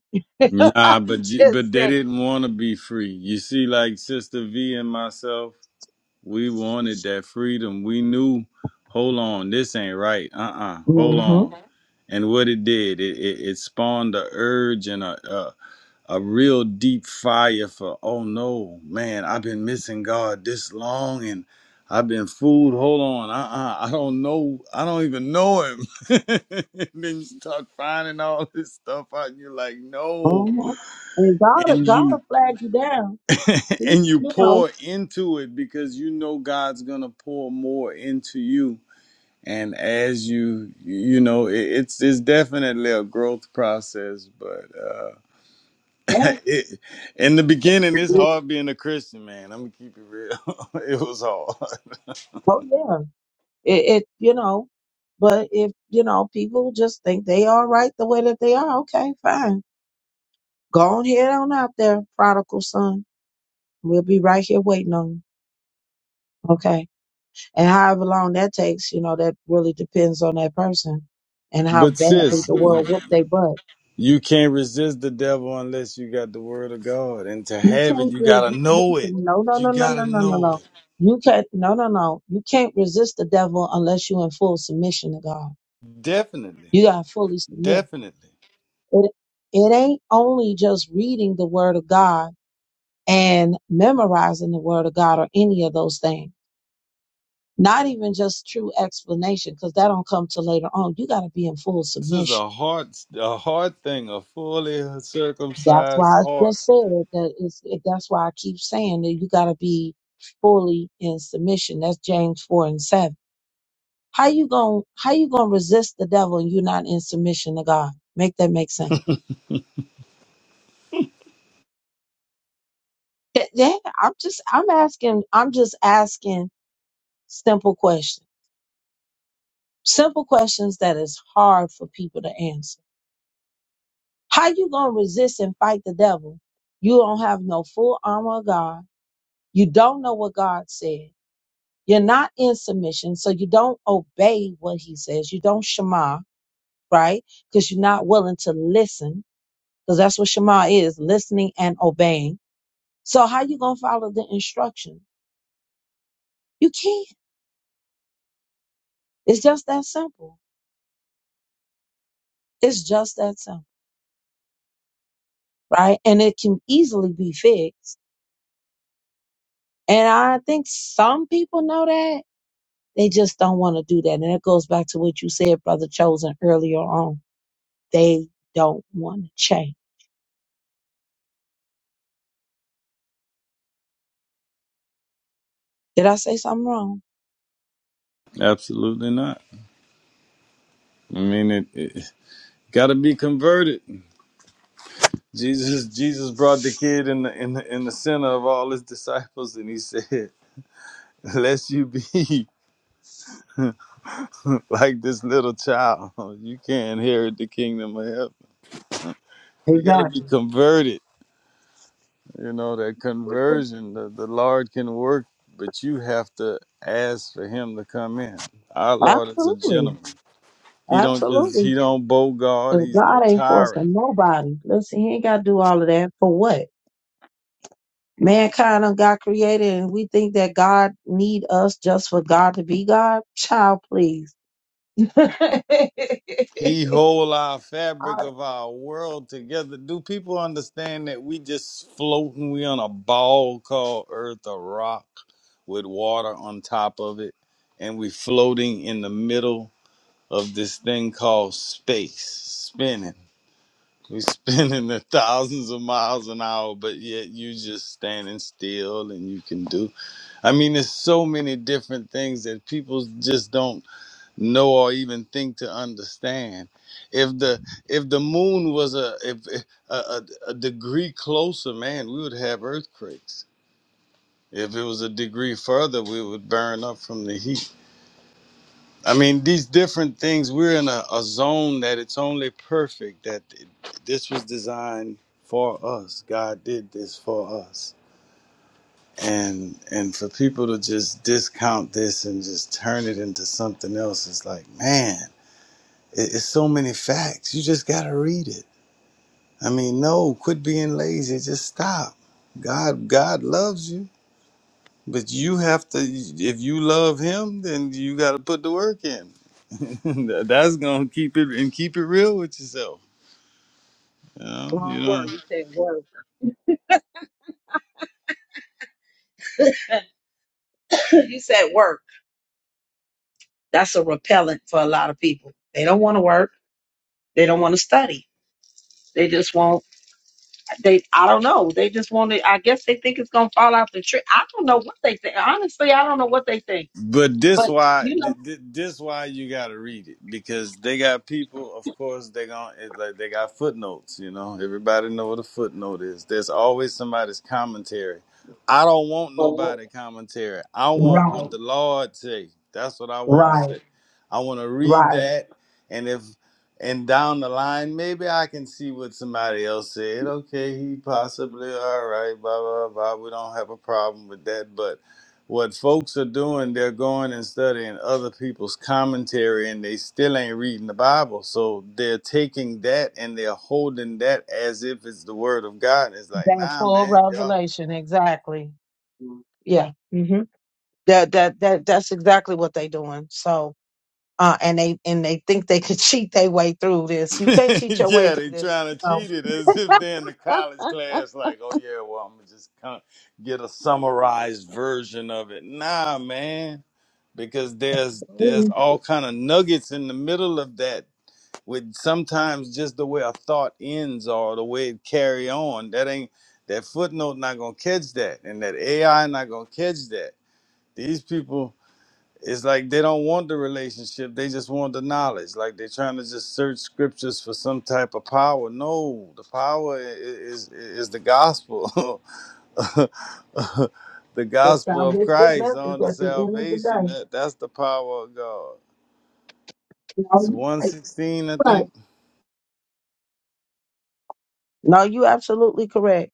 Nah, but <laughs> but Just they saying. didn't want to be free. You see, like Sister V and myself. We wanted that freedom. We knew, hold on, this ain't right. Uh uh hold Mm-hmm. on. And what it did, it, it, it spawned a urge and a, a a real deep fire for, oh no, man, I've been missing God this long and I've been fooled. Hold on, uh uh I don't know, I don't even know Him. <laughs> and then you start finding all this stuff out, and you're like, no. And you Drag you down. <laughs> You and you know. pour into it because you know God's gonna pour more into you. And as you, you know, it, it's it's definitely a growth process, but uh, Yeah. <laughs> it, in the beginning, it's hard being a Christian, man. I'm gonna keep it real. <laughs> it was hard, Oh yeah. It, it. You know. But if you know people just think they are right the way that they are, okay, fine Go on head on out there, prodigal son. We'll be right here waiting on you. Okay. And however long that takes, you know, that really depends on that person and <laughs> how but badly sis, the world whooped they butt. you can't resist the devil unless you got the Word of God, and to You have it, can't you gotta resist, know it. listen, no, no, You no, no, gotta no, no, no, know no. it. You can't, no, no, no. You can't resist the devil unless you're in full submission to God. Definitely, You got to fully submit. definitely. It, it ain't only just reading the word of God and memorizing the word of God or any of those things Not even just true explanation, because that don't come till later on. You got to be in full This is submission. a hard, a hard thing. A fully That's circumcised why I heart. just said it, that it's, it, that's why I keep saying that you got to be fully in submission. That's James four and seven. How you gonna how you gonna resist the devil and you're not in submission to God? Make that make sense? Th- Yeah, I'm just I'm asking I'm just asking simple questions, simple questions that is hard for people to answer How you gonna resist and fight the devil? You don't have no full armor of God. You don't know what God said. You're not in submission, so you don't obey what He says. You don't shema, right? Because you're not willing to listen, because that's what shema is: listening and obeying. So how you gonna follow the instruction? You can't. It's just that simple. It's just that simple, right? And it can easily be fixed. And I think some people know that, They just don't want to do that. And that goes back to what you said, Brother Chosen, earlier on. They don't want to change. Did I say something wrong? Absolutely not. I mean, it, it got to be converted. Jesus, Jesus brought the kid in the in the, in the center of all his disciples, and he said, <laughs> "Unless you be <laughs> like this little child, <laughs> you can't inherit the kingdom of heaven. You got to be Exactly. converted. You know that conversion. The, the Lord can work, but you have to ask for Him to come in. Our Lord is a Absolutely. gentleman. He don't just Absolutely. he don't bogart. Because He's no God ain't tyrant. forcing nobody. Listen, he ain't got to do all of that for what? Man got created and we think that God need us just for God to be God? Child, please. He hold our fabric of our world together. Do people understand that we just floating? We on a ball called Earth, a rock with water on top of it, and we floating in the middle of this thing called space, spinning. We <laughs> spinning at thousands of miles an hour, but yet you just standing still and you can do. I mean, there's so many different things that people just don't know or even think to understand if the if the moon was a if eh, a, a, a degree closer man we would have earthquakes if it was a degree further we would burn up from the heat i mean these different things we're in a, a zone that it's only perfect that it, this was designed for us god did this for us and and for people to just discount this and just turn it into something else it's like man It's so many facts. You just gotta read it. I mean, no, quit being lazy. Just stop. God, God loves you, but you have to. If you love Him, then you gotta put the work in. <laughs> That's gonna keep it and keep it real with yourself. You know, you Wrong know. word. You said work. <laughs> you said work. That's a repellent for a lot of people. They don't want to work. They don't want to study. They just want. They. I don't know. They just want to. I guess they think it's gonna fall out the tree. I don't know what they think. Honestly, I don't know what they think. But this But why you know, th- th- this why you gotta read it because they got people. Of course, they gon' it's like they got footnotes. You know, everybody know what a footnote is. There's always somebody's commentary. I don't want nobody commentary. I want what the Lord say. That's what I want to say. I want to read that, and if and down the line, maybe I can see what somebody else said. Okay, he possibly all right. Blah blah blah. We don't have a problem with that, but. What folks are doing, they're going and studying other people's commentary and they still ain't reading the Bible. So they're taking that and they're holding that as if it's the word of God. It's like, That nah, full man, y'all. revelation, exactly. Yeah. Mm-hmm. That that that that's exactly what they doing. So uh, and they and they think they could <laughs> cheat their way through this. <laughs> You can't cheat your way yeah, through they this. trying to No. cheat it as if they're in the college class, like, oh, yeah, well, I'm going to just come get a summarized version of it. Nah, man, because there's there's all kind of nuggets in the middle of that with sometimes just the way a thought ends or the way it carry on that ain't that footnote not gonna catch that and that ai not gonna catch that these people it's like they don't want the relationship they just want the knowledge like they're trying to just search scriptures for some type of power no the power i- i- is is the gospel <laughs> the The gospel of salvific christ message on the at the end of the salvation day. that that's the power of god No, it's you right. 116 i right. think No, you absolutely correct.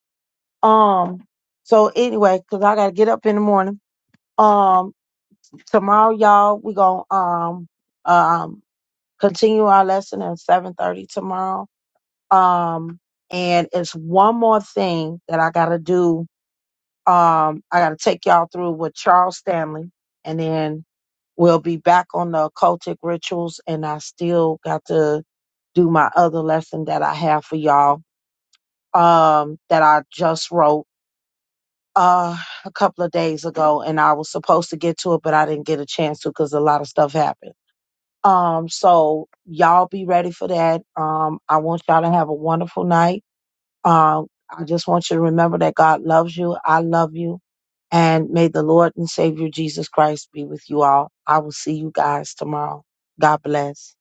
Um. So anyway, because I gotta get up in the morning. Um. tomorrow, y'all, we're gonna um um continue our lesson at seven thirty tomorrow. Um and it's one more thing that I gotta do. Um I gotta take y'all through with Charles Stanley and then we'll be back on the occultic rituals and I still got to do my other lesson that I have for y'all um that I just wrote uh a couple of days ago and I was supposed to get to it but I didn't get a chance to because a lot of stuff happened. Um, so y'all be ready for that. Um, I want y'all to have a wonderful night. Um, I just want you to remember that God loves you. I love you. And may the Lord and Savior Jesus Christ be with you all. I will see you guys tomorrow. God bless.